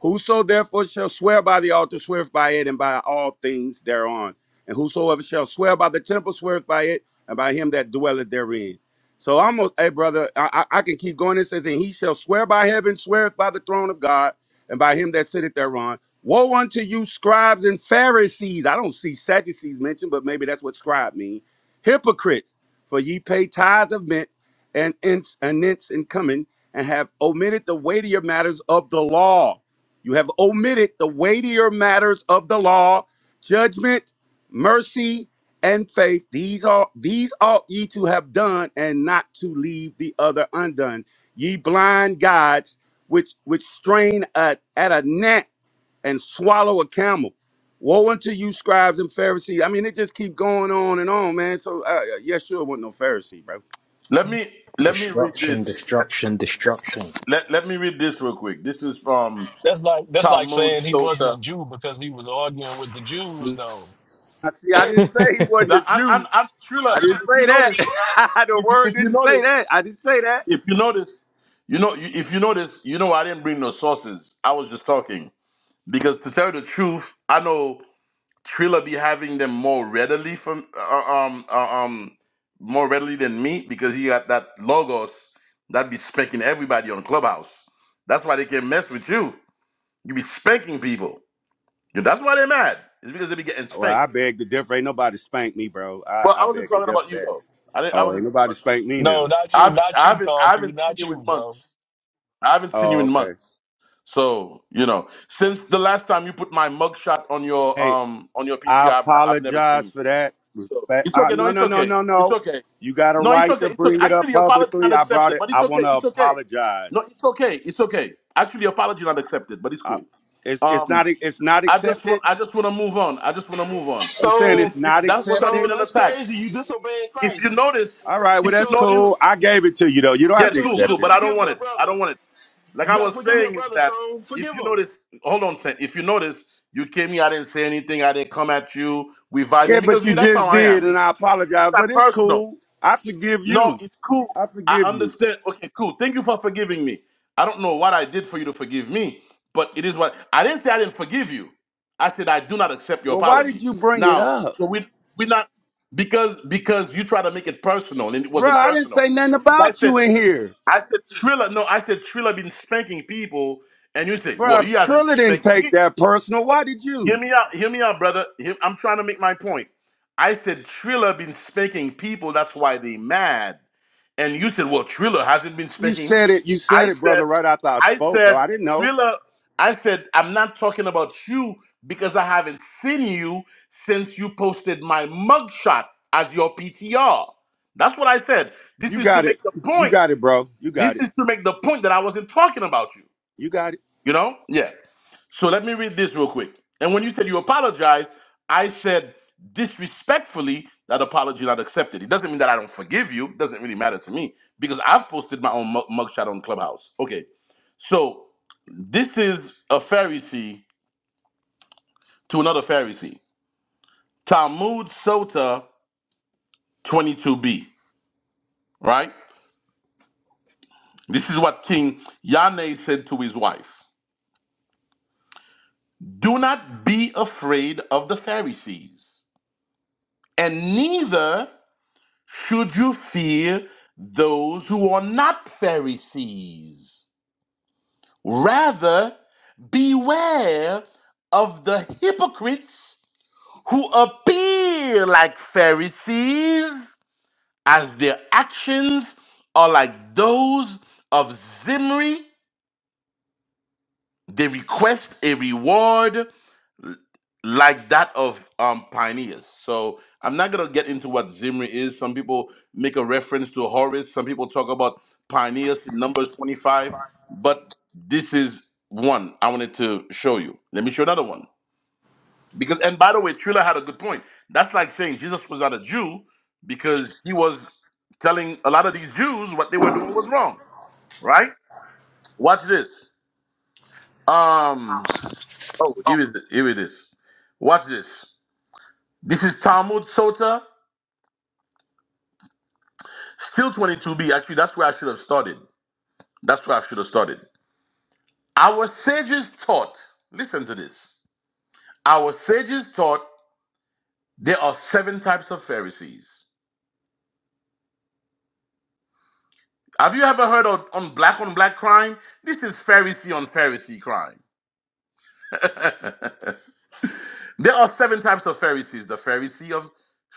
S9: whoso therefore shall swear by the altar sweareth by it and by all things thereon. And whosoever shall swear by the temple sweareth by it and by him that dwelleth therein. So I'm a hey brother, I, I I can keep going. It says, and he shall swear by heaven, sweareth by the throne of God and by him that sitteth thereon. Woe unto you, scribes and Pharisees. I don't see Sadducees mentioned, but maybe that's what scribe mean. Hypocrites, for ye pay tithe of mint and ince and nints and cumin, and have omitted the weightier matters of the law you have omitted the weightier matters of the law, judgment, mercy, and faith. These are these ought ye to have done, and not to leave the other undone. Ye blind guides, which which strain at, at a gnat and swallow a camel. Woe unto you, scribes and Pharisees. I mean, it just keep going on and on, man. So, uh, uh, yeah, sure, wasn't no Pharisee, bro.
S8: Let me let me read this.
S16: Destruction, destruction, destruction.
S8: Let let me read this real quick. This is from
S12: that's like that's like
S8: Talmud
S12: saying he wasn't a
S8: Sota.
S12: Jew because he was arguing with the Jews. Though,
S9: I see. I didn't say he wasn't a
S8: I
S9: Jew.
S8: I and Trilla,
S9: I didn't
S8: if you
S9: say that. (laughs)
S8: notice,
S9: the
S8: if you-
S9: word
S8: if you
S9: didn't say
S8: notice,
S9: that. I didn't say that.
S8: if you notice, you know you- if you notice, you know I didn't bring no sources. I was just talking because to tell you the truth, I know. Trilla be having them more readily from uh, um uh, um more readily than me because he got that logos that be spanking everybody on Clubhouse. That's why they can't mess with you. You be spanking people. Yeah, That's why they're mad. It's because they be getting
S9: Well,
S8: spanked.
S9: I beg to differ. Ain't nobody spanked me, bro. I,
S8: Well,
S9: I
S8: I wasn't
S9: beg to
S8: talking
S9: differ
S8: about you
S9: that.
S8: though. I didn't, I
S9: Oh, ain't
S8: wasn't talking
S9: nobody
S8: about you.
S9: spanked me
S12: no,
S9: now.
S12: not you,
S8: I've
S12: not
S8: I
S12: you,
S8: haven't I
S12: concrete,
S8: haven't seen
S12: not
S8: you
S12: you,
S8: in
S12: bro.
S8: months. I haven't seen you
S9: Oh,
S8: in
S9: okay.
S8: months. So you know, since the last time you put my mugshot on your
S9: Hey,
S8: um on your
S9: I
S8: PTR, I've, I've never seen
S9: apologize
S8: you.
S9: for that.
S8: So
S9: Respect.
S8: it's
S9: Uh,
S8: okay. No,
S9: no,
S8: it's
S9: no, no,
S8: okay.
S9: no,
S8: It's
S9: no.
S8: okay.
S9: You got a
S8: No, it's
S9: right
S8: okay.
S9: to
S8: It's okay.
S9: bring it
S8: Actually,
S9: up
S8: your apology
S9: publicly.
S8: not
S9: I brought
S8: accepted,
S9: it.
S8: but it's
S9: I want
S8: okay.
S9: to
S8: It's okay.
S9: apologize.
S8: No, it's okay. It's okay. Actually, your apology not accepted, but it's
S9: I,
S8: cool.
S9: it's it's
S8: Um,
S9: not it's not
S8: I just want
S9: accepted.
S8: I just want to move on. I just want to move on
S9: You saying
S8: because
S10: Stone,
S9: it's
S8: this,
S9: not
S8: that was not
S9: accepted?
S10: Stone,
S8: even an
S10: that's
S8: attack.
S10: crazy. You disobeyed
S8: If you
S10: Christ.
S8: notice,
S9: All right.
S10: He
S9: Well,
S8: if you
S9: that's
S10: told you,
S8: notice,
S9: cool. I gave it to you though. You don't
S10: he
S9: have
S8: yeah,
S9: to
S10: told
S8: cool,
S10: you to
S9: accept
S8: cool.
S9: it.
S8: But I don't
S10: forgive
S8: want
S10: your
S8: it. I
S10: brother.
S8: don't want it. Like
S10: You
S8: I
S10: gotta
S8: was
S10: forgive your
S8: saying is
S10: brother,
S8: that
S10: Stone.
S8: if
S10: Forgive
S8: you
S10: him.
S8: notice, hold on, Sen- if you notice, you came here. I didn't say anything. I didn't come at you. We
S9: Yeah,
S8: vibing
S9: but
S8: because
S9: you
S8: me. That's how
S9: just
S8: I
S9: did,
S8: am.
S9: and
S8: It,
S9: I
S8: it's
S9: apologize. But
S8: not
S9: it's
S8: personal.
S9: cool. I forgive
S8: No,
S9: you.
S8: it's cool.
S9: I
S8: I
S9: forgive you.
S8: understand. Okay, cool. Thank you for forgiving me. I don't know what I did for you to forgive me, but it is what I didn't say I didn't forgive you. I said I do not accept your
S9: Well, why did
S8: apology.
S9: you bring it
S8: Now,
S9: up?
S8: so we we're not because because you try to make it personal and it
S9: bro?
S8: wasn't
S9: I didn't say
S8: personal.
S9: nothing
S8: Because I
S9: about you
S8: said
S9: in here.
S8: I said Triller, no, I said Triller been spanking people, and you say, well,
S9: bro.
S8: he hasn't
S9: Trilla didn't
S8: spanked
S9: take
S8: me.
S9: that personal. Why did
S8: Hear
S9: you?
S8: me out, hear me out, brother. Hear- I'm trying to make my point. I said Triller been spanking people, that's why they mad. And you said, well, Triller hasn't been
S9: You
S8: speaking me.
S9: said it, you said
S8: I
S9: it, brother,
S8: said,
S9: right after I
S8: I
S9: spoke, though.
S8: said,
S9: I didn't know.
S8: Triller, I said, I'm not talking about you because I haven't seen you since you posted my mugshot as your PTR. That's what I said. This
S9: You
S8: is to
S9: got it.
S8: make the
S9: You
S8: point.
S9: got it, bro. You
S8: This
S9: got it.
S8: is to make the point that I wasn't talking about you.
S9: You got it.
S8: You know? Yeah. So let me read this real quick. And when you said you apologized, I said disrespectfully that apology not accepted. It doesn't mean that I don't forgive you. It doesn't really matter to me because I've posted my own mug- mugshot on Clubhouse. Okay. So this is a Pharisee to another Pharisee. Talmud Sota 22b, right? This is what King Yane said to his wife. Do not be afraid of the Pharisees, and neither Should you fear those who are not Pharisees? Rather, beware of the hypocrites who appear like Pharisees, as their actions are like those of Zimri. They request a reward like that of um, pioneers. So I'm not gonna get into what Zimri is. Some people make a reference to Horus. Some people talk about pioneers in Numbers 25. But this is one I wanted to show you. Let me show another one. Because and by the way, Trilla had a good point. That's like saying Jesus was not a Jew because he was telling a lot of these Jews what they were doing was wrong. Right? Watch this. Um. Oh, here is it. Here it is. Watch this. This is Talmud Sota Still 22b, actually, that's where I should have started. That's where I should have started. Our sages taught, listen to this. Our sages taught there are seven types of Pharisees. Have you ever heard of on black on black crime? This is Pharisee on Pharisee crime. There are seven types of Pharisees the Pharisee of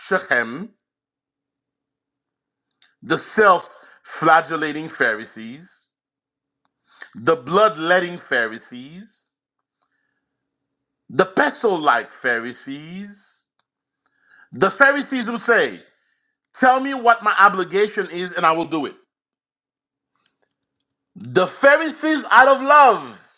S8: Shechem, the self flagellating Pharisees, the bloodletting Pharisees, the pestle like Pharisees, the Pharisees who say, Tell me what my obligation is, and I will do it. The Pharisees out of love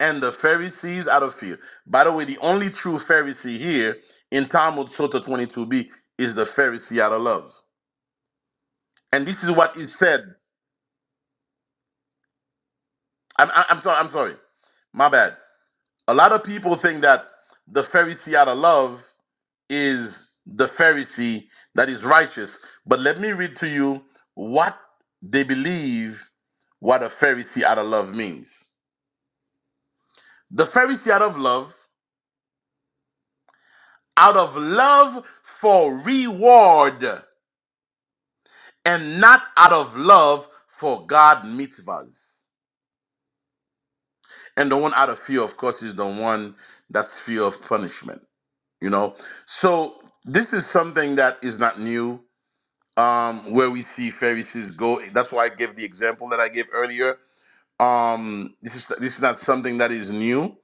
S8: and the Pharisees out of fear. By the way, the only true Pharisee here in Talmud Sota 22b is the Pharisee out of love. And this is what is said. I'm, I'm, I'm sorry. I'm sorry. My bad. A lot of people think that the Pharisee out of love is the Pharisee that is righteous. But let me read to you what they believe what a Pharisee out of love means. The Pharisees out of love, out of love for reward, and not out of love for God mitzvahs. And the one out of fear, of course, is the one that's fear of punishment. You know, so this is something that is not new. Um, where we see Pharisees go. That's why I gave the example that I gave earlier. Um, this is this is not something that is new,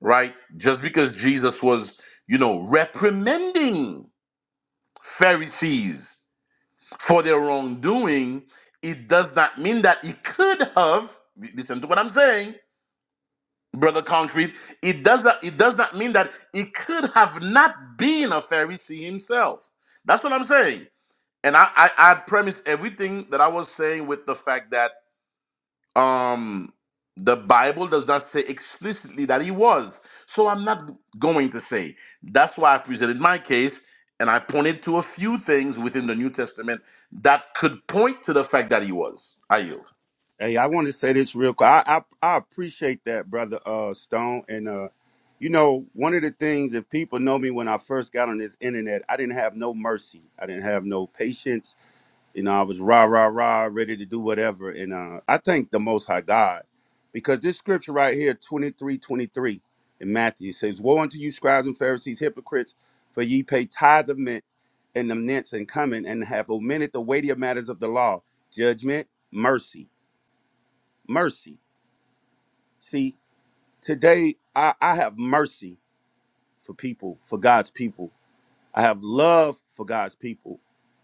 S8: right? Just because Jesus was, you know, reprimanding Pharisees for their wrongdoing, it does not mean that it could have. Listen to what I'm saying, brother Concrete. It does not. It does not mean that it could have not been a Pharisee himself. That's what I'm saying. And I, I, I premise everything that I was saying with the fact that um the bible does not say explicitly that he was so i'm not going to say that's why i presented my case and i pointed to a few things within the new testament that could point to the fact that he was i yield
S9: Hey, I want to say this real quick. I, I I appreciate that, brother uh Stone. And uh, you know, one of the things if people know me when I first got on this internet, I didn't have no mercy. I didn't have no patience. You know, I was rah rah rah, ready to do whatever. And uh, I thank the Most High God because this scripture right here, 23 23 in Matthew says, "Woe unto you, scribes and Pharisees, hypocrites! For ye pay tithe of mint and the mints and cumin, and have omitted the weightier matters of the law: judgment, mercy, mercy." See, today I, I have mercy for people, for God's people. I have love for God's people.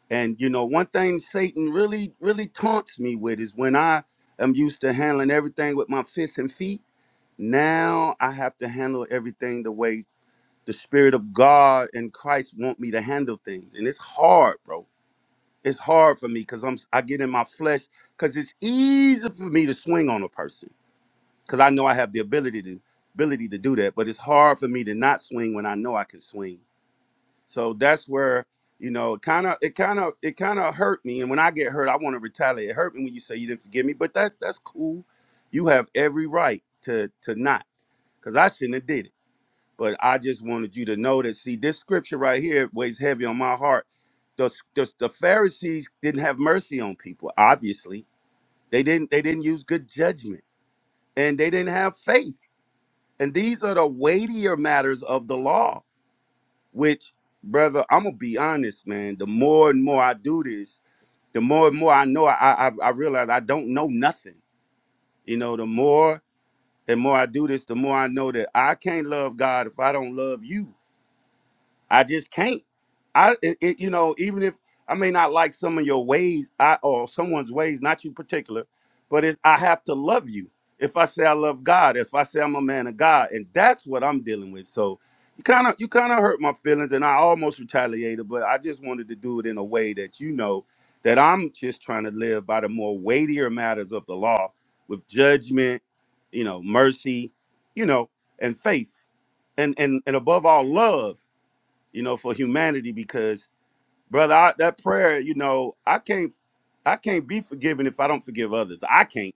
S9: And you know, one thing Satan really, really taunts me with is when I am used to handling everything with my fists and feet, now I have to handle everything the way the Spirit of God and Christ want me to handle things. And it's hard, bro. It's hard for me because I'm I get in my flesh because it's easy for me to swing on a person because I know I have the ability to ability to do that, but it's hard for me to not swing when I know I can swing so that's where you know, kind of, it kind of, it kind of hurt me. And when I get hurt, I want to retaliate. It hurt me when you say you didn't forgive me, but that that's cool. You have every right to to not, because I shouldn't have did it. But I just wanted you to know that. See, this scripture right here weighs heavy on my heart. The the, the Pharisees didn't have mercy on people. Obviously, they didn't. They didn't use good judgment, and they didn't have faith. And these are the weightier matters of the law which, brother, I'm gonna be honest, man. The more and more I do this, the more and more I know. I I, I realize I don't know nothing. You know, the more and more I do this, the more I know that I can't love God if I don't love you. I just can't. I it, it, you know even if I may not like some of your ways, I or someone's ways, not you particular, but it's I have to love you. If I say I love God, if I say I'm a man of God, and that's what I'm dealing with. So you kind of you kind of hurt my feelings, and I almost retaliated, but I just wanted to do it in a way that you know that I'm just trying to live by the more weightier matters of the law with judgment, you know, mercy, you know, and faith and and and above all love you know, for humanity because brother, I, that prayer, you know, I can't I can't be forgiven if I don't forgive others. I can't.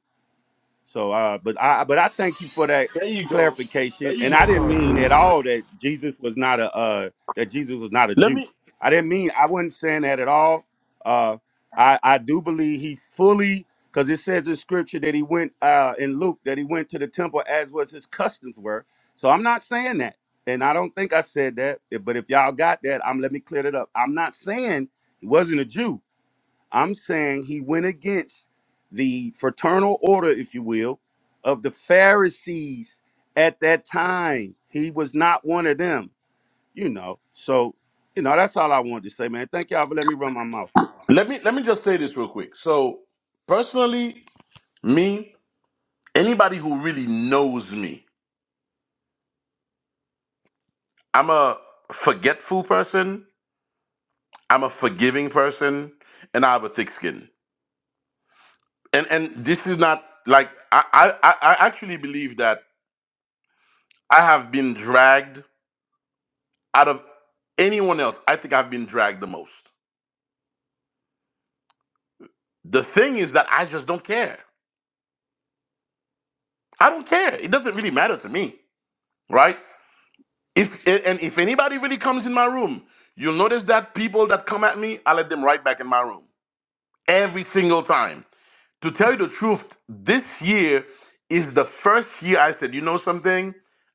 S9: So, uh, but I but I thank you for that
S10: There you go. There
S9: clarification.
S10: you
S9: And
S10: go,
S9: I didn't mean at
S10: concrete.
S9: all that Jesus was not a uh, that Jesus was not a
S8: let
S9: Jew.
S8: me
S9: I didn't mean I wasn't saying that at all. Uh, I I do believe he fully because it says in scripture that he went uh, in Luke that he went to the temple as was his customs were. So I'm not saying that, and I don't think I said that. But if y'all got that, I'm let me clear it up. I'm not saying he wasn't a Jew. I'm saying he went against the fraternal order, if you will, of the Pharisees at that time. He was not one of them, you know. So, you know, that's all I wanted to say, man. Thank y'all for letting me run my mouth.
S8: let me let me just say this real quick so personally me anybody who really knows me i'm a forgetful person i'm a forgiving person and i have a thick skin and and this is not like I, I I I actually believe that I have been dragged out of anyone else. I think I've been dragged the most. The thing is that I just don't care. I don't care. It doesn't really matter to me, right? If and and if anybody really comes in my room, you'll notice that people that come at me, I let them right back in my room every single time. to tell you the truth, this year is the first year I said, you know something?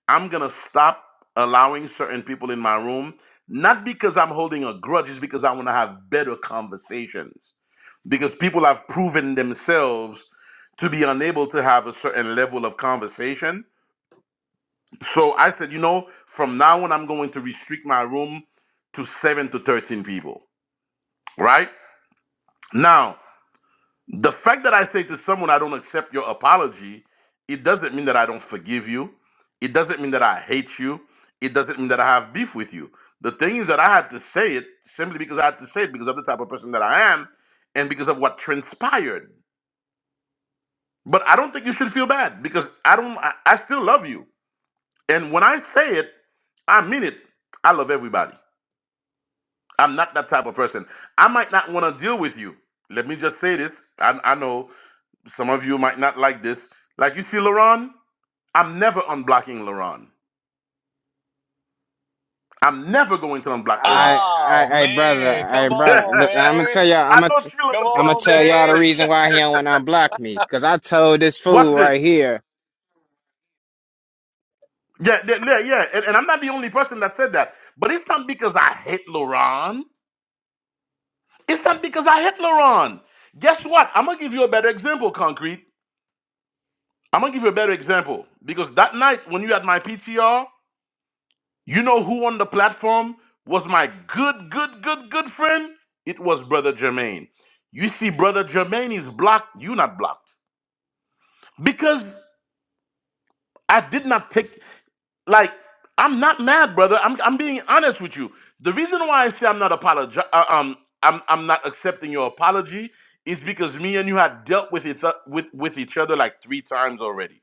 S8: I'm going to stop allowing certain people in my room. Not because I'm holding a grudge, it's because I want to have better conversations. Because people have proven themselves to be unable to have a certain level of conversation. So I said, you know, from now on, I'm going to restrict my room to seven to 13 people, right? Now, The fact that I say to someone, I don't accept your apology, it doesn't mean that I don't forgive you. It doesn't mean that I hate you. It doesn't mean that I have beef with you. The thing is that I had to say it simply because I had to say it because of the type of person that I am and because of what transpired. But I don't think you should feel bad because I don't, I, I still love you. And when I say it, I mean it. I love everybody. I'm not that type of person. I might not want to deal with you. Let me just say this. I, I know Some of you might not like this. Like you see LaRon, I'm never unblocking LaRon. I'm never going to unblock LaRon.
S11: I,
S12: Oh
S11: I, I, brother,
S12: man,
S11: I,
S12: come
S8: (laughs)
S11: brother,
S12: on,
S11: I'm
S8: I
S11: gonna
S12: man,
S11: tell y'all, I'm gonna,
S8: know
S11: t-
S8: Trilla was
S12: come
S8: going
S11: I'm
S8: to
S11: gonna
S12: on,
S8: say
S11: tell y'all the
S12: man.
S8: something.
S11: reason why he don't want to unblock me. Cause I told this
S8: Watch
S11: fool
S8: this.
S11: right here,
S8: Yeah, yeah, yeah. yeah. And, and I'm not the only person that said that. But it's not because I hate LaRon. It's not because I hate LaRon. Guess what? I'm going to give you a better example, Concrete. I'm going to give you a better example. Because that night when you had my PTR, You know who on the platform was my good, good, good, good friend? It was Brother Jermaine. You see, Brother Jermaine is blocked. You not blocked because I did not pick. Like I'm not mad, brother. I'm I'm being honest with you. The reason why I say I'm not apologi- uh, um I'm I'm not accepting your apology is because me and you had dealt with it with with each other like three times already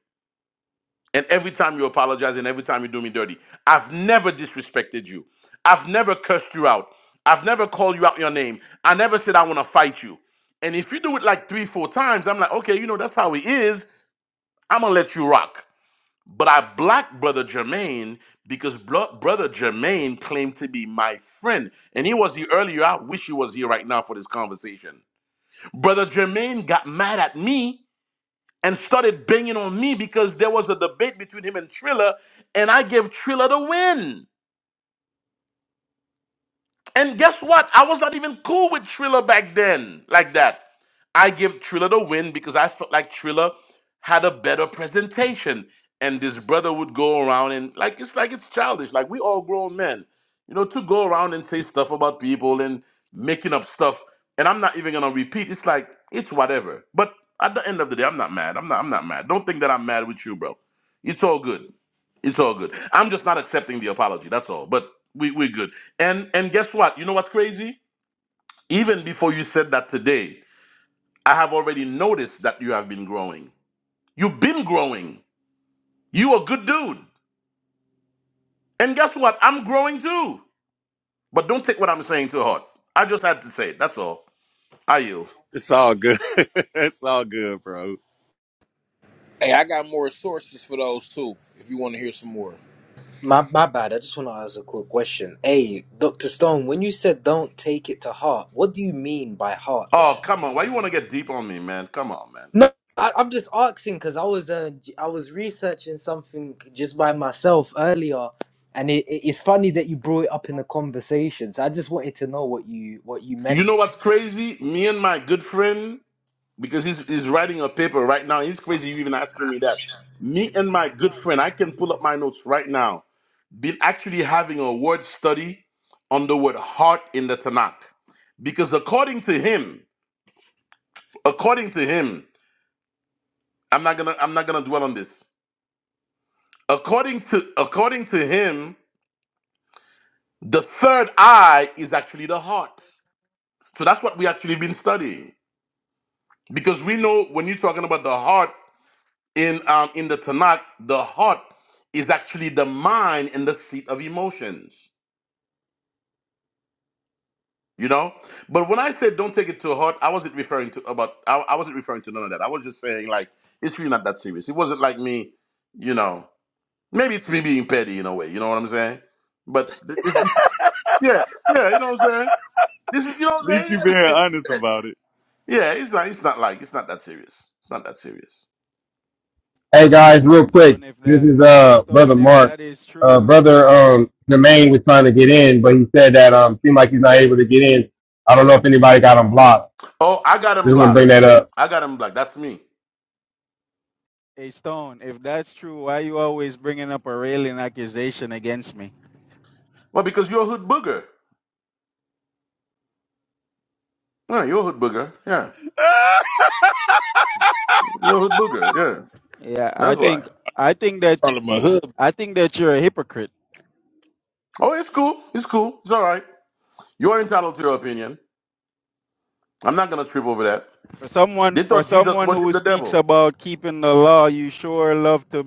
S8: And every time you apologize and every time you do me dirty, I've never disrespected you. I've never cursed you out. I've never called you out your name. I never said I want to fight you. And if you do it like three, four times, I'm like, okay, you know, that's how he is. I'm going to let you rock. But I blocked Brother Jermaine because bro- Brother Jermaine claimed to be my friend. And he was here earlier. I wish he was here right now for this conversation. Brother Jermaine got mad at me and started banging on me because there was a debate between him and Triller, and I gave Triller the win. And guess what? I was not even cool with Triller back then, like that. I give Triller the win because I felt like Triller had a better presentation. And this brother would go around and like it's like it's childish. Like we all grown men, you know, to go around and say stuff about people and making up stuff. And I'm not even gonna repeat. It's like it's whatever. But at the end of the day, I'm not mad. I'm not. I'm not mad. Don't think that I'm mad with you, bro. It's all good. It's all good. I'm just not accepting the apology. That's all. But we we're good. And and guess what? You know what's crazy? Even before you said that today, I have already noticed that you have been growing. You've been growing. You a good dude. And guess what? I'm growing too. But don't take what I'm saying to heart. I just had to say it. That's all. I yield.
S9: It's all good. (laughs) it's all good, bro. At
S20: Hey, I got more sources for those too. If you want to hear some more,
S16: My my bad. I just want to ask a quick question. Hey, Doctor Stone, when you said don't take it to heart, what do you mean by heart
S8: Oh,
S16: there?
S8: come on. Why you want to get deep on me, man? Come on, man.
S16: No, I, I'm just asking because I was uh, j- I was researching something just by myself earlier, and it, it- it's funny that you brought it up in the conversation. So I just wanted to know what you what you meant
S8: You know what's crazy? Me and my good friend, because he's, he's writing a paper right now. He's crazy you even asking me that. Me and my good friend, I can pull up my notes right now been actually having a word study on the word heart in the Tanakh. Because according to him, according to him, I'm not gonna I'm not gonna dwell on this. According to according to him, the third eye is actually the heart. So that's what we actually been studying. Because we know when you're talking about the heart in um in the Tanakh, the heart is actually the mind and the seat of emotions. You know, but when I said don't take it to heart, I wasn't referring to about I, I wasn't referring to none of that. I was just saying like it's really not that serious. It wasn't like me, you know. Maybe it's me being petty in a way. You know what I'm saying? But th- this, this, yeah, yeah, you know what I'm saying. This is you know what I'm
S9: least
S8: saying.
S9: you
S8: Yeah,
S9: being
S8: it's me
S9: honest
S8: being petty.
S9: about it.
S8: Yeah, it's not. It's not like it's not that serious. It's not that serious.
S3: hey guys, real
S6: so
S3: quick,
S6: and if
S3: this
S6: that
S3: is
S6: a
S3: uh brother
S6: stone if
S3: Mark.
S6: that is
S3: Uh,
S6: true
S3: brother
S6: why
S3: um Jermaine was
S6: a,
S3: trying to get in, but he said that um seemed like he's not able to get in. I don't know if anybody got him blocked.
S8: Oh, I got him
S3: Just want to bring
S8: blocked.
S6: a,
S3: that
S6: s-
S3: up.
S8: I got him blocked. That's me.
S6: a stone if that's true why you always bringing up a railing accusation against me
S8: Well, because you're a hood booger. Yeah, you're a hood booger. Yeah,
S9: (laughs)
S8: you're a hood booger. Yeah,
S6: yeah i
S8: that's
S20: Damn,
S8: why.
S6: think i think that
S20: Out of my hood.
S6: i think that you're a hypocrite
S8: Oh, it's cool. It's cool. It's all right. You're entitled to your opinion. I'm not going to trip over that.
S6: For someone
S8: They
S6: for
S8: thought Jesus
S6: someone who
S8: worshiped the
S6: speaks
S8: devil.
S6: about keeping the law, you sure love to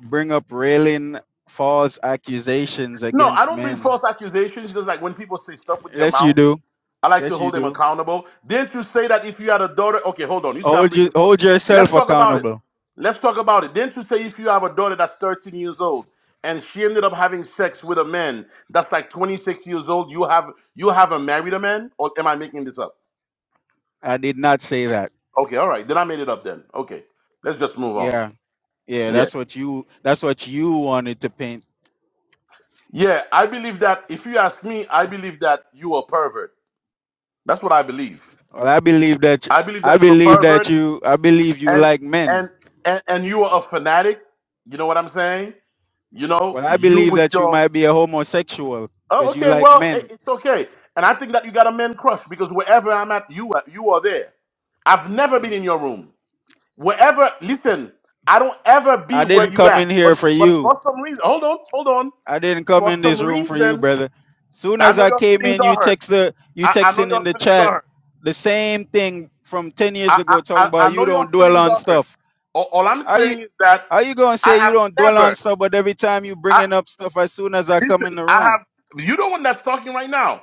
S6: bring up railing false accusations
S8: No, I
S6: against
S8: don't bring
S6: men.
S8: false accusations. Just like when people say stuff with their
S6: Yes, you
S8: mouth,
S6: do.
S8: I like to
S6: Yes, you
S8: hold them
S6: do.
S8: accountable. Didn't you say that if you had a daughter? Okay, hold on. You say I'm
S6: Hold you
S8: bringing false.
S6: hold
S8: Let's
S6: yourself
S8: talk about it.
S6: accountable.
S8: Let's talk about it. Didn't you say if you have a daughter that's 13 years old and she ended up having sex with a man that's like 26 years old, you have you haven't married a man? Or am I making this up?
S6: I did not say that.
S8: Okay, all right. Then I made it up then. Okay, let's just move on.
S6: Yeah, yeah.
S8: Yeah.
S6: That's what you that's what you wanted to paint.
S8: Yeah, I believe that if you ask me, I believe that you are pervert. That's what I believe.
S6: Well, I believe that
S8: I believe that
S6: I
S8: you're a
S6: believe that
S8: pervert
S6: you I believe you
S8: and
S6: like men.
S8: and and, and you are a fanatic. You know what I'm saying? You
S6: Well,
S8: know,
S6: I
S8: you
S6: believe
S8: with
S6: that you
S8: your
S6: might be a homosexual
S8: oh,
S6: because you
S8: okay,
S6: like
S8: well, it,
S6: men.
S8: it's okay. And I think that you got a man crush because wherever I'm at, you are, you are there. I've never been in your room. Wherever, listen, I don't ever
S6: I
S8: be where
S6: didn't
S8: you
S6: come in
S8: at.
S6: here
S8: But
S6: for
S8: but
S6: you.
S8: for some reason, hold on, hold on.
S6: I didn't come
S8: For
S6: in
S8: some
S6: this room for you,
S8: reason,
S6: brother. Soon
S8: I
S6: as
S8: know
S6: I
S8: your
S6: came
S8: feelings
S6: in,
S8: are
S6: you
S8: hurt.
S6: text the you
S8: I, I know
S6: texting in
S8: your
S6: the
S8: feelings are
S6: chat
S8: hurt.
S6: the same thing from ten years
S8: I, I,
S6: ago, talking
S8: I I
S6: about you
S8: know your
S6: don't dwell
S8: feelings
S6: on
S8: are hurt.
S6: stuff.
S8: All, all I'm
S6: How you
S8: saying is that
S6: how you gonna
S8: I
S6: say you
S8: have
S6: don't dwell on
S8: never.
S6: stuff, but every time you
S8: I
S6: bringing up stuff, as soon as I come
S8: listen.
S6: in the
S8: I
S6: room,
S8: have. You the one that's talking right now.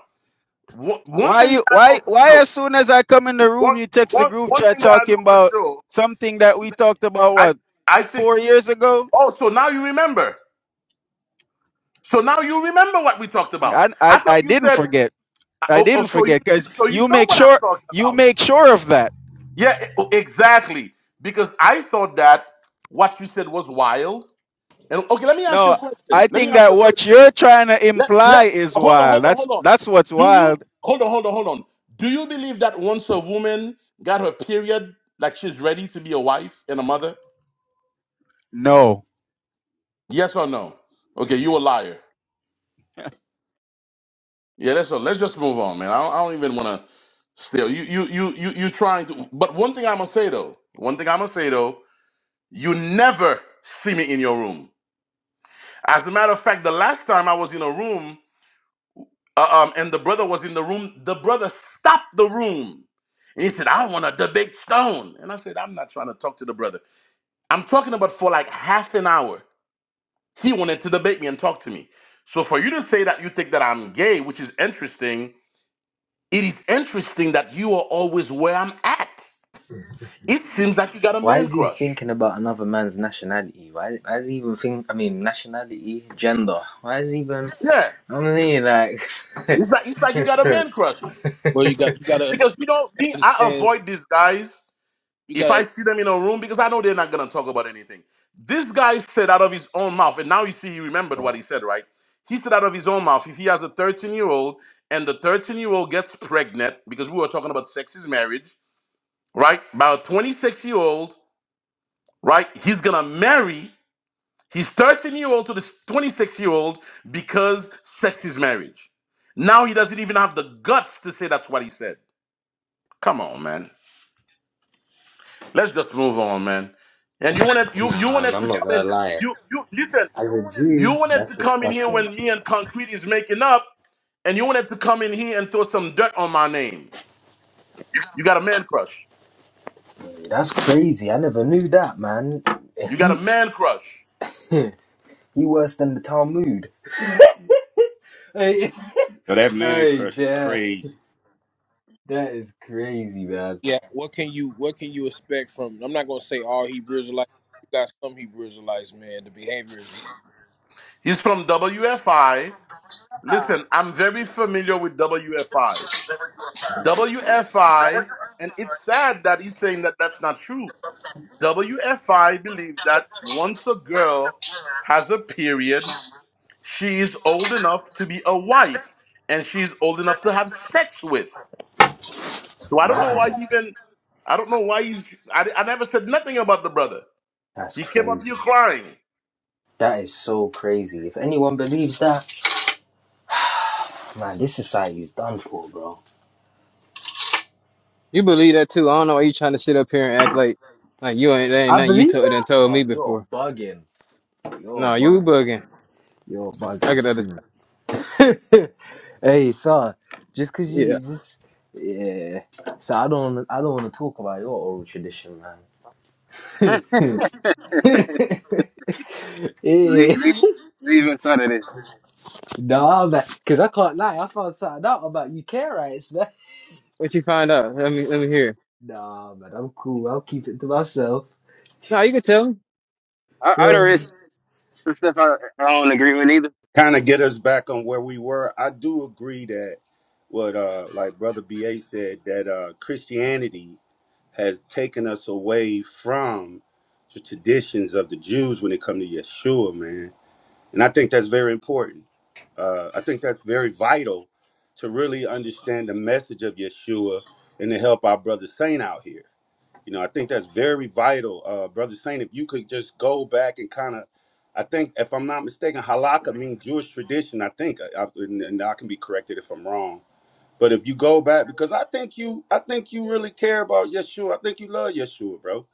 S8: One, one
S6: why
S8: thing that
S6: you
S8: I know
S6: why
S8: for
S6: why
S8: sure.
S6: as soon as I come in the room,
S8: One
S6: you text the
S8: one
S6: group
S8: one
S6: chat
S8: thing that I know
S6: talking
S8: for
S6: about
S8: sure.
S6: something that we talked about
S8: I
S6: what
S8: I think.
S6: four years ago?
S8: Oh, so now you remember. So now you remember what we talked about.
S6: I I,
S8: I thought
S6: I
S8: you
S6: didn't
S8: said.
S6: forget. I
S8: Oh, oh
S6: didn't
S8: so you
S6: forget because
S8: so you
S6: you
S8: know
S6: make
S8: what I'm
S6: sure
S8: talking
S6: you
S8: about.
S6: make sure of that
S8: Yeah, e- oh, exactly. Because I thought that what you said was wild And- Okay, let me ask you a
S6: No, I
S8: question. Let me
S6: think
S8: ask you
S6: that
S8: a
S6: what
S8: question.
S6: you're trying to
S8: Let
S6: imply
S8: let
S6: is
S8: hold on,
S6: wild.
S8: hold on,
S6: That's
S8: hold on.
S6: that's what's
S8: Do you
S6: wild.
S8: hold on, hold on, hold on? Do you believe that once a woman got her period, like she's ready to be a wife and a mother?
S6: No.
S8: Yes or no? Okay, you a liar. Yeah, that's all. Let's just move on, man. I don't, I don't even want to. Still, you you you you you trying to. But one thing I'm gonna say though. One thing I'm gonna say though. You never see me in your room. As a matter of fact, the last time I was in a room. Uh, um, and the brother was in the room. The brother stopped the room. And he said, I want to debate Stone. And I said, I'm not trying to talk to the brother. I'm talking about for like half an hour. He wanted to debate me and talk to me. So for you to say that you think that I'm gay, which is interesting, it is interesting that you are always where I'm at. It seems like you got a
S16: Why
S8: man
S16: is he
S8: crush.
S16: thinking about another man's nationality? Why, why is he even think? I mean, nationality, gender. Why is he even?
S8: Yeah.
S16: I mean, like,
S8: It's like it's like you got a man crush.
S20: Well, you got you got to
S8: Because you know me, I
S20: understand.
S8: avoid these guys.
S20: You
S8: if
S20: got
S8: I see them in a room, because I know they're not gonna talk about anything. This guy said out of his own mouth, and now you see he remembered what
S20: to.
S8: he said, right? He said out of his own mouth, if he has a 13 year old and the 13 year old gets pregnant, because we were talking about sex is marriage, right? By a 26 year old, right? He's gonna marry his 13 year old to this 26 year old because sex is marriage. Now he doesn't even have the guts to say that's what he said. Come on, man. Let's just move on, man. And you wanted you you wanted to come in. You you listen.
S16: (laughs) as a
S8: You
S16: Jew,
S8: wanted
S16: that's
S8: to come in here
S16: disgusting.
S8: when me and Concrete is making up, and you wanted to come in here and throw some dirt on my name. You got a man crush.
S16: That's crazy. I never knew that, man.
S8: You got a man crush.
S16: (laughs) he worse than the Talmud. Hey,
S9: Yo, that
S16: (laughs)
S9: man
S16: hey,
S9: crush is
S16: that,
S9: crazy.
S16: that is crazy, man.
S20: yeah. What can you What can you expect from? I'm not gonna say all Hebrew Israelites. You got some Hebrew Israelites, man. The behavior is.
S8: He's from WFI. Listen, I'm very familiar with WFI. WFI, and it's sad that he's saying that that's not true. WFI believe that once a girl has a period, She is old enough to be a wife, and she's old enough to have sex with. So I don't know
S16: Man,
S8: why he even. I don't know why he's. I, I never said nothing about the brother.
S16: that's
S8: He came up
S16: crazy.
S8: here crying.
S16: That is so crazy. If anyone believes that, man, this society is done for, bro.
S11: you believe that too. I don't know why you trying to sit up here and act like, like you ain't, there ain't
S16: I
S11: nothing you
S16: believe
S11: told done
S16: that.
S11: told
S16: Oh,
S11: me
S16: you're
S11: before.
S16: bugging. You're
S11: No, you
S16: bugging.
S11: bugging.
S16: Yo,
S11: I
S16: bugging
S11: got other,
S16: Steve. (laughs) hey, sir. Just cause you
S11: yeah.
S16: just yeah. So I don't I don't want to talk about your oral tradition, man.
S11: (laughs)
S16: (laughs)
S11: leave,
S16: yeah.
S11: leave, leave inside of this.
S16: Nah, man. Cause I can't lie. I found something out about UK rights, man. (laughs)
S11: What you find out? Let me, let me hear.
S16: Nah, man. I'm cool. I'll keep it to myself. (laughs)
S11: No, you can tell me. I, I don't
S16: Yeah.
S11: risk some stuff I, I don't agree with either.
S9: kind of get us back on where we were. I do agree that what uh like brother BA said that uh Christianity has taken us away from the traditions of the Jews when it comes to Yeshua, man. And I think that's very important. Uh, I think that's very vital to really understand the message of Yeshua and to help our brother Saint out here. You know, I think that's very vital. Uh, brother Saint, if you could just go back and kind of, I think, if I'm not mistaken, halakha means Jewish tradition, I think, I, I- and and I can be corrected if I'm wrong but if you go back, because I think you, I think you really care about Yeshua. I think you love Yeshua, bro.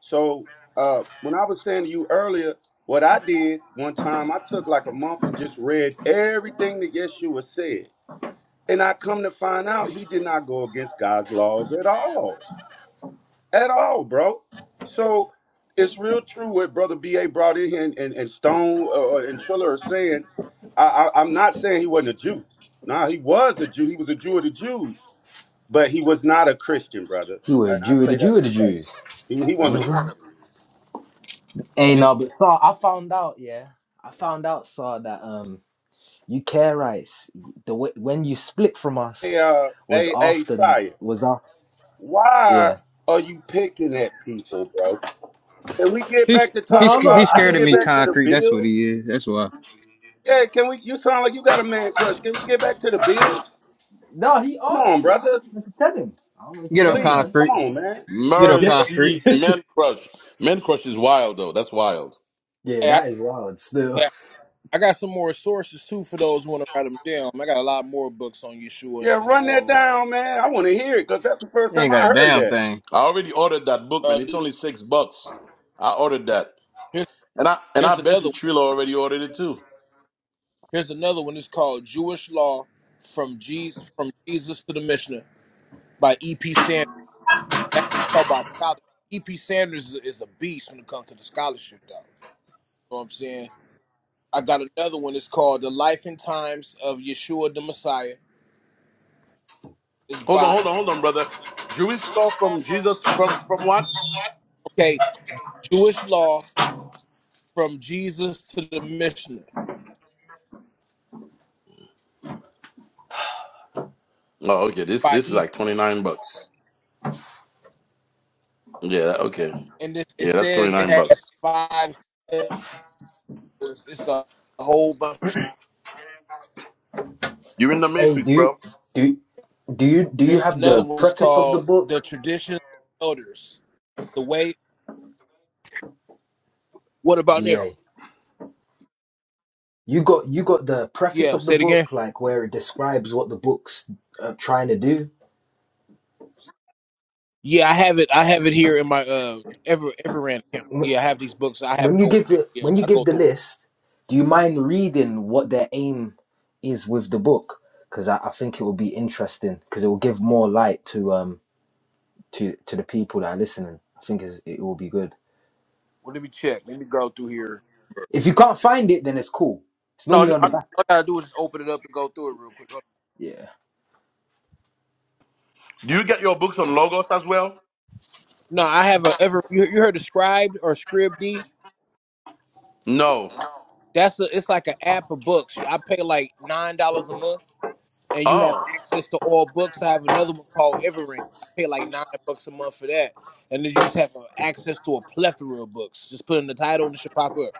S9: So uh, when I was saying to you earlier, what I did one time, I took like a month and just read everything that Yeshua said, and I come to find out he did not go against God's laws at all, at all, bro. So it's real true what Brother Ba brought in here and, and, and Stone uh, uh, and Triller are saying. I, I, I'm not saying he wasn't a Jew. Nah, he was a Jew. He was a Jew of the Jews but he was not a Christian, brother.
S16: You were a
S9: And I
S16: Jew, the
S9: say that
S16: Jew of the
S9: respectfully.
S16: Jews.
S9: He, he wasn't a Christian.
S16: Hey,
S20: Hey,
S16: no, but sir, I found out. Yeah, I found out, sir, that um. You care rice. The way, when you split from
S9: Hey,
S16: us
S9: uh,
S16: was
S9: hey, hey,
S16: after the-
S9: Sire,
S16: was after yeah.
S9: why are you picking at people, bro? Can we get
S11: He's,
S9: back to
S16: No,
S11: he's,
S9: talking
S16: I'm
S11: he's
S9: about? Can we
S11: scared of
S9: get
S11: me
S16: not.
S9: back to the
S11: concrete. That's what
S9: bill?
S11: he is. That's why.
S9: Yeah, can we? You sound like you got a man crush. Can we get back to the bill?
S16: (laughs) no, he
S9: Come
S16: asked
S9: on,
S16: for it. I
S9: brother.
S16: just meant to tell him. I don't meant to
S11: Get him
S16: tell him,
S9: Please,
S16: man.
S9: come
S11: concrete.
S9: on, man.
S11: Get up,
S16: Yeah,
S11: concrete.
S8: Mercy, men crush. Men crush is wild though. That's wild.
S16: yeah,
S20: hey, I,
S16: that is wild.
S20: hey,
S16: Still.
S20: I got some more sources too for those who want to write them down. I got a lot more books on Yeshua and,
S9: Yeah,
S20: and the
S9: run
S20: oral
S9: that
S20: law.
S9: down, man. I want to hear it because that's the first
S11: You
S9: time
S11: ain't
S9: I
S11: got a
S9: heard
S11: damn
S9: that.
S11: thing.
S8: I already ordered that book,
S20: Uh,
S8: man. It's
S20: this-
S8: only six bucks. I ordered that,
S20: here's,
S8: and I and I
S20: here's
S8: bet
S20: another.
S8: you
S20: One.
S8: Trilla already ordered it too.
S20: Here's another one. It's called Jewish Law from Jesus from Jesus to the Mishnah by E. P. Sanders. That's talk about scholarship. E. P. Sanders is a, is a beast when it comes to the scholarship, though. You know what I'm saying? I got another one. It's called The Life and Times of Yeshua the Messiah. It's
S8: Hold on,
S20: by
S8: hold on, hold on, brother. Jewish law from Jesus from from what?
S20: okay Jewish Law from Jesus to the Mishnah
S8: Oh, okay. This
S20: by
S8: this is
S20: E.
S8: like twenty nine bucks. Yeah. Okay.
S20: and this it
S8: Yeah, that's
S20: says it
S8: 29 bucks.
S20: has five shows. It's a whole bunch.
S8: You're in the
S16: Hey,
S8: Matrix,
S16: dude,
S8: bro.
S16: do do you do you
S20: Here's
S16: have
S20: another
S16: the
S20: one. It's
S16: preface of the
S20: called the
S16: book?
S20: tradition of elders. The way. What about now?
S16: BA. You got you got the preface
S20: Yeah,
S16: of the
S20: say it again.
S16: book, like where it describes what the book's uh, trying to do.
S20: Yeah, I have it. I have it here in my uh ever Everrand account. Yeah, I have these books. I
S16: when
S20: haven't
S16: you give
S20: opened it.
S16: the
S20: Yeah,
S16: when you
S20: I go
S16: give the
S20: through them.
S16: list, do you mind reading what their aim is with the book? Because I, I think it will be interesting because it will give more light to um to to the people that are listening. I think is it will be good.
S20: Well, let me check. Let me go through here.
S16: If you can't find it, then it's cool. It's
S20: No,
S16: normally
S20: no.
S16: on the
S20: I,
S16: back.
S20: all I gotta do is just open it up and go through it real quick.
S16: Yeah,
S8: Do you get your books on Logos as well?
S20: No, I have a ever. You, you heard of Scribd or Scribd?
S8: No.
S20: That's a. It's like an app of books. I pay like nine dollars a month. and you have
S8: Oh.
S20: access to all books. I have another one called Everend. I pay like nine bucks a month for that, and then you just have uh, access to a plethora of books. Just put in the title and it should pop up.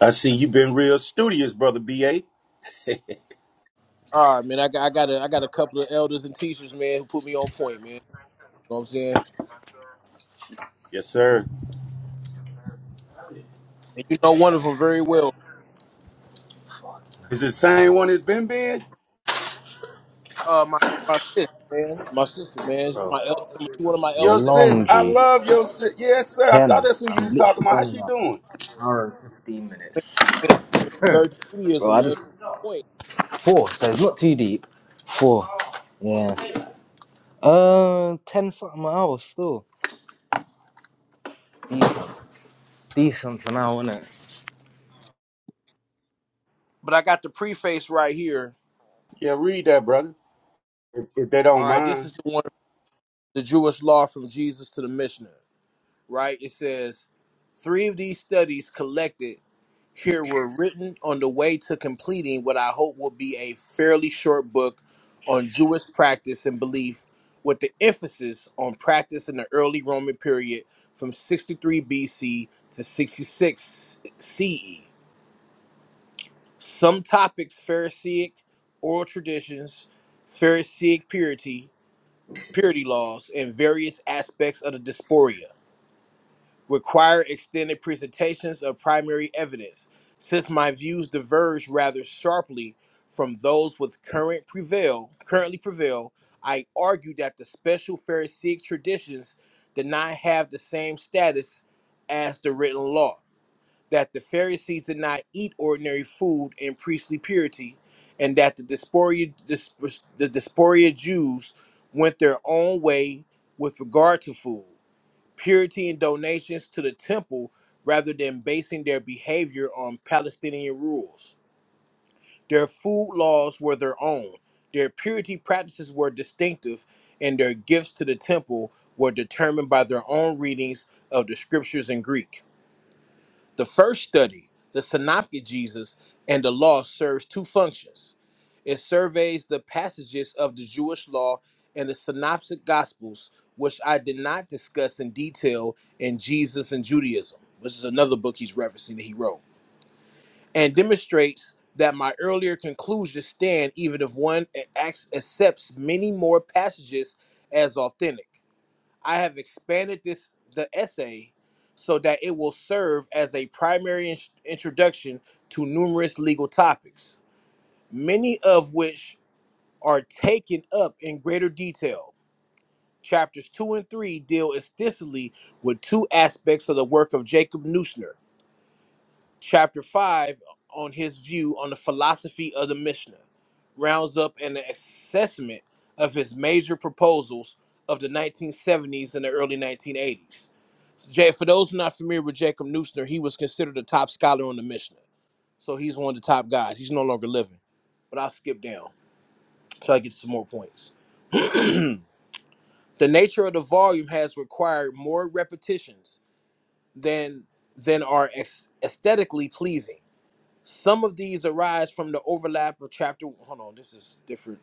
S9: I see you've been real studious, brother BA.
S20: All right, man. I got I got a, I got a couple of elders and teachers, man, who put me on point, man. You know what I'm saying?
S9: Yes, sir.
S20: And you know one of them very well.
S9: Is the same one it's been been?
S20: Uh, my my sister, man, my sister, man, She's
S16: bro.
S20: my elder, she one of my
S9: Yo,
S20: elders in my
S9: sis,
S16: Long
S9: I
S16: G
S9: love your sis. Yes, sir. I thought
S16: Ken.
S9: that's who you was
S16: I'm
S9: talking
S16: literally
S9: about. How
S16: done in
S9: she
S16: an
S9: doing?
S16: hour and fifteen minutes.
S20: been converted to
S16: Bro,
S20: Judaism,
S16: I
S20: man.
S16: just
S20: Point.
S16: four, so it's not too deep. Four. Yeah. Uh, ten something an hour still. Decent, decent for now, innit?
S20: But I got the preface right here.
S9: Yeah, read that, brother. If, if they don't
S20: All right, this
S9: mind.
S20: is the one, the Jewish law from Jesus to the Mishnah. right? It says three of these studies collected here were written on the way to completing what I hope will be a fairly short book on Jewish practice and belief, with the emphasis on practice in the early Roman period from 63 BC to 66 CE. Some topics Pharisaic oral traditions, Pharisaic purity, purity laws, and various aspects of the diaspora require extended presentations of primary evidence, since my views diverge rather sharply from those with current prevail currently prevail. I argue that the special Pharisaic traditions did not have the same status as the written law, that the Pharisees did not eat ordinary food in priestly purity, and that the Diaspora, dis- the Diaspora Jews went their own way with regard to food purity and donations to the temple rather than basing their behavior on Palestinian rules. Their food laws were their own, their purity practices were distinctive, and their gifts to the temple were determined by their own readings of the scriptures in Greek. The first study, the Synoptic Jesus and the Law, serves two functions. It surveys the passages of the Jewish law and the Synoptic Gospels, which I did not discuss in detail in Jesus and Judaism, which is another book he's referencing that he wrote, and demonstrates that my earlier conclusions stand even if one ac- accepts many more passages as authentic. I have expanded this the essay so that it will serve as a primary in- introduction to numerous legal topics, many of which are taken up in greater detail. Chapters 2 and 3 deal extensively with two aspects of the work of Jacob Neusner chapter 5 on his view on the philosophy of the Mishnah, rounds up an assessment of his major proposals of the 1970s and the early 1980s. So Jay, for those not familiar with Jacob Neusner, he was considered a top scholar on the Mishnah. So he's one of the top guys. He's no longer living. But I'll skip down until I get to some more points. (clears throat) the nature of the volume has required more repetitions than than are ex- aesthetically pleasing some of these arise from the overlap of chapter. Hold on, this is different.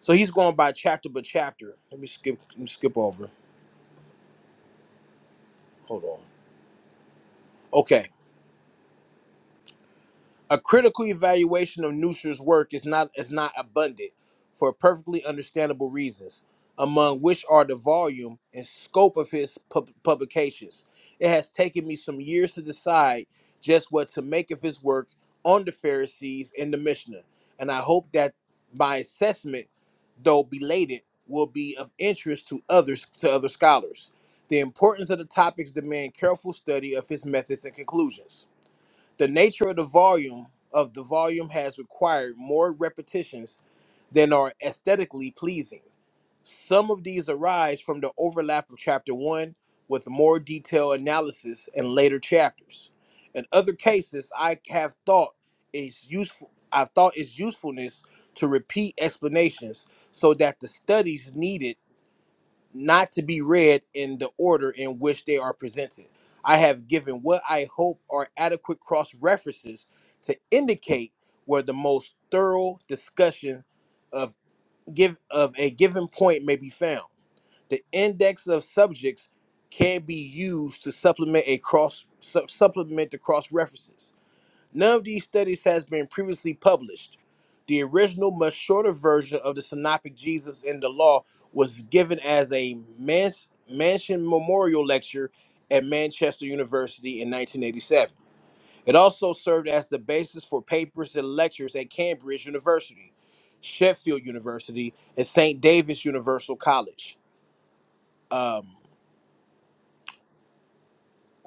S20: So he's going by chapter by chapter. Let me skip. Let me skip over. Hold on. Okay. A critical evaluation of Neusch's work is not is not abundant for perfectly understandable reasons, among which are the volume and scope of his pub- publications. It has taken me some years to decide just what to make of his work on the Pharisees and the Mishnah, and I hope that my assessment, though belated, will be of interest to others to other scholars. The importance of the topics demand careful study of his methods and conclusions. The nature of the volume of the volume has required more repetitions than are aesthetically pleasing. Some of these arise from the overlap of chapter 1 with more detailed analysis in later chapters. In other cases, I have thought it's useful I've thought its usefulness to repeat explanations so that the studies needed not to be read in the order in which they are presented. I have given what I hope are adequate cross references to indicate where the most thorough discussion of give of a given point may be found. The index of subjects can be used to supplement a cross su- supplement the cross references. None of these studies has been previously published. The original, much shorter version of the Synoptic Jesus in the Law was given as a mans- Mansion Memorial Lecture at Manchester University in 1987. It also served as the basis for papers and lectures at Cambridge University, Sheffield University, and St. David's Universal College. Um,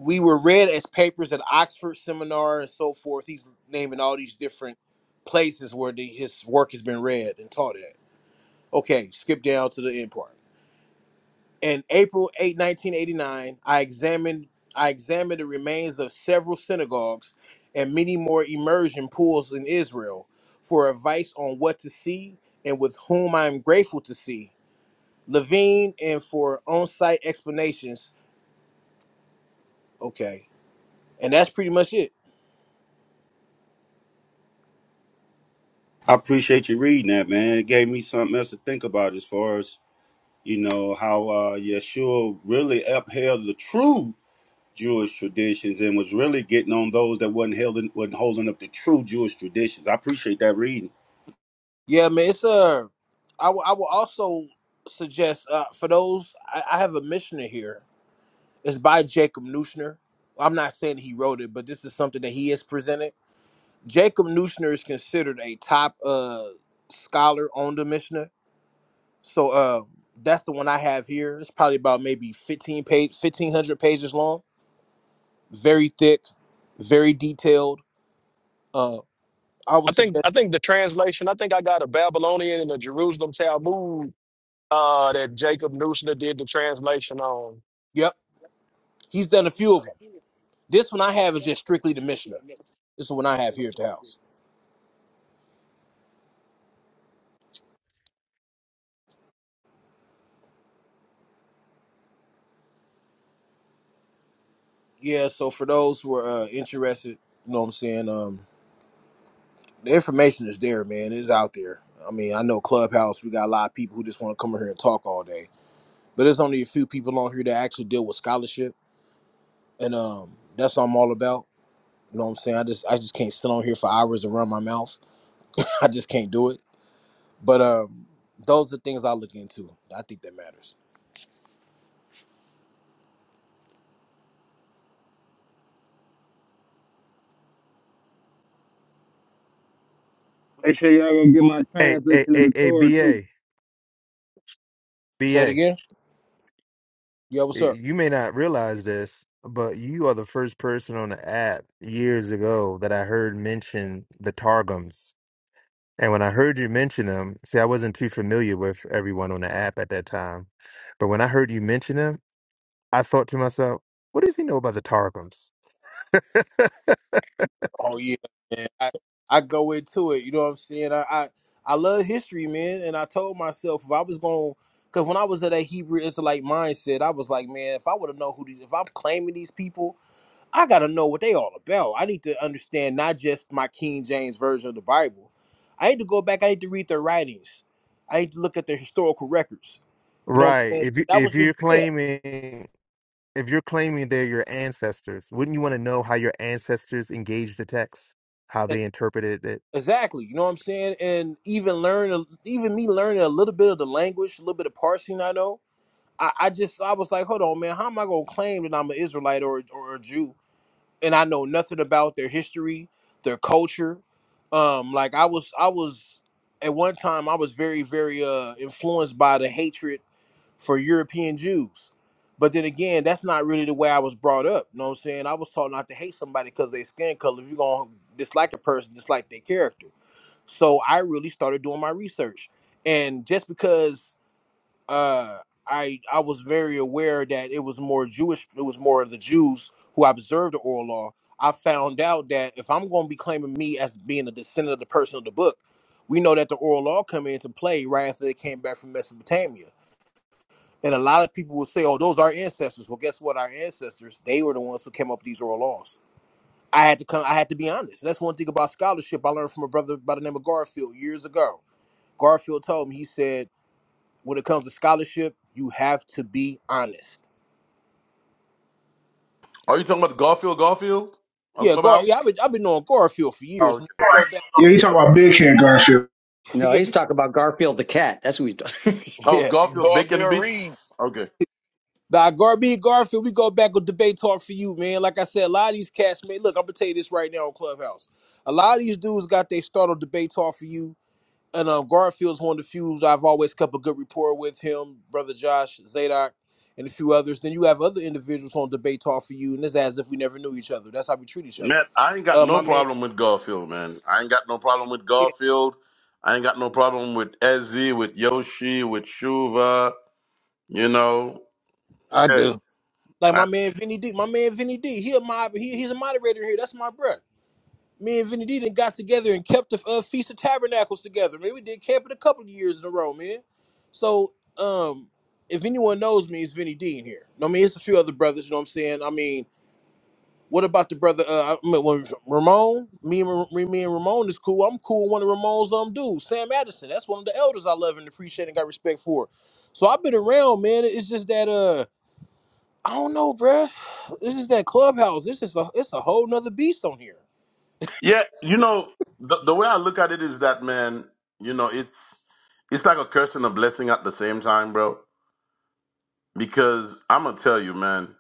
S20: we were read as papers at Oxford seminar and so forth. He's naming all these different places where the, his work has been read and taught at. Okay, skip down to the end part. In April 8, 1989, I examined I examined the remains of several synagogues and many more immersion pools in Israel for advice on what to see and with whom I am grateful to see. Levine and for on-site explanations. Okay. And that's pretty much it
S9: I appreciate you reading that, man. It gave me something else to think about as far as, you know, how uh Yeshua really upheld the true Jewish traditions and was really getting on those that wasn't holding wasn't holding up the true Jewish traditions. I appreciate that reading.
S20: Yeah, man, it's a. I will. I will also suggest uh, for those. I, I have a missioner here. It's by Jacob Neusner. I'm not saying he wrote it, but this is something that he has presented. Jacob Neusner is considered a top uh, scholar on the Mishnah. So uh, that's the one I have here. It's probably about maybe 15 page, 1500 pages long. Very thick, very detailed. Uh, I would
S12: I think
S20: suggest.
S12: I think the translation. I think I got a Babylonian and a Jerusalem Talmud uh that Jacob Neusner did the translation on.
S20: Yep, he's done a few of them. This one I have is just strictly the Mishnah. This is the one I have here at the house. Yeah, so for those who are uh, interested, you know what I'm saying? Um, the information is there, man. It's out there. I mean, I know Clubhouse, we got a lot of people who just want to come in here and talk all day. But there's only a few people on here that actually deal with scholarship. And um, that's what I'm all about. You know what I'm saying? I just I just can't sit on here for hours and run my mouth. (laughs) I just can't do it. But um, those are the things I look into. I think that matters.
S11: Make sure y'all gonna get my
S23: Hey, hey,
S11: translation of
S23: hey,
S11: the
S23: hey,
S11: Torah too.
S23: BA,
S20: Say it
S23: BA,
S20: again. Yeah, what's up?
S23: you may not realize this, but you are the first person on the app years ago that I heard mention the Targums. And when I heard you mention them, see, I wasn't too familiar with everyone on the app at that time. But when I heard you mention them, I thought to myself, what does he know about the Targums?
S20: Oh yeah, man. I, I go into it. You know what I'm saying? I, I I love history, man. And I told myself if I was going, because when I was at that Hebrew Israelite mindset, I was like, man, if I want to know who these, if I'm claiming these people, I gotta know what they all about. I need to understand not just my King James version of the Bible. I need to go back. I need to read their writings. I need to look at their historical records. You know what I'm
S23: Right.
S20: saying?
S23: If you,
S20: That was
S23: if
S20: just
S23: you're
S20: yeah.
S23: claiming if you're claiming they're your ancestors, wouldn't you want to know how your ancestors engaged the text, how they interpreted it?
S20: Exactly. You know what I'm saying? And even learn, even me learning a little bit of the language, a little bit of parsing I know. I, I just, I was like, hold on, man, how am I going to claim that I'm an Israelite or, or a Jew? And I know nothing about their history, their culture. Um, like I was, I was, at one time, I was very, very uh, influenced by the hatred for European Jews. But then again, that's not really the way I was brought up. You know what I'm saying? I was taught not to hate somebody because they skin color. If you're going to dislike a person, dislike their character so I really started doing my research, and just because uh, I I was very aware that it was more Jewish, it was more of the Jews who observed the oral law. I found out that if I'm going to be claiming me as being a descendant of the person of the book, we know that the oral law come into play right after they came back from Mesopotamia. And a lot of people will say, "Oh, those are our ancestors." Well, guess what? Our ancestors, they were the ones who came up with these oral laws. I had to come. I had to be honest. That's one thing about scholarship I learned from a brother by the name of Garfield years ago Garfield told me, he said, when it comes to scholarship, you have to be honest.
S8: Are you talking about Garfield Garfield on
S20: Yeah, Gar.
S8: Clubhouse?
S20: Yeah, I've been I've been knowing Garfield for
S8: Oh,
S20: years.
S8: okay.
S20: Man. Go back.
S2: Yeah, he talking about big hand Garfield.
S20: (laughs)
S24: No,
S20: yeah,
S24: he's talking about Garfield the cat. That's who he's talking.
S8: oh
S20: yeah.
S8: Garfield Bacon
S12: Garfield
S8: Beats?
S12: Reed,
S8: Okay.
S20: Nah, Gar me and Garfield, we go back with debate talk for you, man. Like I said, a lot of these cats, man. Look, I'm gonna tell you this right now on Clubhouse. A lot of these dudes got their start on debate talk for you. And um, Garfield's one of the few I've always kept a good rapport with him, brother Josh, Zadok, and a few others. Then you have other individuals on debate talk for you, and it's as if we never knew each other. That's how we treat each other.
S8: Man, I ain't got
S20: Uh,
S8: no
S20: my man.
S8: problem with Garfield, man. I ain't got no problem with Garfield. I ain't got no problem with Ezzy, with Yoshi, with Shuva, you know.
S11: I
S8: Yeah,
S11: do.
S20: Like my
S8: I-
S20: man Vinny D, my man Vinny D, he a mob, he, he's a moderator here. That's my bruh. Me and Vinny D then got together and kept the uh, Feast of Tabernacles together. Man, we did camping a couple of years in a row, man. So, um, if anyone knows me, it's Vinny D in here. No, I mean it's a few other brothers. You know what I'm saying? I mean, what about the brother? Uh, I mean, when Ramon, me and Ra- me and Ramon is cool. I'm cool with one of Ramon's um dudes, Sam Addison. That's one of the elders I love and appreciate and got respect for. So I've been around, man. It's just that uh. I don't know, bruh. This is that clubhouse. This is a it's a whole nother beast on here.
S8: yeah you know, the, the way I look at it is that, man, you know, it's it's like a curse and a blessing at the same time, bro because I'm gonna tell you, man.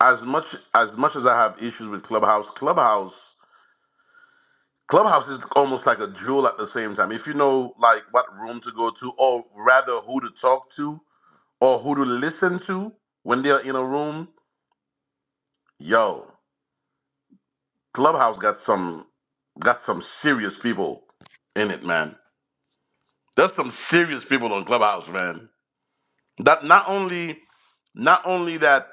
S8: As much as much as I have issues with Clubhouse, Clubhouse, Clubhouse is almost like a jewel at the same time. If you know like what room to go to, or rather who to talk to, or who to listen to when they're in a room, yo, Clubhouse got some got some serious people in it, man. There's some serious people on Clubhouse, man. That not only not only that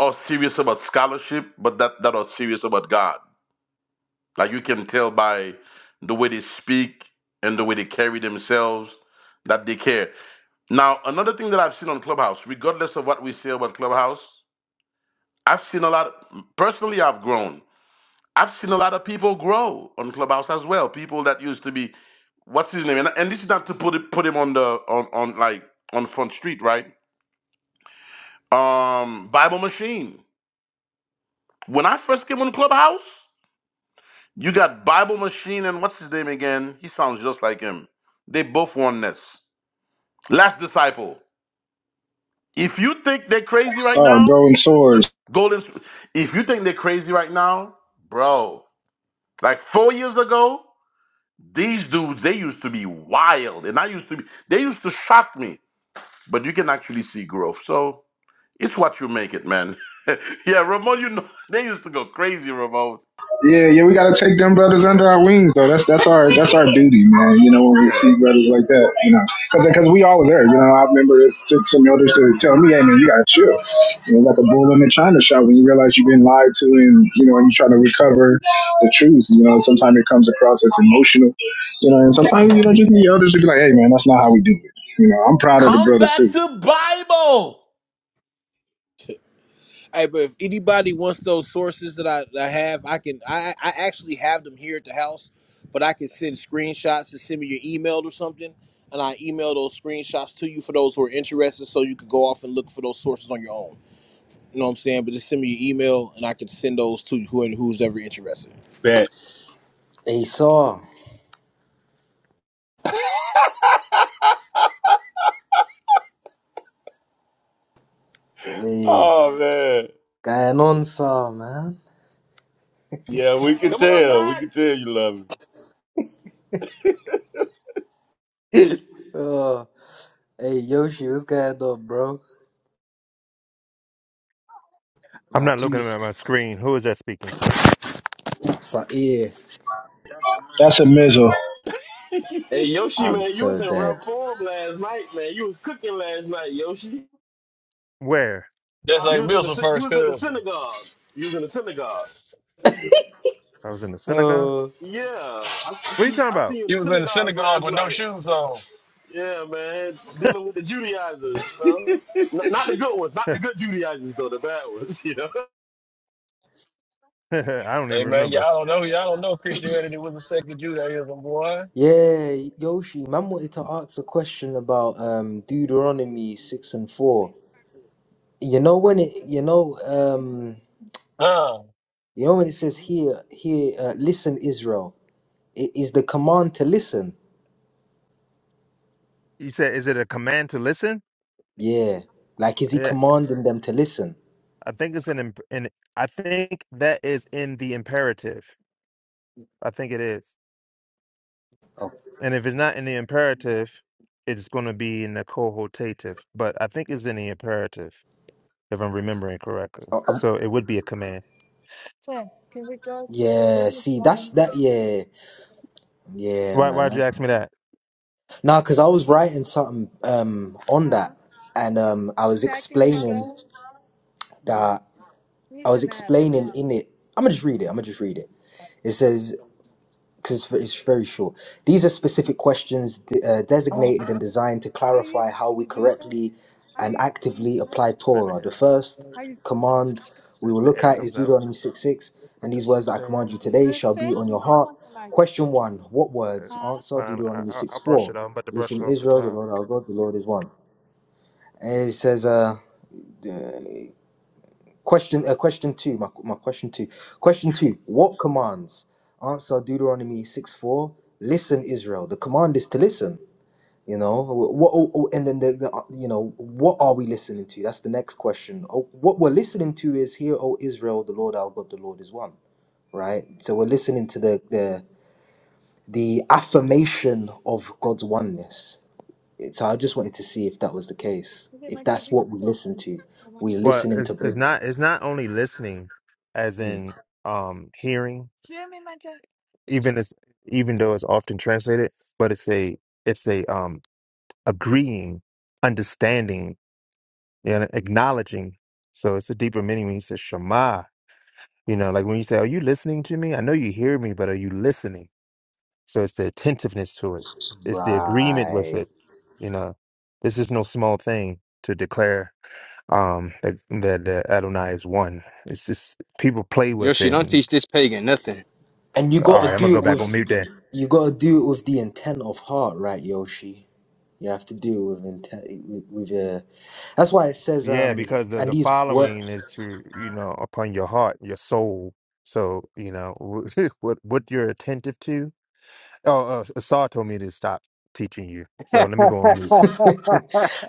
S8: are serious about scholarship, but that that are serious about God Like you can tell by the way they speak and the way they carry themselves that they care. Now, another thing that I've seen on Clubhouse, regardless of what we say about Clubhouse, I've seen a lot, personally, I've grown. I've seen a lot of people grow on Clubhouse as well. People that used to be, what's his name? And, and this is not to put it, put him on the, on, on like, on front street, right? Um, Bible Machine. When I first came on Clubhouse, You got Bible Machine and what's his name again? He sounds just like him. They both oneness. Last disciple. If you think they're crazy right
S2: Oh,
S8: now,
S2: golden swords.
S8: Golden. Sp- If you think they're crazy right now, bro, like four years ago, these dudes they used to be wild, and I used to be. They used to shock me, but you can actually see growth. So it's what you make it, man. (laughs) yeah, Ramon, you know (laughs) they used to go crazy, Ramon.
S2: Yeah, yeah, we gotta take them brothers under our wings though. That's that's our that's our duty, man. You know, when we see
S8: Yeah.
S2: brothers like that, you know, because we always there. You know, I remember it took some elders to tell me, "Hey, man, you gotta chill." You know, like a bull in a china shop when you realize you've been lied to, and you know, and you try to recover the truth. You know, sometimes it comes across as emotional. You know, and sometimes you know just need elders to be like, "Hey, man, that's not how we do it." You know, I'm proud of the
S8: Come
S2: brothers
S8: back
S2: too.
S8: to Bible.
S20: Hey, but if anybody wants those sources that I, that I have, I can I I actually have them here at the house, but I can send screenshots to send me your email or something, and I email those screenshots to you for those who are interested, so you can go off and look for those sources on your own. You know what I'm saying? But just send me your email, and I can send those to who and who's ever interested.
S9: Bet.
S16: Hey, Saw. Hey,
S9: Oh man.
S16: going on, Saw, man?
S9: Yeah, we can
S10: Come on,
S9: tell. We
S10: back.
S9: can tell you love
S16: (laughs) Oh, hey, Yoshi, what's going on, bro?
S23: I'm
S16: My
S23: not looking
S16: teeth.
S23: at my screen. Who is that speaking?
S16: Sair.
S2: That's a missile.
S10: Hey
S9: it.
S10: Yoshi,
S16: I'm
S10: man, you was
S16: so
S10: in
S16: dead.
S10: real form last night, man. You was cooking last night, Yoshi.
S23: Where?
S12: that's
S10: You
S12: like
S10: was in the
S12: Mills'
S10: sy- you
S12: first
S10: was in the
S12: cousin.
S10: synagogue. You was in the synagogue.
S23: I was in the synagogue?
S16: Oh,
S10: Yeah, I, I
S23: What are you
S10: see.
S23: talking
S10: I
S23: about?
S10: see you in
S12: He
S10: the
S12: was in the
S10: synagogue
S12: synagogue
S10: last
S12: with no
S10: night.
S12: shoes on.
S10: Yeah, man, dealing with the Judaizers, you know, N- not the good ones, not the
S23: (laughs)
S10: good Judaizers though, the bad ones, you know. (laughs)
S23: I don't even
S12: Say, man,
S23: remember.
S12: y'all don't know, y'all don't know Christianity was a second Judaism, boy.
S16: yeah, Yoshi, man wanted to ask a question about um Deuteronomy 6 and 4. You know when it, you know, um,
S12: Huh.
S16: you know when it says here, here, uh, listen, Israel, it is the command to listen.
S23: You said, is it a command to listen?
S16: Yeah. Like, is he
S23: Yeah,
S16: commanding them to listen?
S23: I think it's an, imp- an I think that is in the imperative. I think it is. And if it's not in the imperative, it's going to be in the cohortative. But I think it's in the imperative, if I'm remembering correctly. So it would be a command.
S16: Yeah, see, that's that. Yeah, yeah,
S23: Why? Why'd you
S16: man.
S23: ask me that?
S16: Nah, because I was writing something um on that, and um I was explaining that I was explaining in it. I'm gonna just read it. I'm gonna just read it. It says because it's it's very short. These are specific questions de- uh, designated and designed to clarify how we correctly and actively apply
S23: Letting
S16: Torah.
S23: the
S16: The
S23: air out.
S16: first command we
S23: Said
S16: will
S23: The
S16: look
S23: air
S16: at is
S23: comes out.
S16: Deuteronomy 6 6,
S23: Put
S16: and these
S23: this
S16: words that I
S23: thing
S16: command
S23: in
S16: you
S23: me.
S16: today shall be on your heart. Question one What
S23: It's
S16: words?
S23: it's
S16: Answer
S23: fine. I,
S16: Deuteronomy
S23: I
S16: 6
S23: I'll brush it
S16: 4.
S23: off. I'm about to brush it
S16: Listen,
S23: off the
S16: Israel, the
S23: top.
S16: Lord our God, the Lord is one. And it says, uh, Question uh, question two, my, my question two. Question two, what commands? Answer Deuteronomy 6 4. Listen, Israel. The command is to listen. You know, wh- what oh, oh, and then the, the uh, you know, what are we listening to? That's the next question. Oh, What we're listening to is hear, O Israel, the Lord our God, the Lord is one. Right? So we're listening to the the the affirmation of God's oneness. It- So I just wanted to see if that was the case. If that's what we listen to. We're
S23: Well,
S16: listening to
S23: it's it's
S16: God's
S23: not it's not only listening, as
S16: Mm.
S23: in um hearing, even as even though it's often translated, but it's a it's a um agreeing, understanding, you know, acknowledging. So it's a deeper meaning when you say Shema. You know, like when you say, "Are you listening to me?" I know you hear me, but are you listening? So it's the attentiveness to it. It's the agreement with
S16: Right.
S23: it. You know, this is no small thing to declare um, that that uh, Adonai is one. It's just people play with
S11: Yoshi,
S23: it.
S11: don't
S23: And,
S11: teach
S23: it's-
S11: this pagan nothing.
S16: And you
S23: all
S16: gotta
S23: right, I'm gonna
S16: do
S23: go
S16: it
S23: back on
S16: with
S23: mute then.
S16: you gotta do it with the intent of heart, right, Yoshi? You have to do it with intent with, with uh that's why it says
S23: Yeah,
S16: um
S23: because the
S16: and
S23: the
S16: these work
S23: following is to you know upon your heart, your soul. So you know (laughs) what what you're attentive to. Oh, uh, Saw told me to stop teaching you. So let me go on mute.
S16: (laughs)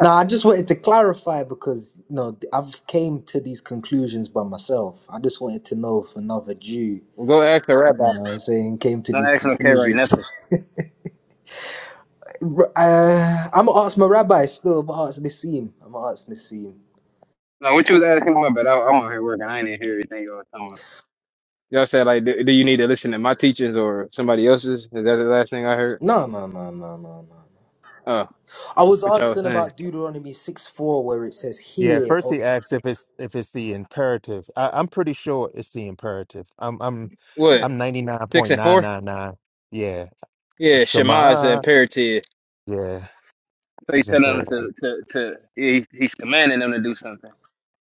S16: now I just wanted to clarify because you know I've came to these conclusions by myself. I just wanted to know if another Jew, you
S11: Go ask the rabbi.
S16: know what I'm saying, came to
S11: Not
S16: these
S11: asking no K right
S16: conclusions.
S11: nothing.
S16: (laughs) R- uh, I'm gonna ask my rabbi still, I'm gonna ask Nassim. I'm gonna ask Nassim.
S11: No, what you was asking my bad. I, I'm out here working. I ain't not hear everything you was talking about. Y'all said like, do, do you need to listen to my teachers or somebody else's? Is that the last thing I heard?
S16: No, no, no, no, no, no.
S11: Oh,
S16: I was
S11: what y'all was
S16: asking
S11: saying?
S16: about Deuteronomy 6 4, where it says,
S23: Yeah, at
S16: Hear,
S23: first
S16: or-
S23: he asks if it's if it's the imperative. I, I'm pretty sure it's the imperative. I'm I'm
S11: What
S23: I'm ninety nine
S11: six
S23: point
S11: and
S23: nine
S11: four?
S23: nine nine. Yeah,
S11: Yeah, Shema is the
S23: Shema.
S11: imperative.
S23: Yeah,
S11: So he
S23: it's
S11: telling them
S23: imperative.
S11: to to to. He, he's commanding them to do something.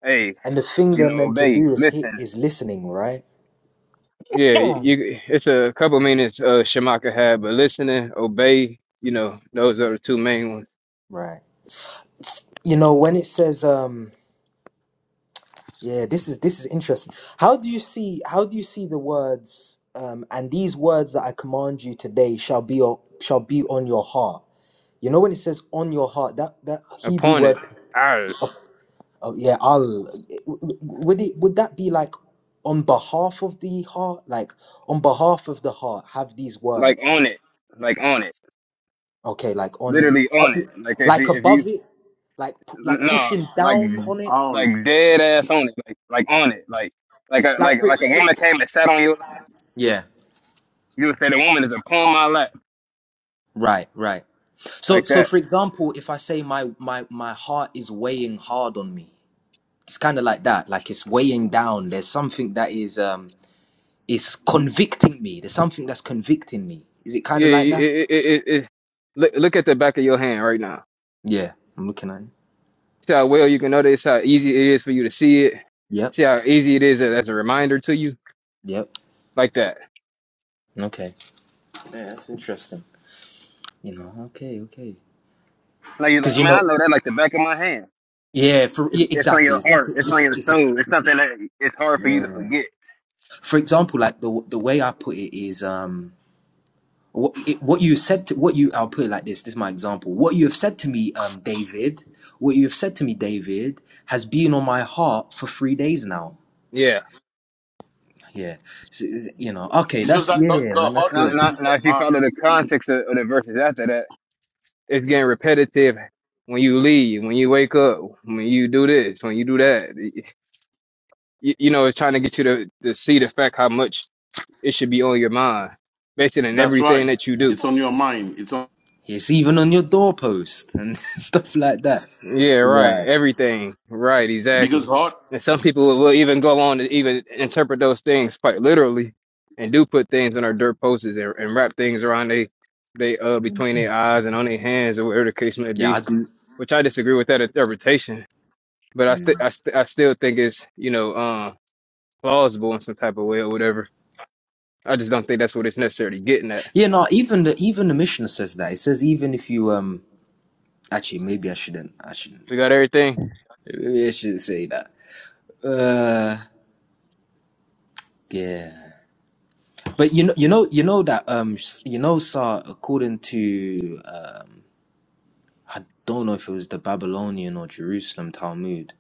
S11: Hey,
S16: and the thing
S11: you
S16: they're
S11: know,
S16: meant to
S11: obey,
S16: do is hear,
S11: listen.
S16: is listening, right?
S11: Yeah, you. It's a couple minutes. Uh, Shamaka had, but listening, obey. You know, those are the two main ones.
S16: Right. It's- you know, when it says, um, yeah, this is this is interesting. How do you see how do you see the words um, and these words that I command you today shall be o- shall be on your heart? You know when it says on your heart, that that Hebrew word,
S11: Appointed, I
S16: oh yeah, al, would it would that be like on behalf of the heart, like on behalf of the heart, have these
S11: like
S16: words?
S11: on it, like on it,
S16: Okay, like on it,
S11: literally
S16: up,
S11: on it. Like if
S16: like
S11: you, if
S16: above
S11: you,
S16: it, like pu- like
S11: no,
S16: pushing
S11: like,
S16: down on it,
S11: like dead ass on it, like, like on it, like, like a,
S16: like
S11: like,
S16: frick,
S11: like a
S16: frick.
S11: woman came and sat on you.
S16: Yeah,
S11: You would say the woman is upon my lap,
S16: right, right. So
S11: like
S16: so
S11: that.
S16: for example, if I say my my my heart is weighing hard on me, it's kind of like that. Like it's weighing down. There's something that is um is convicting me. There's something that's convicting me. Is it kind
S11: Yeah,
S16: of
S11: it,
S16: like that?
S11: it, it, it, it- look, look at the back of your hand right now.
S16: Yeah, I'm looking at it.
S11: See how well you can notice how easy it is for you to see it.
S16: Yep,
S11: See how easy it is as a reminder to you,
S16: yep.
S11: like that.
S16: Okay. Yeah, that's interesting. You know. Okay, okay.
S11: Like you're
S16: Because
S11: like,
S16: you
S11: man, I
S16: know.
S11: know that like the back of my hand.
S16: Yeah, for
S11: It's,
S16: yeah,
S11: it's on
S16: exactly.
S11: your
S16: It's like
S11: heart.
S16: a,
S11: It's
S16: it's
S11: on your
S16: it's a s
S11: soul. It's something that it's hard for you to
S16: Yeah.
S11: forget.
S16: For example, like the the way I put it is um what it, what you said to, what you I'll put it like this. This is my example. What you have said to me, um, David. What you have said to me, David, has been on my heart for three days now.
S11: Yeah.
S16: Yeah. So, you know. Okay.
S8: It's just
S16: That's
S8: that
S16: yeah,
S8: the, the
S16: man. That's
S8: heart
S11: Now,
S8: is
S16: good.
S11: now,
S8: used
S11: now
S8: for
S11: if you
S8: mind.
S11: follow the context of, of the verses after that, it's getting repetitive. When you leave, when you wake up, when you do this, when you do that, you, you know, it's trying to get you to, to see the fact how much it should be on your mind, based on
S8: That's
S11: everything
S8: right.
S11: that you do.
S8: It's on your mind. It's on
S16: It's even on your doorpost and (laughs) stuff like that.
S11: Yeah, right.
S16: Right.
S11: Everything. Right,
S8: because
S11: exactly.
S8: heart.
S11: And some people will, will even go on to even interpret those things quite literally and do put things on their dirt posters and, and wrap things around they they uh between their eyes and on their hands or whatever the case may
S16: Yeah. I
S11: be,
S16: do.
S11: which I disagree with that interpretation. But I th- I, st- I still think it's, you know, uh, plausible in some type of way or whatever. I just don't think that's what it's necessarily getting at.
S16: Yeah. No. Even the even the missioner says that. It says even if you um. Actually, maybe I shouldn't. I shouldn't.
S11: We got everything.
S16: Maybe I shouldn't say that. Uh, Yeah. But you know, you know, you know that um, s- you know, Sar, according to um, I don't know if it was the Babylonian or Jerusalem Talmud.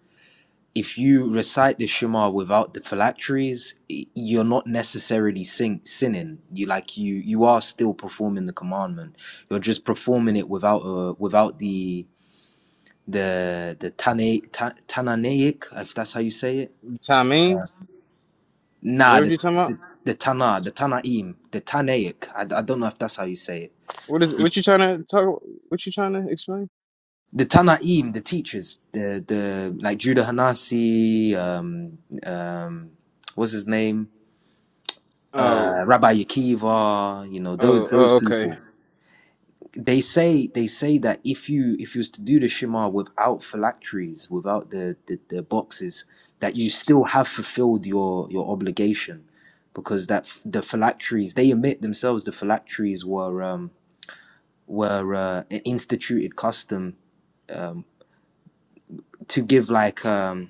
S16: If you recite the Shema without the phylacteries, y- you're not necessarily sin- sinning. You like you you are still performing the commandment. You're just performing it without uh, without the the the Tana, ta, Tananaic, if that's how you say it.
S11: Timing? Is that
S16: Nah,
S11: what
S16: the
S11: you're talking about?
S16: the, the Tana, the Tanaim, the Tanaic. I, I don't know if that's how you say it
S11: What is what you trying to talk what you trying to explain?
S16: the Tanaim, the teachers, the the like Judah Hanasi, um, um, what's his name,
S11: Oh,
S16: uh, Rabbi Yakiva, you know
S11: Oh,
S16: those those
S11: oh,
S16: people.
S11: okay.
S16: They say they say that if you if you was to do the Shema without phylacteries, without the the, the boxes, that you still have fulfilled your your obligation, because that f- the phylacteries they admit themselves the phylacteries were um were uh, an instituted custom to give like um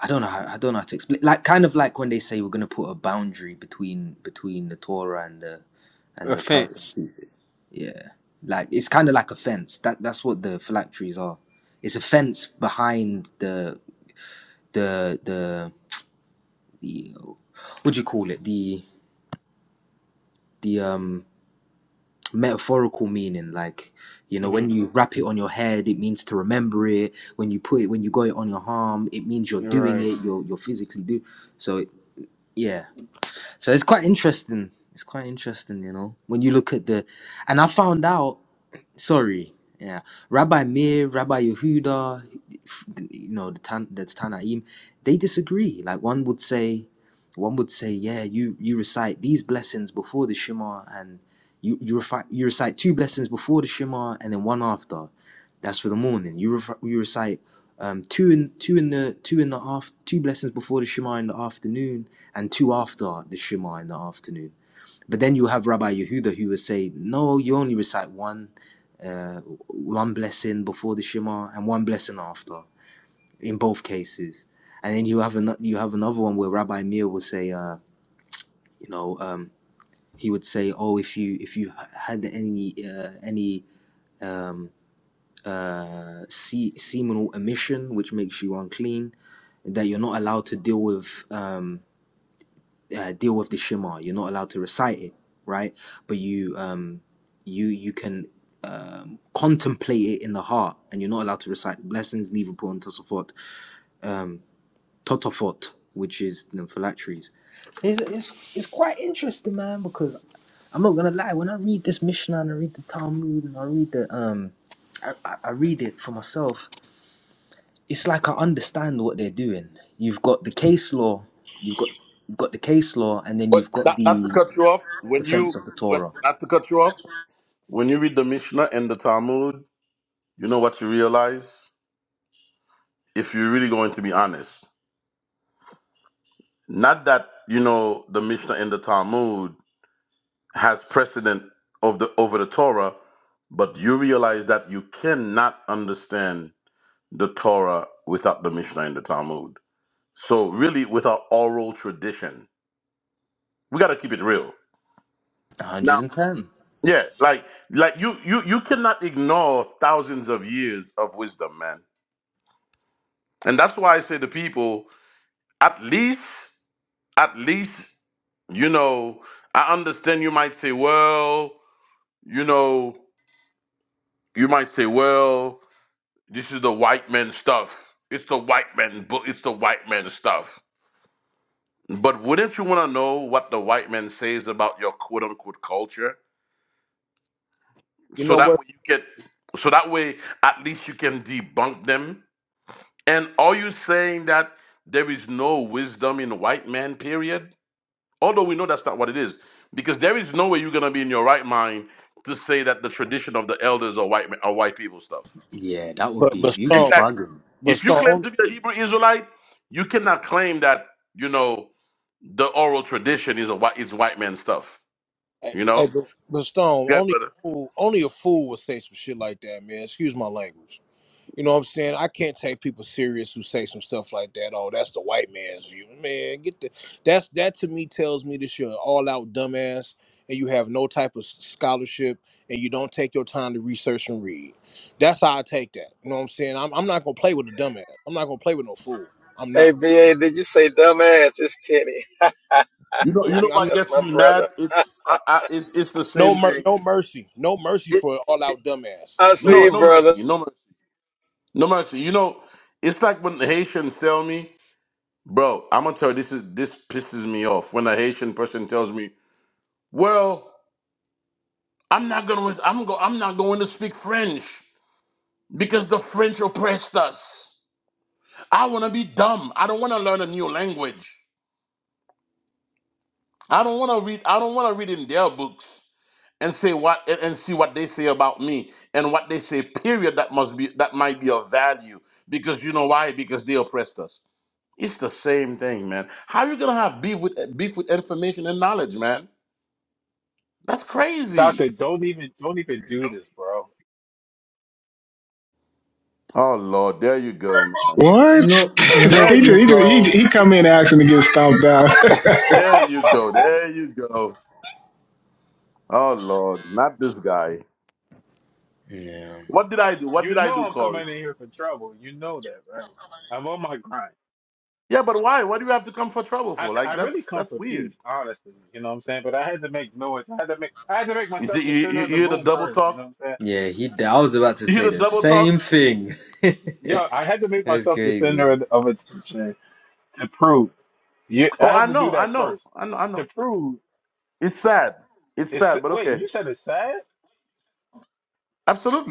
S16: I don't know how I don't know how to explain. Like kind of like when they say we're gonna put a boundary between between the Torah and the and the person.
S11: Offense.
S16: Yeah, like it's kind of like a fence. That that's what the phylacteries are. It's a fence behind the the the the what do you call it? The the um metaphorical meaning like you know when
S11: Mm-hmm.
S16: you wrap it on your head it means to remember it when you put it when you got it on your arm it means you're doing
S11: Right.
S16: it you're you're physically do so it, yeah So it's quite interesting. It's quite interesting, you know, when you look at the, and I found out sorry, yeah, Rabbi Meir, Rabbi Yehuda, you know, the Tan, the Tanaim, they disagree. Like one would say, one would say, yeah, you you recite these blessings before the Shema, and you you, refi- you recite two blessings before the Shema, and then one after. That's for the morning. You ref- you recite um, two in two in the two in the after two blessings before the Shema in the afternoon, and two after the Shema in the afternoon. But then you have Rabbi Yehuda who would say, no, you only recite one uh, one blessing before the Shema and one blessing after, in both cases. And then you have an, you have another one where Rabbi Meir will say, uh, you know, um, he would say, oh, if you if you had any uh, any um, uh, se- seminal emission, which makes you unclean, that you're not allowed to deal with. Um, uh, deal with the Shema. You're not allowed to recite it, right? But you um, you you can um, contemplate it in the heart, and you're not allowed to recite blessings, Nivapur, and Tosafot, um, Totafot, which is the phylacteries. It's, it's, it's quite interesting, man, because I'm not gonna lie. When I read this Mishnah and I read the Talmud and I read the um, I, I I read it for myself. It's like I understand what they're doing. You've got the case law. You've got you've got the case law, and then
S8: But
S16: you've got
S8: not, not to
S16: the
S8: cut you off. When
S16: Defense
S8: you
S16: of the
S8: when,
S16: Torah.
S8: not to cut you off. When you read the Mishnah and the Talmud, you know what you realize if you're really going to be honest. Not that you know the Mishnah and the Talmud has precedent of the over the Torah, but you realize that you cannot understand the Torah without the Mishnah and the Talmud. So really, without oral tradition We got to keep it real. Now,
S16: 110.
S8: Yeah, like like you you you cannot ignore thousands of years of wisdom, man. And that's why I say to people, at least at least you know, I understand you might say, well, you know, you might say, well, this is the white man stuff. It's the white man book. It's the white man stuff. But wouldn't you want to know what the white man says about your quote unquote culture?
S20: You
S8: so
S20: know
S8: that
S20: what?
S8: way you get so that way at least you can debunk them and are you saying that there is no wisdom in white man period although we know that's not what it is because there is no way you're going to be in your right mind to say that the tradition of the elders are white are white people stuff
S16: Yeah, that would
S20: But
S16: be
S20: but
S16: you'd be
S20: Stone,
S8: exactly
S16: bugging.
S20: but
S8: if you claim
S20: Stone.
S8: to be a hebrew israelite you cannot claim that you know the oral tradition is a white is white man stuff
S20: Hey,
S8: you
S20: hey,
S8: know
S20: but but Stone,
S8: yeah
S20: only
S8: brother
S20: a fool, only a fool would say some shit like that, man. Excuse my language. You know what I'm saying? I can't take people serious who say some stuff like that. Oh, that's the white man's view, man. Get the that's that to me tells me that you're an all-out dumbass and you have no type of s- scholarship and you don't take your time to research and read. That's how I take that. You know what I'm saying? I'm, I'm not gonna play with a dumbass. I'm not gonna play with no fool. I'm
S13: Hey,
S20: not.
S13: BA, did you say dumbass? It's Kenny. (laughs)
S8: you know
S20: You know what
S8: you
S20: I
S8: know
S20: mean? I'm
S8: what
S20: not,
S13: That's
S8: gets
S13: my
S8: me mad
S13: brother.
S8: it's I,
S13: (laughs)
S8: I, it's, it's the
S20: no
S8: same
S20: mer-
S8: thing
S20: no mercy, no mercy
S8: It,
S20: for an all-out dumbass.
S13: I
S20: No
S13: see,
S8: no,
S20: mercy.
S13: you,
S8: no
S13: brother.
S8: mercy, no mercy, no mercy. You know, it's like when the Haitians tell me, "Bro, I'm gonna tell you this is this pisses me off." When a Haitian person tells me, "Well, I'm not gonna, I'm go, I'm not going to speak French because the French oppressed us. I want to be dumb. I don't want to learn a new language. I don't want to read. I don't want to read in their books." And say what and and see what they say about me and what they say. Period. That must be that might be of value because you know why? Because they oppressed us. It's the same thing, man. How you gonna have beef with beef with information and knowledge, man? That's crazy.
S25: Doctor, don't even don't even do this, bro.
S8: Oh Lord, there you go, man.
S16: You
S2: What?
S16: know, you
S2: (laughs)
S8: There
S16: know,
S2: he
S8: you
S2: just, he
S16: you,
S2: just he,
S8: go.
S2: he come in and ask him to get stomped out. (laughs)
S9: (laughs)
S8: There you go. There you go. Oh Lord, not this guy.
S16: Yeah,
S8: What did I do? What did
S25: You
S8: I
S25: know
S8: do,
S25: I'm coming
S8: Corey?
S25: in here for trouble. You know that, right? I'm on my grind.
S8: Yeah, but why? What do you have to come for trouble
S25: I,
S8: for?
S25: I
S8: Like that's
S25: really come
S8: that's
S25: for
S8: weird.
S25: peace, honestly. You know what I'm saying? But I had to make noise. I had to make I had to make
S8: You see,
S25: myself the
S8: you, you,
S25: center
S8: you
S25: of the
S8: hear the
S25: room
S8: double
S25: first. You
S8: talk.
S25: know what I'm saying?
S16: yeah. He. I was about to
S8: You
S16: say
S8: hear the
S16: the
S8: double talk.
S16: same thing. (laughs)
S25: Yeah, I had to make
S16: That's
S25: myself the center
S16: crazy,
S25: of, of attention to prove. Yeah,
S8: Oh,
S25: I
S8: I
S25: had to do
S8: know, I
S25: that
S8: know,
S25: first
S8: I know, I
S25: to
S8: know.
S25: prove.
S8: It's sad. It's
S25: It's
S8: sad, but
S25: wait,
S8: okay.
S25: you said it's sad.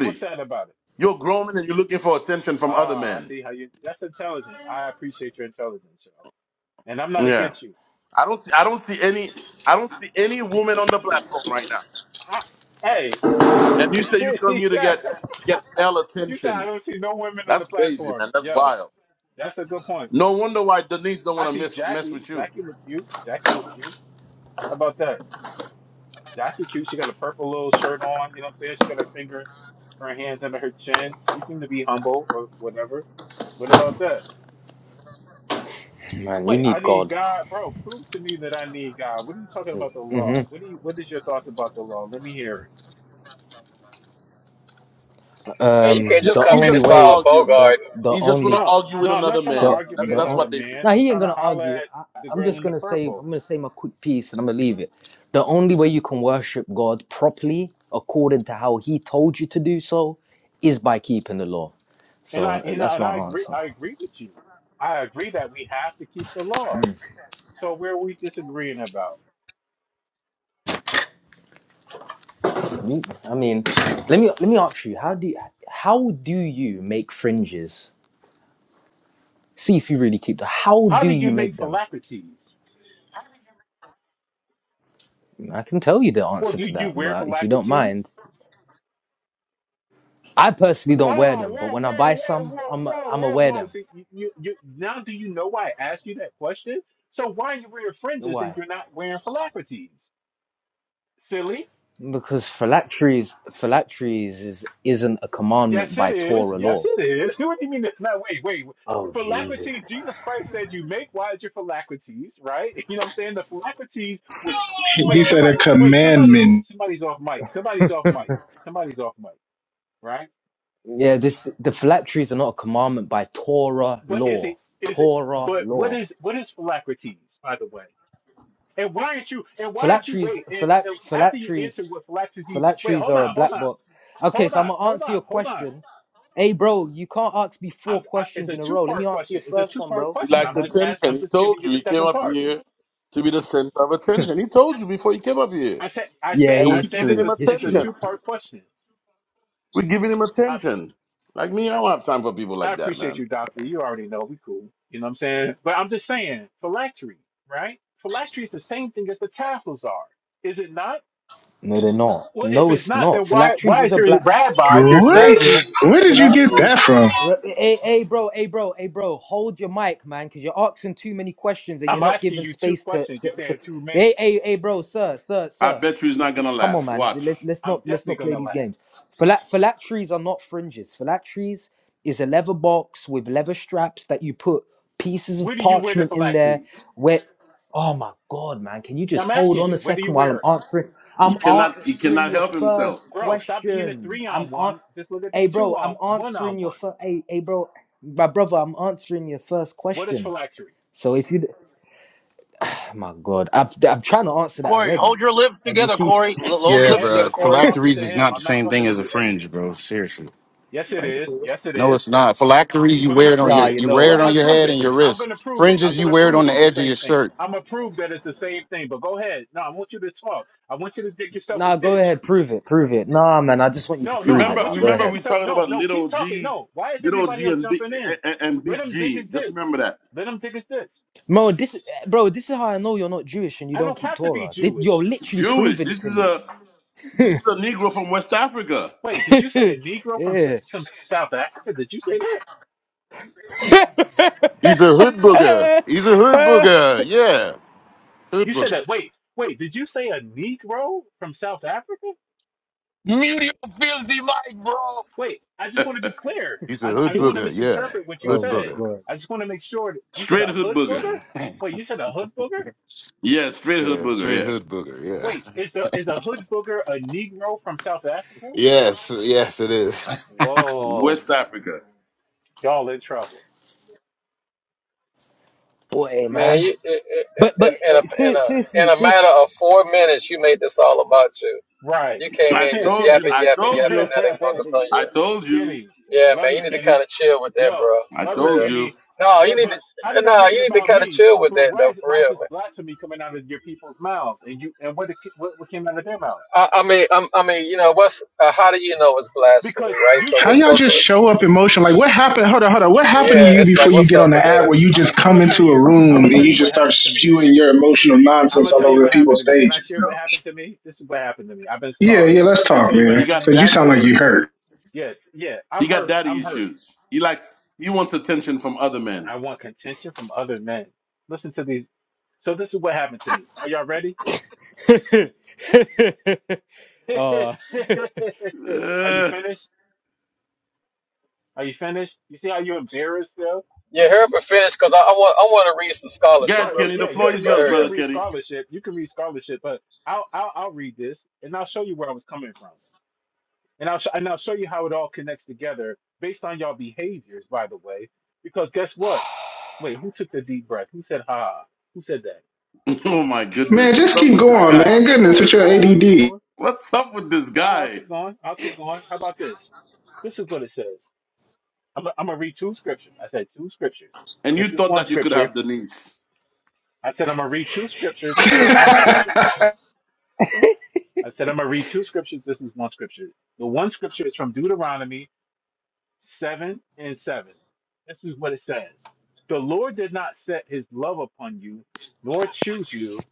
S25: What's sad about it?
S8: You're grown and you're looking for attention from other
S25: Ah, I
S8: men.
S25: see how you. That's intelligent. I appreciate your intelligence, yo. And I'm not
S8: Yeah,
S25: against you.
S8: I don't. See, I don't see any. I don't see any woman on the platform right now.
S25: I, hey,
S8: And you say you
S25: (laughs)
S8: come
S25: he
S8: here to
S25: said,
S8: get to get male
S25: "You said I
S8: attention.
S25: don't see no women on the
S8: That's crazy,
S25: platform."
S8: man. That's
S25: Yo,
S8: wild.
S25: that's a good point.
S8: No wonder why Denise don't
S25: I
S8: want to
S25: see
S8: mess mess
S25: Jackie.
S8: with you.
S25: Jackie look cute. Jackie look cute. How about that? Jackie cute. She got a purple little shirt on. You know what I'm saying? She got her finger, her hands under her chin. She seemed to be humble or whatever. What about that?
S16: man. You
S25: Wait, I
S16: need
S25: need
S16: God.
S25: God, bro. Prove to me that I need God. What are you talking about the
S16: hmm
S25: law? What do you? What is your thoughts about the law? Let me hear it.
S13: Man, you
S8: He
S13: can't
S16: um,
S13: just
S8: just
S16: the
S13: come
S8: he
S13: in
S16: only
S13: and
S8: just want to
S16: way,
S13: start a
S8: argue.
S16: the
S13: Bogart.
S16: the
S8: He just want
S16: only
S8: to
S25: No,
S8: argue
S25: no,
S8: with
S25: I'm not
S8: another
S25: trying to
S16: The
S8: man.
S25: argue with
S8: That's
S16: the
S8: that's
S16: on-
S25: another
S8: what they do.
S25: man.
S16: now
S25: I'm
S16: he ain't
S25: trying to
S16: gonna
S25: holler
S16: argue.
S25: at
S16: I, I-
S25: the
S16: I'm
S25: girl
S16: just
S25: in the
S16: gonna say I'm
S25: purple.
S16: gonna say my quick piece and I'm gonna leave it. The only way you can worship God properly, according to how He told you to do so, is by keeping the law.
S25: And
S16: So
S25: I
S16: uh,
S25: and I,
S16: that's
S25: and
S16: my
S25: I agree.
S16: answer.
S25: I agree with you. I agree that we have to keep the law. So where are we disagreeing about?
S16: You- I mean, let me let me ask you: How do you, how do you make fringes? See if you really keep the. How
S25: How
S16: do
S25: do
S16: you
S25: you make
S16: make them?
S25: phylacteries?
S16: I can tell you the
S25: Well,
S16: answer
S25: do
S16: to
S25: you
S16: that,
S25: wear
S16: but if you don't
S25: phylacteries?
S16: mind, I personally don't wear
S25: Oh,
S16: them. But
S25: whoa,
S16: when I
S25: whoa,
S16: buy
S25: whoa,
S16: some,
S25: whoa,
S16: I'm I'm
S25: whoa,
S16: gonna
S25: whoa,
S16: wear
S25: whoa.
S16: them.
S25: See, you, you, you now do you know why I asked you that question? So why are you wearing fringes and
S16: Why?
S25: you're not wearing phylacteries? Silly.
S16: Because phylacteries, phylacteries is isn't a commandment
S25: Yes, it
S16: by
S25: is.
S16: Torah
S25: Yes,
S16: law.
S25: it is. What do you mean? That? Now, wait, wait.
S16: Oh,
S25: Philocrates,
S16: Jesus.
S25: Jesus Christ said, "You make wise your philocrates," right? (laughs) You know what I'm saying? The philocrates was.
S2: He
S25: Wait,
S2: said
S25: somebody.
S2: a
S25: Wait, somebody's
S2: commandment.
S25: somebody's off mic. Somebody's off mic. Somebody's off mic. Right?
S16: Yeah, this the phylacteries are not a commandment by Torah
S25: But is
S16: law.
S25: it is it?
S16: Torah
S25: But what
S16: law.
S25: is what is philocrates, by the way? And why aren't you? And why aren't you?
S16: Phylacteries,
S25: Wait. And,
S16: phylact,
S25: and after you answer
S16: phylacteries,
S25: what philocrates, wait.
S16: phylacteries
S25: Hold
S16: are a
S25: on. Hold
S16: black
S25: on.
S16: book. Okay,
S25: Hold
S16: so I'm
S25: on.
S16: gonna
S25: Hold
S16: answer
S25: on.
S16: your
S25: Hold on.
S16: question. Hey, bro, you can't ask me
S25: I'm,
S16: four
S25: I, it's
S16: questions
S25: a
S16: in a
S25: two
S16: row. Let me
S25: part
S16: answer
S25: question.
S16: your
S25: It's a
S16: first
S25: two
S16: one,
S25: part
S16: bro.
S8: He
S16: Come
S25: question.
S16: on,
S8: likes
S25: I'm
S16: man.
S25: just ask,
S8: attention.
S25: I'm
S8: He
S25: just
S8: told
S25: giving you
S8: you
S25: the
S8: he came
S25: second
S8: up
S25: part.
S8: here to be the center of attention. He told you before he came up here,
S25: I said I
S16: Yeah,
S25: said
S8: and
S16: he
S25: I
S8: we
S16: is
S25: said
S8: giving
S25: it's
S16: true.
S8: him
S25: a
S16: He's
S25: it's a
S16: true.
S8: attention.
S25: two part question.
S8: We giving him
S25: I,
S8: attention. Like me, I don't have time for people
S25: I
S8: like that,
S25: appreciate
S8: man.
S25: you, doctor. You already know we cool. You know what I'm saying? But I'm just saying phylactery, right? Phylactery is the same thing as the tassels are. Is it not?
S16: No, they're not.
S25: Well, if
S16: No,
S25: it's
S16: it's
S25: not, then
S16: not.
S25: why
S16: Phylacteries
S25: why
S16: is
S25: is
S16: a
S25: your
S16: black.
S25: rabbi, your
S2: What?
S25: savior?
S16: Phylacteries.
S2: Where did you get
S16: Phylacteries.
S2: that from?
S16: Re- Hey, hey, bro. Hey, bro. Hey, bro. Hold your mic, man, because you're asking too many questions and you're
S25: I'm
S16: not
S25: asking
S16: giving
S25: you two
S16: space to.
S25: questions. You're
S16: to for...
S25: saying too
S16: Hey,
S25: many.
S16: hey, hey, bro, sir, sir,
S8: I
S16: sir.
S8: bet you he's
S16: You-
S8: not
S16: you-
S8: gonna
S16: Come on,
S8: last.
S16: man. Let,
S8: Watch.
S16: let's
S25: I'm
S16: not let's
S25: definitely
S16: not play
S25: gonna
S16: these games.
S25: last.
S16: Phyla- phylacteries are not fringes. Phylacteries is a leather box with leather straps that you put pieces
S25: Where
S16: of
S25: do you wear the
S16: parchment in there.
S25: phylacteries?
S16: Where? Oh my God, man. Can you just
S25: I'm
S16: hold
S25: asking
S16: on a
S25: you. Where do you
S16: second while
S25: wear
S16: I'm
S25: it?
S16: answering?
S8: He
S16: I'm
S8: cannot. He
S16: answering
S8: cannot
S16: your
S8: help himself.
S16: first
S25: Bro, stop being a
S16: question.
S25: three on
S16: I'm on.
S25: one. Just let it be
S16: Hey,
S25: two
S16: bro,
S25: on
S16: I'm
S25: one on
S16: answering your
S25: one.
S16: first. Hey, hey, bro, my brother, I'm answering your first
S25: What is
S16: question.
S25: phylactery?
S16: So if you. Oh my God. I've, I'm trying to answer that
S21: Corey,
S16: already.
S21: hold your lips
S16: And you
S21: together,
S16: keep.
S21: Corey. L- hold your
S22: Yeah,
S21: lips
S22: bro.
S21: together,
S25: Edris, I'm
S21: Corey.
S25: talking
S22: Phylacteries
S25: to
S22: is
S25: him.
S22: not the
S25: I'm not
S22: same thing
S25: talking to
S22: as a
S25: you,
S22: fringe,
S25: Edris.
S22: bro. Seriously.
S25: Yes, it is. Yes, it
S22: No, it's
S25: is.
S22: not. Phylactery, you
S25: We're gonna
S22: wear it on
S25: prove
S22: your,
S16: Yeah,
S25: it.
S16: you
S22: you
S16: know,
S22: wear
S25: We're
S22: it
S16: what,
S22: on
S25: gonna
S16: I'm.
S22: your
S25: prove
S16: I'm.
S22: head
S25: it.
S22: and your
S25: I'm
S22: wrist.
S25: gonna prove it. I'm
S22: Fringes, you
S25: gonna
S22: wear it on
S25: prove
S22: the
S25: it's the
S22: edge of
S25: same
S22: your
S25: thing.
S22: shirt.
S25: I'm gonna prove that it's the same thing. But go ahead. No, I want you to talk. I want you to dig yourself a
S16: Nah, go
S25: ditch.
S16: ahead. Prove it. Prove it. Nah, man. I just want you to
S25: No, no,
S16: prove
S25: I
S16: it.
S8: Remember.
S25: want
S16: Nah,
S25: you
S16: go
S25: to
S8: Remember,
S25: dig
S8: we
S16: ahead.
S25: yourself.
S8: talking
S25: No,
S8: about
S25: no, keep
S8: little
S25: talking.
S8: G,
S25: No. Why is
S8: little
S25: everybody
S8: G
S25: else
S8: and big
S25: jumping in?
S8: and, and
S25: Let
S8: big
S25: him dig his
S8: G. Just
S25: ditch.
S8: remember that
S25: Let him dig his ditch.
S16: Bro, this, bro, this is how I know you're not Jewish and you
S25: I
S16: don't
S25: don't
S16: keep
S25: have to be
S16: Torah. Thi-
S25: Jewish.
S16: You're literally
S8: Jewish.
S16: proving it
S8: This is a
S16: to
S8: this is a Negro from West Africa.
S25: Wait, did you say
S16: me.
S25: a
S16: (laughs)
S25: Negro from S-
S16: yeah.
S25: some South Africa? Did you say that?
S16: (laughs)
S22: He's a hood booger. He's a hood booger. Yeah, hood
S25: You said
S22: booger.
S25: that. Wait, wait, did you say a Negro from South Africa?
S12: Mute your filthy mic, bro.
S25: Wait, I just want to be clear.
S22: He's a
S25: I don't, I
S22: hood
S25: don't want to
S22: booger. Yeah,
S25: misinterpret what you
S16: Oh
S22: hood
S16: my
S25: said.
S22: booger.
S16: god.
S25: I just want to make sure that you said
S8: Straight
S25: a
S8: hood
S25: hood
S8: booger.
S25: booger.
S22: (laughs)
S25: Wait, you said a hood booger.
S8: Yeah, straight hood
S22: yeah,
S8: booger.
S22: straight
S8: Yeah,
S22: hood booger.
S25: Wait,
S22: Yeah.
S25: is the is the hood booger a Negro from South Africa?
S22: Yes, yes, it is. (laughs)
S25: Whoa,
S8: West Africa.
S25: y'all in trouble,
S16: Boy,
S13: Man,
S16: man.
S13: you, i-
S16: But
S13: i- in,
S16: but
S13: in, a,
S16: uh,
S13: in,
S16: ser-
S13: a,
S16: seriously,
S13: in a
S16: seriously.
S13: matter of four minutes, you made this all about you.
S25: right?
S13: You came
S8: I
S13: in just
S25: (laughs)
S8: told you.
S13: yapping,
S8: I
S13: yapping,
S8: told
S13: yapping.
S25: Hey,
S8: you.
S13: Now they
S25: hey,
S13: focused
S25: hey,
S13: on
S8: I
S13: you.
S8: told you.
S25: Kenny,
S13: Yeah, man,
S25: love
S13: you
S25: you,
S13: need to
S25: Kenny.
S13: kind of chill with that,
S25: Yo,
S13: bro.
S8: I
S13: For
S25: love you,
S8: told
S13: real.
S8: you.
S25: Kenny.
S13: No, you
S25: But
S13: need to.
S25: but how did I
S13: No,
S25: make it
S13: you need to
S25: about
S13: kind of
S25: me?
S13: chill with
S25: But
S13: that
S25: why
S13: though.
S25: is
S13: For
S25: why is
S13: real,
S25: this blasphemy coming out of your people's mouths? And you and what it, what, what came out of their mouths?
S13: I, I mean, i I mean, you know, what's uh, how do you know it's blasphemy,
S25: Because
S13: right?
S25: you
S13: So
S2: How
S13: we're
S25: said
S2: y'all
S13: supposed
S2: just show up in motion? Like
S13: to,
S2: what happened? Hold on, hold on. What happened to
S13: yeah.
S2: you
S13: It's
S2: before
S13: like,
S2: you
S13: what's
S2: get
S13: up
S2: on
S13: with
S2: the app where
S13: that?
S2: you
S25: I'm
S2: just
S25: gonna- I'm
S2: come
S25: gonna tell
S2: into a
S25: you I'm
S2: room and
S25: gonna tell
S2: you
S25: you what
S2: just start
S25: happened to me.
S2: spewing your emotional
S25: I'm
S2: nonsense
S25: gonna
S2: all
S25: tell you
S2: over the
S25: what happened
S2: people's
S25: to me. Can I
S2: stages,
S25: share what
S2: though?
S25: happened to me? This is what happened to me. I've been
S2: Yeah,
S25: scarred.
S2: yeah, let's
S25: Can I
S2: talk,
S25: tell you what
S8: He
S2: man.
S25: happened to
S8: got
S25: me?
S2: Cause you
S8: daddy
S2: sound
S25: This
S2: like
S25: is
S2: you
S8: issues.
S2: hurt.
S25: yeah yeah.
S8: He
S25: I'm
S8: got
S25: hurt.
S8: daddy
S25: I'm hurt.
S8: issues. He like he wants attention from other men.
S25: I want contention from other men. Listen to these. So this is what happened to me. Are y'all ready? (laughs)
S16: (laughs)
S25: Are
S16: uh,
S25: you
S8: (laughs)
S25: finished? Are you finished? You see how you're embarrassed though?
S13: Yeah, hurry up and finish, cause I, I want, I want to read some
S25: All
S13: scholarship
S8: God,
S25: right,
S13: real
S25: well,
S8: Kenny, the
S13: quick.
S25: yeah, you
S13: Yeah,
S8: floor
S25: can
S8: is
S13: so
S25: read
S8: yours,
S25: you
S13: hurry
S25: can
S8: brother
S13: up.
S25: read
S8: Kenny.
S25: scholarship. You can read scholarship, but I'll I'll, I'll read this and I'll show you where I was coming from. And I'll sh- and I'll show you how it all connects together based on y'all behaviors, by the way. Because guess what? Wait, who took the deep breath? Who said ha? Who said that?
S8: (laughs) oh my goodness,
S2: Man,
S8: what's
S2: just
S8: up
S2: keep
S8: with
S25: All
S8: this
S25: right,
S2: going,
S25: well,
S8: guy?
S25: I'll
S2: man.
S25: keep
S2: Goodness,
S25: going.
S2: with your
S25: All
S2: ADD.
S25: right,
S2: (laughs)
S25: I'll keep going.
S8: (laughs) what's up with this
S25: All right, I'll
S8: guy?
S25: keep going. I'll keep going. How about this? This is what it says. I'm going I'm gonna read two scriptures. I said two scriptures.
S8: And you
S25: This is
S8: thought
S25: one
S8: that you could
S25: scripture.
S8: have Denise?
S25: I said I'm gonna read two scriptures.
S2: hey,
S25: This is one scripture. I said I'm gonna read two scriptures. This is one scripture. The one scripture is from Deuteronomy seven and seven. This is what it says: The Lord did not set His love upon you, nor choose you.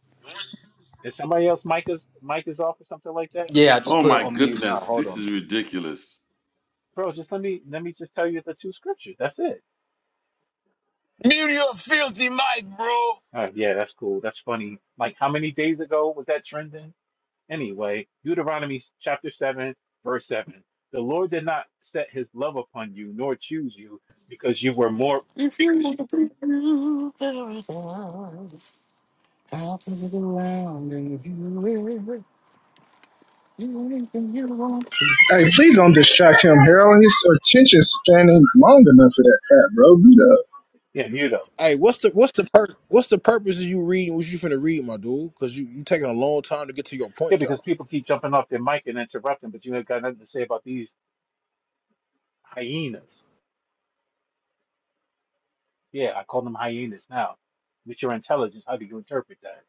S25: Is somebody else Micah's Micah's off or something like that?
S16: Yeah, I just
S8: Oh
S16: put it
S8: my
S16: on mute now.
S8: goodness,
S16: Hold
S8: this
S16: on.
S8: is ridiculous.
S25: Bro, just let me let me just tell you the two scriptures. That's it.
S12: Mute your filthy mic, bro.
S25: All right, yeah, that's cool. That's funny. Like how many days ago was that trending? Anyway, Deuteronomy chapter seven, verse seven. The Lord did not set His love upon you, nor choose you, because you were more
S22: If you want to do paradise, I'll it around and if you will, you anything you want to.
S2: please don't distract him, Harold. His attention span ain't long enough for that crap, bro. Beat up.
S25: Yeah, you though.
S20: Hey, what's the what's the pur- what's the purpose of you reading what you finna read, my dude? Because you you taking a long time to get to your
S25: Yeah,
S20: point,
S25: because
S20: though.
S25: people keep jumping off their mic and interrupting, but you ain't got nothing to say about these hyenas. Yeah, I call them hyenas now. With your intelligence, how do you interpret that?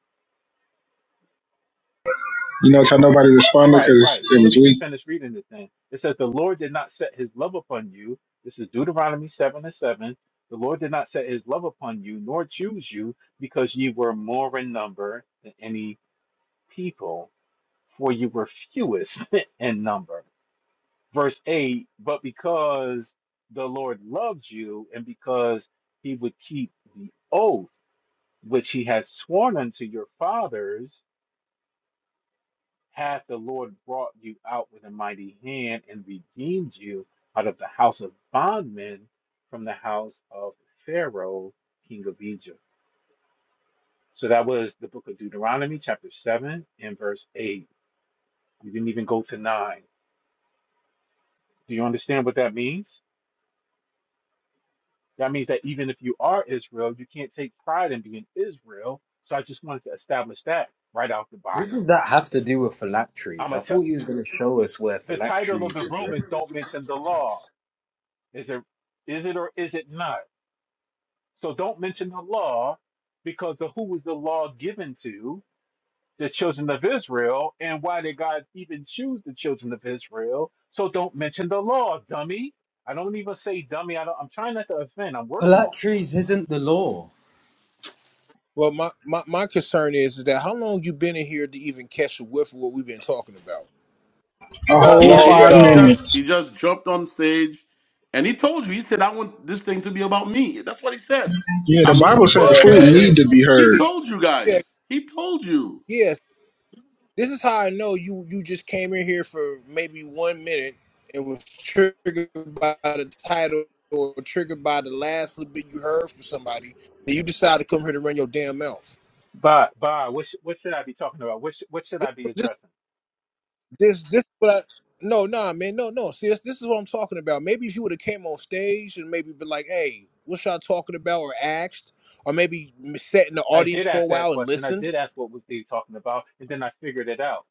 S2: You notice how nobody responded
S25: Right,
S2: because
S25: right.
S2: it
S25: So let
S2: was
S25: me
S2: weak?
S25: just finish reading the thing. It says, The Lord did not set his love upon you. This is Deuteronomy 7 and 7. The Lord did not set his love upon you, nor choose you, because ye were more in number than any people, for you were fewest (laughs) in number. verse 8 but because the lord loves you and because he would keep the oath which he has sworn unto your fathers hath the lord brought you out with a mighty hand and redeemed you out of the house of bondmen from the house of pharaoh king of egypt so that was the book of deuteronomy chapter 7 and verse 8 we didn't even go to 9 do you understand what that means That means that even if you are Israel, you can't take pride in being Israel. So I just wanted to establish that right out the
S16: What
S25: box.
S16: does that have to do with
S25: I'm
S16: phylacteries?
S25: a
S16: I
S25: t-
S16: thought you was going to show us where
S25: the title of
S16: phylacteries
S25: the
S16: is
S25: room is
S16: written.
S25: "Don't Mention the Law." Is it is it or is it not? So don't mention the law because of who was the law given to the children of Israel and why did God even choose the children of Israel? So don't mention the law, dummy. I don't even say dummy. I don't, I'm trying not to offend. I'm working on this.
S16: Phylacteries isn't the law.
S20: Well, my, my my concern is is that how long you been in here to even catch a whiff of what we've been talking about?
S2: A
S13: Not
S2: whole
S8: He,
S13: long
S8: he
S13: at
S2: five
S8: he
S13: all.
S8: just
S2: minutes.
S8: he just jumped on stage, and he told you he said I want this thing to be about me. That's what he said.
S2: Yeah, the
S8: I'm
S2: Bible
S8: looking for
S2: said
S13: Yeah,
S2: food
S13: man.
S8: attention.
S13: You
S2: need to be
S8: He
S2: heard.
S20: See,
S8: told you
S20: yeah,
S8: guys. He told you.
S20: yes. This is how I know you you just came in here for maybe one minute and was triggered by the title or triggered by the last little bit you heard from somebody, and you decide to come here to run your damn mouth.
S25: Bob, Bob, what, sh- what should I be talking about? What, sh- what should I be addressing?
S20: This this what I no nah man no no see this this is what I'm talking about. Maybe if you would have came on stage and maybe been like, hey, what y'all talking about, or asked, or maybe sat in the
S25: I
S20: audience
S25: did
S20: for a
S25: ask that
S20: while and
S25: question. I
S20: listened.
S25: did ask what was Dave talking about, and then I figured it out.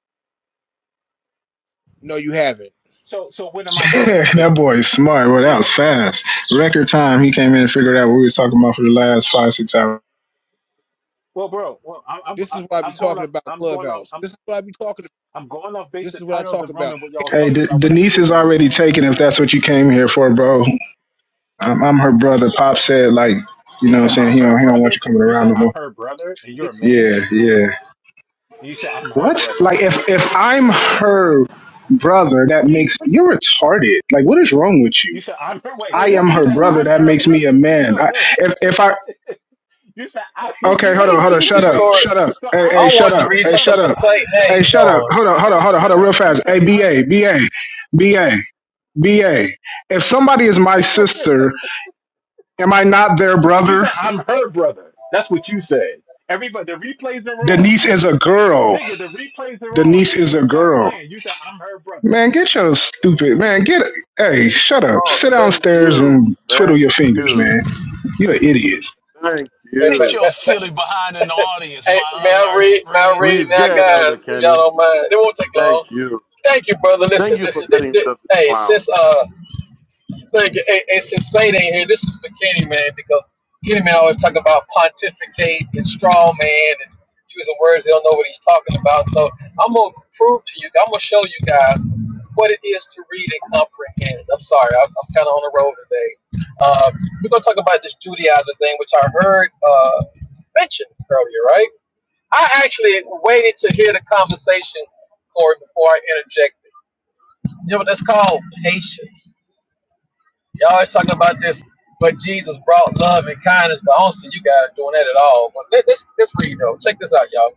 S20: No, you haven't.
S25: So, so what am
S2: (laughs)
S25: I trying to
S2: that
S25: prove?
S2: boy is smart. Well, that
S25: And what?
S2: was fast. Record time. He came in and figured out what we was talking about for the last five, six hours.
S25: Well, bro, well, I'm, I'm,
S20: This is
S25: I'm
S20: what I be
S25: I'm going
S20: talking
S25: off.
S20: about
S25: I'm going off.
S20: Clubhouse.
S25: I'm,
S20: This is what I be talking. About.
S25: I'm going off based
S20: This
S25: the
S20: is what I
S25: title of
S20: talk
S25: the room
S20: about.
S25: and what y'all was
S2: Hey,
S25: talking
S2: De-
S25: about when I
S2: Denise
S25: entered
S2: is
S25: the room.
S2: already taken if that's what you came here for, bro. I'm, I'm her brother. Pop said, like, you
S25: You
S2: know what I'm
S25: said
S2: saying?
S25: I'm
S2: He
S25: her
S2: don't, he don't want
S25: brother.
S2: you coming
S25: You
S2: around
S25: said
S2: no
S25: I'm
S2: more.
S25: her brother, and you're a man.
S2: Yeah, yeah.
S25: And you said I'm her
S2: What?
S25: brother.
S2: Like, if, if I'm her brother, that
S20: What these
S2: makes...
S20: what,
S2: You're retarded. Like, what is wrong with you?
S25: You said I'm her. Wait.
S20: like
S2: I
S20: where
S2: am
S25: You
S20: these
S2: her
S25: said
S2: brother.
S20: dudes?
S25: I'm
S2: That
S25: her
S2: makes me a
S25: brother. (laughs)
S2: man.
S25: No,
S2: I,
S25: no.
S2: if if I
S25: You say I, (laughs)
S2: Okay,
S25: you
S20: Where
S2: hold
S25: say
S2: on,
S20: these
S2: hold on,
S25: wait,
S20: dudes
S2: shut
S20: be
S25: wait,
S13: see,
S2: up,
S20: coming?
S25: wait,
S13: Court,
S25: wait.
S2: shut up,
S25: So
S2: hey,
S25: I'm
S13: I
S2: hey,
S25: the
S2: shut
S13: wanted
S25: I'm
S13: to
S2: up,
S25: the
S13: read
S2: hey,
S13: something
S2: shut
S25: dummy.
S13: for
S2: up,
S25: I'm the
S13: Saint. Now
S2: hey,
S25: dummy.
S13: he's
S2: shut up,
S13: gone.
S2: hold on,
S25: I
S2: hold on,
S25: gotta
S2: hold on, hold
S25: shut
S2: on, real
S25: up. You
S2: fast,
S25: said
S2: hey, ba,
S25: I'm her.
S2: ba, ba, ba. If somebody is my
S25: (laughs)
S2: sister, am I not their
S25: you
S2: brother?
S25: said I'm her brother. That's what you said. Everybody, the replays are on,
S2: Denise is a girl.
S25: nigga. The replays are on,
S2: Denise is
S25: nigga.
S2: a
S25: Stop
S2: girl.
S25: playing. You said I'm her brother.
S2: Man, get your stupid man. Get hey, shut up.
S8: Oh,
S2: Sit
S8: thank
S2: downstairs
S8: you,
S2: and twiddle
S8: thank
S2: your fingers,
S8: you,
S2: man. You're an idiot.
S8: thank
S13: Hey, ma,
S12: Sit
S8: you.
S13: ma,
S12: your
S13: ma,
S12: silly behind in the
S13: (laughs)
S12: audience,
S13: hey, may
S12: my
S13: I
S12: unlearned
S13: read? May I
S12: friend.
S13: read
S8: Please
S13: now,
S8: get Elder
S13: guys? If y'all
S8: Kenny.
S13: don't mind, it won't take long.
S8: Thank you.
S13: Thank you, brother. Listen,
S8: Thank you for
S13: listen. thi-
S8: getting
S13: thi-
S8: rid of this
S13: hey,
S8: clown.
S13: since uh. Look, and, and since Saint ain't here, this is for Kenny Man because Kenny Man always talk about pontificate and straw man and using words they don't know what he's talking about. So I'm gonna prove to you, I'm gonna show you guys what it is to read and comprehend. I'm sorry, I'm, I'm kind of on the road today. Uh, we're gonna talk about this Judaizer thing, which I heard uh, mentioned earlier, right? I actually waited to hear the conversation, Corey, before I interjected. You know what that's called? Patience Y'all always talking about this, but Jesus brought love and kindness, but I don't see you guys doing that at all. But let, let's, let's read, though. Check this out, y'all.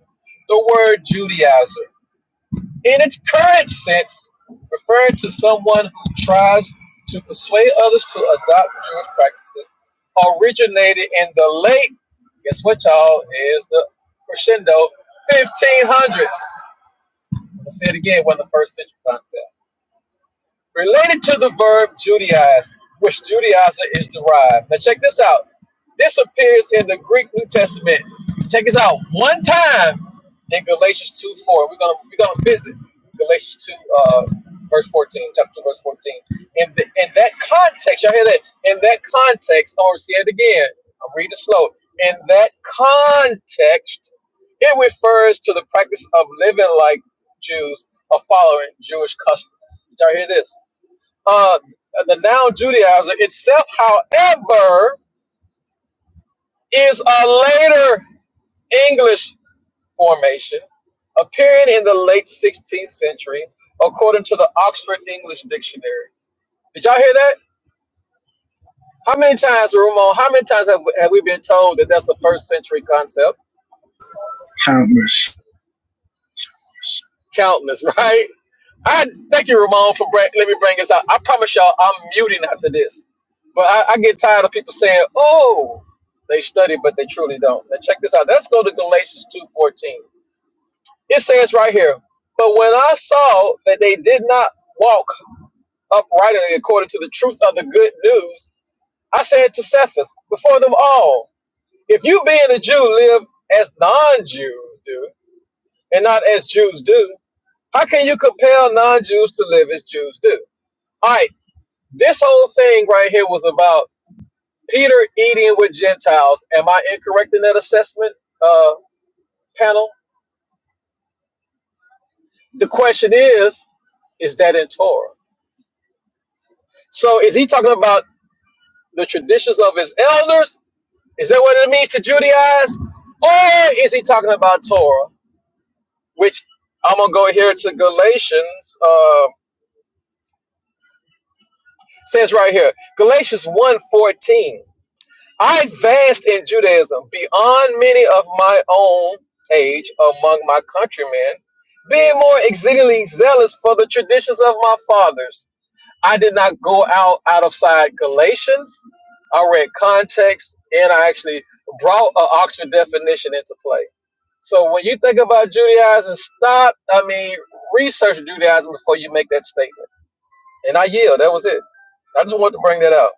S13: The word Judaizer, in its current sense, referring to someone who tries to persuade others to adopt Jewish practices, originated in the late, guess what, y'all, is the crescendo 1500s. I'm going say it again, one of the first century concepts related to the verb Judaize, which Judaizer is derived. Now, check this out. This appears in the Greek New Testament. Check this out one time in Galatians 2 4. We're going to we're gonna visit Galatians 2, uh, verse 14, chapter 2, verse 14. In, the, in that context, y'all hear that? In that context, or see it again. I'm reading slow. In that context, it refers to the practice of living like Jews or following Jewish customs. Did y'all hear this? uh, the noun Judaizer itself, however, is a later English formation appearing in the late 16th century, according to the Oxford English Dictionary. Did y'all hear that? How many times, Ramon, how many times have, have we been told that that's a first century concept?
S2: Countless.
S13: Countless, (laughs) right? I thank you, Ramon, for bring, let me bring this out. I promise y'all, I'm muting after this. But I, I get tired of people saying, "Oh, they study, but they truly don't." Now check this out. Let's go to Galatians two fourteen. It says right here, "But when I saw that they did not walk uprightly according to the truth of the good news, I said to Cephas before them all, If you being a Jew live as non-Jews do, and not as Jews do, how can you compel non-Jews to live as Jews do?" All right This whole thing right here was about Peter eating with Gentiles. Am I incorrect in that assessment, uh, panel? The question is, is that in Torah? So is he talking about the traditions of his elders? Is that what it means to Judaize? Or is he talking about Torah? Which I'm gonna go here to Galatians, uh, says right here, Galatians one fourteen. I advanced in Judaism beyond many of my own age among my countrymen, being more exceedingly zealous for the traditions of my fathers. I did not go out out of side Galatians. I read context, and I actually brought an Oxford definition into play. So when you think about Judaism, stop. I mean, research Judaism before you make that statement. And I yield. That was it. I just wanted to bring that out.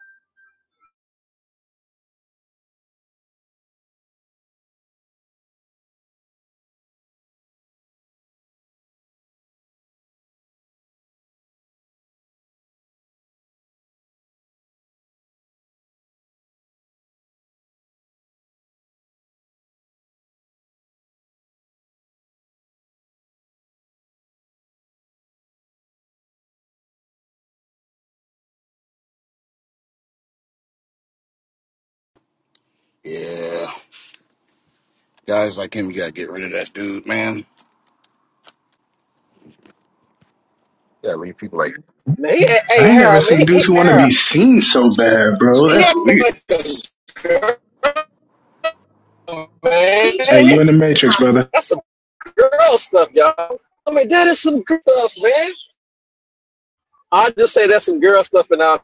S22: Yeah. Guys like him, you gotta get rid of that dude, man. Yeah, leave people like
S13: Man, he,
S2: I
S13: hey
S2: ain't never
S13: Harold, man,
S2: seen
S13: he, he,
S2: dudes who want to
S13: Harold.
S2: be seen so bad, bro.
S13: Here
S2: That's weird.
S13: goes the girl, man.
S2: Hey, you in the matrix, brother.
S13: That's some girl stuff, y'all. I mean, that is some girl stuff, man. I'll just say that's some girl stuff, and I'll.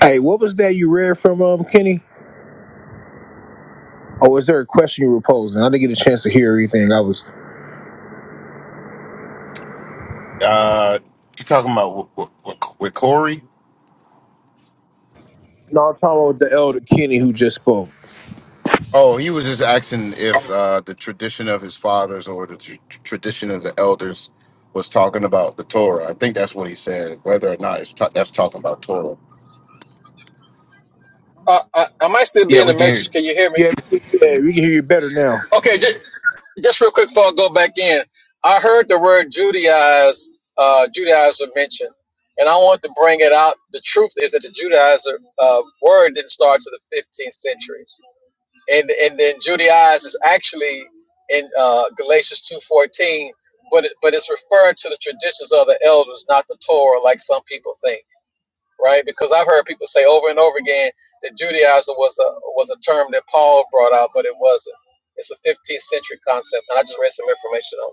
S20: Hey, what was that you read from um Kenny? Or is there a question you were posing? I didn't get a chance to hear everything. I was
S22: Uh, you talking about with, with, with Corey?
S20: no, I'm talking about the elder Kenny who just spoke.
S22: Oh, he was just asking if uh, the tradition of his fathers or the tr- tradition of the elders was talking about the Torah. I think that's what he said. Whether or not it's ta- that's talking about Torah.
S13: Uh, I, I might still be
S22: Yeah,
S13: in the
S22: we can hear.
S13: matrix.
S22: you.
S13: Can you hear me?
S20: Yeah, yeah, we can hear you better now.
S13: Okay, just, just real quick before I go back in, I heard the word Judaize, uh, Judaizer mentioned, and I want to bring it out. The truth is that the Judaizer uh, word didn't start to the 15th century. and and then Judaize is actually in uh, Galatians two fourteen, but it, but it's referring to the traditions of the elders, not the Torah, like some people think, right? Because I've heard people say over and over again that Judaizer was a was a term that Paul brought out, but it wasn't. It's a 15th century concept, and I just read some information on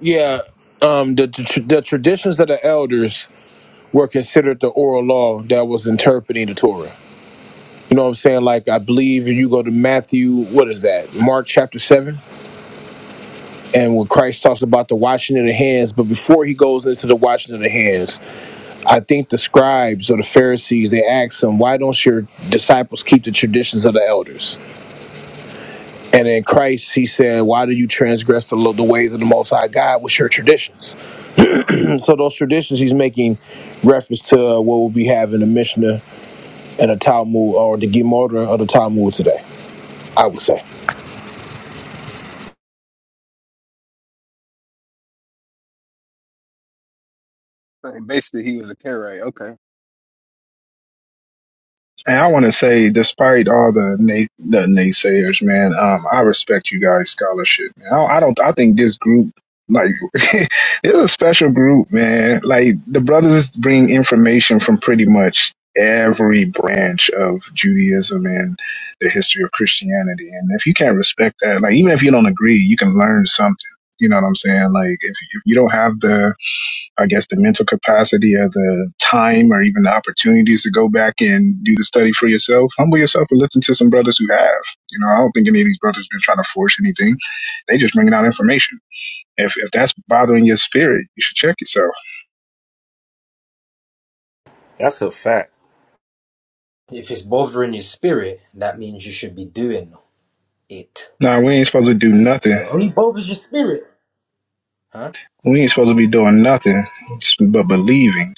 S20: Yeah, um, the the, tr- the traditions of the elders were considered the oral law that was interpreting the Torah. You know what I'm saying? Like I believe if you go to Matthew, what is that? Mark chapter seven, and when Christ talks about the washing of the hands, but before he goes into the washing of the hands, I think the scribes or the Pharisees they asked him, "Why don't your disciples keep the traditions of the elders?" And then Christ, he said, "Why do you transgress the, lo- the ways of the Most High God with your traditions?" So those traditions he's making reference to uh, what we'll be having a Mishnah and a Talmud or the Gemara or the Talmud today, I would say.
S11: So basically, he was a Karaite. Okay.
S2: And I want to say, despite all the, nay, the naysayers, man, um, I respect you guys' scholarship. Man. I, I don't. I think this group, like, (laughs) it's a special group, man. Like the brothers bring information from pretty much every branch of Judaism and the history of Christianity. And if you can't respect that, like, even if you don't agree, you can learn something. You know what I'm saying? Like, if, if you don't have the I guess, the mental capacity or the time or even the opportunities to go back and do the study for yourself, humble yourself and listen to some brothers who have. You know, I don't think any of these brothers been trying to force anything. They just bringing out information. If, if that's bothering your spirit, you should check yourself.
S9: That's a fact.
S16: If it's bothering your spirit, that means you should be doing it.
S2: Nah, we ain't supposed to do
S16: Because
S2: nothing.
S16: it only bothers your spirit. Huh?
S2: We ain't supposed to be doing nothing but believing.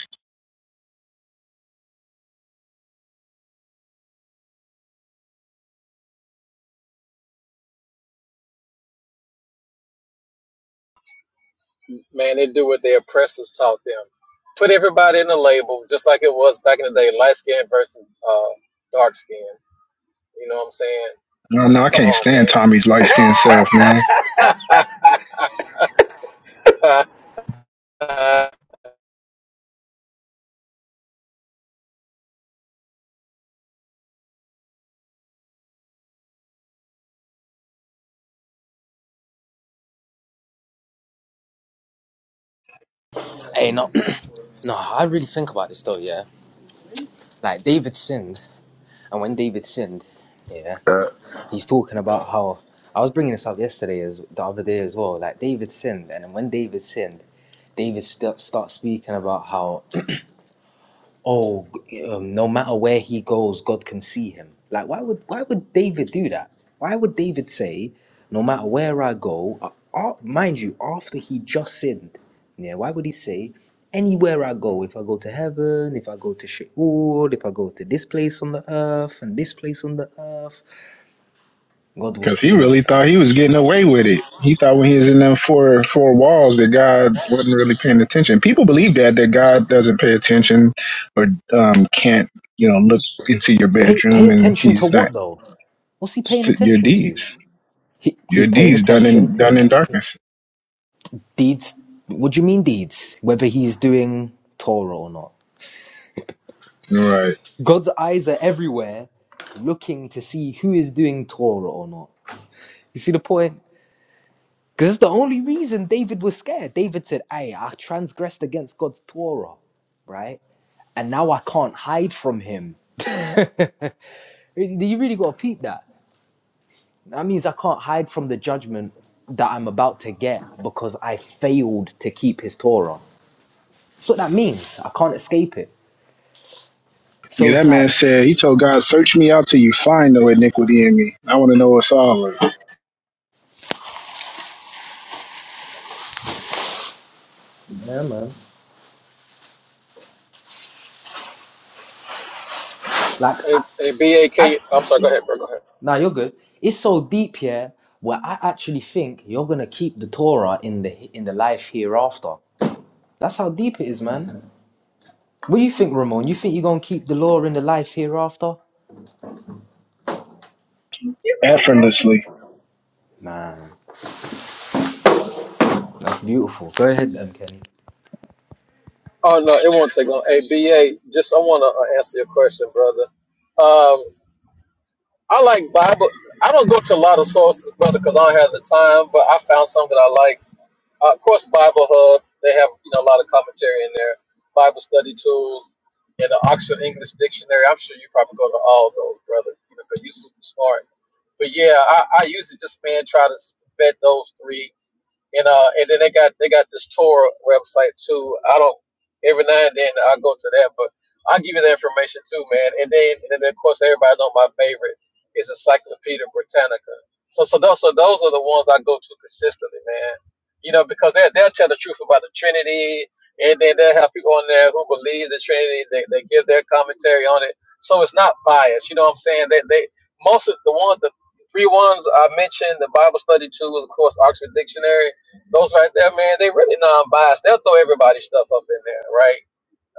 S13: it. Man, they do what their oppressors taught them. Put everybody in a label, just like it was back in the day, light skin versus uh, dark skin. You know what I'm saying?
S2: No,
S13: I
S2: no,
S13: mean,
S2: I
S13: come
S2: can't
S13: on,
S2: stand
S13: man.
S2: Tommy's light skinned self, man.
S13: (laughs) hey,
S16: Hey, no, (clears throat) no, I really think about this though, yeah? Like, David sinned. And when David sinned, yeah, he's talking about how I was bringing this up yesterday, as the other day as well. Like David sinned, and then when David sinned, David st- starts speaking about how (clears throat) oh, um, no matter where he goes, God can see him. Like why would why would David do that? Why would David say, no matter where I go, uh, uh, mind you, after he just sinned, yeah, why would he say? Anywhere I go, if I go to heaven, if I go to Sheol, if I go to this place on the earth and this place on the earth, God will
S2: Cause he
S16: see me
S2: really
S16: and
S2: thought he
S16: find
S2: was
S16: me.
S2: getting away with it. He thought when he was in them four four walls that God wasn't really paying attention. People believe that that God doesn't pay attention or um, can't you know look into your
S16: Pay pay
S2: bedroom and
S16: attention to
S2: He's
S16: what
S2: not
S16: though? What's he paying
S2: to your
S16: attention to?
S2: deeds.
S16: He
S2: Your
S16: he's paying
S2: deeds done
S16: attention
S2: in
S16: to
S2: done in darkness.
S16: deeds. What do you mean deeds? Whether he's doing Torah or not.
S2: Right.
S16: God's eyes are everywhere, looking to see who is doing Torah or not. You see the point? Because it's the only reason David was scared. David said, "Hey, I transgressed against God's Torah, right? And now I can't hide from Him." (laughs) you really got to peep that. That means I can't hide from the judgment that I'm about to get because I failed to keep his Torah. That's what that means. I can't escape it. So
S2: Yeah, that
S16: it's like,
S2: man said he told God, "Search me out till you find no iniquity in me. I want to know what's all of it
S16: yeah, man. Like, I,
S13: am
S16: I,
S13: sorry, go ahead,
S16: it's,
S13: bro, go ahead.
S16: nah, you're good. It's so deep here where I actually think you're gonna keep the Torah in the in the life hereafter. That's how deep it is, man. What do you think, Ramon? You think you're gonna keep the law in the life hereafter?
S2: effortlessly."
S16: Man, that's beautiful. Go ahead, then, Kenny.
S13: Oh, no, it won't take long. A B A. just I want to answer your question, brother. Um, I like Bible. I don't go to a lot of sources, brother, because I don't have the time, but I found some that I like. Uh, of course, Bible Hub, they have you know a lot of commentary in there, Bible study tools, and the Oxford English Dictionary. I'm sure you probably go to all those, brother, because you're super smart. But yeah, I, I usually just man try to vet those three and uh, and then they got they got this tour website too. I don't every now and then I go to that, but I'll give you the information too, man. And then and then of course everybody know my favorite is Encyclopedia Britannica. So so those so those are the ones I go to consistently, man. You know because they they'll tell the truth about the Trinity, and then they'll have people on there who believe the Trinity. They they give their commentary on it, so it's not biased. You know what I'm saying? They they most of the ones the three ones I mentioned, the Bible study too, of course Oxford Dictionary those right there, man, they really non-biased. They'll throw everybody's stuff up in there, right?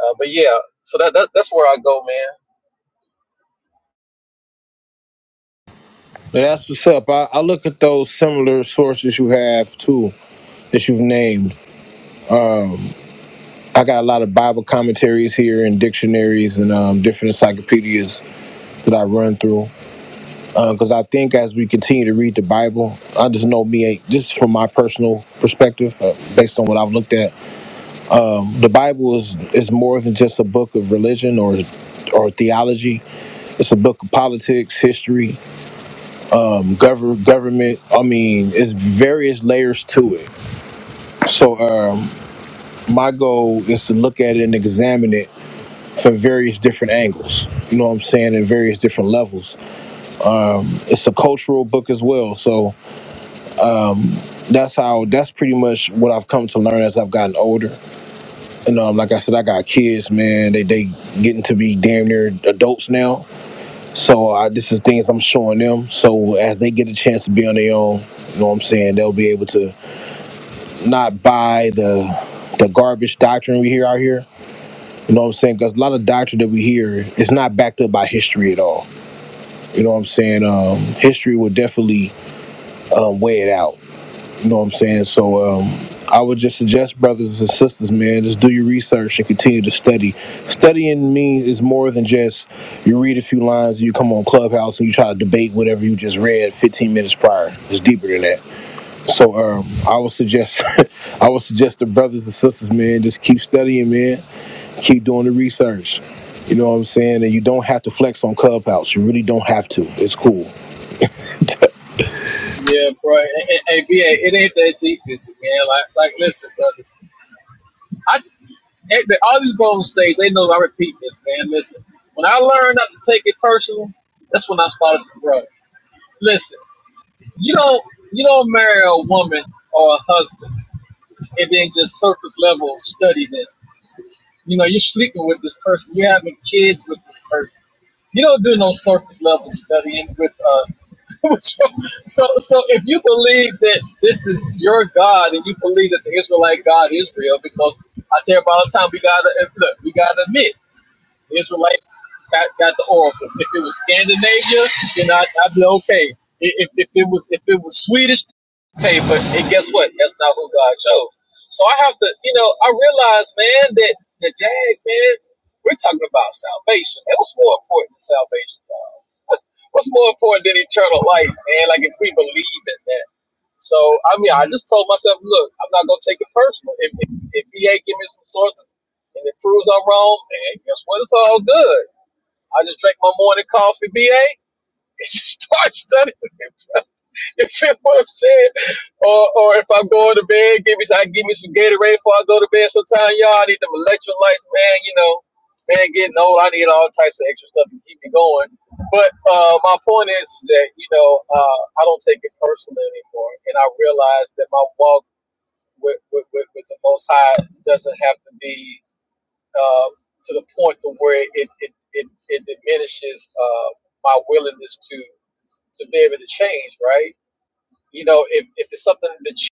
S13: Uh, but yeah, so that, that that's where I go, man.
S20: But that's what's up. I, I look at those similar sources you have too that you've named. I got a lot of Bible commentaries here and dictionaries and um, different encyclopedias that I run through because I think as we continue to read the Bible, I just know me just from my personal perspective, uh, based on what I've looked at. the Bible is is more than just a book of religion or or theology. It's a book of politics, history, govern government. I mean, it's various layers to it. So um, my goal is to look at it and examine it from various different angles. You know what I'm saying? In various different levels. It's a cultural book as well. So that's how. That's pretty much what I've come to learn as I've gotten older. And um, like I said, I got kids, man. They they getting to be damn near adults now So I, this is things I'm showing them. So as they get a chance to be on their own, you know what I'm saying, they'll be able to not buy the the garbage doctrine we hear out here. You know what I'm saying? Because a lot of doctrine that we hear is not backed up by history at all. You know what I'm saying? Um, history will definitely um, weigh it out. You know what I'm saying? So um, I would just suggest, brothers and sisters, man, just do your research and continue to study. Studying means is more than just you read a few lines and you come on Clubhouse and you try to debate whatever you just read 15 minutes prior. It's deeper than that. So um, I would suggest, (laughs) I would suggest the brothers and sisters, man, just keep studying, man. Keep doing the research. You know what I'm saying? And you don't have to flex on Clubhouse. You really don't have to. It's cool.
S13: Yeah, bro. Hey, hey, BA, it ain't that defensive, man. Like, like, listen, brothers. I, t- hey, but all these Golden States, they know. I repeat this, man. Listen, when I learned not to take it personal, that's when I started to grow. Listen, you don't, you don't marry a woman or a husband and then just surface level study them. You know, you're sleeping with this person. You're having kids with this person. You don't do no surface level studying with uh. (laughs) with your- so so if you believe that this is your God and you believe that the Israelite God is real, because I tell you about the time we gotta look, we gotta admit. The Israelites got, got the oracles. If it was Scandinavia, then I'd, I'd be okay. If, if it was if it was Swedish, okay. But and guess what? That's not who God chose. So I have to, you know, I realize, man, that the dag, man, we're talking about salvation. That was more important than salvation, dog. (laughs) What's more important than eternal life, man? Like if we believe in that. So I mean, I just told myself, look, I'm not gonna take it personal. If if, if VA give me some sources and it proves I'm wrong, and guess what? It's all good. I just drank my morning coffee, BA, (laughs) and just start studying. (laughs) (laughs) You feel what I'm saying? Or, or if I go to bed, give me I give me some Gatorade before I go to bed. Sometimes y'all I need them electrolytes, man. You know, man, getting old, I need all types of extra stuff to keep me going. But uh, my point is, is that you know uh, I don't take it personally anymore, and I realize that my walk with with, with, with the Most High doesn't have to be uh, to the point to where it it it, it diminishes uh, my willingness to to be able to change, right? You know, if, if it's something that is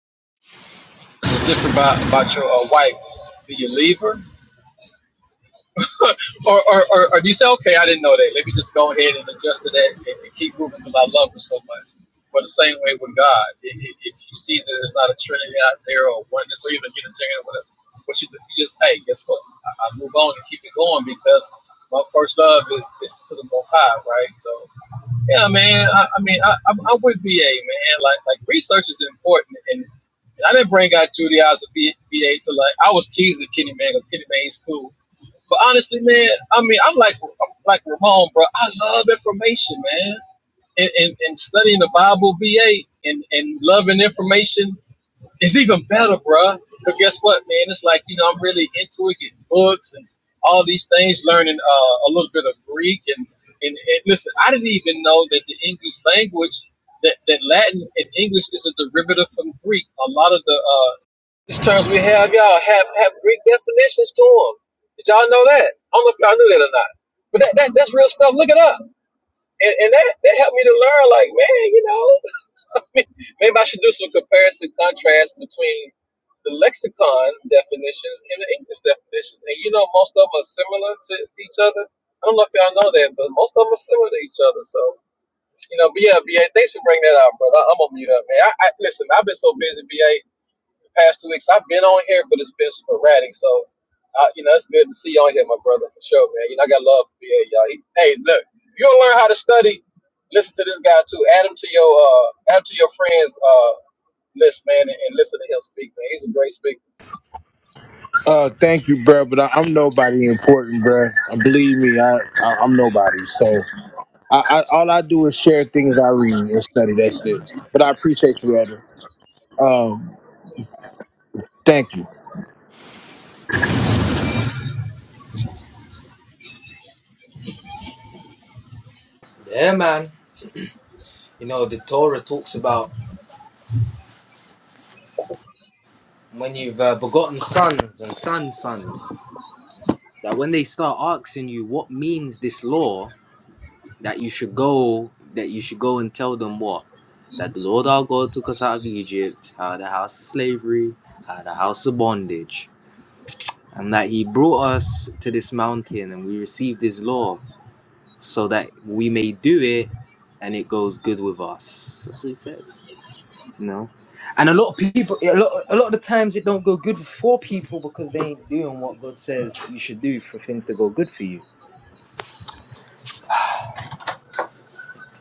S13: different about, about your uh, wife, do you leave her? Or, or, or, or do you say, okay, I didn't know that. Let me just go ahead and adjust to that and, and keep moving because I love her so much. But the same way with God, if you see that there's not a trinity out there or oneness or even Unitarian or whatever, what you, do, you just, hey, guess what? I, I move on and keep it going because my first love is, is to the Most High, right? So Yeah, man. I, I mean, I, I'm, I'm with VA, man. Like, like research is important, and I didn't bring out Judy as a V- VA to like. I was teasing Kenny Man, but Kenny Man's cool. But honestly, man, I mean, I'm like, I'm like Ramon, bro. I love information, man, and and, and studying the Bible, VA, and and loving information it's even better, bruh. Because guess what, man? It's like, you know, I'm really into it, getting books and all these things, learning uh, a little bit of Greek. And, and, and listen, I didn't even know that the English language, that, that Latin and English is a derivative from Greek. A lot of the uh, these terms we have, y'all, have, have Greek definitions to them. Did y'all know that? I don't know if y'all knew that or not. But that, that that's real stuff. Look it up. And, and that, that helped me to learn, like, man, you know. Maybe I should do some comparison contrast between the lexicon definitions and the English definitions. And you know, most of them are similar to each other. I don't know if y'all know that, but most of them are similar to each other. So, you know, but yeah, BA, thanks for bringing that out, brother. I'm gonna mute up, man. I, I listen. I've been so busy, BA the past two weeks. I've been on here, but it's been sporadic. So, uh, you know, it's good to see you on here, my brother, for sure, man. You know, I got love for BA, y'all. He, hey, look, you want to learn how to study? Listen to this guy too. Add him to your uh, add him to your friends uh, list, man, and, and listen to him speak, man. He's a great speaker.
S20: Uh, thank you, bro. But I, I'm nobody important, bro. Uh, Believe me, I, I I'm nobody. So, I, I all I do is share things I read and study. That's it. But I appreciate you, brother. Um, thank you.
S16: Yeah, man. You know, the Torah talks about when you've uh, begotten sons and sons' sons, that when they start asking you what means this law, that you should go, that you should go and tell them what, that the Lord our God took us out of Egypt, out of the house of slavery, out of the house of bondage, and that He brought us to this mountain, and we received His law, so that we may do it, and it goes good with us. That's what He says. No. And a lot of people, a lot, a lot of the times it don't go good for people because they ain't doing what God says you should do for things to go good for you.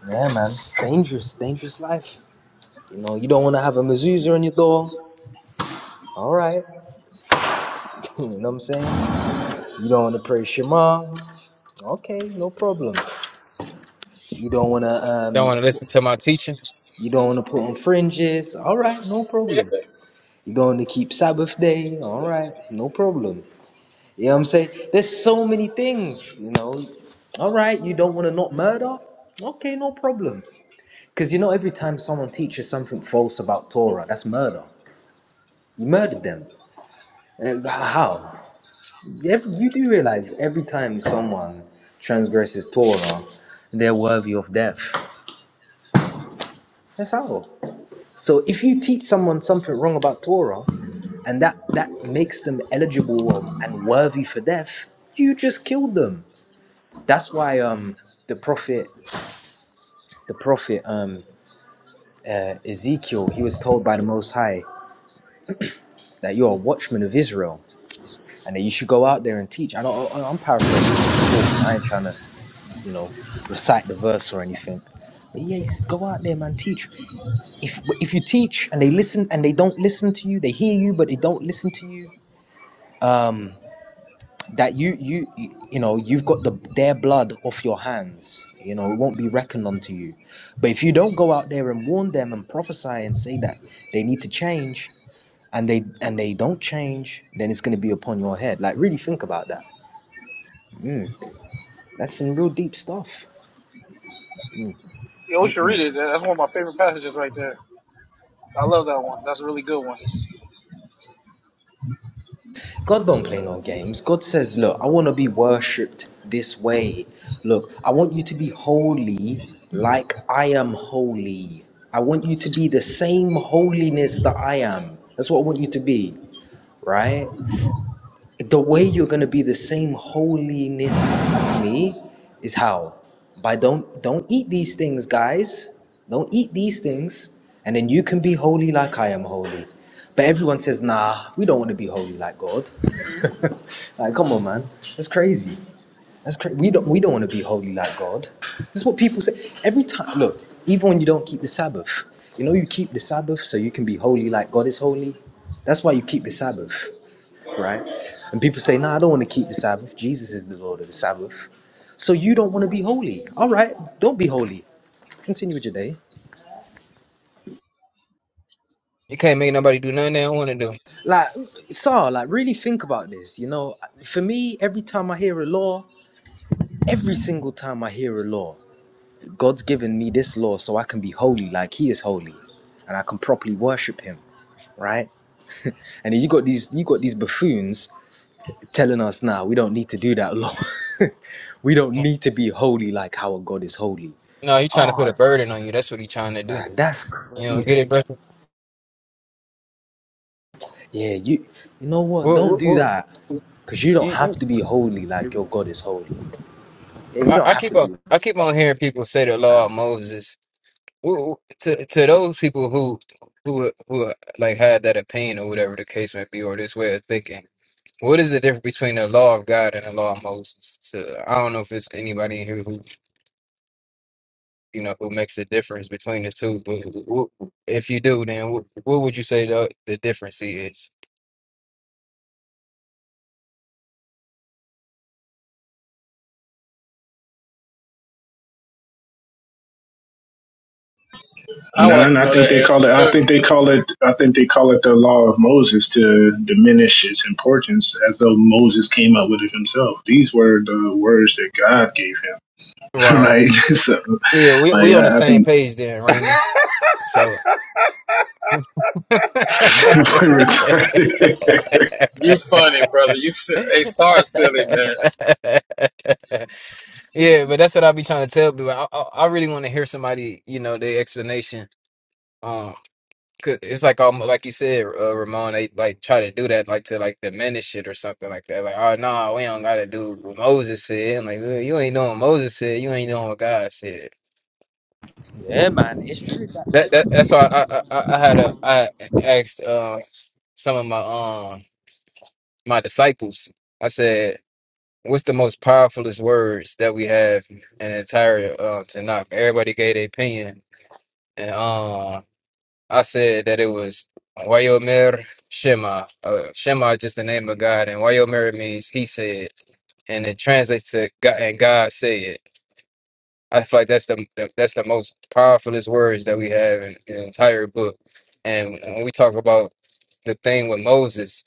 S16: Yeah, man. It's dangerous, dangerous life. You know, you don't want to have a mezuzah on your door. All right. (laughs) You know what I'm saying? You don't want to pray Shema. Okay, no problem. You don't want to,
S11: Don't
S16: um,
S11: want to listen to my teachings.
S16: you don't want to put on fringes. All right, no problem. You don't want to keep Sabbath day. All right, no problem. You know what I'm saying? There's so many things, you know. All right, you don't want to not murder? Okay, no problem. Because you know, every time someone teaches something false about Torah, that's murder. You murdered them. Uh, How? Ev- You do realize every time someone transgresses Torah, they're worthy of death. That's how. So if you teach someone something wrong about Torah, and that, that makes them eligible um, and worthy for death, you just killed them. That's why um, the prophet the prophet um, uh, Ezekiel, he was told by the Most High that you're a watchman of Israel and that you should go out there and teach. I don't, I- I'm paraphrasing, I'm just talking. I ain't trying to, you know, recite the verse or anything. But yeah, he says, go out there, man, teach. If, if you teach and they listen and they don't listen to you, they hear you, but they don't listen to you, that you you you you know you've got the their blood off your hands you know it won't be reckoned unto you but if you don't go out there and warn them and prophesy and say that they need to change and they and they don't change then it's going to be upon your head like really think about that that's some real deep stuff
S21: Yo, we should read it. That's one of my favorite passages right there. I love that one. That's a really good one.
S16: God don't play no games. God says, Look, I want to be worshipped this way. Look, I want you to be holy like I am holy. I want you to be the same holiness that I am. That's what I want you to be, right? the way you're going to be the same holiness as me is how by don't don't eat these things guys don't eat these things and then you can be holy like i am holy but everyone says nah we don't want to be holy like god (laughs) like come on man that's crazy that's crazy we don't we don't want to be holy like god this is what people say every time look even when you don't keep the sabbath you know you keep the sabbath so you can be holy like god is holy that's why you keep the sabbath right? And people say, "No, I don't want to keep the Sabbath. Jesus is the Lord of the Sabbath." So you don't want to be holy. All right, don't be holy. Continue with your day.
S11: You can't make nobody do nothing they don't want to do.
S16: Like, Sar, like really think about this. You know, for me, every time I hear a law, every single time I hear a law, God's given me this law so I can be holy, like He is holy, and I can properly worship Him, right? And then you got these, you got these buffoons telling us now we don't need to do that law. (laughs) we don't need to be holy like how a God is holy.
S11: No, you trying to put a
S16: Oh,
S11: burden on you. That's what he trying to do.
S16: Man, that's
S11: You know, get
S16: crazy.
S11: it, bro.
S16: Yeah, you you know what?
S11: Woo,
S16: Don't do
S11: woo,
S16: that.
S11: woo.
S16: Cause you don't have
S11: You,
S16: to be holy like
S11: you,
S16: your God is holy. Yeah, you
S11: I,
S16: don't
S11: I
S16: have to
S11: keep on,
S16: be.
S11: I keep on hearing people say the law of Moses. Woo, woo. To to those people who who who like had that opinion or whatever the case may be, or this way of thinking. What is the difference between the law of God and the law of Moses? To, I don't know if it's anybody in here who you know who makes the difference between the two, but wh- if you do, then wh- what would you say the the difference is?
S13: I would like
S2: None.
S13: to
S2: I
S13: know
S2: think
S13: that
S2: they
S13: answer
S2: call it. I
S13: too.
S2: think they call it. I think they call it the law of Moses to diminish its importance, as though Moses came up with it himself. These were the words that God gave him, (laughs)
S11: Right.
S2: right? (laughs) so,
S11: Yeah, we
S2: like,
S11: we on the
S2: I, I
S11: same
S2: think
S11: page then, Raymond. So. (laughs)
S2: (laughs) we're retarded.
S13: You funny, brother. You si-
S11: yeah,
S13: hey, sorry, silly man.
S11: but that's what I be trying to tell people. I, I, I really want to hear somebody, you know, their explanation. 'Cause It's like um, like you said, uh, Ramon. They like try to do that, like to like diminish it or something like that. Like, oh no, we don't gotta do what Moses said. I'm like, "Well, you ain't doing what Moses said. You ain't doing what God said.
S16: Yeah, man, it's true.
S11: That, that that's why I, I I I had a I asked uh some of my um my disciples. I said, what's the most powerfulest words that we have in the entire uh, Tanakh? Everybody gave their opinion, and um I said that it was Wayomer Shema. Uh, Shema is just the name of God, and Wayomer means He said, and it translates to God and God said. I feel like that's the, the that's the most powerfulest words that we have in, in the entire book. And when we talk about the thing with Moses,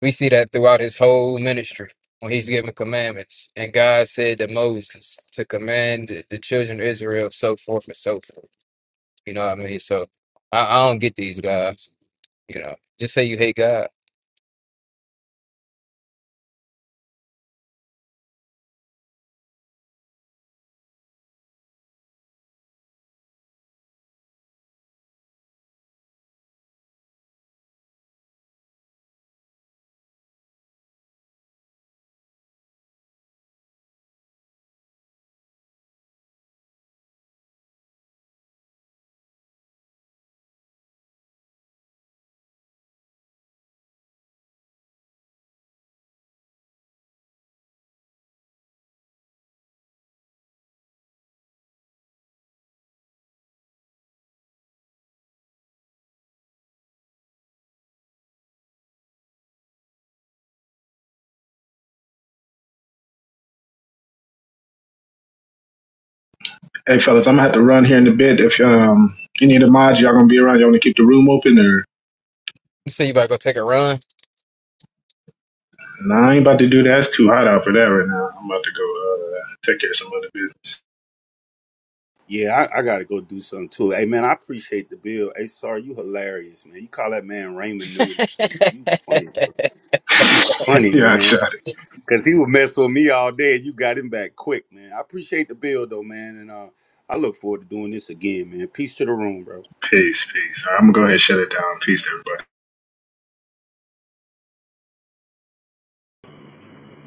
S11: we see that throughout his whole ministry when he's giving commandments. And God said to Moses to command the, the children of Israel, so forth and so forth. You know what I mean? So I, I don't get these guys. You know, just say you hate God.
S2: (laughs) hey, fellas, I'm gonna have to run here in a bit. If um any of the mods y'all gonna be around, y'all wanna keep the room open, or
S11: Just say you about to go take a run.
S2: no? I ain't about to do that. It's too hot out for that right now. I'm about to go uh, take care of some other business.
S9: Yeah, I, I gotta go do something too. Hey man, I appreciate the bill. Hey sorry, you hilarious, man. You call that man Raymond Noodles, man. You funny, bro. You
S2: (laughs)
S9: funny,
S2: yeah, I
S9: man.
S2: tried it.
S9: Cause he would mess with me all day and you got him back quick, man. I appreciate the bill though, man. And uh I look forward to doing this again, man. Peace to the room, bro.
S2: Peace, peace. All right, I'm gonna go ahead and shut it down. Peace, everybody.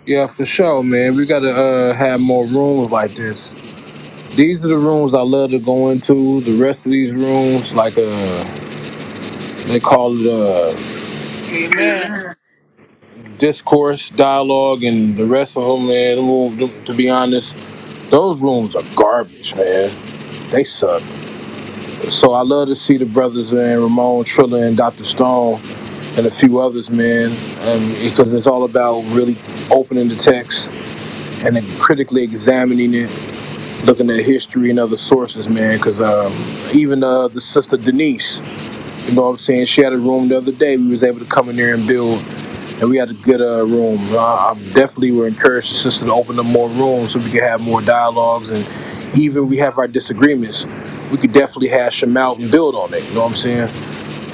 S20: Yeah, for sure, man. We gotta uh, have more rooms like this. These are the rooms I love to go into. The rest of these rooms, like uh, they call it uh,
S21: Amen.
S20: discourse, dialogue, and the rest of them, man. them rooms, to be honest, those rooms are garbage, man. They suck. So I love to see the brothers, man, Ramon, Trilla, and Dr. Stone, and a few others, man, um, because it's all about really opening the text and then critically examining it, looking at history and other sources, man, because um, even uh, the sister Denise, you know what I'm saying, she had a room the other day. We was able to come in there and build, and we had a good uh, room. Uh, I definitely would encourage the sister to open up more rooms so we can have more dialogues, and even we have our disagreements, we could definitely hash them out and build on it, you know what I'm saying?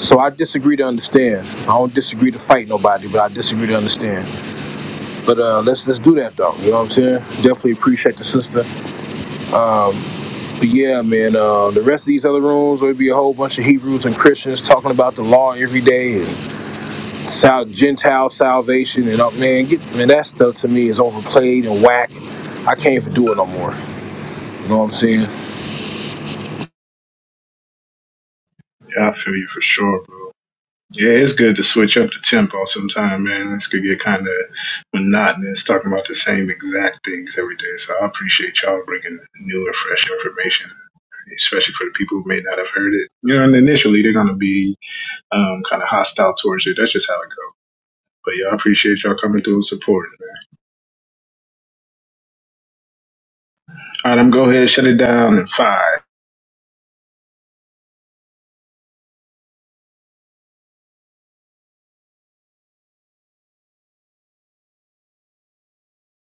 S20: So I disagree to understand. I don't disagree to fight nobody, but I disagree to understand. But uh, let's let's do that though. You know what I'm saying? Definitely appreciate the sister. But yeah, man, uh, the rest of these other rooms would be a whole bunch of Hebrews and Christians talking about the law every day and sal- Gentile salvation and up man, get man that stuff to me is overplayed and whack. I can't even do it no more. You know what I'm saying?
S2: Yeah, I feel you for sure, bro. Yeah, it's good to switch up the tempo sometime, man. This could get kind of monotonous talking about the same exact things every day. So I appreciate y'all bringing new and fresh information, especially for the people who may not have heard it. You know, and initially they're going to be um, kind of hostile towards it. That's just how it goes. But yeah, I appreciate y'all coming through and supporting, man. All right, I'm going to go ahead and shut it down in five.